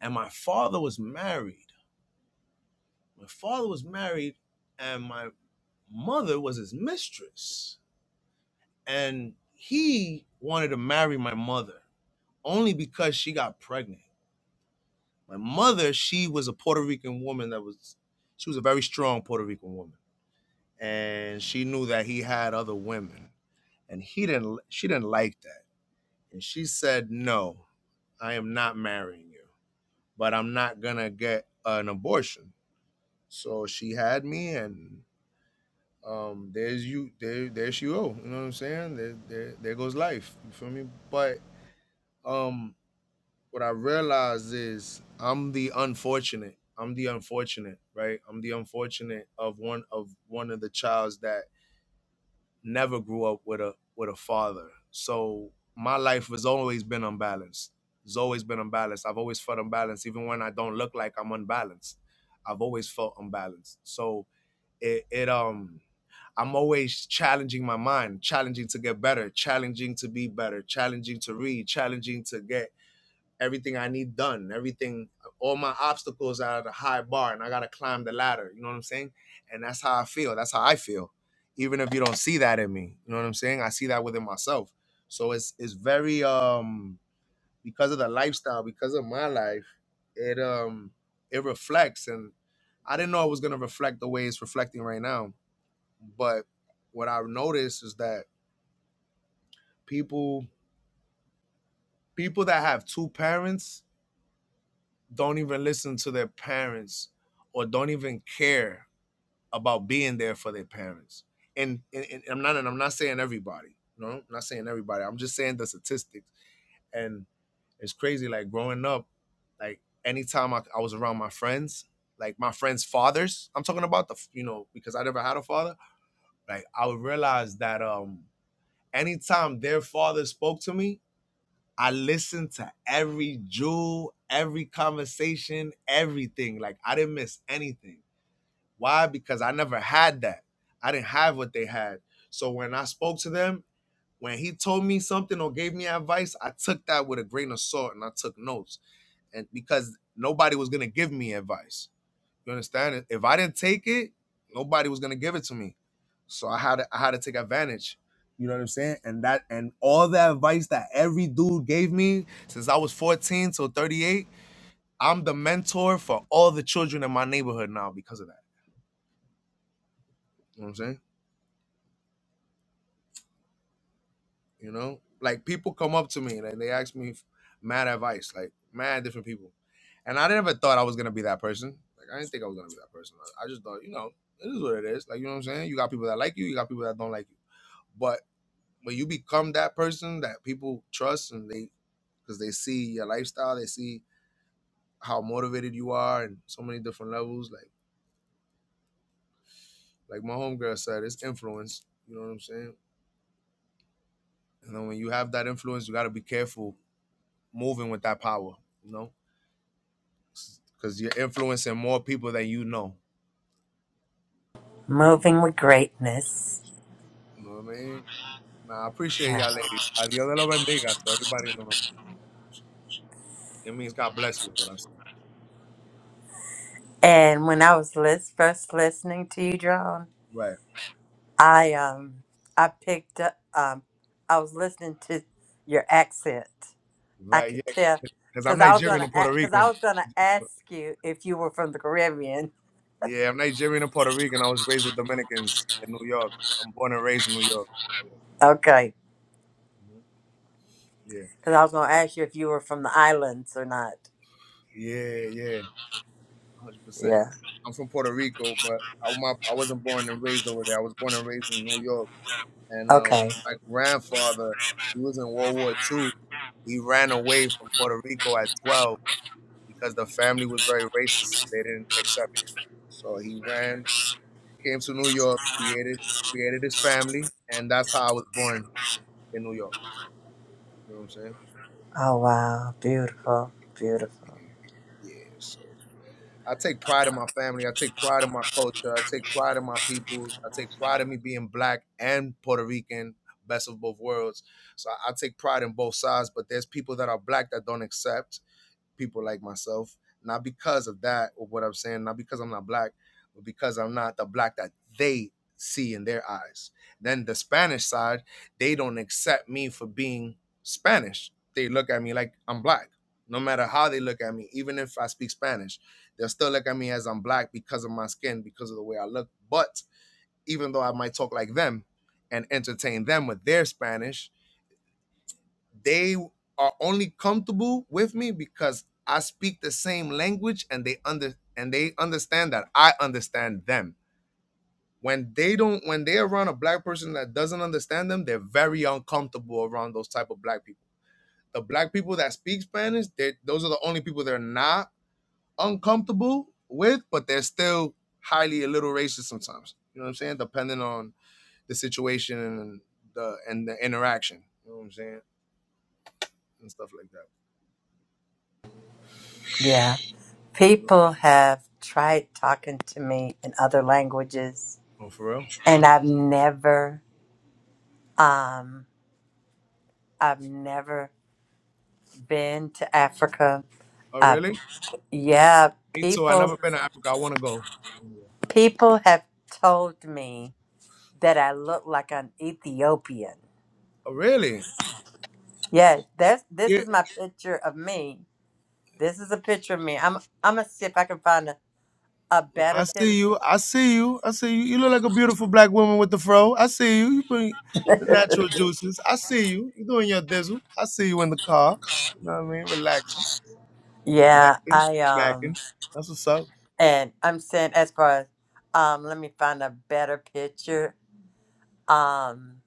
and my father was married. My father was married, and my mother was his mistress, and he wanted to marry my mother only because she got pregnant. My mother, she was a Puerto Rican woman that was, she was a very strong Puerto Rican woman and she knew that he had other women and he didn't she didn't like that and she said no i am not marrying you but i'm not gonna get an abortion so she had me and um there's you there there she go you know what i'm saying there there, there goes life you feel me but um what i realized is i'm the unfortunate i'm the unfortunate right i'm the unfortunate of one of one of the childs that never grew up with a with a father. So my life has always been unbalanced. It's always been unbalanced. I've always felt unbalanced, even when I don't look like I'm unbalanced. I've always felt unbalanced. So it, it um I'm always challenging my mind, challenging to get better, challenging to be better, challenging to read, challenging to get everything I need done, everything, all my obstacles are at a high bar and I got to climb the ladder. You know what I'm saying? And that's how I feel. That's how I feel. Even if you don't see that in me, you know what I'm saying? I see that within myself. So it's, it's very, um, because of the lifestyle, because of my life, it, um, it reflects and I didn't know it was going to reflect the way it's reflecting right now. But what I noticed is that people, people that have two parents don't even listen to their parents or don't even care about being there for their parents. And, and, and I'm not and I'm not saying everybody. You know, I'm not saying everybody. I'm just saying the statistics. And it's crazy. Like growing up, like anytime I, I was around my friends, like my friends' fathers, I'm talking about the you know because I never had a father. Like I would realize that um anytime their father spoke to me, I listened to every jewel, every conversation, everything. Like I didn't miss anything. Why? Because I never had that. I didn't have what they had. So when I spoke to them, when he told me something or gave me advice, I took that with a grain of salt and I took notes. And because nobody was gonna give me advice. You understand? If I didn't take it, nobody was gonna give it to me. So I had to, I had to take advantage. You know what I'm saying? And that and all the advice that every dude gave me since I was 14 till 38, I'm the mentor for all the children in my neighborhood now because of that. You know what I'm saying? You know, like people come up to me and they ask me mad advice, like mad different people. And I never thought I was gonna be that person. Like I didn't think I was gonna be that person. I I just thought, you know, it is what it is. Like you know what I'm saying? You got people that like you, you got people that don't like you. But when you become that person that people trust and they because they see your lifestyle, they see how motivated you are and so many different levels. Like like my homegirl said, it's influence. You know what I'm saying? And then when you have that influence, you got to be careful moving with that power. You know, because you're influencing more people than you know. Moving with greatness. You know what I mean? Nah, I appreciate Yeah. y'all ladies. Adios de los bendiga to everybody in the room. It means God bless you, is what I said. And when I was lis- first listening to you, John, Right. I um I picked up um I was listening to your accent. I Right. could tell Yeah. Because I'm because I was Nigerian gonna and Puerto because I Rican. was gonna ask you if you were from the Caribbean. Yeah, I'm Nigerian and Puerto Rican. I was raised with Dominicans in New York. I'm born and raised in New York. Okay, Yeah, mhm. because I was gonna ask you if you were from the islands or not. yeah, yeah, yeah, 100. percent Yeah. I'm from Puerto Rico, but I my, I wasn't born and raised over there. I was born and raised in New York, and um, Okay. my grandfather he was in World War II. He ran away from Puerto Rico at 12 because the family was very racist and they didn't accept him. So he ran, came to New York, created created his family, and that's how I was born in New York. You know what I'm saying? Oh, wow. Beautiful. Beautiful. Yeah. So I take pride in my family. I take pride in my culture. I take pride in my peoples. I take pride in me being black and Puerto Rican, best of both worlds. So I I take pride in both sides. But there's people that are black that don't accept, people like myself, not because of that or what I'm saying, not because I'm not black, but because I'm not the black that they see in their eyes. Then the Spanish side, they don't accept me for being Spanish. They look at me like I'm black. No matter how they look at me, even if I speak Spanish, they'll still look at me as I'm black because of my skin, because of the way I look. But even though I might talk like them and entertain them with their Spanish, they are only comfortable with me because I speak the same language and they under and they understand that I understand them. When they don't when they're around a black person that doesn't understand them, they're very uncomfortable around those type of black people. The black people that speak Spanish, they those are the only people they're not uncomfortable with, but they're still highly a little racist sometimes. You know what I'm saying? Depending on the situation and the and the interaction. You know what I'm saying? And stuff like that. Yeah. You know? People have tried talking to me in other languages, Oh, for real? and I've never, um, I've never been to Africa. Oh, Uh, really? yeah. Me too. I People, never been to Africa. I want to go. people have told me that I look like an Ethiopian. Oh, really? Yes, that's this Yeah, is my picture of me. This is a picture of me. I'm I'm gonna see if I can find a, a better I see picture. you. I see you. I see you. You look like a beautiful black woman with the fro. I see you. You bring the natural juices. I see you. You doing your dizzle. I see you in the car. You know what I mean? Relaxing, Yeah, macking, I um macking. That's what's up. and I'm saying as far as um let me find a better picture. Um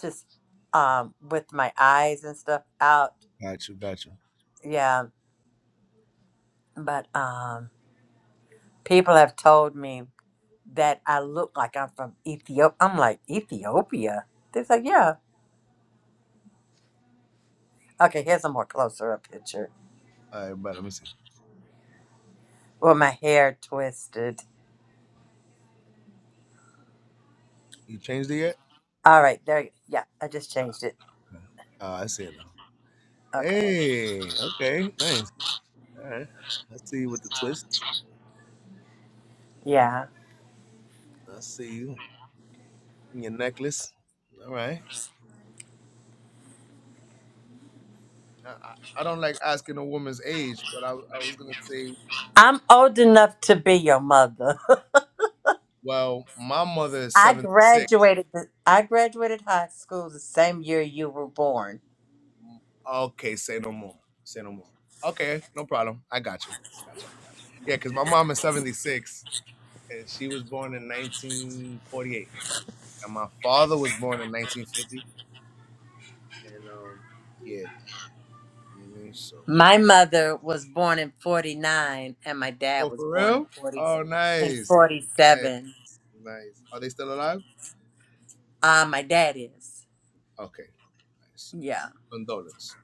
just um with my eyes and stuff out. Got you. Got you. Yeah. But um people have told me that I look like I'm from Ethiopia. I'm like Ethiopia. They're like, yeah. Okay, here's a more closer up picture. All right, but let me see. Well my hair twisted. You changed it yet? All right, there. you- Yeah, I just changed it. Okay. Oh, I see it now. Okay. Hey. Okay. Nice. All right. I see you with the twists. Yeah, I see you in your necklace. All right. I, I don't like asking a woman's age, but I, I was gonna say, I'm old enough to be your mother. well, my mother [LAUGHS] is I seventy six. graduated. The, I graduated high school the same year you were born. Okay, say no more. Say no more. Okay, no problem. I got you. I got you. Yeah, because my mom is seventy six, and she was born in nineteen forty eight, and my father was born in nineteen fifty, and um, yeah, you know what I mean. So, My mother was born in '49, and my dad oh, was for born in real? '40 Oh, in nice, nice, '47. nice. Are they still alive? Uh, my dad is. Okay, nice. Yeah, Condolence.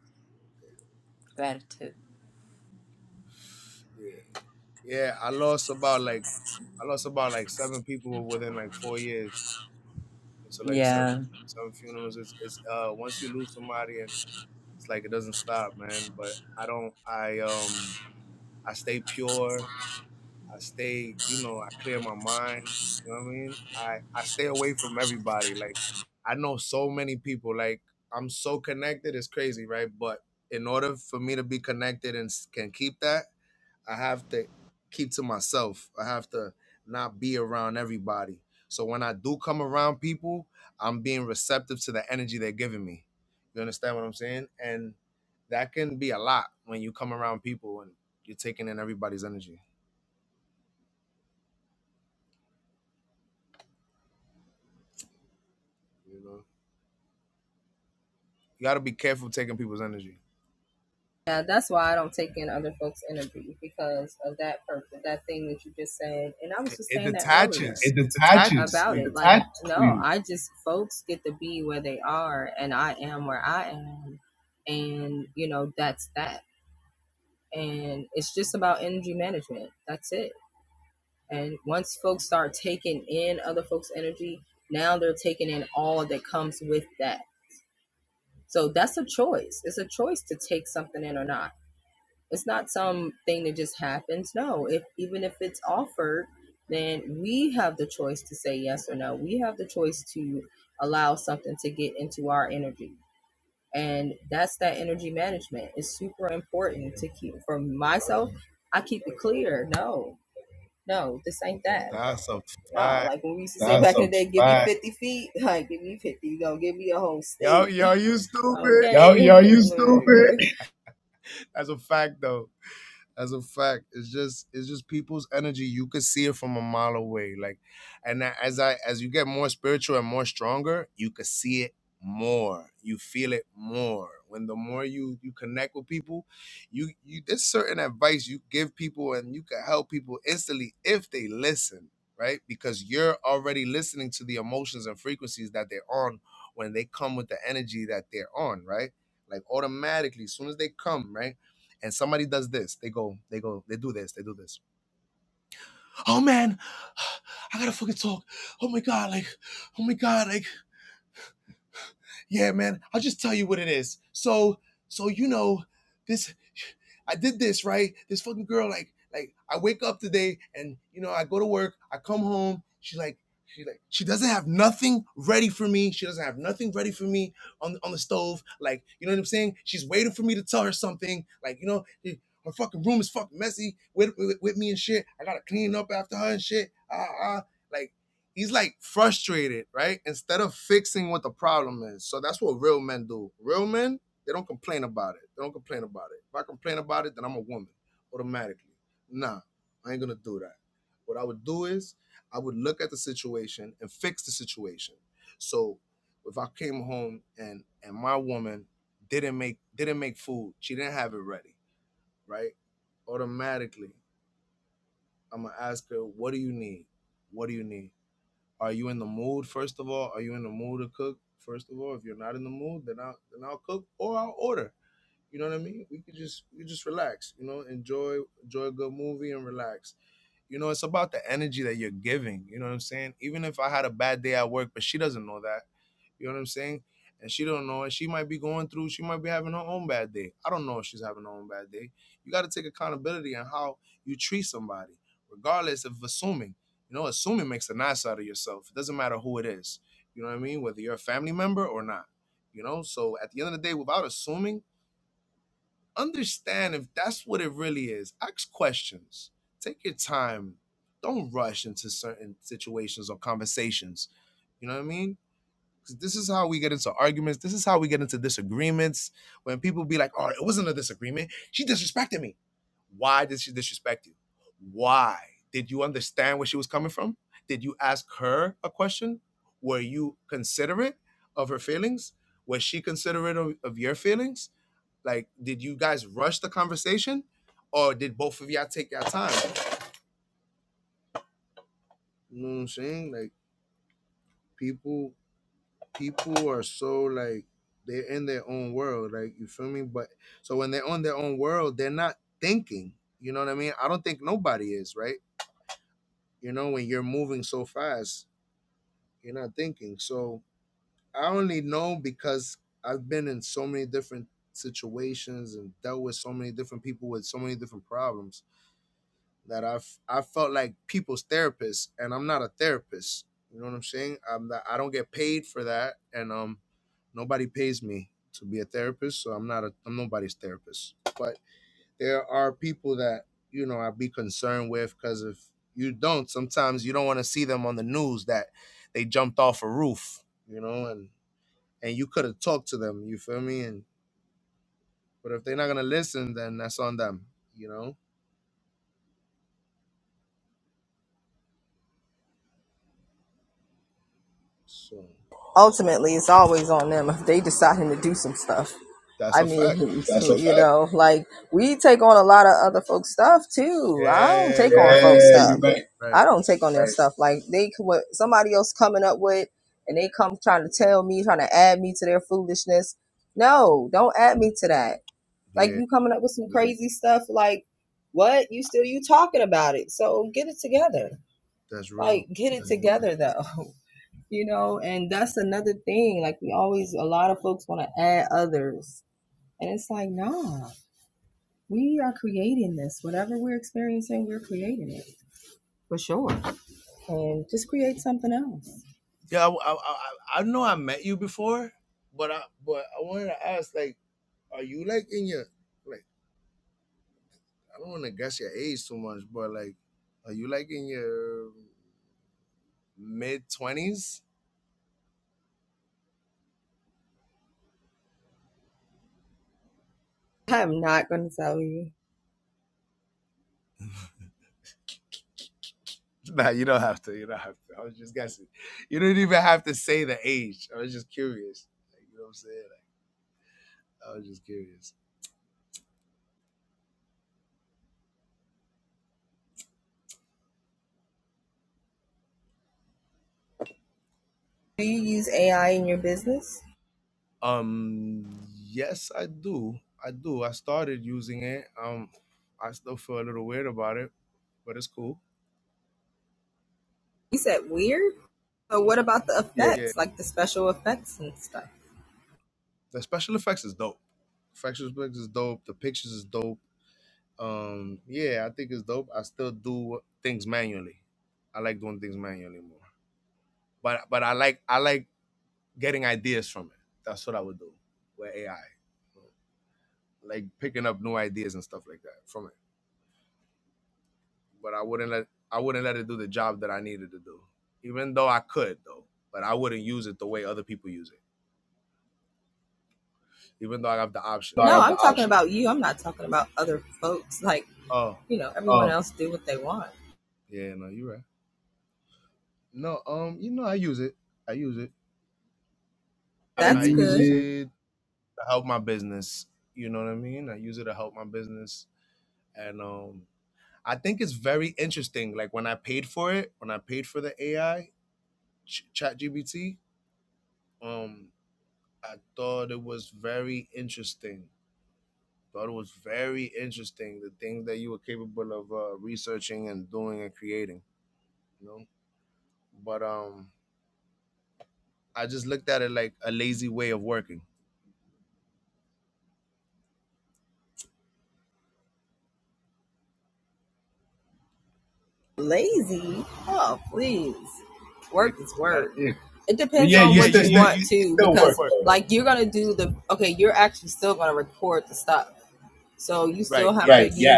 gratitude. Yeah, yeah. Yeah, I lost about like I lost about like seven people within like four years. So like seven Yeah. seven funerals. It's it's uh once you lose somebody and it's like it doesn't stop, man. But I don't I um I stay pure. I stay, you know, I clear my mind. You know what I mean? I, I stay away from everybody. Like I know so many people. Like I'm so connected, it's crazy, right? But in order for me to be connected and s- can keep that, I have to keep to myself. I have to not be around everybody. So when I do come around people, I'm being receptive to the energy they're giving me. You understand what I'm saying? And that can be a lot when you come around people and you're taking in everybody's energy. You know, you got to be careful taking people's energy. It, it detaches. it It detaches. detaches to you. That's a fact. Yo, yo, you stupid. [LAUGHS] That's a fact though. as a fact it's just it's just people's energy you could see it from a mile away like and a- as i as you get more spiritual and more stronger you could see it more you feel it more when the more you you connect with people you you there's certain advice you give people and you can help people instantly if they listen right because you're already listening to the emotions and frequencies that they're on when they come with the energy that they're on right like automatically as soon as they come right and somebody does this, they go, they go, they do this, they do this. Oh man, [SIGHS] I gotta fucking talk. Oh my god, like, oh my god, like, yeah, man. I'll just tell you what it is. So, so you know, this I did this, right? This fucking girl, like, like I wake up today and you know, I go to work, I come home, she's like, she like, she doesn't have nothing ready for me. She doesn't have nothing ready for me on on the stove. Like, you know what I'm saying? She's waiting for me to tell her something. Like, you know, eh, her fucking room is fucking messy with, with, with me and shit. I gotta clean up after her and shit. Ah, ah. ah. Like, he's like frustrated, right? Instead of fixing what the problem is. So that's what real men do. Real men, they don't complain about it. They don't complain about it. If I complain about it, then I'm a woman automatically. Nah, I ain't gonna do that. What I would do is I would look at the situation and fix the situation. So if I came home and and my woman didn't make didn't make food, she didn't have it ready, right? Automatically, I'm gonna ask her, what do you need? What do you need? Are you in the mood? First of all, are you in the mood to cook? First of all, if you're not in the mood, then I'll then I'll cook or I'll order. You know what I mean? We could just we could just relax. You know, enjoy enjoy a good movie and relax you know, it's about the energy that you're giving. You know what I'm saying? Even if I had a bad day at work, but she doesn't know that. You know what I'm saying? And she don't know, and she might be going through. She might be having her own bad day. I don't know if she's having her own bad day. You got to take accountability on how you treat somebody, regardless of assuming. You know, assuming makes a nice out of yourself. It doesn't matter who it is. You know what I mean? Whether you're a family member or not. You know, so at the end of the day, without assuming understand if that's what it really is. Ask questions. Take your time. Don't rush into certain situations or conversations. You know what I mean? 'Cause This is how we get into arguments. This is how we get into disagreements. When people be like, "Oh, it wasn't a disagreement. She disrespected me." Why did she disrespect you? Why? Did you understand where she was coming from? Did you ask her a question? Were you considerate of her feelings? Was she considerate of, of your feelings? Like, did you guys rush the conversation, or did both of y'all take your time? You know what I'm saying? Like, people, people are so like they're in their own world. Like, you feel me? But so when they're on their own world, they're not thinking. You know what I mean? I don't think nobody is right. You know, when you're moving so fast, you're not thinking. So I only know because I've been in so many different situations and dealt with so many different people with so many different problems that I've I felt like people's therapist, and I'm not a therapist. You know what I'm saying? I'm not, I don't get paid for that, and um, nobody pays me to be a therapist, so I'm not a I'm nobody's therapist. But there are people that you know I'd be concerned with because if you don't, sometimes you don't want to see them on the news that they jumped off a roof, you know, and and you could have talked to them. You feel me? And but if they're not gonna listen, then that's on them, you know. So that's a fact. Yeah, you're right. Like, Right. Yeah, that's real. Yeah, I, I, I, I know I met you before, but I but I wanted to ask like, are you like in your like I don't want to guess your age too much, but like, are you like in your mid twenties? [LAUGHS] Nah, you don't have to. You don't have to. I was just guessing. You don't even have to say the age. I was just curious. Like, you know what I'm saying? Like, I was just curious. Um, yes, I do. I do. I started using it. Um, I still feel a little weird about it, but it's cool. Yeah, the special effects is dope. Special effects is dope. The pictures is dope. Um, yeah, I think it's dope. I still do things manually. I like doing things manually more, but but I like I like getting ideas from it. That's what I would do with AI, like picking up new ideas and stuff like that from it. but I wouldn't let I wouldn't let it do the job that I needed to do. Even though I could though, but I wouldn't use it the way other people use it. Even though I have the option. like Oh, yeah, no, you're right. No, um, you know I use it. I use it. I use it, it to help my business. You know what I mean? I use it to help my business. And um I think it's very interesting. Like when I paid for it, when I paid for the AI, Ch- Chat um, I thought it was very interesting Thought it was very interesting the things that you were capable of uh, researching and doing and creating. You know, but um, I just looked at it like a lazy way of working. Yeah, 'cause a lot of yeah. You still you it still work though, right? Yes,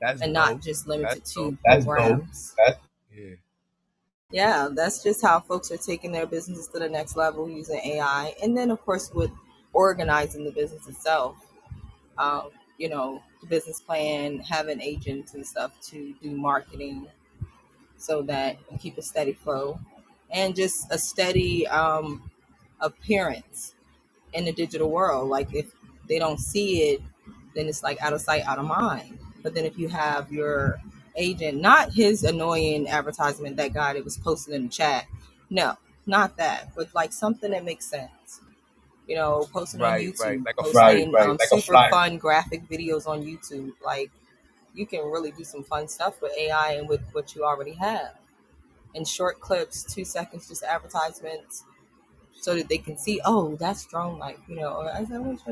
that's dope. That's dope. Too. Yeah, right, right. Like a flyer.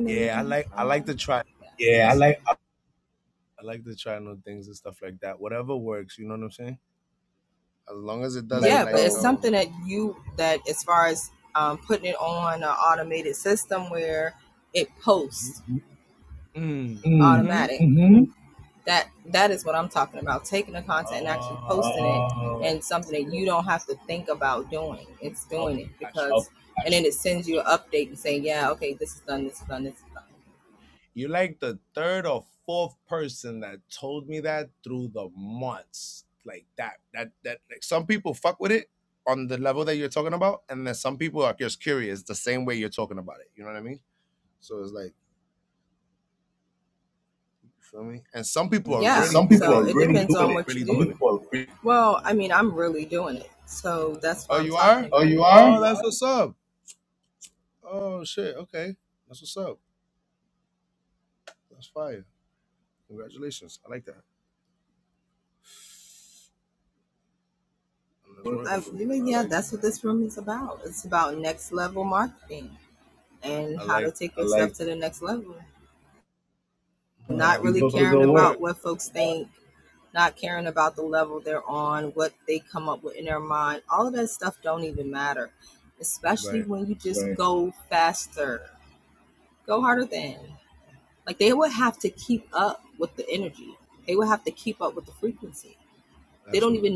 Yeah, I like I like to try things. I like to try new things and stuff like that. Whatever works, you know what I'm saying. As long as it doesn't like um. Mm. hmm hmm Oh. yeah. Okay, gotcha. You're like the third or fourth person that told me that through the months. Like that, that, that. Like some people fuck with it on the level that you're talking about, and then some people are just curious the same way you're talking about it. You know what I mean? So it's like, you feel me? And some people are really doing it. Some people are really doing it. well, Oh, you are? where you are, Oh, that's what's up. Oh shit. Okay, that's what's up. That's fire. Congratulations. I like that. And it's working for you. I like. That. I like. Wow, keep up the good work. Right. Absolutely.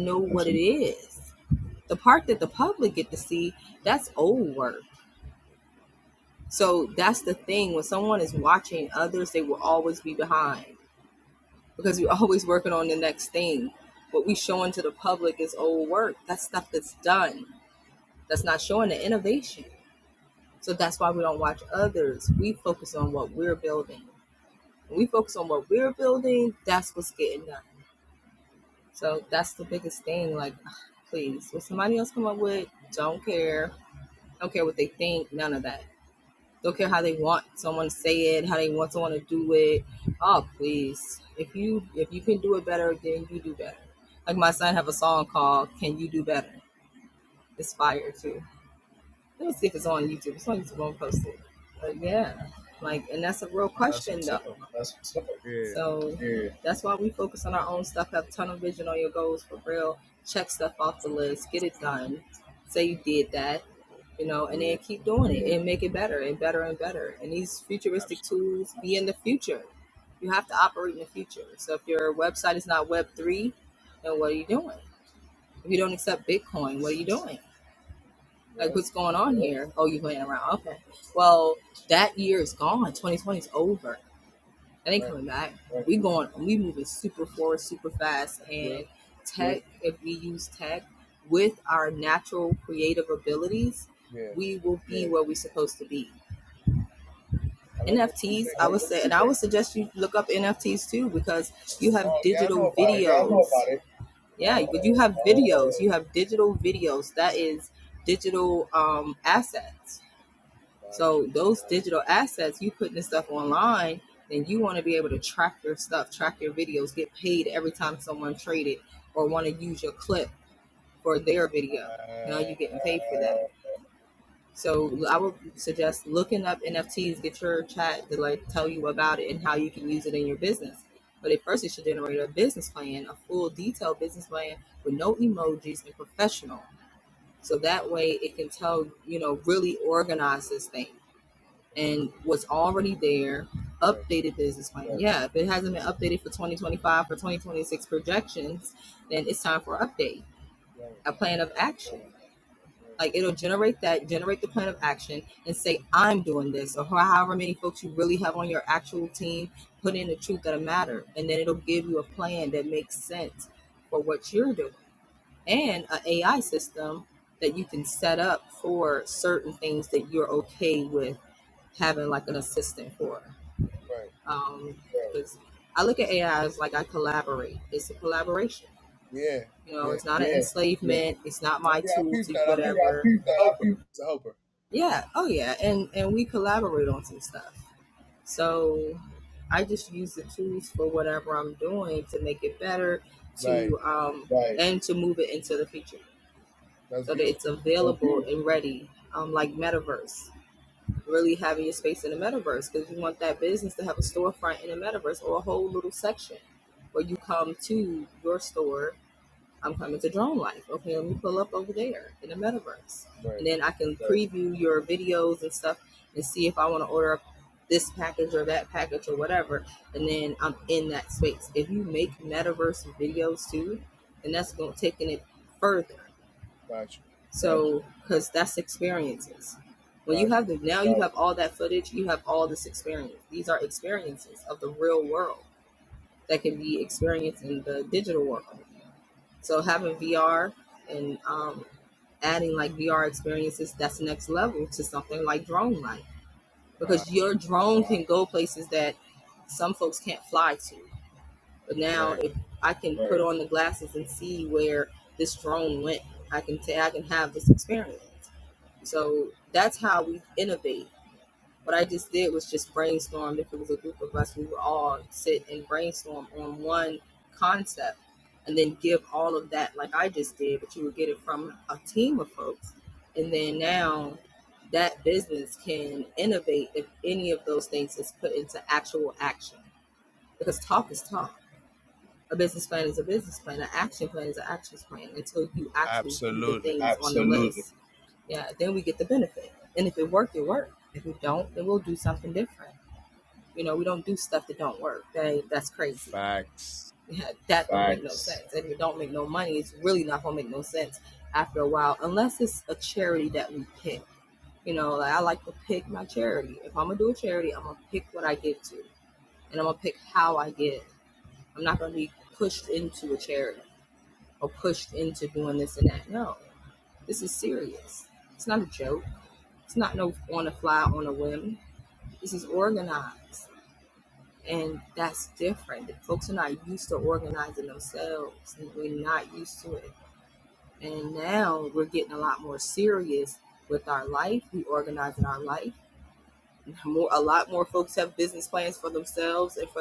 That's what's up. Yeah. Like, yeah. Absolutely. Yep. Right. Well, yeah. I like the the thing. Oh, yeah, I know about it. Oh, gotcha. Uh, right, right, right, right. Yeah, yeah. No, yeah, I peeped that. I peeped that. The helper. It's a helper. Right. like, That's beautiful. Right. Gotcha. Gotcha. Right. Right. Absolutely. Facts.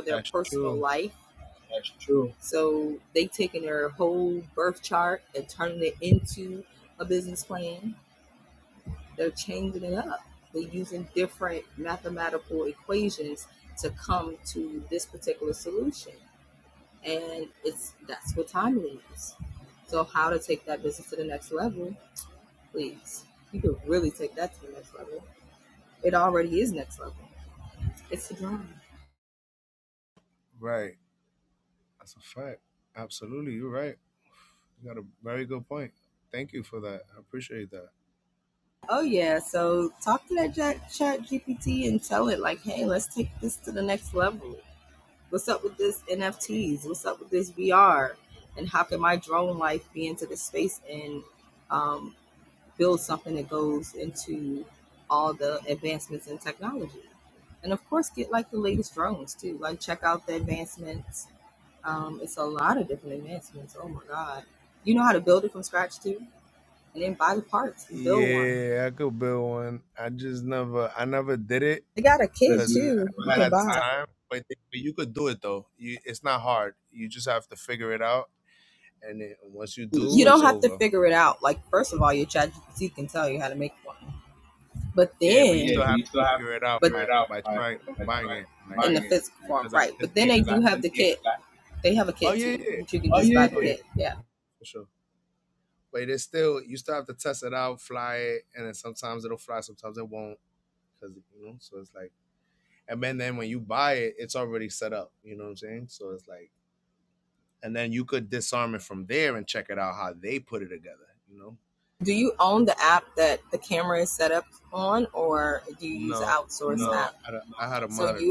That's true. Right. That's a fact. Absolutely. You're right. You got a very good point. Thank you for that. I appreciate that. Yeah, I could build one. I just never, I never did it because I never had the time. But, but you could do it though. You, it's not hard. You just have to figure it out, and then once you do, it's over. Yeah, but you still but have to you still have to figure it out figure by it out. by Like, trying like, buying right, it. Like, cause I, cause, yeah, cause I. like, Oh yeah, yeah, yeah. oh yeah, for sure. But it's still you still have to test it out, fly it, and then sometimes it'll fly, sometimes it won't, cause you know. So it's like. And then, then when you buy it, it's already set up. You know what I'm saying? So it's like, and then you could disarm it from there and check it out how they put it together. You know? No, no, I had a, I had a monitor.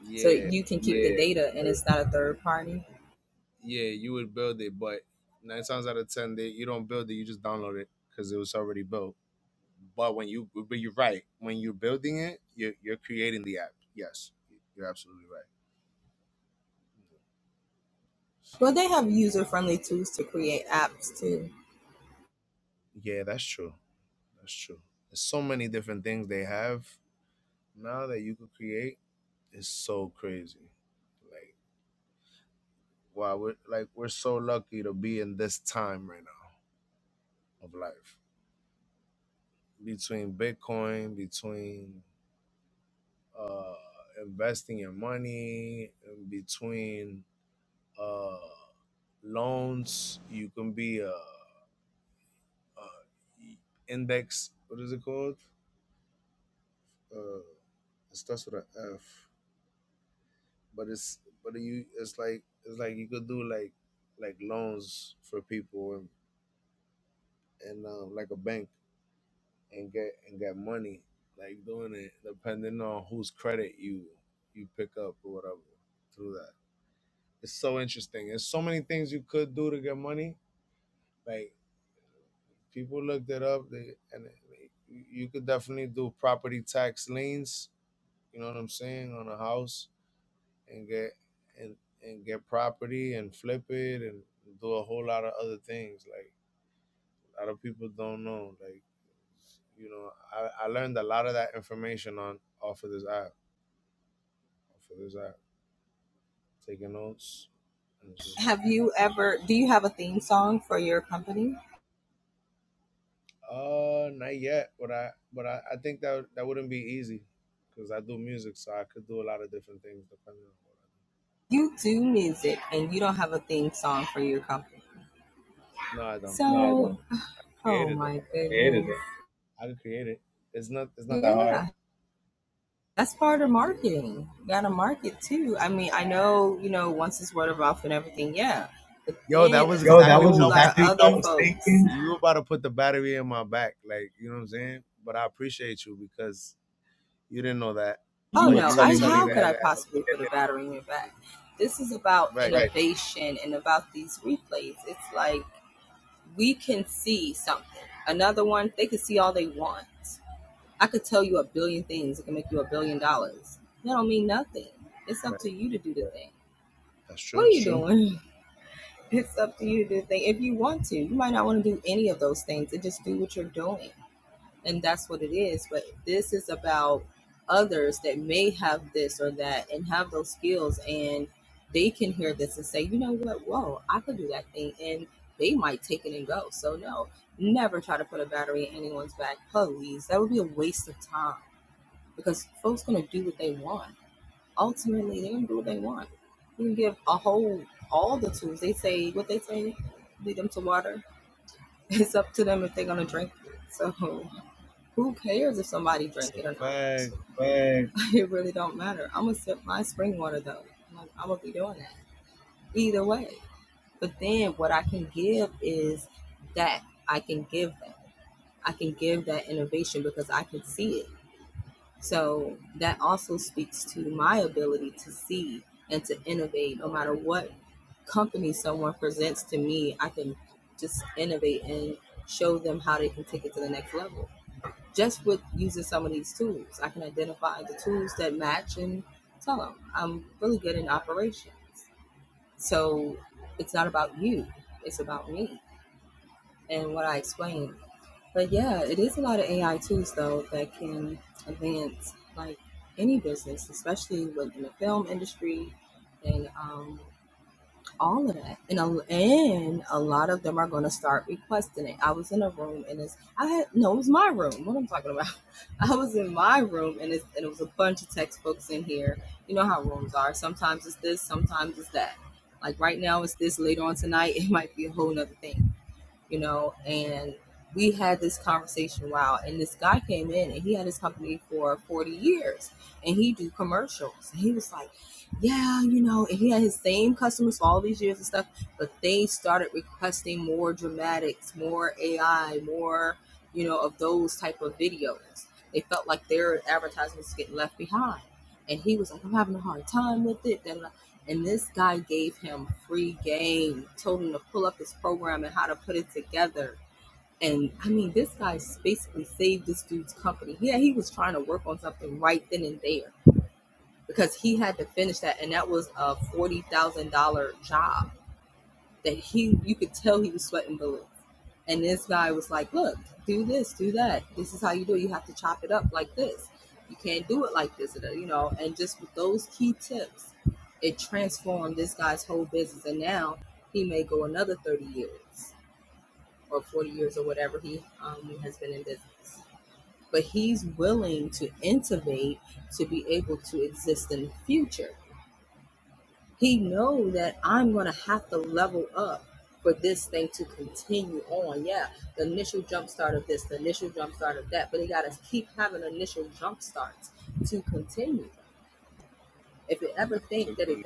Yeah, but yeah, you would build it, but nine times out of ten, they, you don't build it. You just download it because it was already built. But when you, but you're right. When you're building it, you're you're creating the app. Yes, you're absolutely right. So yeah, that's true. That's true. There's so many different things they have now that you could create is so crazy. Like wow, we're like we're so lucky to be in this time right now of life. Between Bitcoin, between uh investing your money, in between uh loans, you can be a, a index what is it called? Uh it starts with an F. But it's but you it's like it's like you could do like like loans for people and, and uh, like a bank and get and get money like doing it depending on whose credit you you pick up or whatever through that it's so interesting there's so many things you could do to get money like people looked it up they, and they, you could definitely do property tax liens you know what i'm saying on a house and get and and get property and flip it and do a whole lot of other things like a lot of people don't know like you know I, I learned a lot of that information on off of this app For Figures out taking notes. And it's just uh not yet, but I but I, I think that that wouldn't be easy because I do music, so I could do a lot of different things depending on what. I do. No, I don't create it though. I could create it. It's not it's not that hard. Yeah. Yo, that was exactly what I was thinking. You about to put the battery in my back, like you know what I'm saying. But I appreciate you because you didn't know that, but you were telling me that. [LAUGHS] Right, right. That's true. It's a fact. man, Absolutely.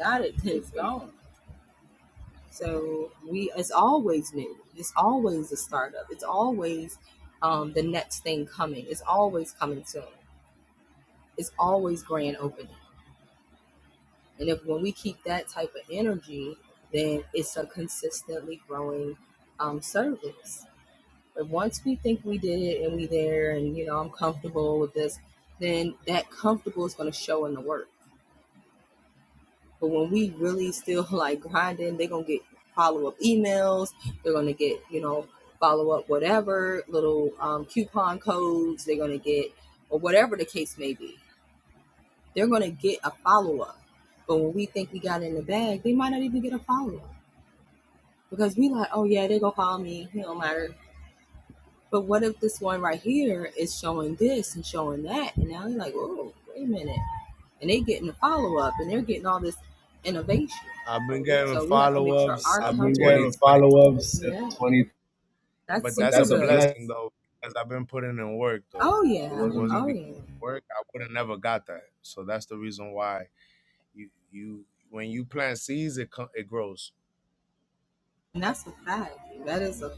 I've been getting follow ups since 2020, follow ups, 20 but that's a plus. blessing though because I've been putting in work though. If it wasn't because of work, I would have never got that. So that's the reason why you you when you plant seeds, it co- it grows. You know what I mean?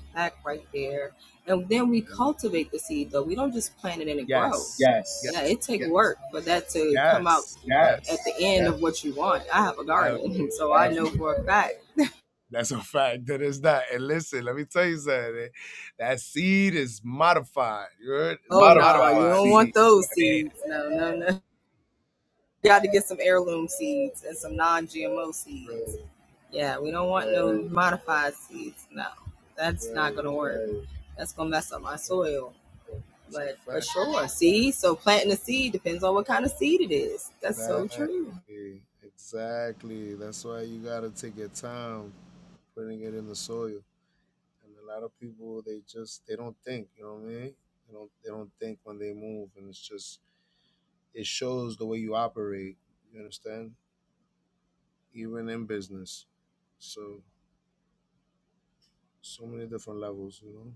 You know? Yes. Yes, Yeah. Yes. Yeah. yes. Hell yeah. That's a fact. That is that. And listen, let me tell you something. That seed is modified. You heard? It's a Oh no, don't modified want. seed. I made it. Right. Right. Right. It's a fact. Exactly. Exactly. That's why you gotta take your time putting it in the soil. And a lot of people they just they don't think, you know what I mean? They don't they don't think when they move and it's just it shows the way you operate. You understand? Even in business. So so many different levels, you know?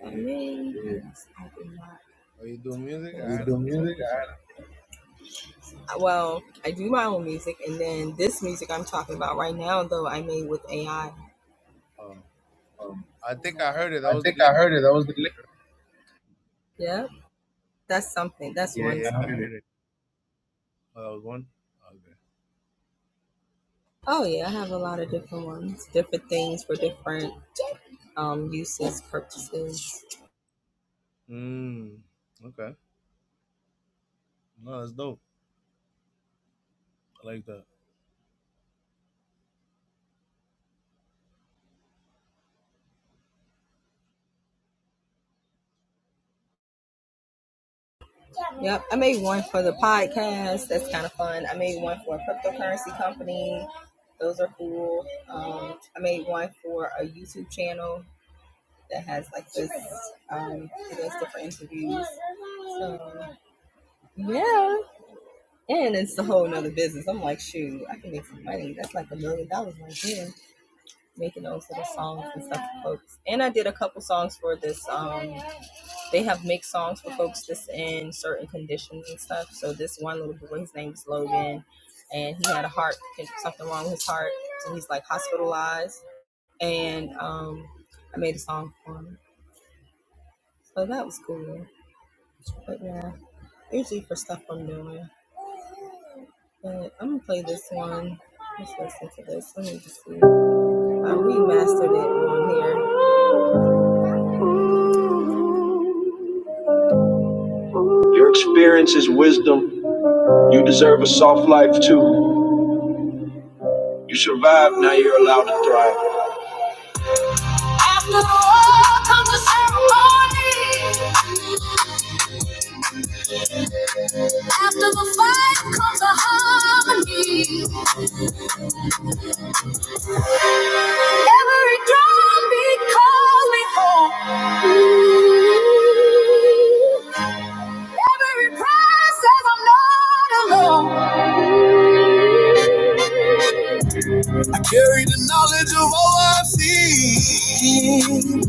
Yeah. Are you doing music? I you had do music. I, oh, I think I heard it. That I was the think lick. I heard it. That was the lick. Yeah, I heard heard it. it. Oh, that was one? Okay. Mm. Okay. No, that's dope. I like that. Your experience is wisdom. You deserve a soft life too. You survived, now you're allowed to thrive. After the war comes the ceremony. After the fight comes the harmony. Every drum beat calls me home. Every prayer says I'm not alone. Carry the knowledge of all I've seen.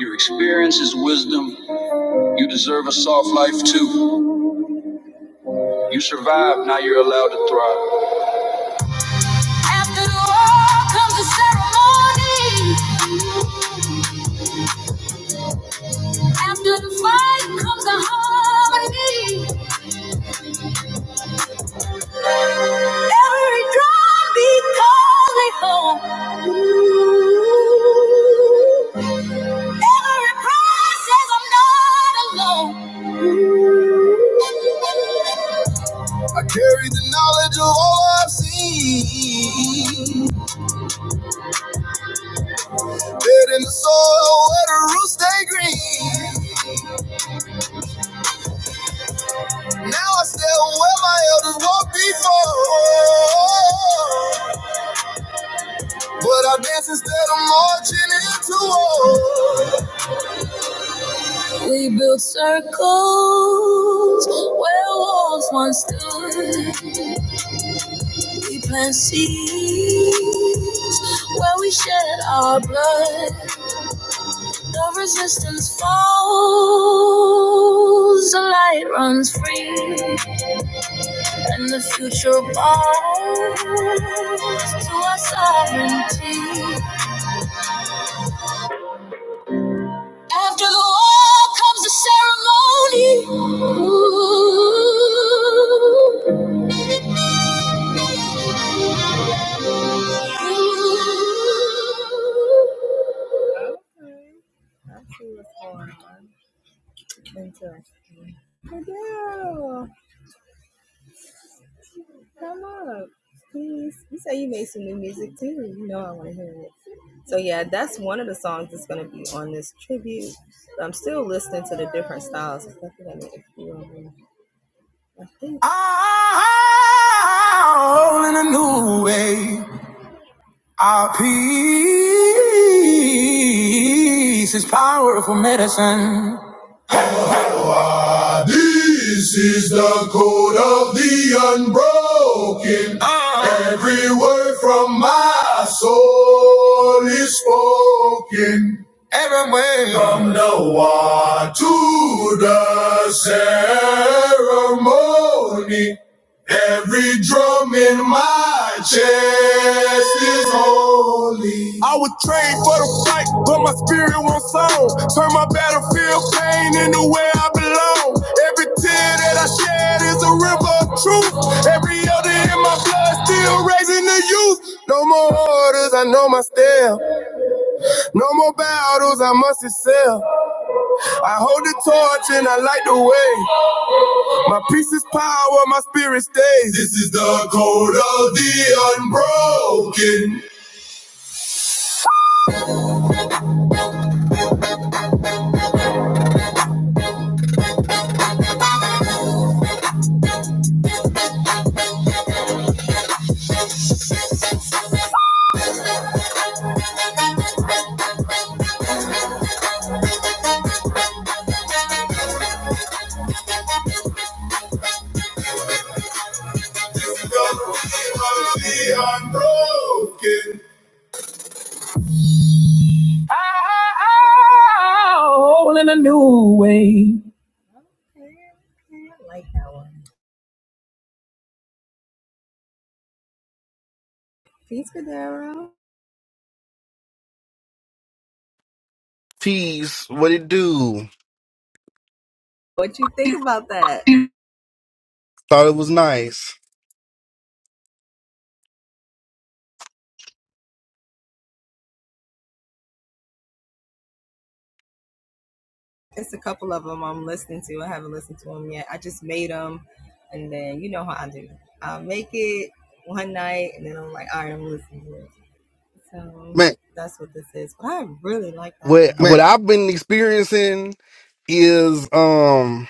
Your experience is wisdom. You deserve a soft life too. You survived, now you're allowed to thrive. After the war comes the ceremony. After the fight comes the harmony. Every drum beat calls me home. Every prayer says I'm not alone. I carry the knowledge of all I've seen. Dead in the soil where the roots stay green. Now I stay where my elders walked before. But I dance instead of marching into war. We built circles where walls once stood. We plant seeds where we shed our blood. The resistance falls, the light runs free. And the future belongs to our sovereignty. After the war comes the ceremony. Ooh. Ooh. All in a new way. Our peace is powerful medicine. I need the code of the unbroken. Ah. Every word from my soul is spoken. Everywhere. From the water to the ceremony. Every drum in my chest is holy. I would trade for the fight, but my spirit won't sound. Turn my battlefield pain into where I belong. Every tear that I shed is a river of truth. Every other in my blood still raising the youth. No more orders, I know my step. No more battles, I must excel. I hold the torch and I light the way. My peace is power, my spirit stays. This is the code of the unbroken. This is the code of the unbroken. Oh, in a new way. Tease, what it do? Thought it was nice. Man, what what Man, I've been experiencing is um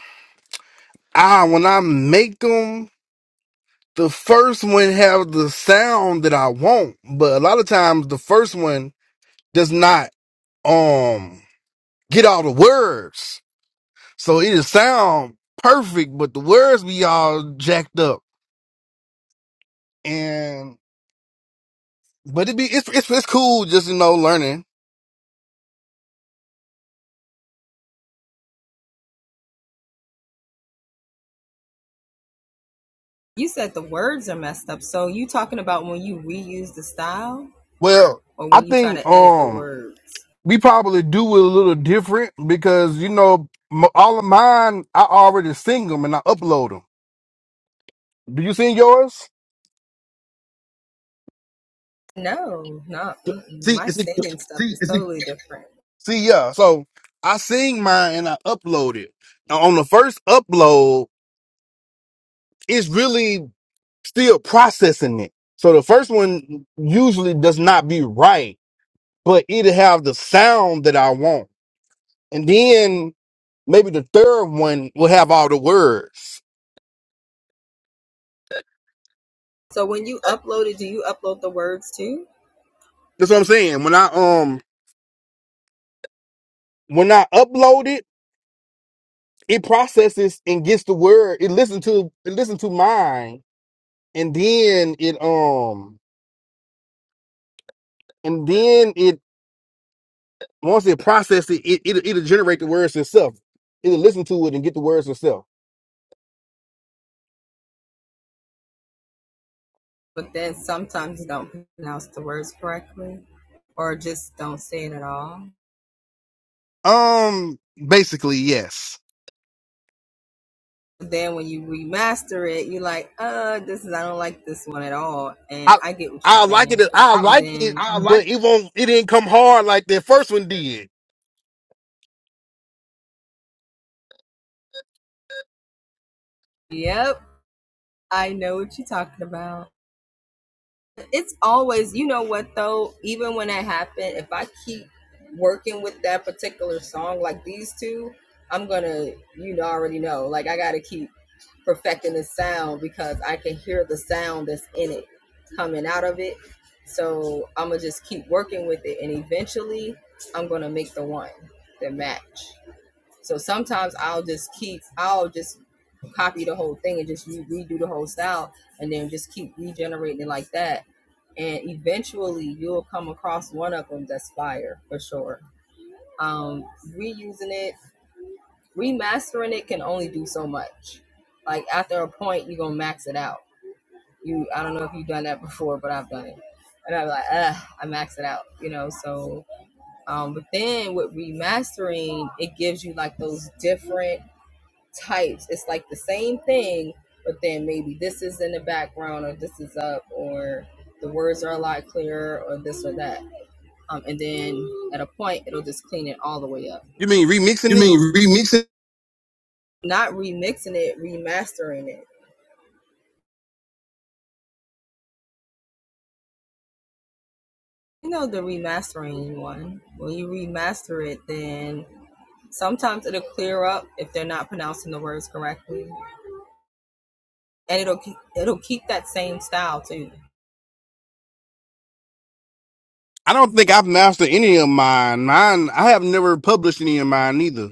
I when I make them the first one have the sound that I want, but a lot of times the first one does not um get all the words. So it is sound perfect, but the words be all jacked up. And but it be it's it's, it's cool just you know learning. Well, I think um we probably do it a little different because you know m- all of mine I already sing them and I upload them. Do you sing yours? See, see, see, yeah. So I sing mine and I upload it. Now on the first upload, it's really still processing it. So the first one usually does not be right, but it'll have the sound that I want, and then maybe the third one will have all the words. That's what I'm saying. When I um when I upload it. it processes and gets the word. It listens to it Listens to mine, and then it um and then it once it processes, it, it it'll, it'll generate the words itself. It'll listen to it and get the words itself. Um, basically, yes. I I like it. I like it, but it won't. It didn't come hard like that first one did. You mean remixing you it? mean remixing I don't think I've mastered any of mine. Mine, I have never published any of mine either.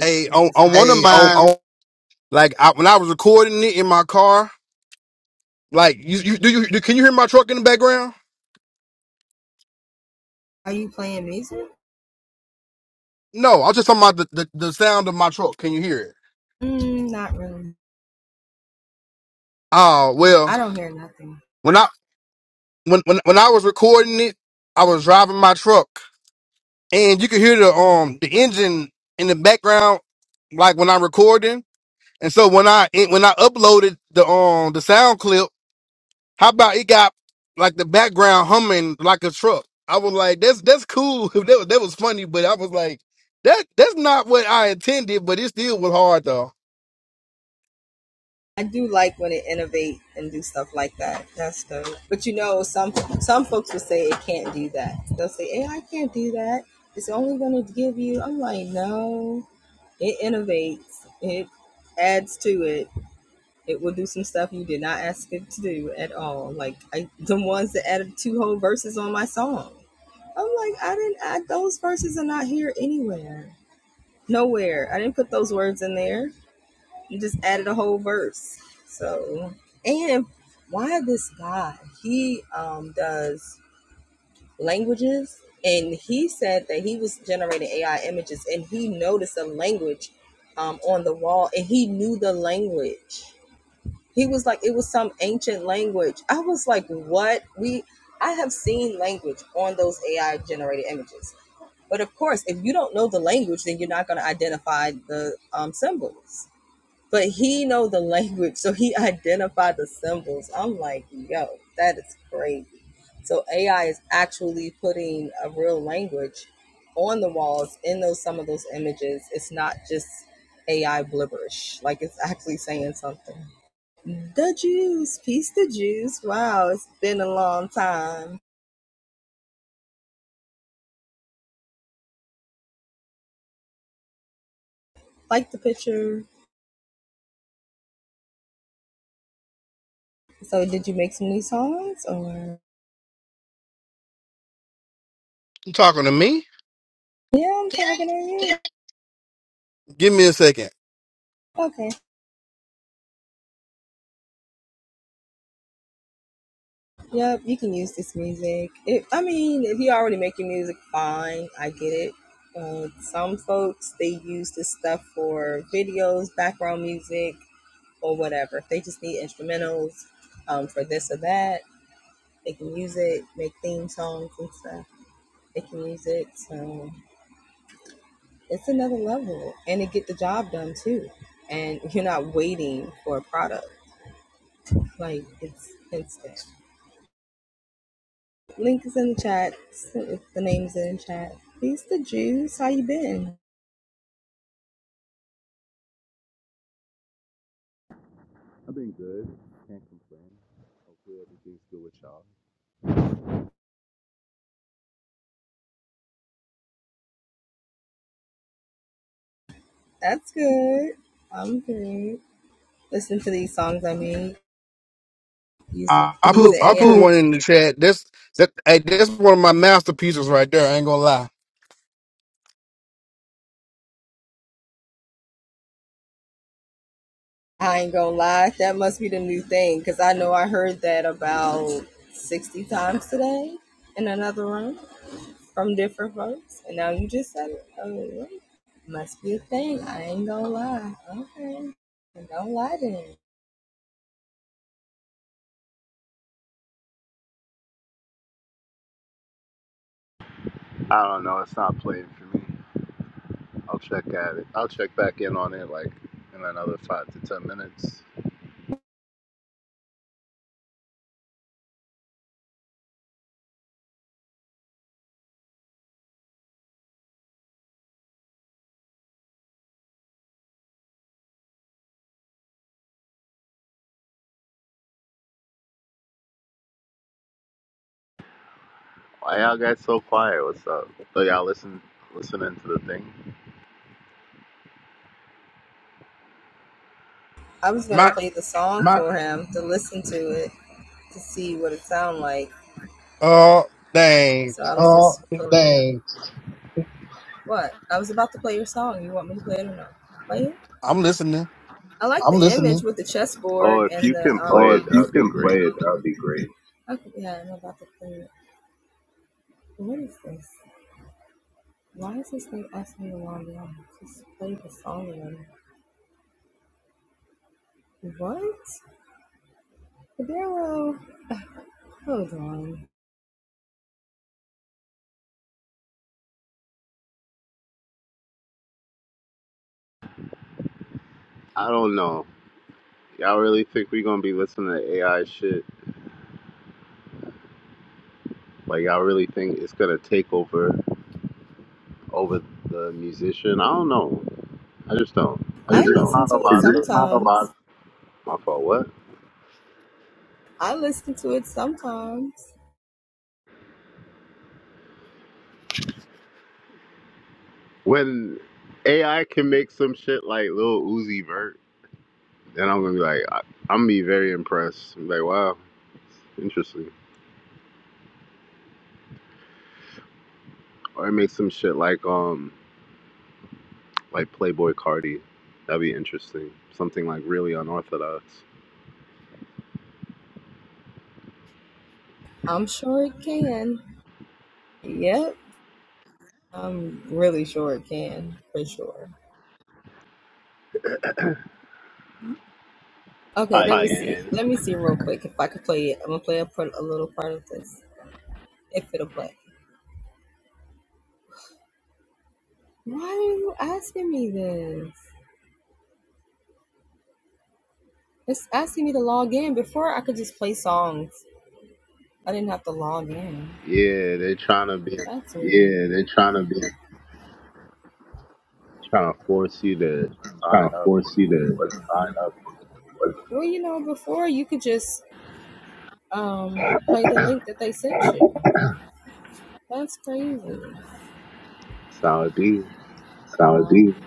Hey, on, on one of Hey, on mine. on? Like I, when I was recording it in my car, like you, you do you do, can you hear my truck in the background? No, I was just talking about the, the, the sound of my truck. Can you hear it? Oh well, when I when, when when I was recording it, I was driving my truck, and you could hear the um the engine in the background, like when I'm recording. And so when I when I uploaded the um the sound clip. How about it got like the background humming like a truck? I was like, that's that's cool. [LAUGHS] that, was- that was funny, but I was like, that that's not what I intended, but it still was hard though. You talking to me? Give me a second. I've been good. Can't complain. Hopefully everything's good with y'all. I, I I put. put I put put- one in the chat. That's that hey, that's one of my masterpieces right there. I ain't gonna lie. I don't know. It's not playing for me. I'll check at it. I'll check back in on it like in another five to ten minutes. Why y'all guys so quiet? What's up? So y'all listen listening to the thing? My uh dang. I'm listening. Oh, if you can play Well, it, if you that'd be can great. play it, that would be great. I don't know. Y'all really think we gonna be listening to AI shit? Like y'all really think it's gonna take over over the musician? I don't know. I just don't. I mean, Cause there's not a lot of my fault. What? When AI can make some shit like Lil Uzi Vert, then I'm gonna be like, I, I'm gonna be very impressed. I'm like, wow, interesting. Or it makes some shit like um, like Playboy Cardi. That'd be interesting. Something like really unorthodox. I can. Yeah, they're trying to be Yeah, they're trying to be trying to force you to sign trying to up force you or to whatever. sign up for what That's how it be. sounds like you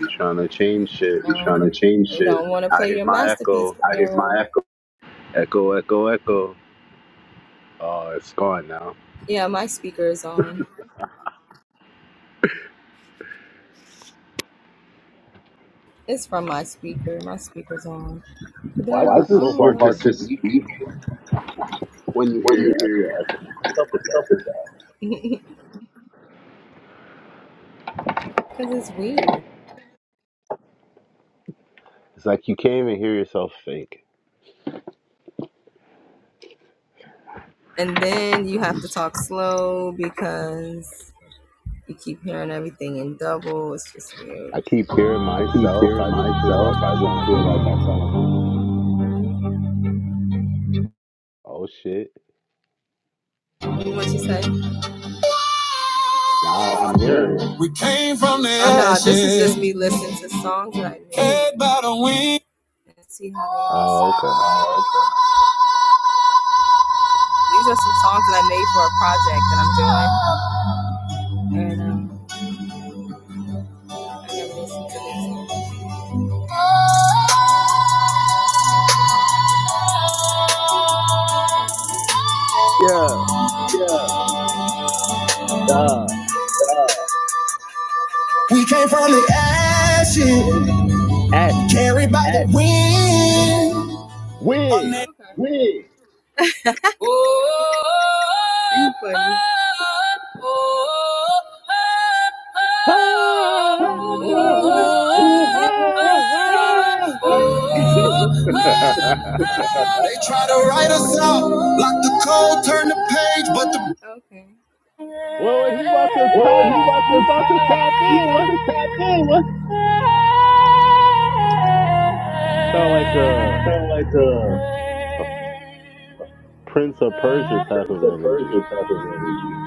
They trying to change shit. change. I hear my echo, My echo. echo, echo, echo. Oh, it's gone now. Why is Why it is this so so hard to hard to speak? speak when you when hear you your hear echo. What's your up with that? echo? It's like you can't even hear yourself think. I keep hearing I keep myself. hearing I just feel myself. like I I sound just like feel an like idiot. I sound like Oh shit! Now I'm I'm hearing hearing it. it. We came from the head by the wind. Oh okay. Yeah. Uh. We came from the ashes, Ash. carried by the Ashes. wind. A Win. nation Ah, oh, ah, ah. They try to write us out, like the code, turn the page, but the [LAUGHS] well, he about to Oh, he tap. about to You about to tap tap. He in? about What? to tap in. What? Sound like a, Sound like a, a Prince of Persia type of it's a energy. Persia type of energy.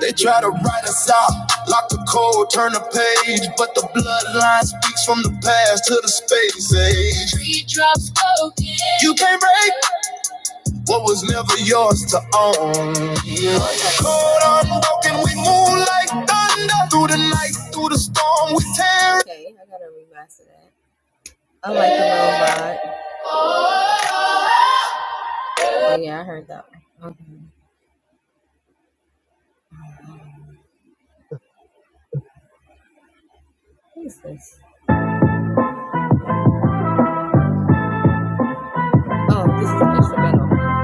They try to write us out, lock the code, turn the page, but the bloodline speaks from the past to the space age. Three drops spoken. You can't break what was never yours to own. Code unbroken, we move like thunder through the night, through the storm, we tear.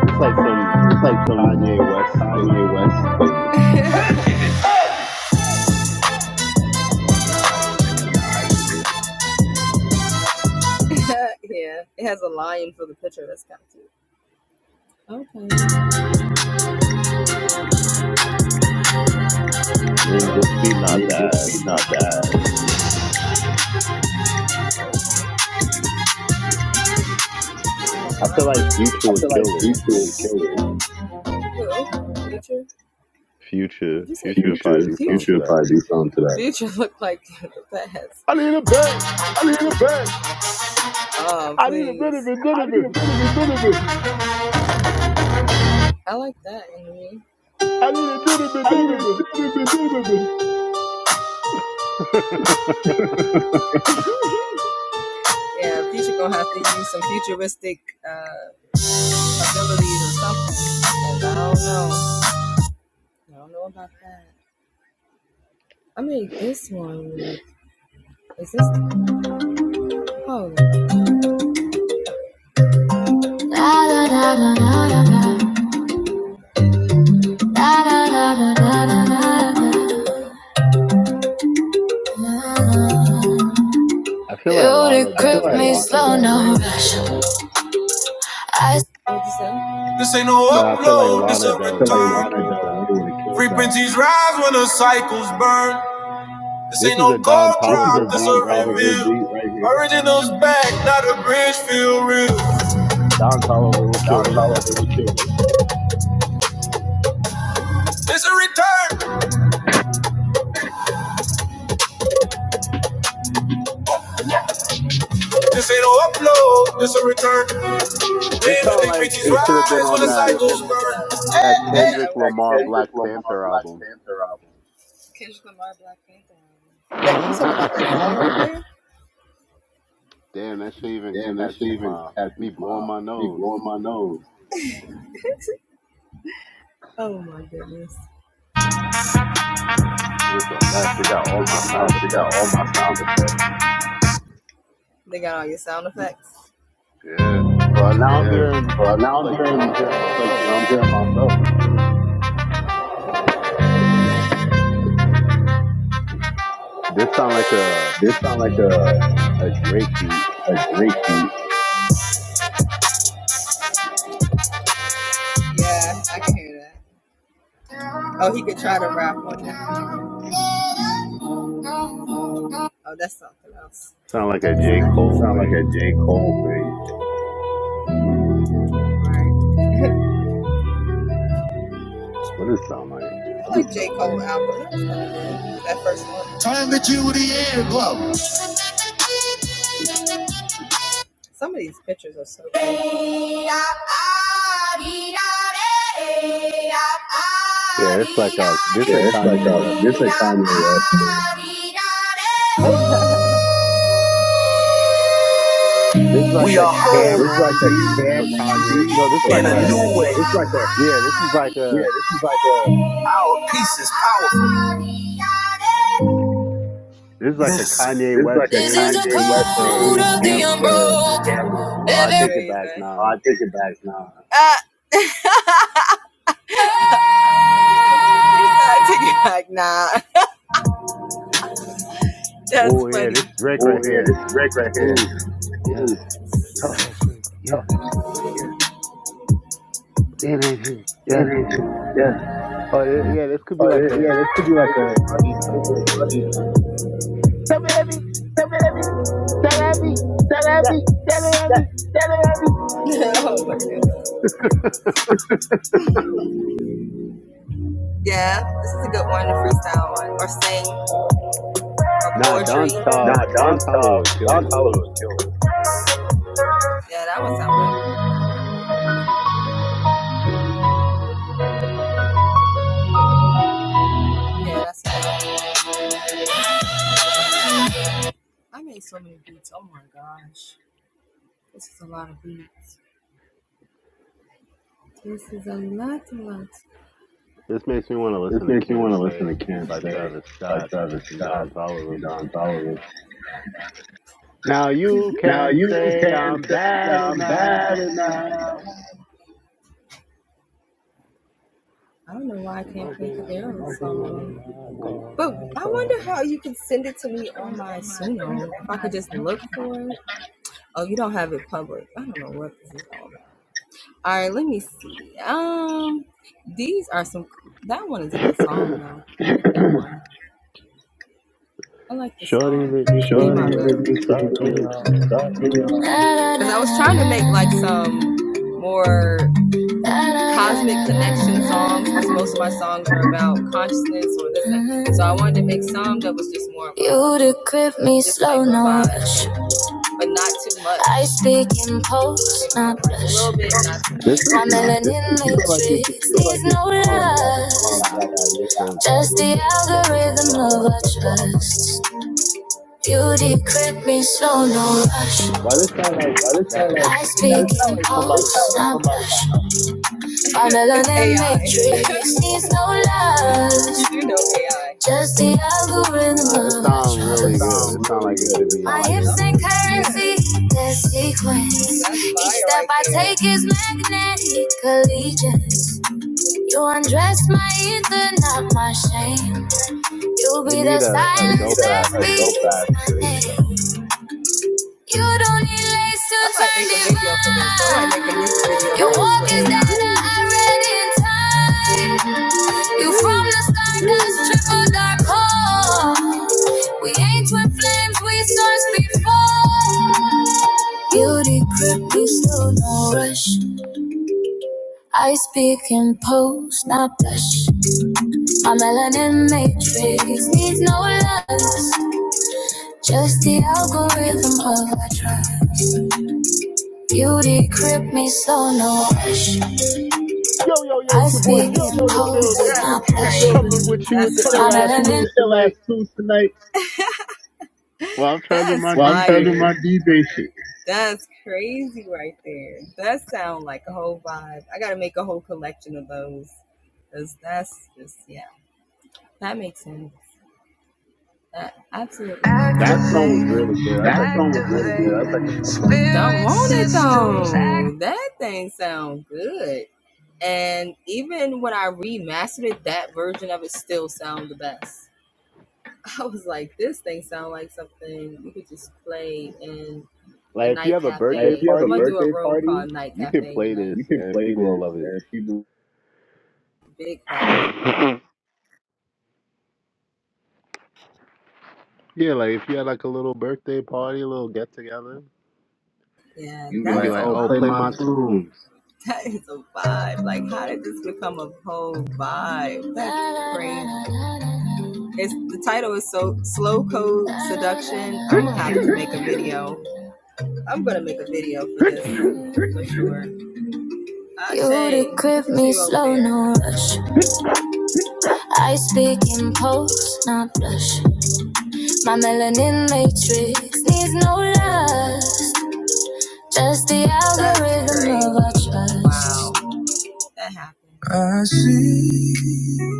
It's like some It's like some Kanye West thing. Kanye Nah, I did isn't. it. I mean, this beat West not made bad. this beat not bad. I feel like Future I would feel like kill this. you should kill Future, Future would it. probably do Should something to should that. probably do something to that. I need a bag. I need a bed. I need a bit of it, bit I of need it. a bed. I need a bit of it, bit of it. You [LAUGHS] I feel like Lana Del decrypt Rey me would kill slow, this. no rush. I this ain't no Yeah, I feel like upload, this Lana a Del Rey would have killed that. return. Frequencies rise when the cycles burn. This This ain't is no a Don cold Tolliver drop, this a beat right here. reveal. Originals back, not a bridge, feel real. Don Tolliver would kill this. This a return. This ain't no upload. This a return. Waves This and sound like frequencies it should have been rise when on the that cycles burn. that Kendrick that Lamar Kendrick Black Lamar Panther Black album. Panther album. [LAUGHS] Damn, that shit even Damn, that shit catches even my me tattoos blowing my my be nose. blowing my nose. It's a mess. It got It's all my sound They got all effects. my sound effects. Yeah. Well, now I'm hearing, Yeah. But now I'm like you hearing know, I'm like hearing myself. It's I'm crazy. hearing myself. This sound like a This sound like a a Drake beat. a Drake beat. Sound like a J It Cole sound like a thing. J. Cole thing. What does it sound like? Yeah, it's like a this is Yeah, a it's like Kanye West a this is like thing. Kanye West. thing. This is like We a are whole It's like Cameron a beat jam for Kanye. No, this is in like a uh, a new way. it's like a yeah. This is like yeah. a This is like a this is like a Medicine. this Kanye is West like a Kanye made beat West code for made Cameron. Oh, I take it back. Oh, Nah. I take it back now. Oh yeah, this Drake right Oh yeah, here. this Drake right here. Ooh, yeah. Ooh, Talk that shit. Yeah. tough. Damn that shit. Yeah. yeah. Oh yeah, yeah, this could be Oh like yeah, a yeah. This could be like Playboy Cardi nonsense. a Come at me. Come at me. that beat. Yeah. tell at me. that beat. Nah, Don Tol nah. Don Don Tolliver would Toliver. kill Don this. Toliver killed. it. This makes me want to listen This to makes me Can't want to listen Say to "Can't by Stay" Travis by Scott Travis and Scott Don Tolliver. and Don Toliver. Now you Now can you say I'm can say bad I'm bad enough. enough. Smoking a little, come on, alcohol. [CLEARS THROAT] [CLEARS THROAT] Shorty let me Show clean up what you me stop me freedom off. stop me up. You to grip me, such. I speak in post, not blush. This is My nice. melanin This feel like you can matrix give needs no um that love, Tanea Ayayeko just the chick a run algorithm for our money. love I trust. You decrypt me slow, no rush. Why this sound like that? I speak It sound in like somebody post, I know. not blush. My melanin matrix needs no love, Just the Nah, algorithm this of our sound trust. That really good. sounds It sound really like it good. should be My like on hips and Billboard. curvy, that sequence. Each step right I take is magnetic allegiance. You undress my ether, not my shame. You They be the need a, a silence dope that ass a dope bridge beats my though. name. You don't need lace to Dana, I read in time. You from the sky, cause triple dark hole. We ain't twin flames, we source before. Guilty grip, you still no rush. I speak in pose, not blush. My melanin matrix needs no lust, just the algorithm of our trust. Beauty grip me slow, no rush. Yo yo yo, I it's your boy speak in Juice in the pose, building. not blush. Coming with you with the My ill ass melanin. tunes tonight. Well, I'm trying to do my Well, I'm DJ you, shit. my DJ shit. That song was really good. That's like That the song is best song really you good. I played. was like, Like if you have a birthday party, you can play this you can and play people will this love and people. it. [LAUGHS] Yeah, like if you had like a little birthday party, a little get together, you can be like, "Oh, play my Ooh. tunes." Grip no rush. I speak in pose, not blush. My melanin matrix needs no love, just the out. I see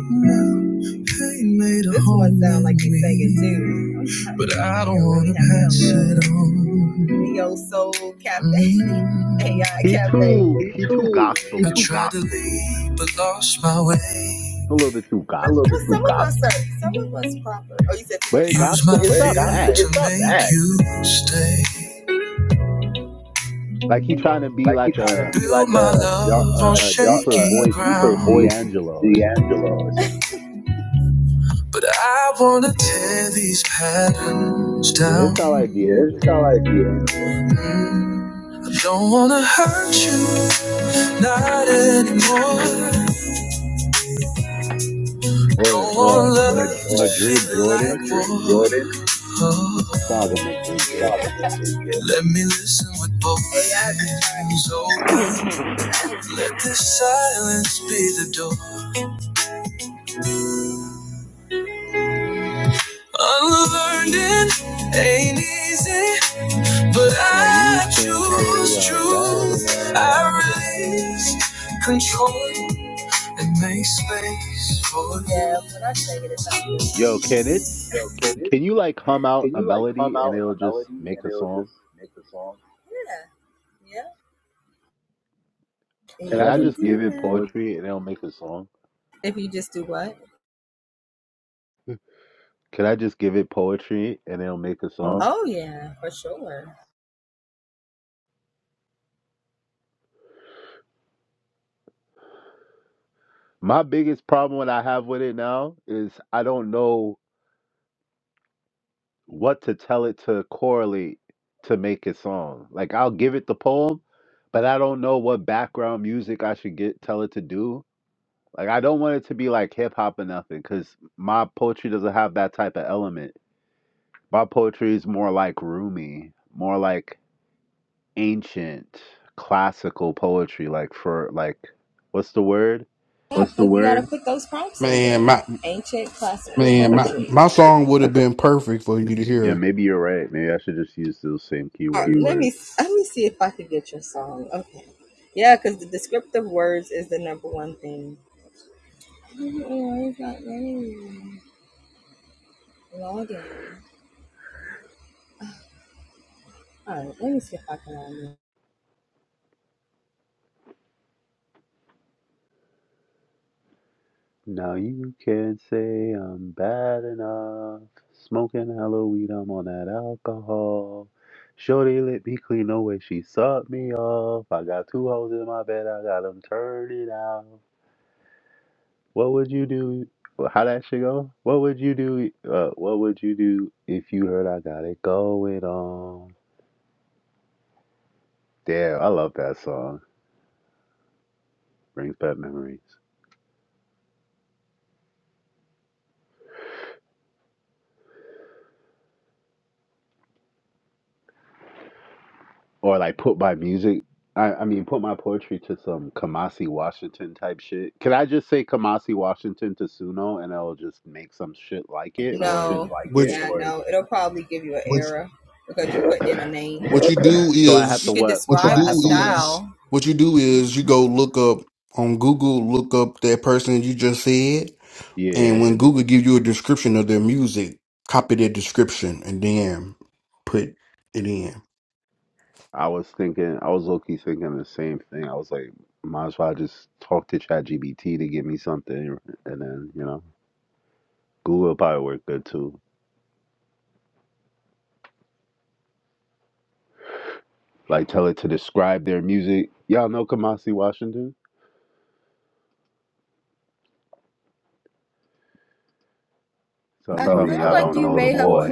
now pain made a this home one sound like in me, too. [LAUGHS] But I don't want to pass it on. Mm, He too, he too I gospely, tried to leave, but lost my way. a little bit too gospel. [LAUGHS] some of us are, some of us proper. Oh, you said too But much. it proper. Use my gospel, Wait, it's fear not bad. to It's just make you stay. like he trying to be Like he's like trying a to be like my a, a dar a, a, a deeper a, a voice, ground. voice, D'Angelo or something. D'Angelo. But I wanna tear these patterns Yeah, down. it's not like Yeah, it's D'Angelo. kind of like you. I don't wanna hurt you, not anymore. or Don't or want love Mad- yeah. to Yeah, Madrid feel Jordan like war. Oh. Saga Madrid Jordan. Stop Let me learn it ain't. Now you can't say I'm bad enough. Yo, can it? Yo, can, Can you like hum out can a you like hum melody and out a it'll just melody make and a it'll song? just make the song? Can I just give it Or- poetry and it'll make a song? Can I just give it poetry and it'll make a song? My biggest problem what I have with it now is I don't know what to tell it to correlate to make a song. Like I'll give it the poem, but I don't know what background music I should get tell it to do. Like I don't want it to be like hip hop or nothing, because my poetry doesn't have that type of element. My poetry is more like Rumi, more like ancient classical poetry. Like for like, what's the word? What's the word? Man, my my song would have been perfect for you to Yeah, hear. maybe you're right. Maybe I should just use those same keywords. Now you can't say I'm bad enough. Smoking hella weed, I'm on that alcohol. Shorty let me clean the way she sucked me off. I got two hoes in my bed, I got them turning out. What would you do? How that shit go? What would you do? Uh, what would you do if you heard I got it going on? Damn, I love that song. Brings back memories. or like put my music I, I mean put my poetry to some Kamasi Washington type shit. Can I just say Kamasi Washington to Suno and it'll just make some shit like it or is Like it? Which it- [COUGHS] what you do [CLEARS THROAT] so I have to is what What you do is you go look up on Google, look up that person you just said, yeah. and when Google gives you a description of their music, copy that description and then put it in. I was thinking I was low key thinking the same thing. I was like, might as well just talk to ChatGPT to give me something and then, you know, Google probably work good too. Like tell it to describe their music. Y'all know Kamasi Washington? So I'm telling you, y'all don't know the boy.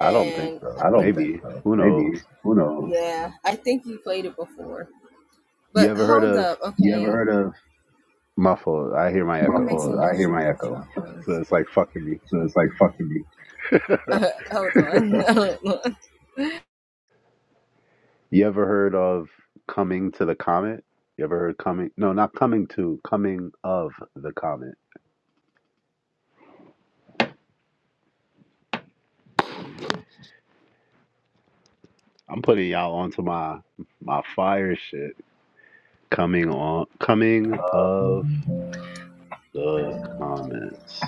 I don't think so. think Maybe. so. Who knows? Maybe. Who knows? You ever heard of Heard of muffle? I hear my echo. my echo. So So it's like fucking me. it's like fucking me. You ever heard of coming to the comet? You ever heard coming no, not coming to, coming of the comet. I'm putting y'all onto my my fire shit. Coming on coming of the comet.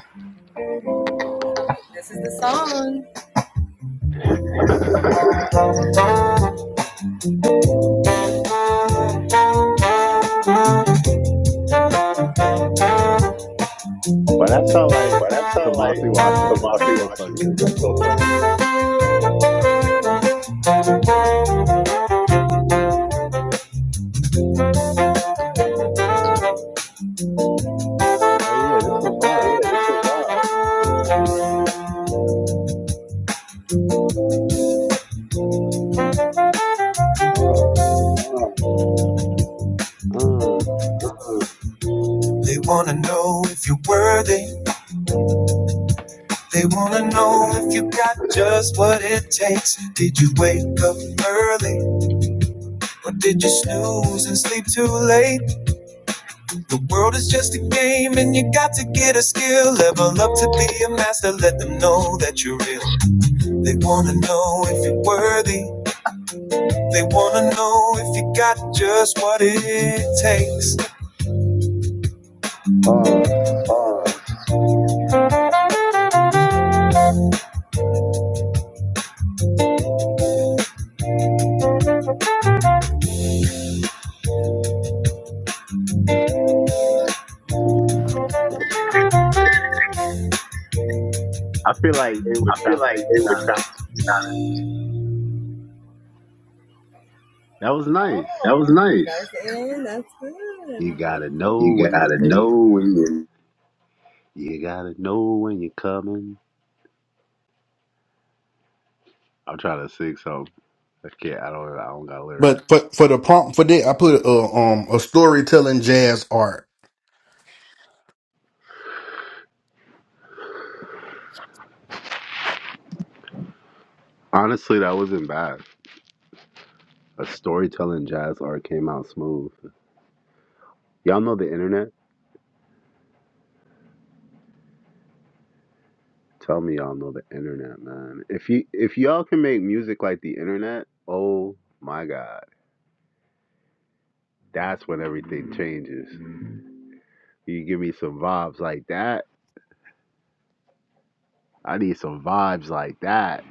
But that sound like But that sounds like Kamasi the Washington. That's Bossy so funny. Washington. That's so funny. Oh yeah, this Oh, survived. yeah, Uh, uh, Just did wake up early? Did you get up till you got just uh. I feel like they would I feel like they would chop try. That was nice. That was nice. You gotta know You when you're gotta late. know when you're You gotta know when you're coming. I'm trying to sing something. I can't. I don't. I don't got But lyrics. for for the prompt for that, I put a um a storytelling jazz art. Honestly, that wasn't bad. A storytelling jazz art came out smooth. Y'all know the internet. Tell me, y'all know the internet, man. If you if y'all can make music like the internet, oh my god, that's when everything changes. You give me some vibes like that. I need some vibes like that.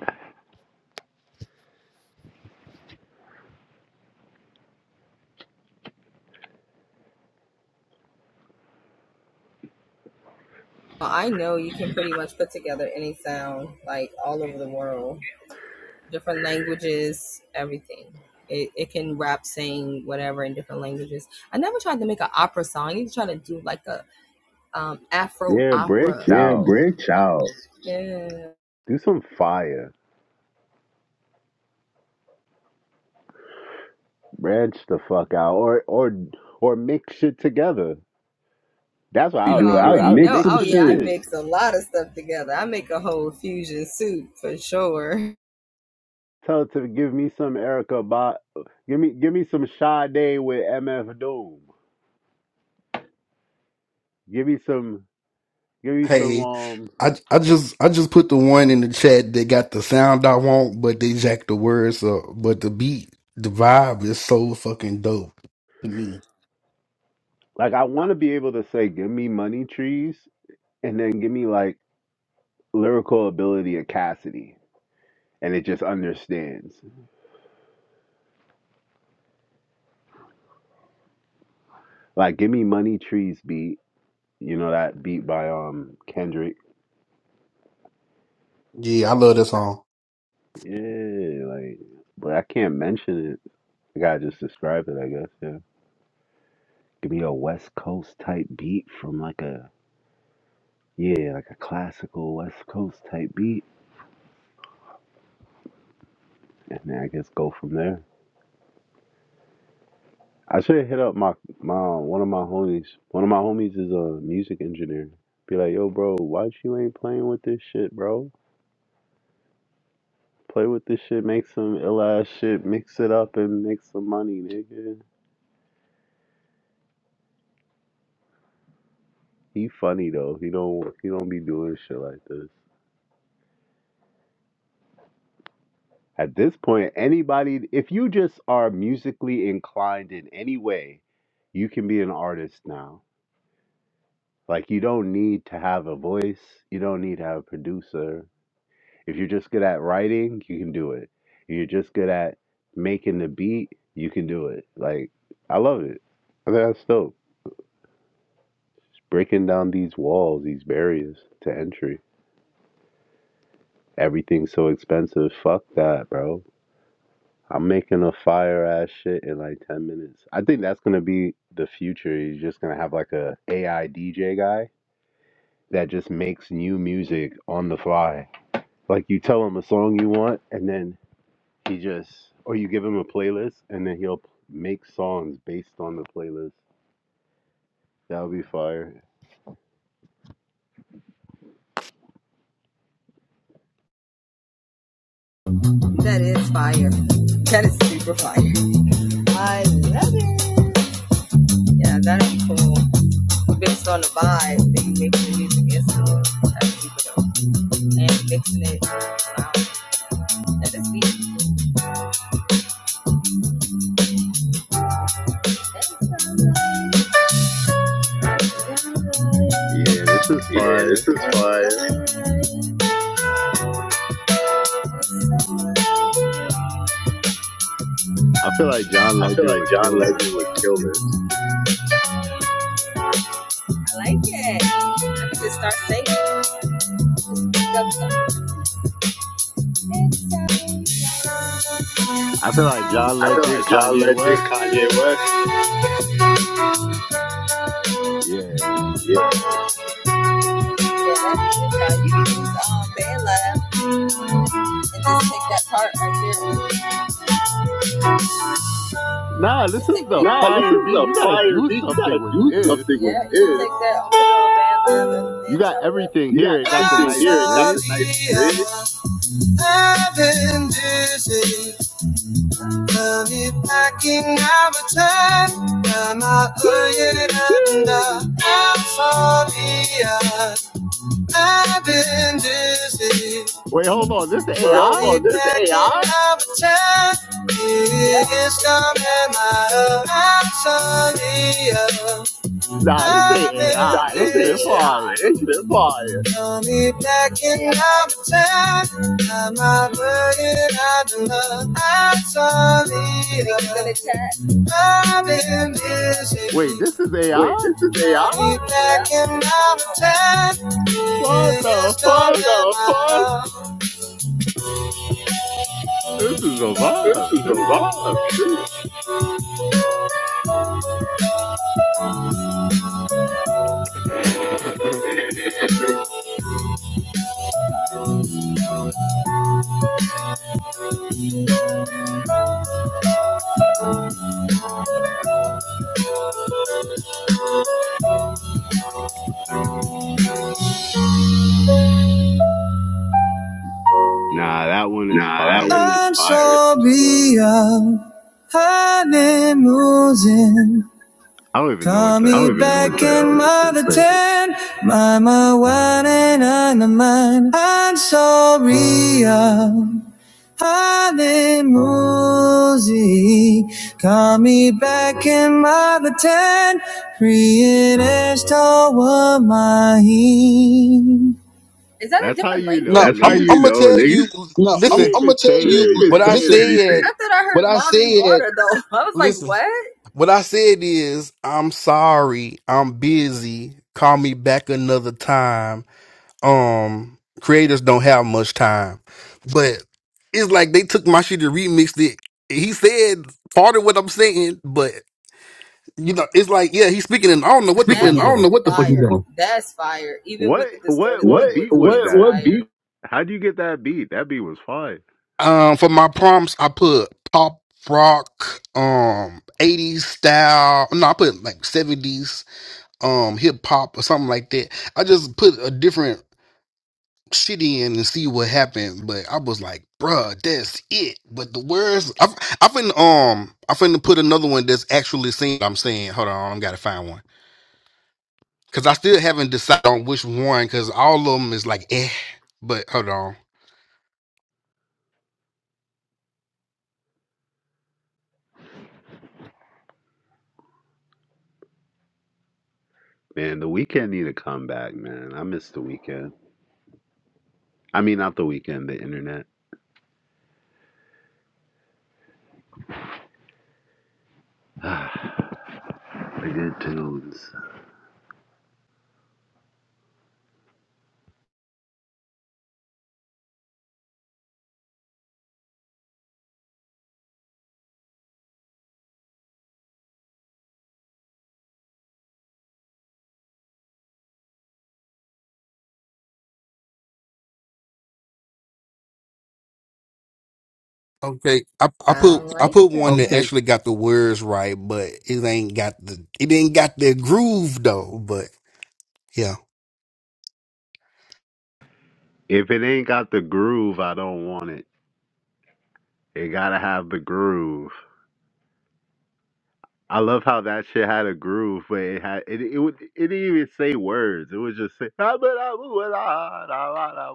Yeah, break there, out. break out. Do some fire. branch the fuck out or or or mix shit together. That's what I would be doing. I would mix some shit. Tell her to give me some Erica Bot. Give me give me some Sade with MF Doom. Give me some give me some Hey, um I I just I just put the one in the chat that got the sound I want, but they jacked the words up. But the beat, the vibe is so fucking dope to me. like I want to be able to say give me money trees and then give me like lyrical ability of Cassidy and it just understands. Like give me money trees beat, you know that beat by um Kendrick. Yeah, I love that song. Yeah, like but I can't mention it. I gotta just describe it, I guess. Yeah. Give me a West Coast type beat from like a yeah, like a classical West Coast type beat, and then I guess go from there. I should hit up my my one of my homies. One of my homies is a music engineer. Be like, yo, bro, why you ain't playing with this shit, bro? Play with this shit, make some ill ass shit, mix it up and make some money, nigga. He funny though. He don't he don't be doing shit like this. At this point, anybody, if you just are musically inclined in any way, you can be an artist now. Like, you don't need to have a voice, you don't need to have a producer. If you're just good at writing, you can do it. If you're just good at making the beat, you can do it. Like, I love it. I think that's dope. It's breaking down these walls, these barriers to entry. Everything's so expensive. Fuck that, bro. I'm making a fire ass shit in like 10 minutes. I think that's going to be the future. You're just going to have like a AI DJ guy that just makes new music on the fly. Like you tell him a song you want and then he just or you give him a playlist and then he'll make songs based on the playlist. That would be fire. Yeah, this is Yeah, fire. this is fun. I feel like John I feel Legend like would kill John this. Legend would kill this. I feel like John I feel Legend, like John Kanye Legend, West. Kanye West. Yeah. Yeah. Nah, this is the Nah, this is fire beat. a You gotta fire do beat. You something gotta with do this. something. You got everything You got here. It got the everything nice here. It got the bridge. nice bridge. Jeez. Wait, hold on. This Bro, AI? Nah, this ain't AI. This this is is AI. fire. This is fire. Wait, this is Wait, AI? this is AI? What the What fuck? the fuck? This is a This vibe. is a vibe. Shit. [LAUGHS] Nah, that one is Nah, that was fire. fire. honeymoon. I don't even know what Me the I don't even hell know back this what the is hell in saying. my this ten. My, my wine and I'm mine. I'm so real. Alemusi, call me back in my ten, That's how you know No, That's how I'm niggas. [LAUGHS] you I'm gonna know, tell nigga. you. No, She I'm, Listen, ain't I'm even gonna tell saying you. what anything. I Listen, anything. said. I I what heard But I said. Listen, what I said is, I'm sorry. I'm busy. Call me back another time. Um, creators don't have much time, but it's like they took my shit and remixed it. He said part of what I'm saying, but you know, it's like yeah, he's speaking, and I don't know what the Speak. fuck he I don't doing. know what the. F- What what what beat was What? that? How do you get that beat? That beat was fire. Um, for my prompts, I put pop rock, um, 80s style. No, I put like 70s um hip hop or something like that. I just put a different shit in and see what happened. But I was like, bruh, that's it. But the words I I finna um I finna put another one that's actually seen. I'm saying. Hold on, I gotta find one. Cause I still haven't decided on which one cause all of them is like eh. But hold on. Man, the weekend need to come back, man. I miss the weekend. I mean, not the weekend, the internet. The good tunes. Okay. I, I put I put one that actually got the words right, but it ain't got the it ain't got the groove though. But yeah. If it ain't got the groove, I don't want it. It gotta have the groove. I love how that shit had a groove, but it had it. It, would, it didn't even say words. It was just say, [LAUGHS]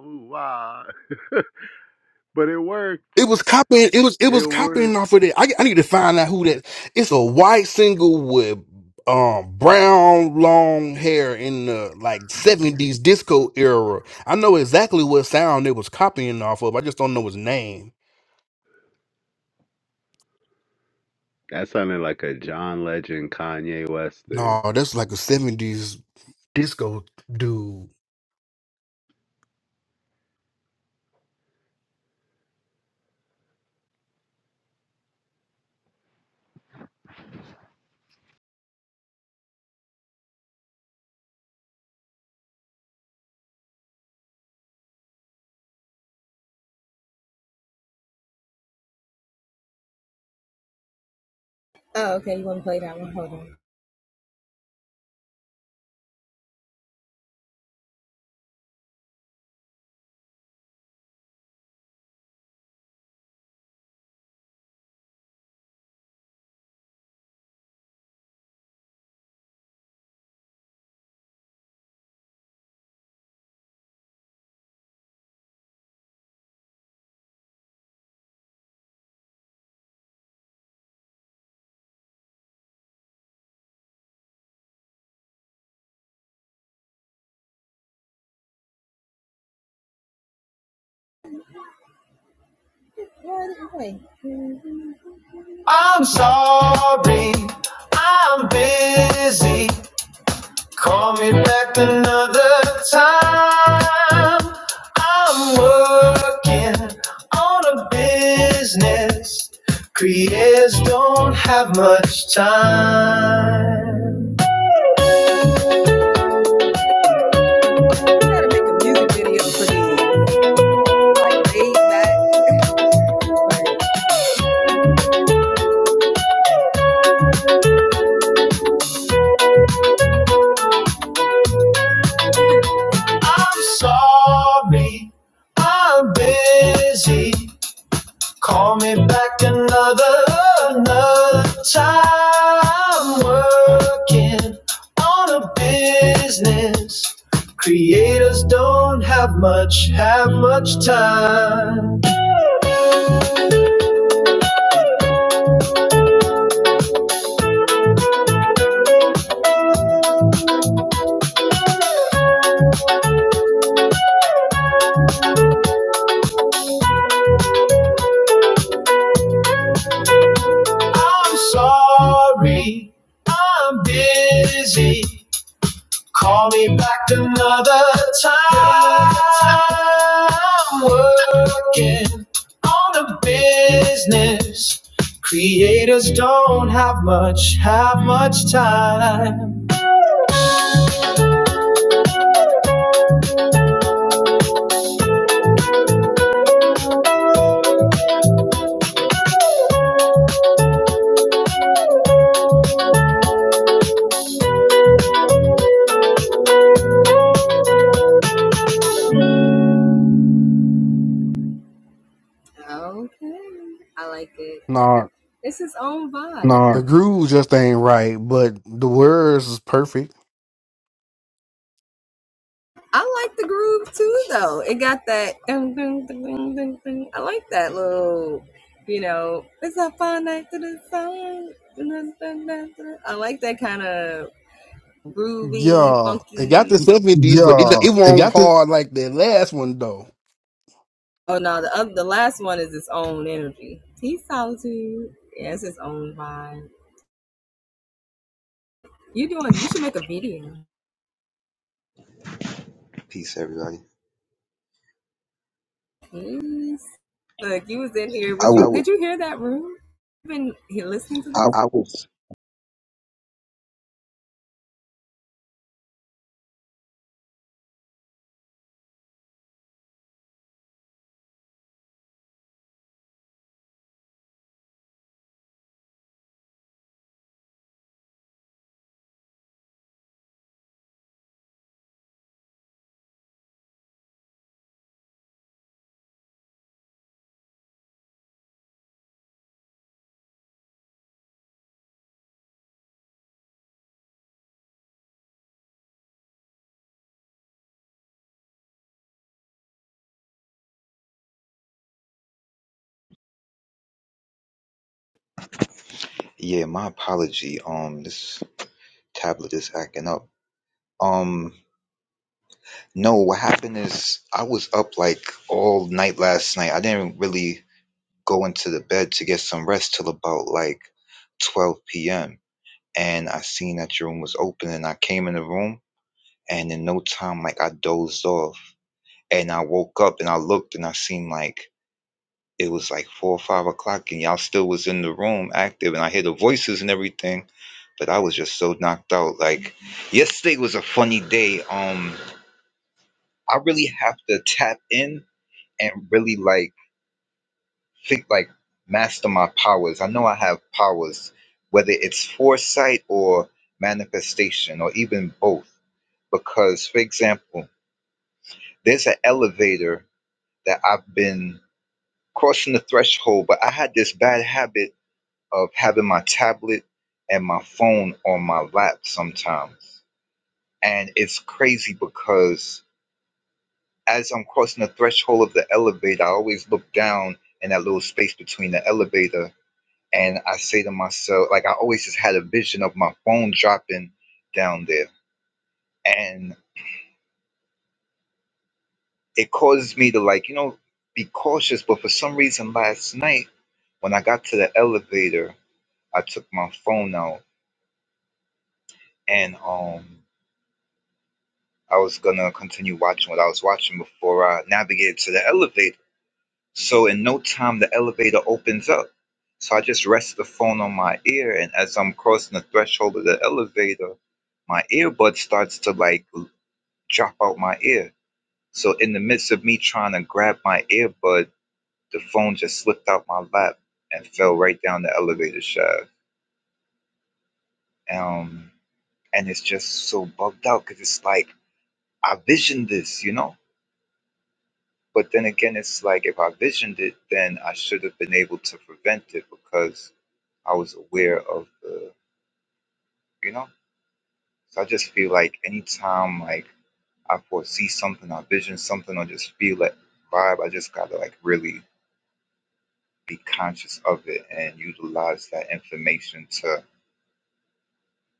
but it worked. It was copying. It was it It was copying worked. off of that. I, I need to find out who that. It's a white single with um brown long hair in the like seventies disco era. I know exactly what sound it was copying off of. I just don't know his name. That sounded like a John Legend, Kanye West thing. No, that's like a seventies disco dude. I'm sorry, I'm busy. Call me back another time. I'm working on a business. Creators don't have much time. I'm sorry, I'm busy. Call me back another another time working on a business. Creators don't have much, have much time. I'm sorry, I'm busy. Call me back another time. Working on the business. Creators don't have much, have much time. Nah, All the right. groove just ain't right, but the words is perfect. Yeah, it got the seventies, but Yo, it it won't got this. hard like that last one though. Peace, everybody. I was, I, I was. Yeah, my apology. Um, this tablet is acting up. Um, no, what happened is I was up like all night last night. I didn't really go into the bed to get some rest till about like 12 p.m. And I seen that your room was open, and I came in the room. and in no time like i dozed off and i woke up and i looked and i seen like it was like four or five o'clock and y'all still was in the room active and i hear the voices and everything but i was just so knocked out like yesterday was a funny day um i really have to tap in and really like think like master my powers i know i have powers whether it's foresight or manifestation or even both because for example there's an elevator that I've been crossing the threshold, but I had this bad habit of having my tablet and my phone on my lap sometimes. And it's crazy because as I'm crossing the threshold of the elevator, I always look down in that little space between the elevator and I say to myself, like, I always just had a vision of my phone dropping down there. And it causes me to, like, you know, be cautious. But for some reason, last night when I got to the elevator, I took my phone out and um I was gonna continue watching what I was watching before I navigated to the elevator. So in no time the elevator opens up. So I just rest the phone on my ear and as I'm crossing the threshold of the elevator, my earbud starts to like l- drop out my ear. So in the midst of me trying to grab my earbud, the phone just slipped out my lap and fell right down the elevator shaft. Um and it's just so bugged out because it's like I visioned this, you know. But then again, it's like if I visioned it, then I should have been able to prevent it because I was aware of the, you know. So I just feel like anytime like I foresee something, I vision something, or just feel that vibe, I just gotta like really be conscious of it and utilize that information to,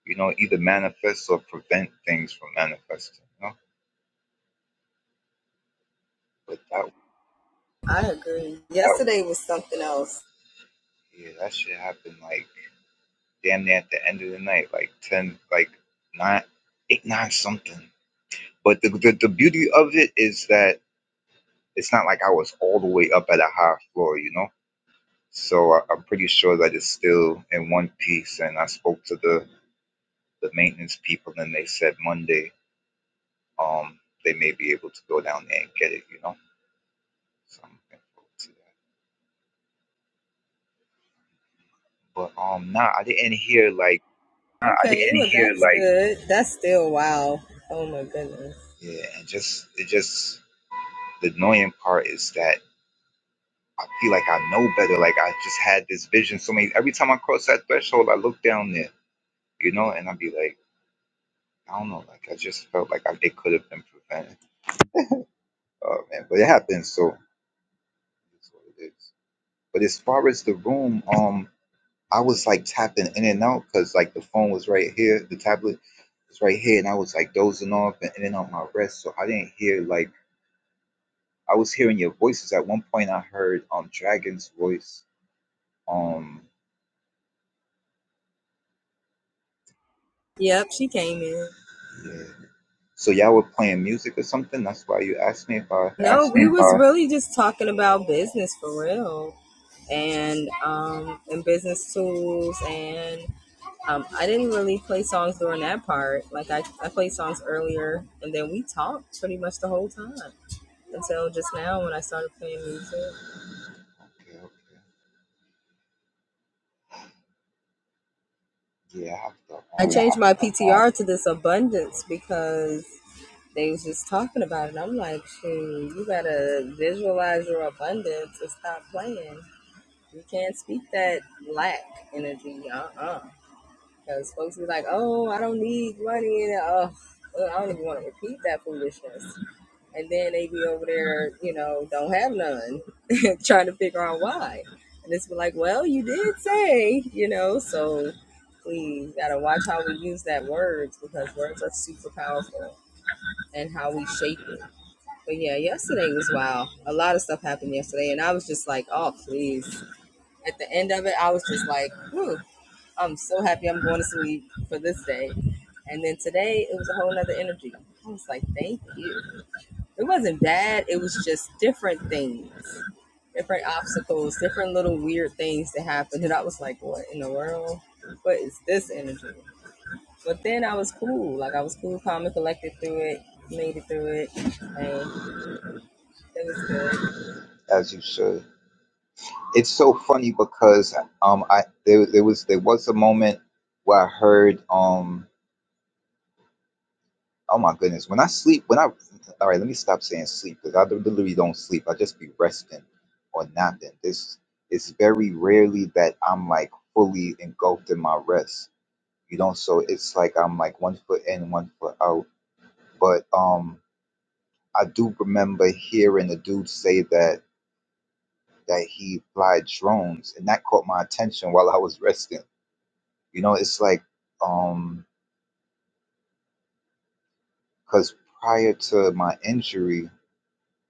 you know, either manifest or prevent things from manifesting. You know, but that yeah, that shit happened like damn near at the end of the night, like ten, like nine, eight, nine something. But the the, the beauty of it is that it's not like I was all the way up at a high floor, you know. So I, I'm pretty sure that it's still in one piece. And I spoke to the the maintenance people, and they said Monday, um, they may be able to go down there and get it, you know. So I'm looking forward to that. But um, nah, I didn't hear like yeah, and just it just the annoying part is that. I feel like I know better. Like I just had this vision. So many every time I cross that threshold, I look down there, you know, and I'd be like, I don't know. Like I just felt like I, it could have been prevented. Oh man, but it happens. So it's what it is. But as far as the room, um, I was like tapping in and out because like the phone was right here, the tablet was right here, and I was like dozing off and in and out my rest. So I didn't hear like I was hearing your voices. At one point, I heard um Dragon's voice. Um, yeah. So y'all were playing music or something? That's why you asked me if I. Okay, okay. Yeah, I have to. Um, as you should. It's so funny because um, I there there was there was a moment where I heard um, oh my goodness, when I sleep, when I, all right, let me stop saying sleep because I literally don't sleep. I just be resting or napping. This it's very rarely that I'm like fully engulfed in my rest. You know, so it's like I'm like one foot in, one foot out. But um, I do remember hearing a dude say that that he fly drones, and that caught my attention while I was resting. You know, it's like um, because prior to my injury,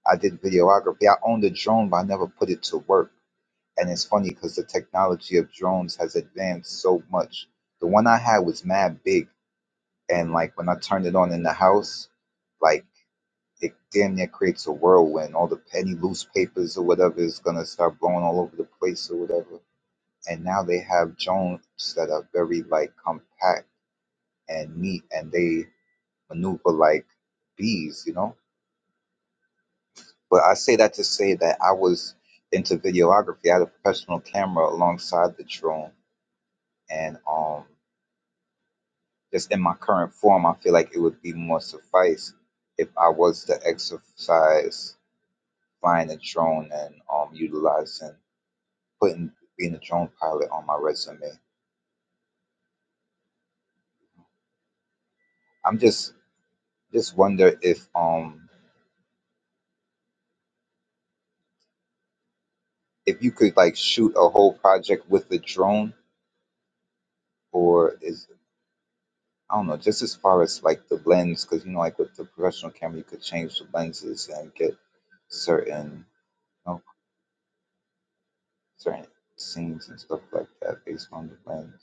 I did videography. I owned a drone, but I never put it to work. And it's funny because the technology of drones has advanced so much. The one I had was mad big, and like when I turned it on in the house, like it damn near creates a whirlwind. All the any loose papers or whatever is gonna start blowing all over the place or whatever and now they have drones that are very like compact and neat and they maneuver like bees you know but i say that to say that i was into videography i had a professional camera alongside the drone and um just in my current form i feel like it would be more suffice if i was to exercise flying a drone and um utilizing putting being a drone pilot on my resume i'm just just wonder if um if you could like shoot a whole project with a drone or is I don't know, just as far as like the lens, because you know, like with the professional camera, you could change the lenses and get certain, you know, certain scenes and stuff like that based on the lens.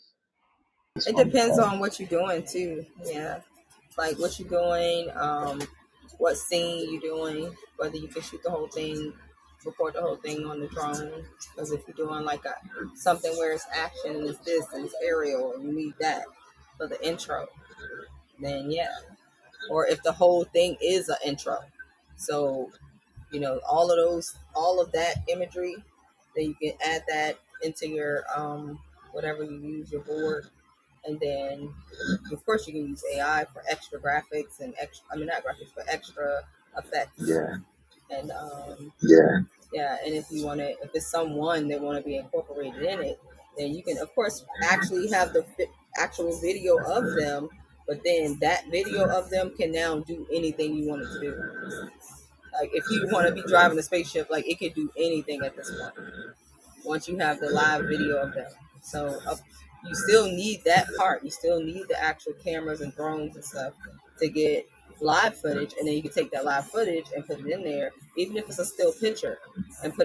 Yeah, Yeah,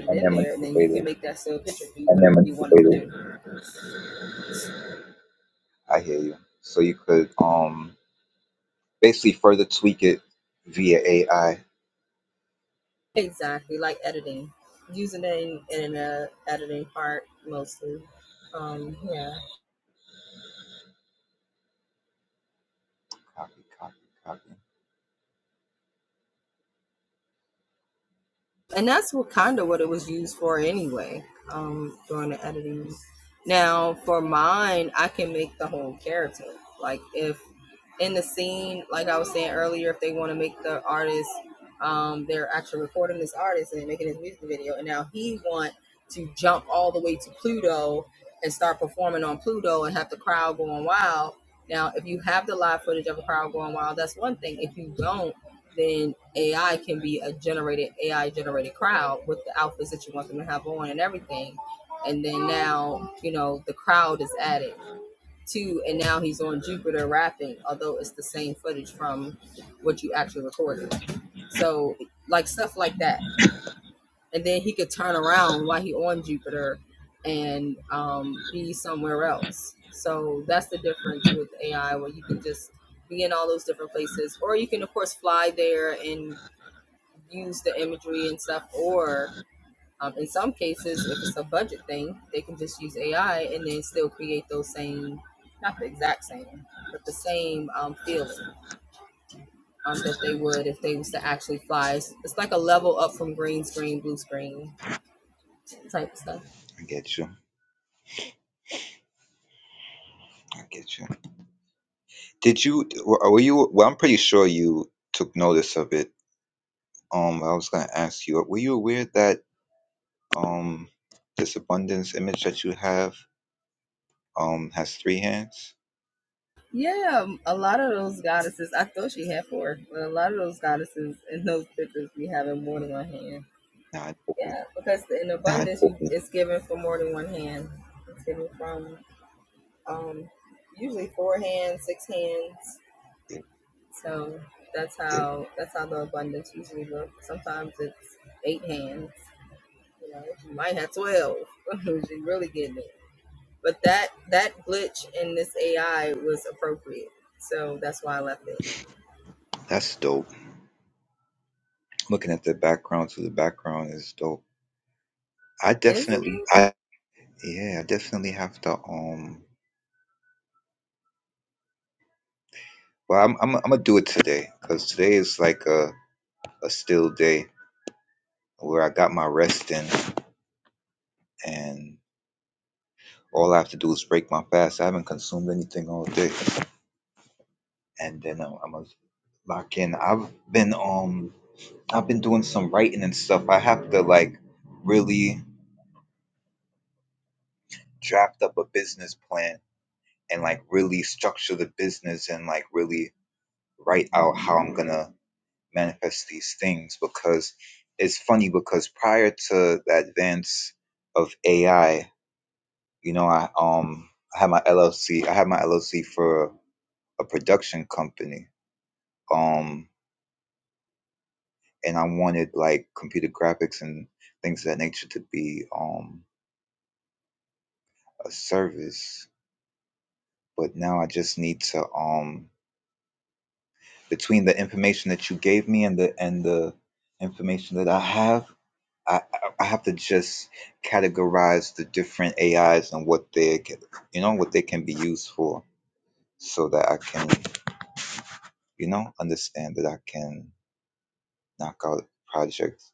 and then manipulate it. I hear you. So you could um basically further tweak it via AI. Copy, copy, copy. I get you. I get you. Did you? Were were you? Well, I'm pretty sure you took notice of it Um, I was gonna ask you, were you aware that um this abundance image that you have um has three hands? Nah, I didn't. know that. that's dope. Looking at the background to the background is dope. I definitely, yeah, I definitely have to um. Well, I'm I'm I'm gonna do it today because today is like a a still day where I got my rest in and all I have to do is break my fast. I haven't consumed anything all day, and then I'm, I'm gonna lock in. I've been um I've been doing some writing and stuff. I have to like really draft up a business plan and like really structure the business and like really write out how I'm gonna manifest these things because it's funny because prior to the advance of AI, you know, I um I had my LLC. I had my LLC for a production company. Um and I wanted like computer graphics and things of that nature to be um a service but now I just need to um between the information that you gave me and the and the information that I have, I I I have to just categorize the different AIs and what they get, you know what they can be used for, so that I can you know understand that I can knock out projects.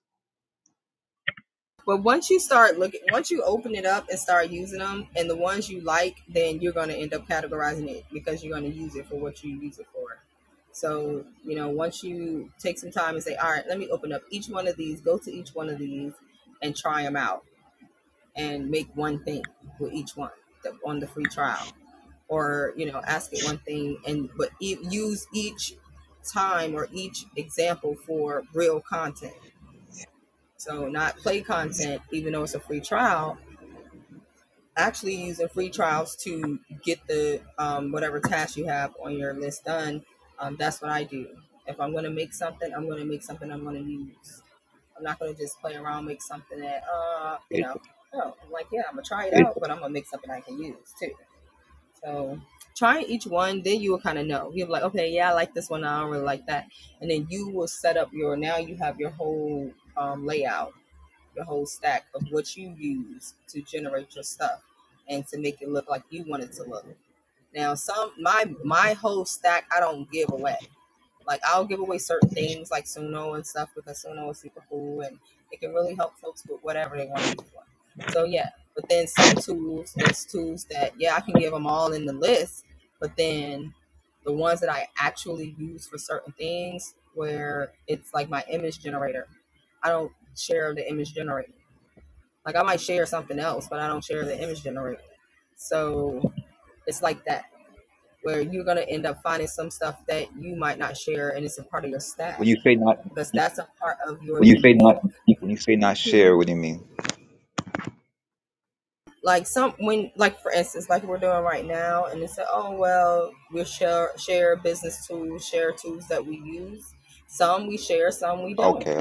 It, when you say not when you say not share, what do you mean? Okay,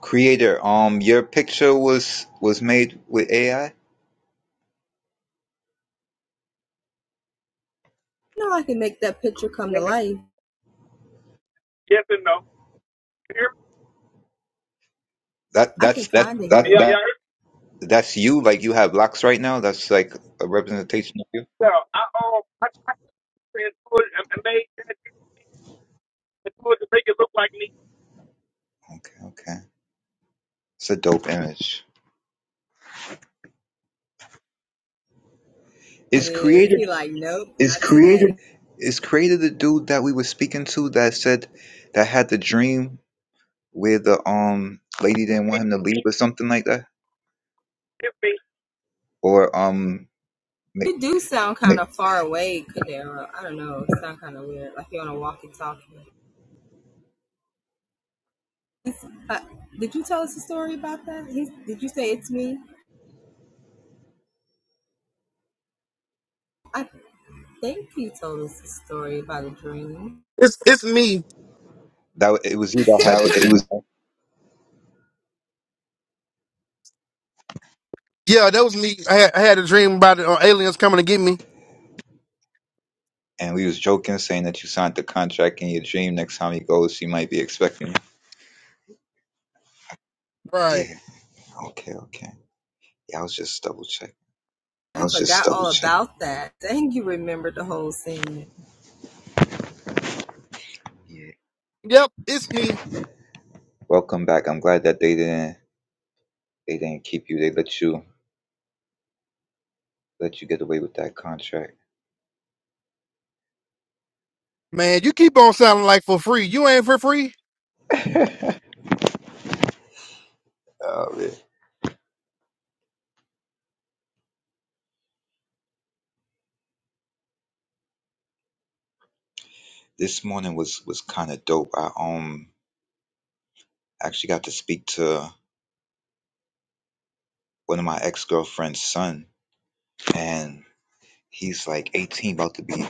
creator. Um, your picture was was made with AI. That that's that, Yeah. That's you? Like you have locks right now? That's like a representation of you? Okay, okay. It's a dope image. Is created that, is created the dude that we were speaking to that said that had the dream where the um lady didn't want him to leave or something like that? Or um ma- It's it's me. that it was you that had that the it dream, was right? Yeah, that was me. I had, I had a dream about it, uh, aliens coming to get me. And we was joking saying that you signed the contract in your dream next time he goes she might be expecting you. Right. Yeah, okay, okay. Yeah, I was just double checking. Yeah. Yep, it's me. Welcome back. I'm glad that they didn't They didn't keep you. They let you let you get away with that contract. Man, you keep on sounding like for free. You ain't for free. [LAUGHS] oh man. This morning was was kind of dope. I um actually got to speak to one of my ex girlfriend's son, and he's like 18, about to be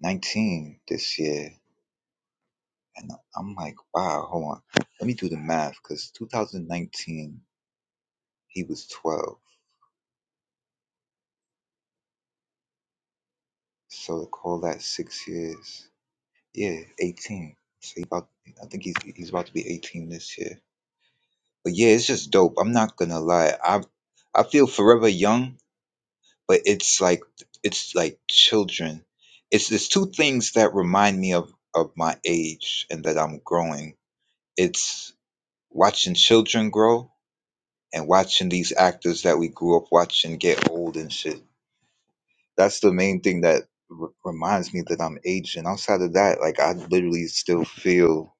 19 this year. And I'm like, wow, hold on, let me do the math, because 2019 he was 12, so to call that six years, yeah, 18. So he about, I think he's he's about to be 18 this year. But yeah, it's just dope. I'm not gonna lie. I I feel forever young, but it's like it's like children. It's there's two things that remind me of of my age and that I'm growing. It's watching children grow and watching these actors that we grew up watching get old and shit. That's the main thing that r- reminds me that I'm aging. Outside of that, like I literally still feel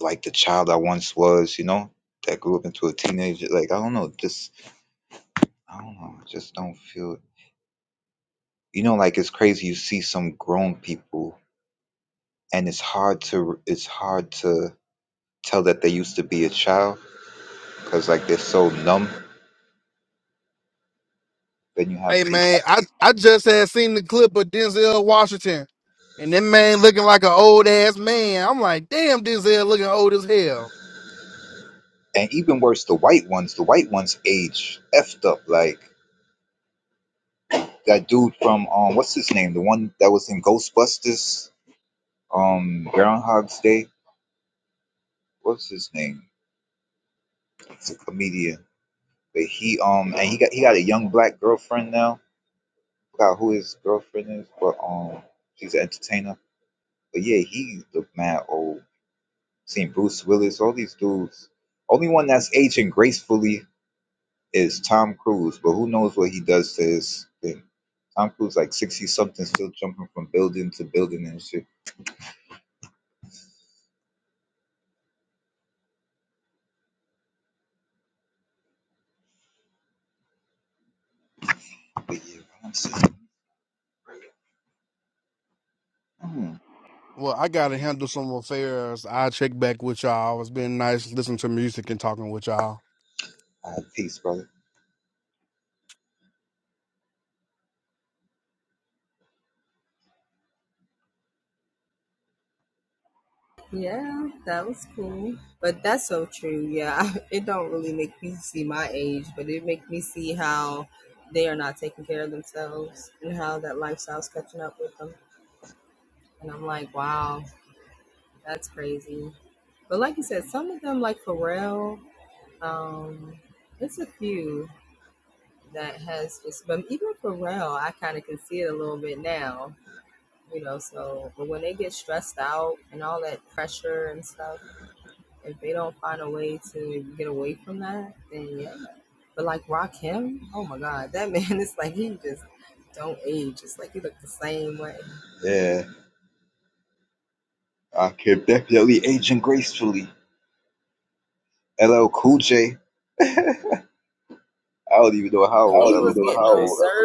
like the child I once was. You know, that grew up into a teenager. Like I don't know, just I don't know. I just don't feel. You know, like it's crazy. You see some grown people, and it's hard to it's hard to tell that they used to be a child because like they're so numb. Then you Hey have people, man, I, I just had seen the clip of Denzel Washington. And that man looking like an old ass man. I'm like, damn, Denzel looking old as hell. and even worse, the white ones. The white ones age effed up. Like that dude from um, what's his name? The one that was in Ghostbusters, um, Groundhog's Day. What's his name? It's a comedian, but he um, and he got he got a young black girlfriend now forgot who his girlfriend is, but um, she's an entertainer. But yeah, he looked mad old. Seen Bruce Willis, all these dudes. Only one that's aging gracefully is Tom Cruise, but who knows what he does to his thing. Tom Cruise like sixty something, still jumping from building to building and shit. But yeah, I'm just- Hmm. Well, I gotta handle some affairs. I'll check back with y'all. It's been nice listening to music and talking with y'all. All right, peace, brother. Yeah, I can definitely aging gracefully. LL Cool J. I don't even know how old LL Cool J. is.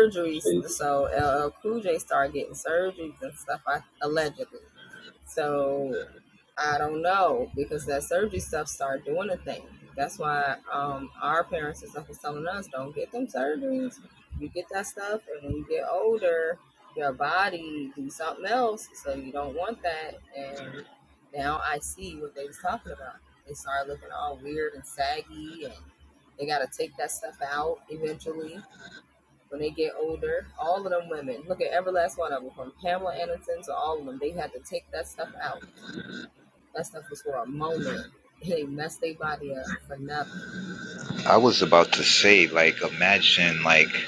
I was about to say, like, imagine, like.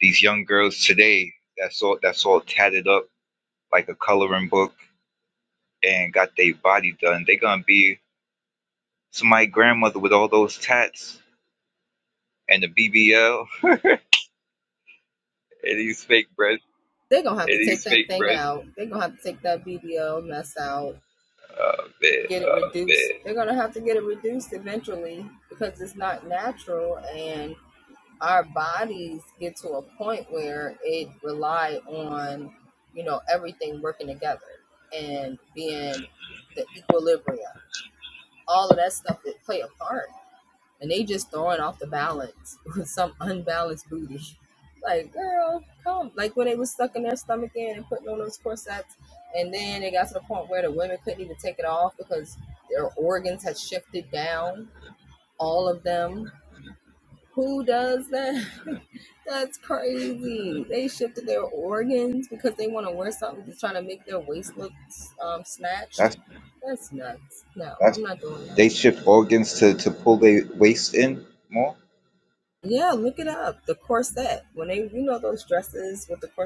These young girls today that's all that's all tatted up like a coloring book and got their body done. They gonna be somebody grandmother with all those tats and the BBL [LAUGHS] and these fake breasts. Oh man. That's they shift organs to, to pull their waist in more.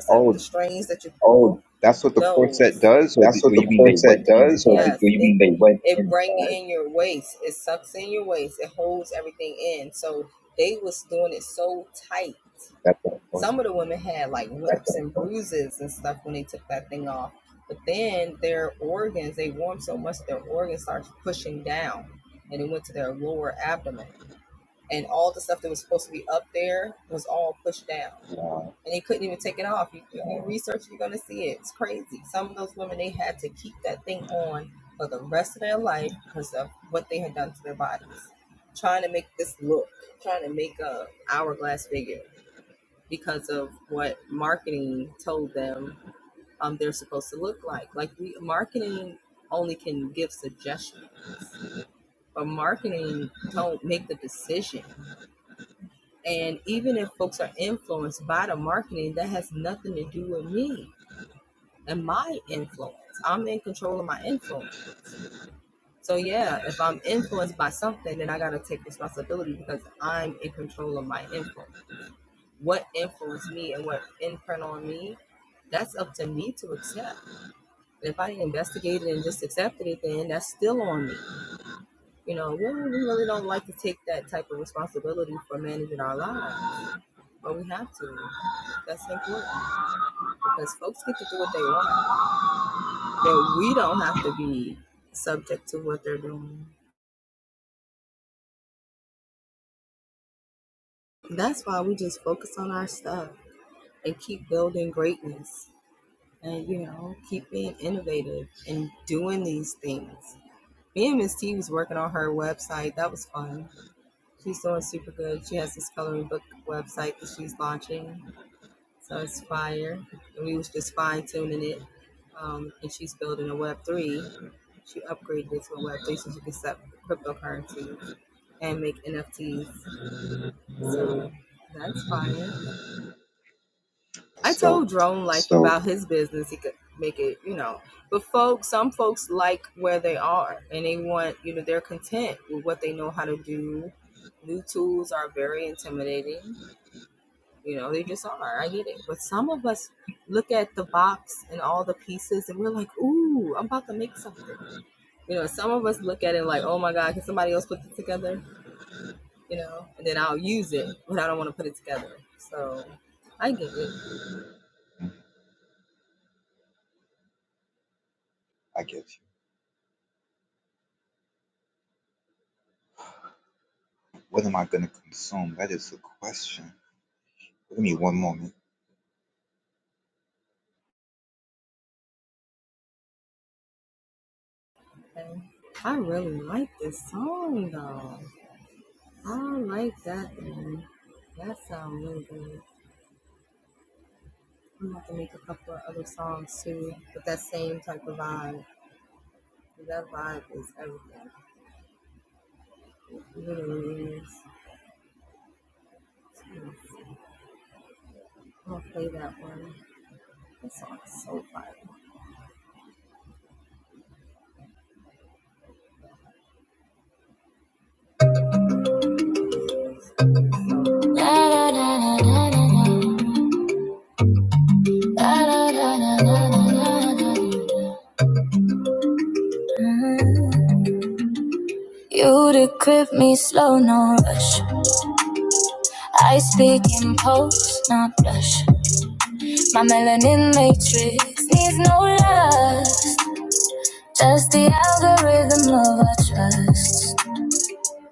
Oh, all. that's what the corset does, or do That's what the you mean they quartet went does. inside? They That's what. oh, Nah, that's dope. I get you. What am I gonna consume? That is the question. Give me one moment. went. [LAUGHS] You to grip me slow, no rush. I speak in pulse, not blush. My melanin matrix needs no lust. Just the algorithm love I trust.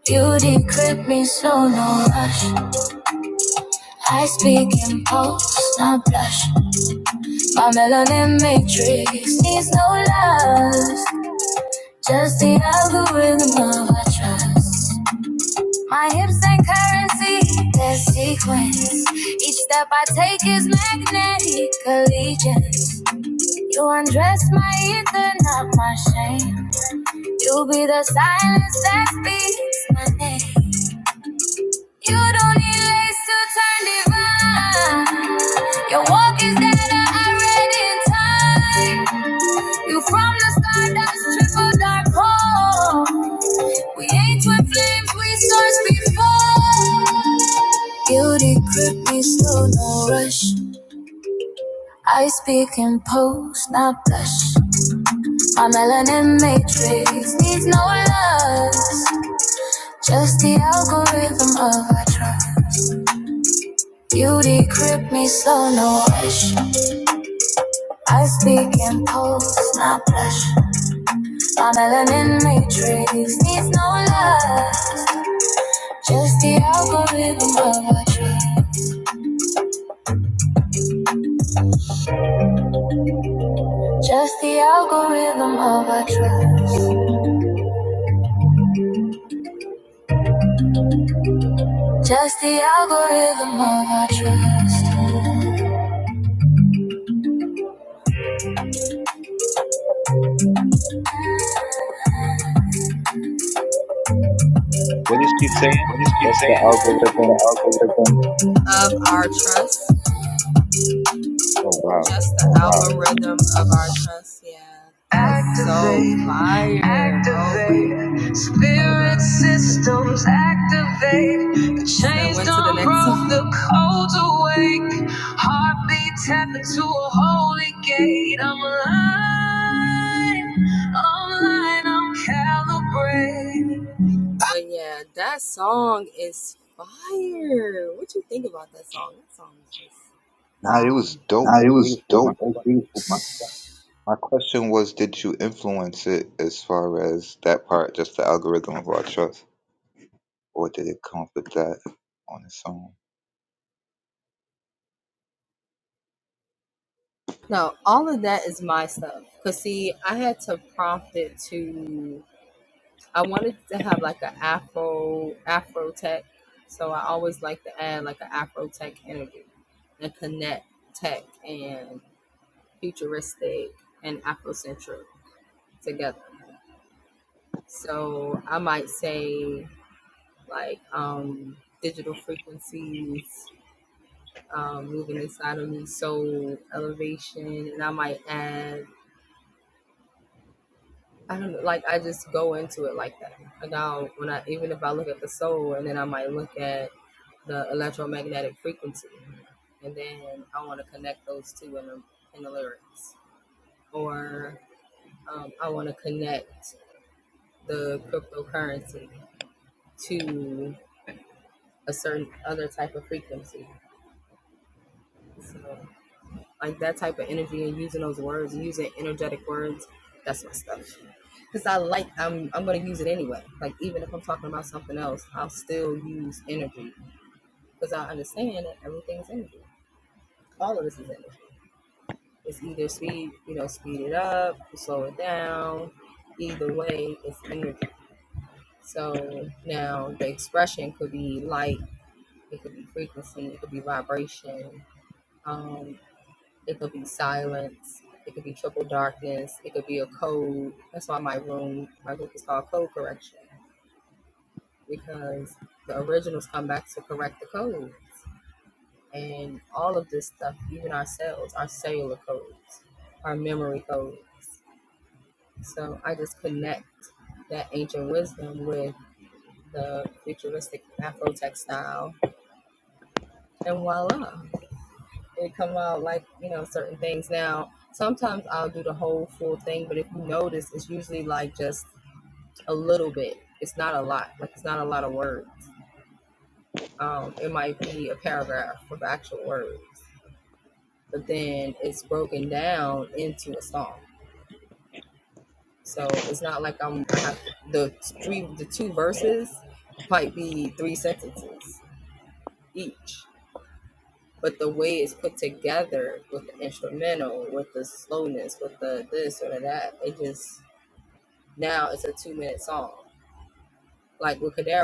You decrypt me slow, no rush. I speak in pulse, not blush. My melanin matrix needs no lust. Just the algorithm love I trust. My hips and currency, there's sequence. Each step I take is magnetic allegiance. You undress my ether, not my shame. You be the silence that speaks my name. You don't need lace to turn divine. Your walk is data I read in time. You from the stardust, triple dark hole. We ain't twin flames, we source before. Guilty could be slow, no rush. I speak in post, not blush. My melanin matrix needs no love, just the algorithm of our trust. Beauty grip me slow, no rush. I speak in post, not blush. My melanin matrix needs no love, just the algorithm of our trust. Just the algorithm of our trust. Just the algorithm of our trust. What is she saying? Just the algorithm. Oh wow. Nah, it was dope. That Nah, it was was beautiful. My dope. That's beautiful, my friend. my question was, did you influence it as far as that part, just the algorithm of our trust, or did it come with that on its own?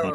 Mm,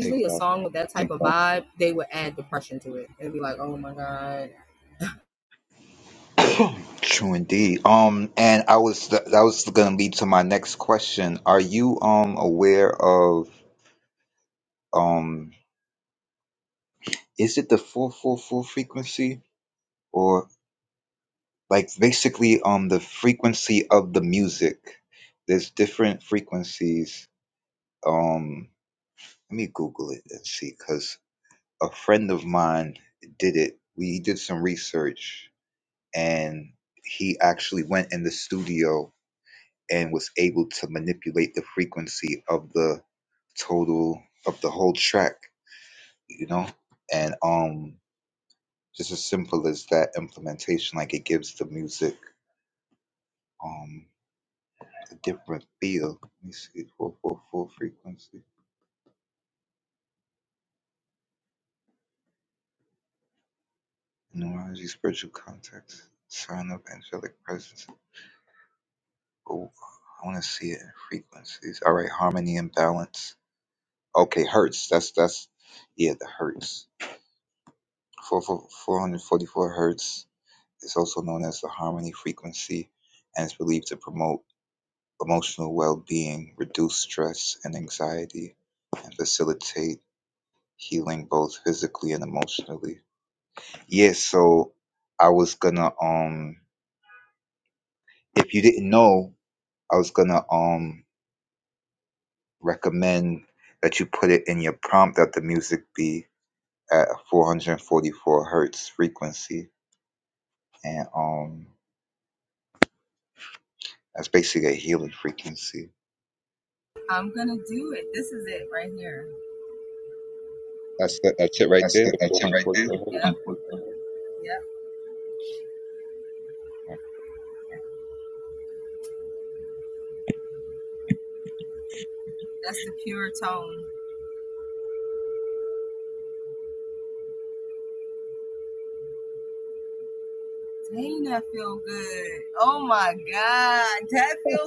Exactly. [COUGHS] True indeed. Um, and I was that was gonna lead to my next question. Are you um aware of um is it the four four four frequency? or? like basically um the frequency of the music there's different frequencies um let me google it and see because a friend of mine did it we did some research and he actually went in the studio and was able to manipulate the frequency of the total of the whole track you know and um just as simple as that implementation like it gives the music um. a different feel. Let me see. 444 frequency. Numerology, spiritual context, sign of angelic presence. Oh, I want to see it in frequencies. All right, harmony and balance. Okay, hertz. That's, that's, yeah, the hertz. Four, four, four hundred forty-four hertz is also known as the harmony frequency and is believed to promote emotional well-being, reduce stress and anxiety, and facilitate healing both physically and emotionally. Yes, so I was gonna um if you didn't know, I was gonna um recommend that you put it in your prompt that the music be at 444 hertz frequency and um that's basically a healing frequency. That's the, that's it right That's there, that, the that shit right there. 444 hertz. Oh,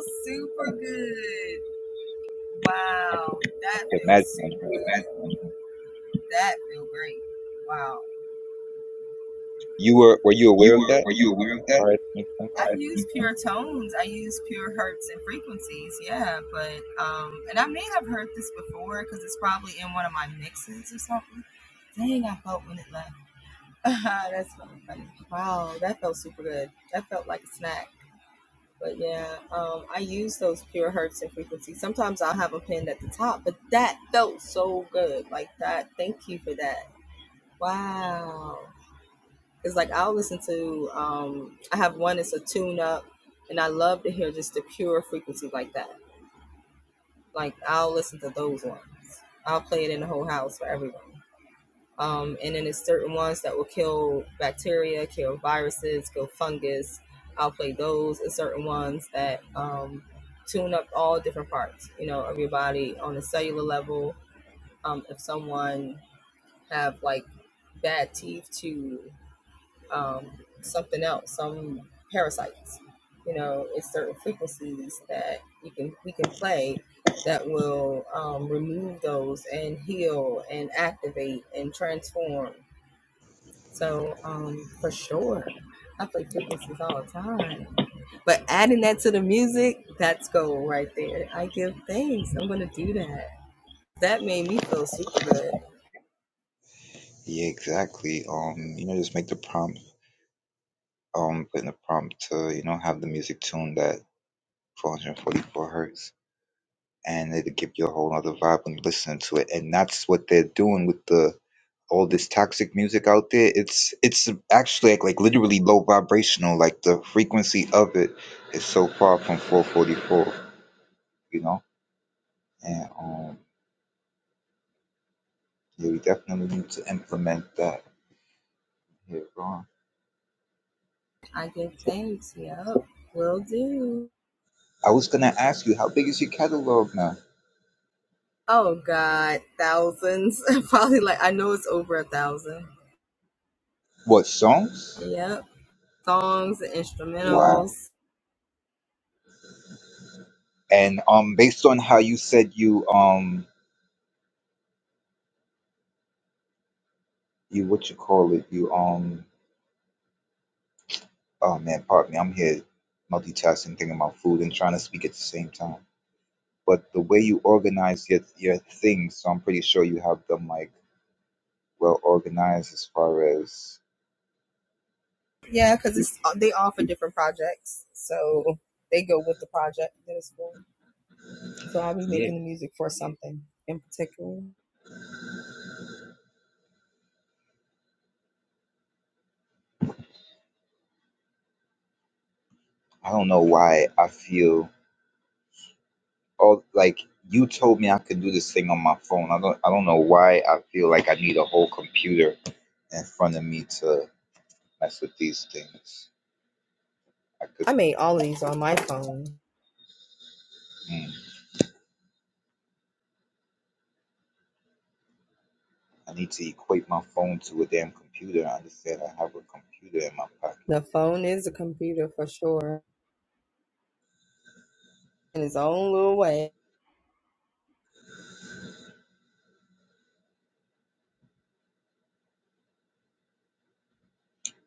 I can, I can imagine. that, huh? You were were you You aware of were, that? were you aware of Sorry, makes sense. Yeah, exactly. Um, you know, just make the prompt um put in the prompt to, you know, have the music tuned that 444 hertz, and it'll give you a whole other vibe when you listen to it. And that's what they're doing with the all this toxic music out there. It's it's actually like, like literally low vibrational. Like the frequency of it is so far from 444, you know. And um, yeah, we definitely need to implement that here on. I was gonna ask you, how big is your catalog now? What songs? Wow. And um, based on how you said you um, you what you call it, you um Oh man, pardon me. I'm here multitasking, thinking about food and trying to speak at the same time. But the way you organize your your things, so I'm pretty sure you have them like well organized as far as yeah. I don't know why I feel all like you told me I could do this thing on my phone. I don't I don't know why I feel like I need a whole computer in front of me to mess with these things. I could Mm. I need to equate my phone to a damn computer. I understand I have a computer in my pocket.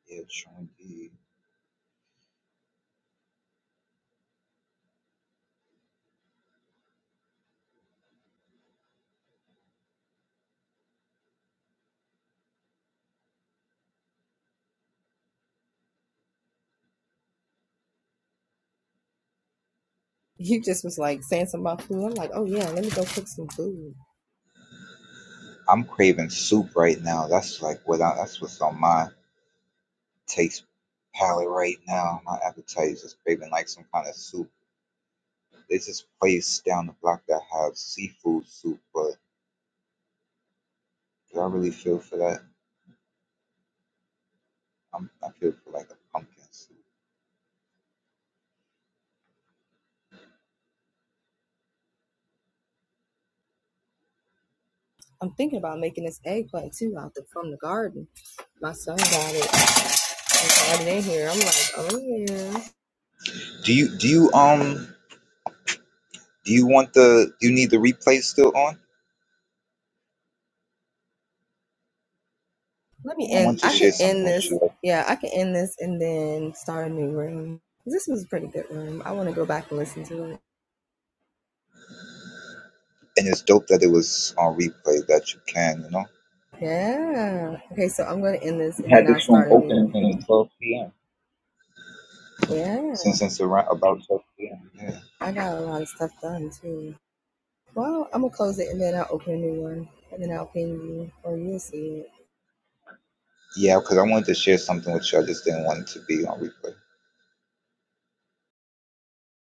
Yeah, true indeed. I'm craving soup right now. That's like what I, that's what's on my taste palette right now. My appetite is just craving like some kind of soup. There's this place down the block that has seafood soup, but do I really feel for that? I'm, I feel for like a pumpkin soup. Do you do you um do you want the do you need the replay still on? I want to share something with you, like, and it's dope that it was on replay that you can you know. We had this room open since that? 12 p.m. since around about yeah yeah because I wanted to share something with you. I just didn't want it to be on replay.